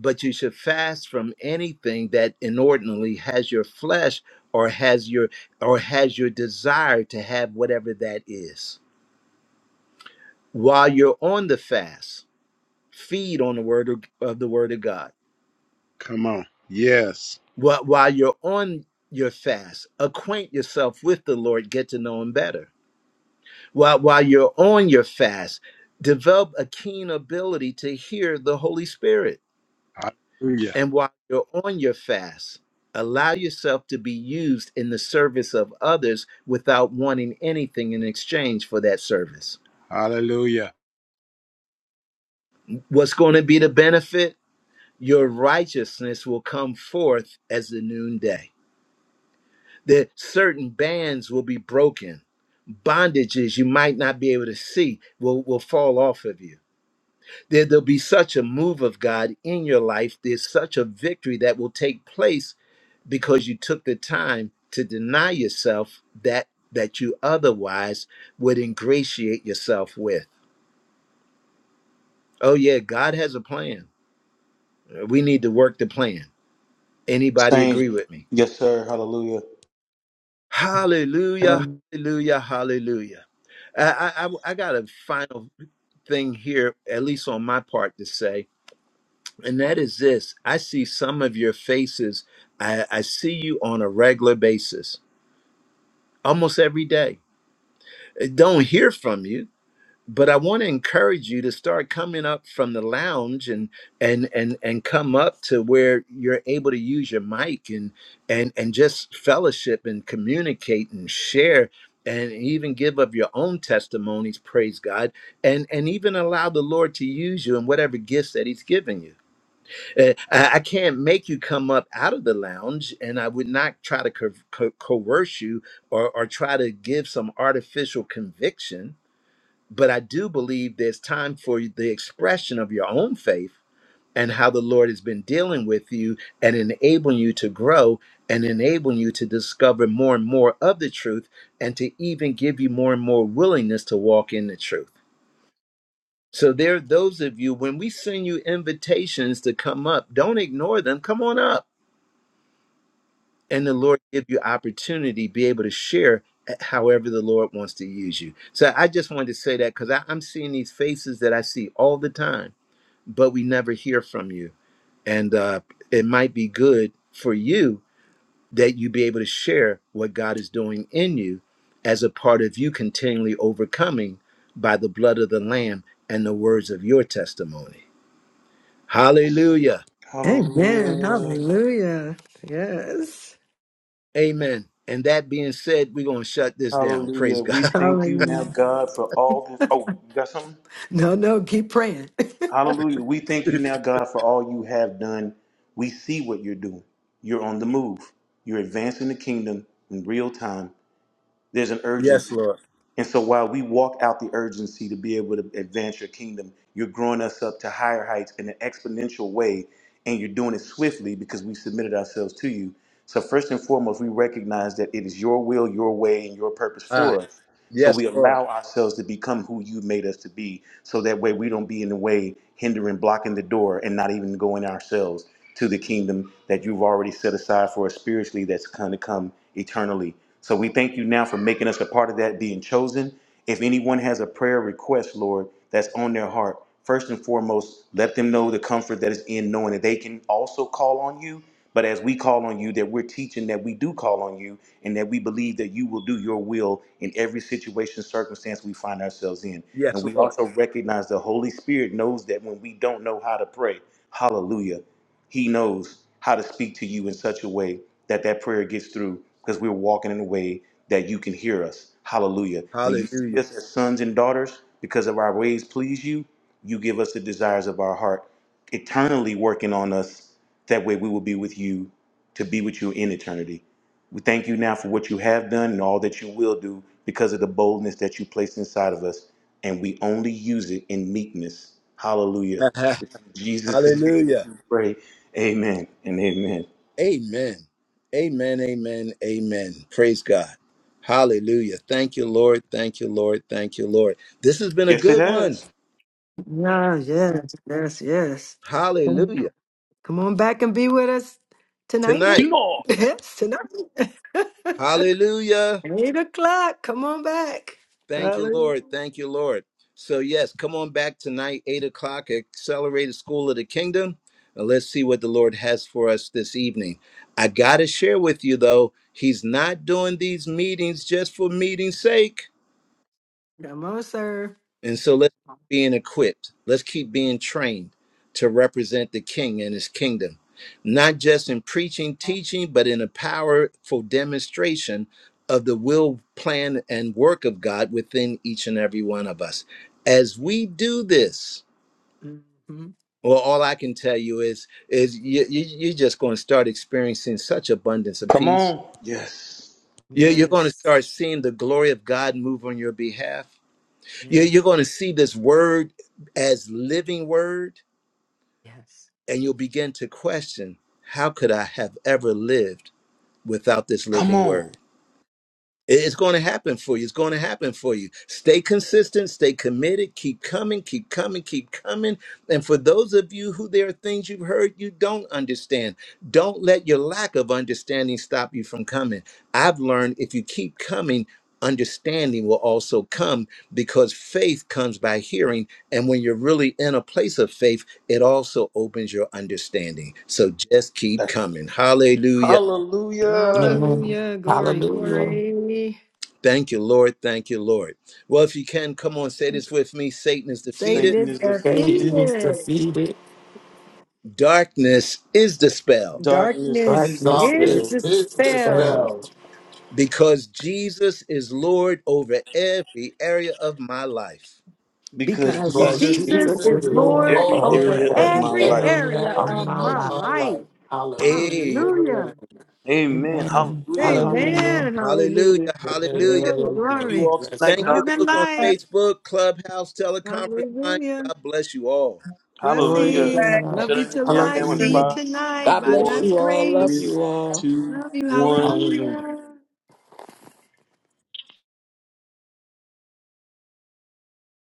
Speaker 1: but you should fast from anything that inordinately has your flesh or has your or has your desire to have whatever that is while you're on the fast feed on the word of, of the word of god
Speaker 10: Come on. Yes.
Speaker 1: while, while you're on your fast acquaint yourself with the lord get to know him better while while you're on your fast develop a keen ability to hear the holy spirit
Speaker 10: Hallelujah.
Speaker 1: And while you're on your fast, allow yourself to be used in the service of others without wanting anything in exchange for that service.
Speaker 10: Hallelujah.
Speaker 1: What's going to be the benefit? Your righteousness will come forth as the noonday. That certain bands will be broken. Bondages you might not be able to see will, will fall off of you. There, there'll be such a move of God in your life. There's such a victory that will take place because you took the time to deny yourself that that you otherwise would ingratiate yourself with. Oh yeah, God has a plan. We need to work the plan. Anybody
Speaker 2: Saint,
Speaker 1: agree with me?
Speaker 2: yes, sir. Hallelujah.
Speaker 1: Hallelujah,
Speaker 3: Um,
Speaker 1: hallelujah, hallelujah. I, I, I I got a final thing here, at least on my part, to say, and that is this I see some of your faces. I, I see you on a regular basis, almost every day. I don't hear from you, but I want to encourage you to start coming up from the lounge and and and and come up to where you're able to use your mic and and and just fellowship and communicate and share and even give of your own testimonies praise god and and even allow the lord to use you in whatever gifts that he's given you Uh, i I can't make you come up out of the lounge and i would not try to co- co- coerce you or or try to give some artificial conviction but I do believe there's time for the expression of your own faith and how the Lord has been dealing with you and enabling you to grow and enabling you to discover more and more of the truth and to even give you more and more willingness to walk in the truth. So, there are those of you, when we send you invitations to come up, don't ignore them. Come on up. And the Lord give you opportunity, be able to share eh, however the Lord wants to use you. So I just wanted to say that because I'm seeing these faces that I see all the time but we never hear from you. And uh, it might be good for you that you be able to share what God is doing in you as a part of you continually overcoming by the blood of the Lamb and the words of your testimony. Hallelujah.
Speaker 3: Amen.
Speaker 2: Hallelujah.
Speaker 3: Hallelujah. Yes.
Speaker 1: Amen. And that being said, we're going to shut this down.
Speaker 2: Hallelujah.
Speaker 1: Praise
Speaker 2: We
Speaker 1: God.
Speaker 2: thank you now,
Speaker 3: Hallelujah.
Speaker 2: God, for all this. Oh, you got something?
Speaker 3: No, no, keep praying.
Speaker 2: Hallelujah. We thank you now, God, for all you have done. We see what you're doing. You're on the move. You're advancing the kingdom in real time. There's an urgency.
Speaker 1: yes, Lord.
Speaker 2: And so while we walk out the urgency to be able to advance your kingdom, you're growing us up to higher heights in an exponential way, and you're doing it swiftly because we submitted ourselves to you. So first and foremost, we recognize that it is your will, your way, and your purpose
Speaker 1: Ah,
Speaker 2: for us. So
Speaker 1: yes,
Speaker 2: we
Speaker 1: Lord.
Speaker 2: allow ourselves to become who you made us to be. So that way we don't be in the way, hindering, blocking the door, and not even going ourselves to the kingdom that you've already set aside for us spiritually that's going to come eternally so we thank you now for making us a part of that, being chosen. If anyone has a prayer request, Lord, that's on their heart, first and foremost, let them know the comfort that is in knowing that they can also call on you. But as we call on you, that we're teaching that we do call on you and that we believe that you will do your will in every situation, circumstance we find ourselves in. And
Speaker 1: Yes,
Speaker 2: we
Speaker 1: Lord.
Speaker 2: also recognize the Holy Spirit knows that when we don't know how to pray, hallelujah, He knows how to speak to you in such a way that that prayer gets through because we're walking in a way that you can hear us. Hallelujah. When you see
Speaker 1: Hallelujah.
Speaker 2: us as sons and daughters, because of our ways please you, you give us the desires of our heart, eternally working on us. That way we will be with you to be with you in eternity. We thank you now for what you have done and all that you will do because of the boldness that you placed inside of us. And we only use it in meekness. Hallelujah. In Jesus' name
Speaker 1: Hallelujah.
Speaker 2: we do pray. Amen and amen.
Speaker 1: Amen. Amen. Amen. Amen. Praise God. Hallelujah. Thank you, Lord. Thank you, Lord. Thank you, Lord. This has been a
Speaker 2: Yes, it
Speaker 1: good one.
Speaker 2: has.
Speaker 3: Yeah, yes, yes, yes. Come
Speaker 1: Hallelujah.
Speaker 3: on back and be with us tonight, mate.
Speaker 1: Tonight.
Speaker 2: Lord.
Speaker 3: Yes, tonight.
Speaker 1: Hallelujah.
Speaker 3: Eight o'clock. back.
Speaker 1: Thank you,
Speaker 3: Hallelujah.
Speaker 1: Lord. Thank you, Lord. So, yes, come on back tonight, 8 o'clock, Accelerated School of the Kingdom. Now, Let's see what the Lord has for us this evening. I got to share with you, though, He's not doing these meetings just for meeting's sake.
Speaker 3: Come on, sir.
Speaker 1: And so let's keep being equipped. Let's keep being trained to represent the king and his kingdom, not just in preaching, teaching, but in a powerful demonstration of the will, plan, and work of God within each and every one of us. As we do this,
Speaker 3: hmm
Speaker 1: well, all I can tell you is, is you, you, you're just going to start experiencing such abundance of
Speaker 2: Come
Speaker 1: peace.
Speaker 2: on. Yes.
Speaker 1: You- You're going to start
Speaker 3: Yes.
Speaker 1: seeing the glory of God move on your behalf You- You're
Speaker 3: Yes.
Speaker 1: going to see this word as living word,
Speaker 3: Yes.
Speaker 1: and you'll begin to question how could I have ever lived without this
Speaker 2: Come
Speaker 1: living
Speaker 2: on.
Speaker 1: word? It- It's going to happen for you. It's going to happen for you. Stay consistent, stay committed, keep coming, keep coming, keep coming. And for those of you who there are things you've heard you don't understand, don't let your lack of understanding stop you from coming. I've learned if you keep coming, understanding will also come because faith comes by hearing. And when you're really in a place of faith, it also opens your understanding. So just keep coming.
Speaker 9: Amen.
Speaker 3: Hallelujah. Glory,
Speaker 9: Hallelujah.
Speaker 3: glory.
Speaker 1: Thank you, Lord. Thank you, Lord. Well, if you can, come on, say this with me Satan is
Speaker 3: Satan
Speaker 1: defeated,
Speaker 2: Satan
Speaker 3: is
Speaker 2: is defeated.
Speaker 9: Satan is
Speaker 3: defeated.
Speaker 9: defeated.
Speaker 1: darkness is dispelled
Speaker 2: Darkness is
Speaker 3: Darkness
Speaker 9: Darkness
Speaker 3: is
Speaker 2: dispelled
Speaker 9: is
Speaker 7: Darkness is
Speaker 3: dispelled
Speaker 7: dispelled
Speaker 9: dispelled.
Speaker 1: because Jesus is Lord over every area of my life.
Speaker 2: because
Speaker 3: because
Speaker 7: because
Speaker 9: Because
Speaker 2: Jesus is
Speaker 3: Jesus
Speaker 7: Jesus
Speaker 9: Jesus
Speaker 2: Lord
Speaker 3: is
Speaker 9: is
Speaker 7: is
Speaker 2: over
Speaker 9: Lord
Speaker 3: Lord
Speaker 2: every
Speaker 7: Lord
Speaker 3: over
Speaker 9: over
Speaker 2: area of
Speaker 7: over
Speaker 9: every
Speaker 2: my
Speaker 3: every
Speaker 2: life.
Speaker 7: every
Speaker 9: area
Speaker 3: area
Speaker 9: of
Speaker 7: area
Speaker 3: of
Speaker 9: my
Speaker 7: of
Speaker 3: my
Speaker 9: life.
Speaker 7: my
Speaker 3: life.
Speaker 7: life. Hallelujah to
Speaker 1: Hey,
Speaker 7: the Lamb.
Speaker 3: Hallelujah.
Speaker 2: Amen.
Speaker 9: Amen.
Speaker 2: Hallelujah.
Speaker 7: Amen.
Speaker 2: Hallelujah.
Speaker 9: Hallelujah.
Speaker 3: Amen.
Speaker 1: hallelujah,
Speaker 7: Amen.
Speaker 3: Hallelujah.
Speaker 1: hallelujah.
Speaker 3: Glory,
Speaker 7: Amen. amen.
Speaker 2: You
Speaker 3: glory.
Speaker 2: all
Speaker 7: Bless
Speaker 2: tonight,
Speaker 7: you.
Speaker 1: Thank you,
Speaker 2: God.
Speaker 3: Love and
Speaker 1: those on
Speaker 3: light.
Speaker 1: Facebook, Clubhouse, Teleconference Line.
Speaker 3: Hallelujah.
Speaker 1: God bless you all.
Speaker 9: Glory to
Speaker 2: Hallelujah.
Speaker 3: Blessings.
Speaker 9: God.
Speaker 3: Love you
Speaker 2: Shutting
Speaker 3: to
Speaker 2: it down
Speaker 3: life.
Speaker 2: now in
Speaker 3: See you
Speaker 9: Hallelujah.
Speaker 2: five,
Speaker 3: tonight
Speaker 9: God
Speaker 3: by
Speaker 9: bless
Speaker 2: four,
Speaker 3: God's
Speaker 9: you all. Love
Speaker 2: three,
Speaker 3: grace.
Speaker 9: you all.
Speaker 2: two,
Speaker 3: Love you.
Speaker 2: one.
Speaker 3: Hallelujah.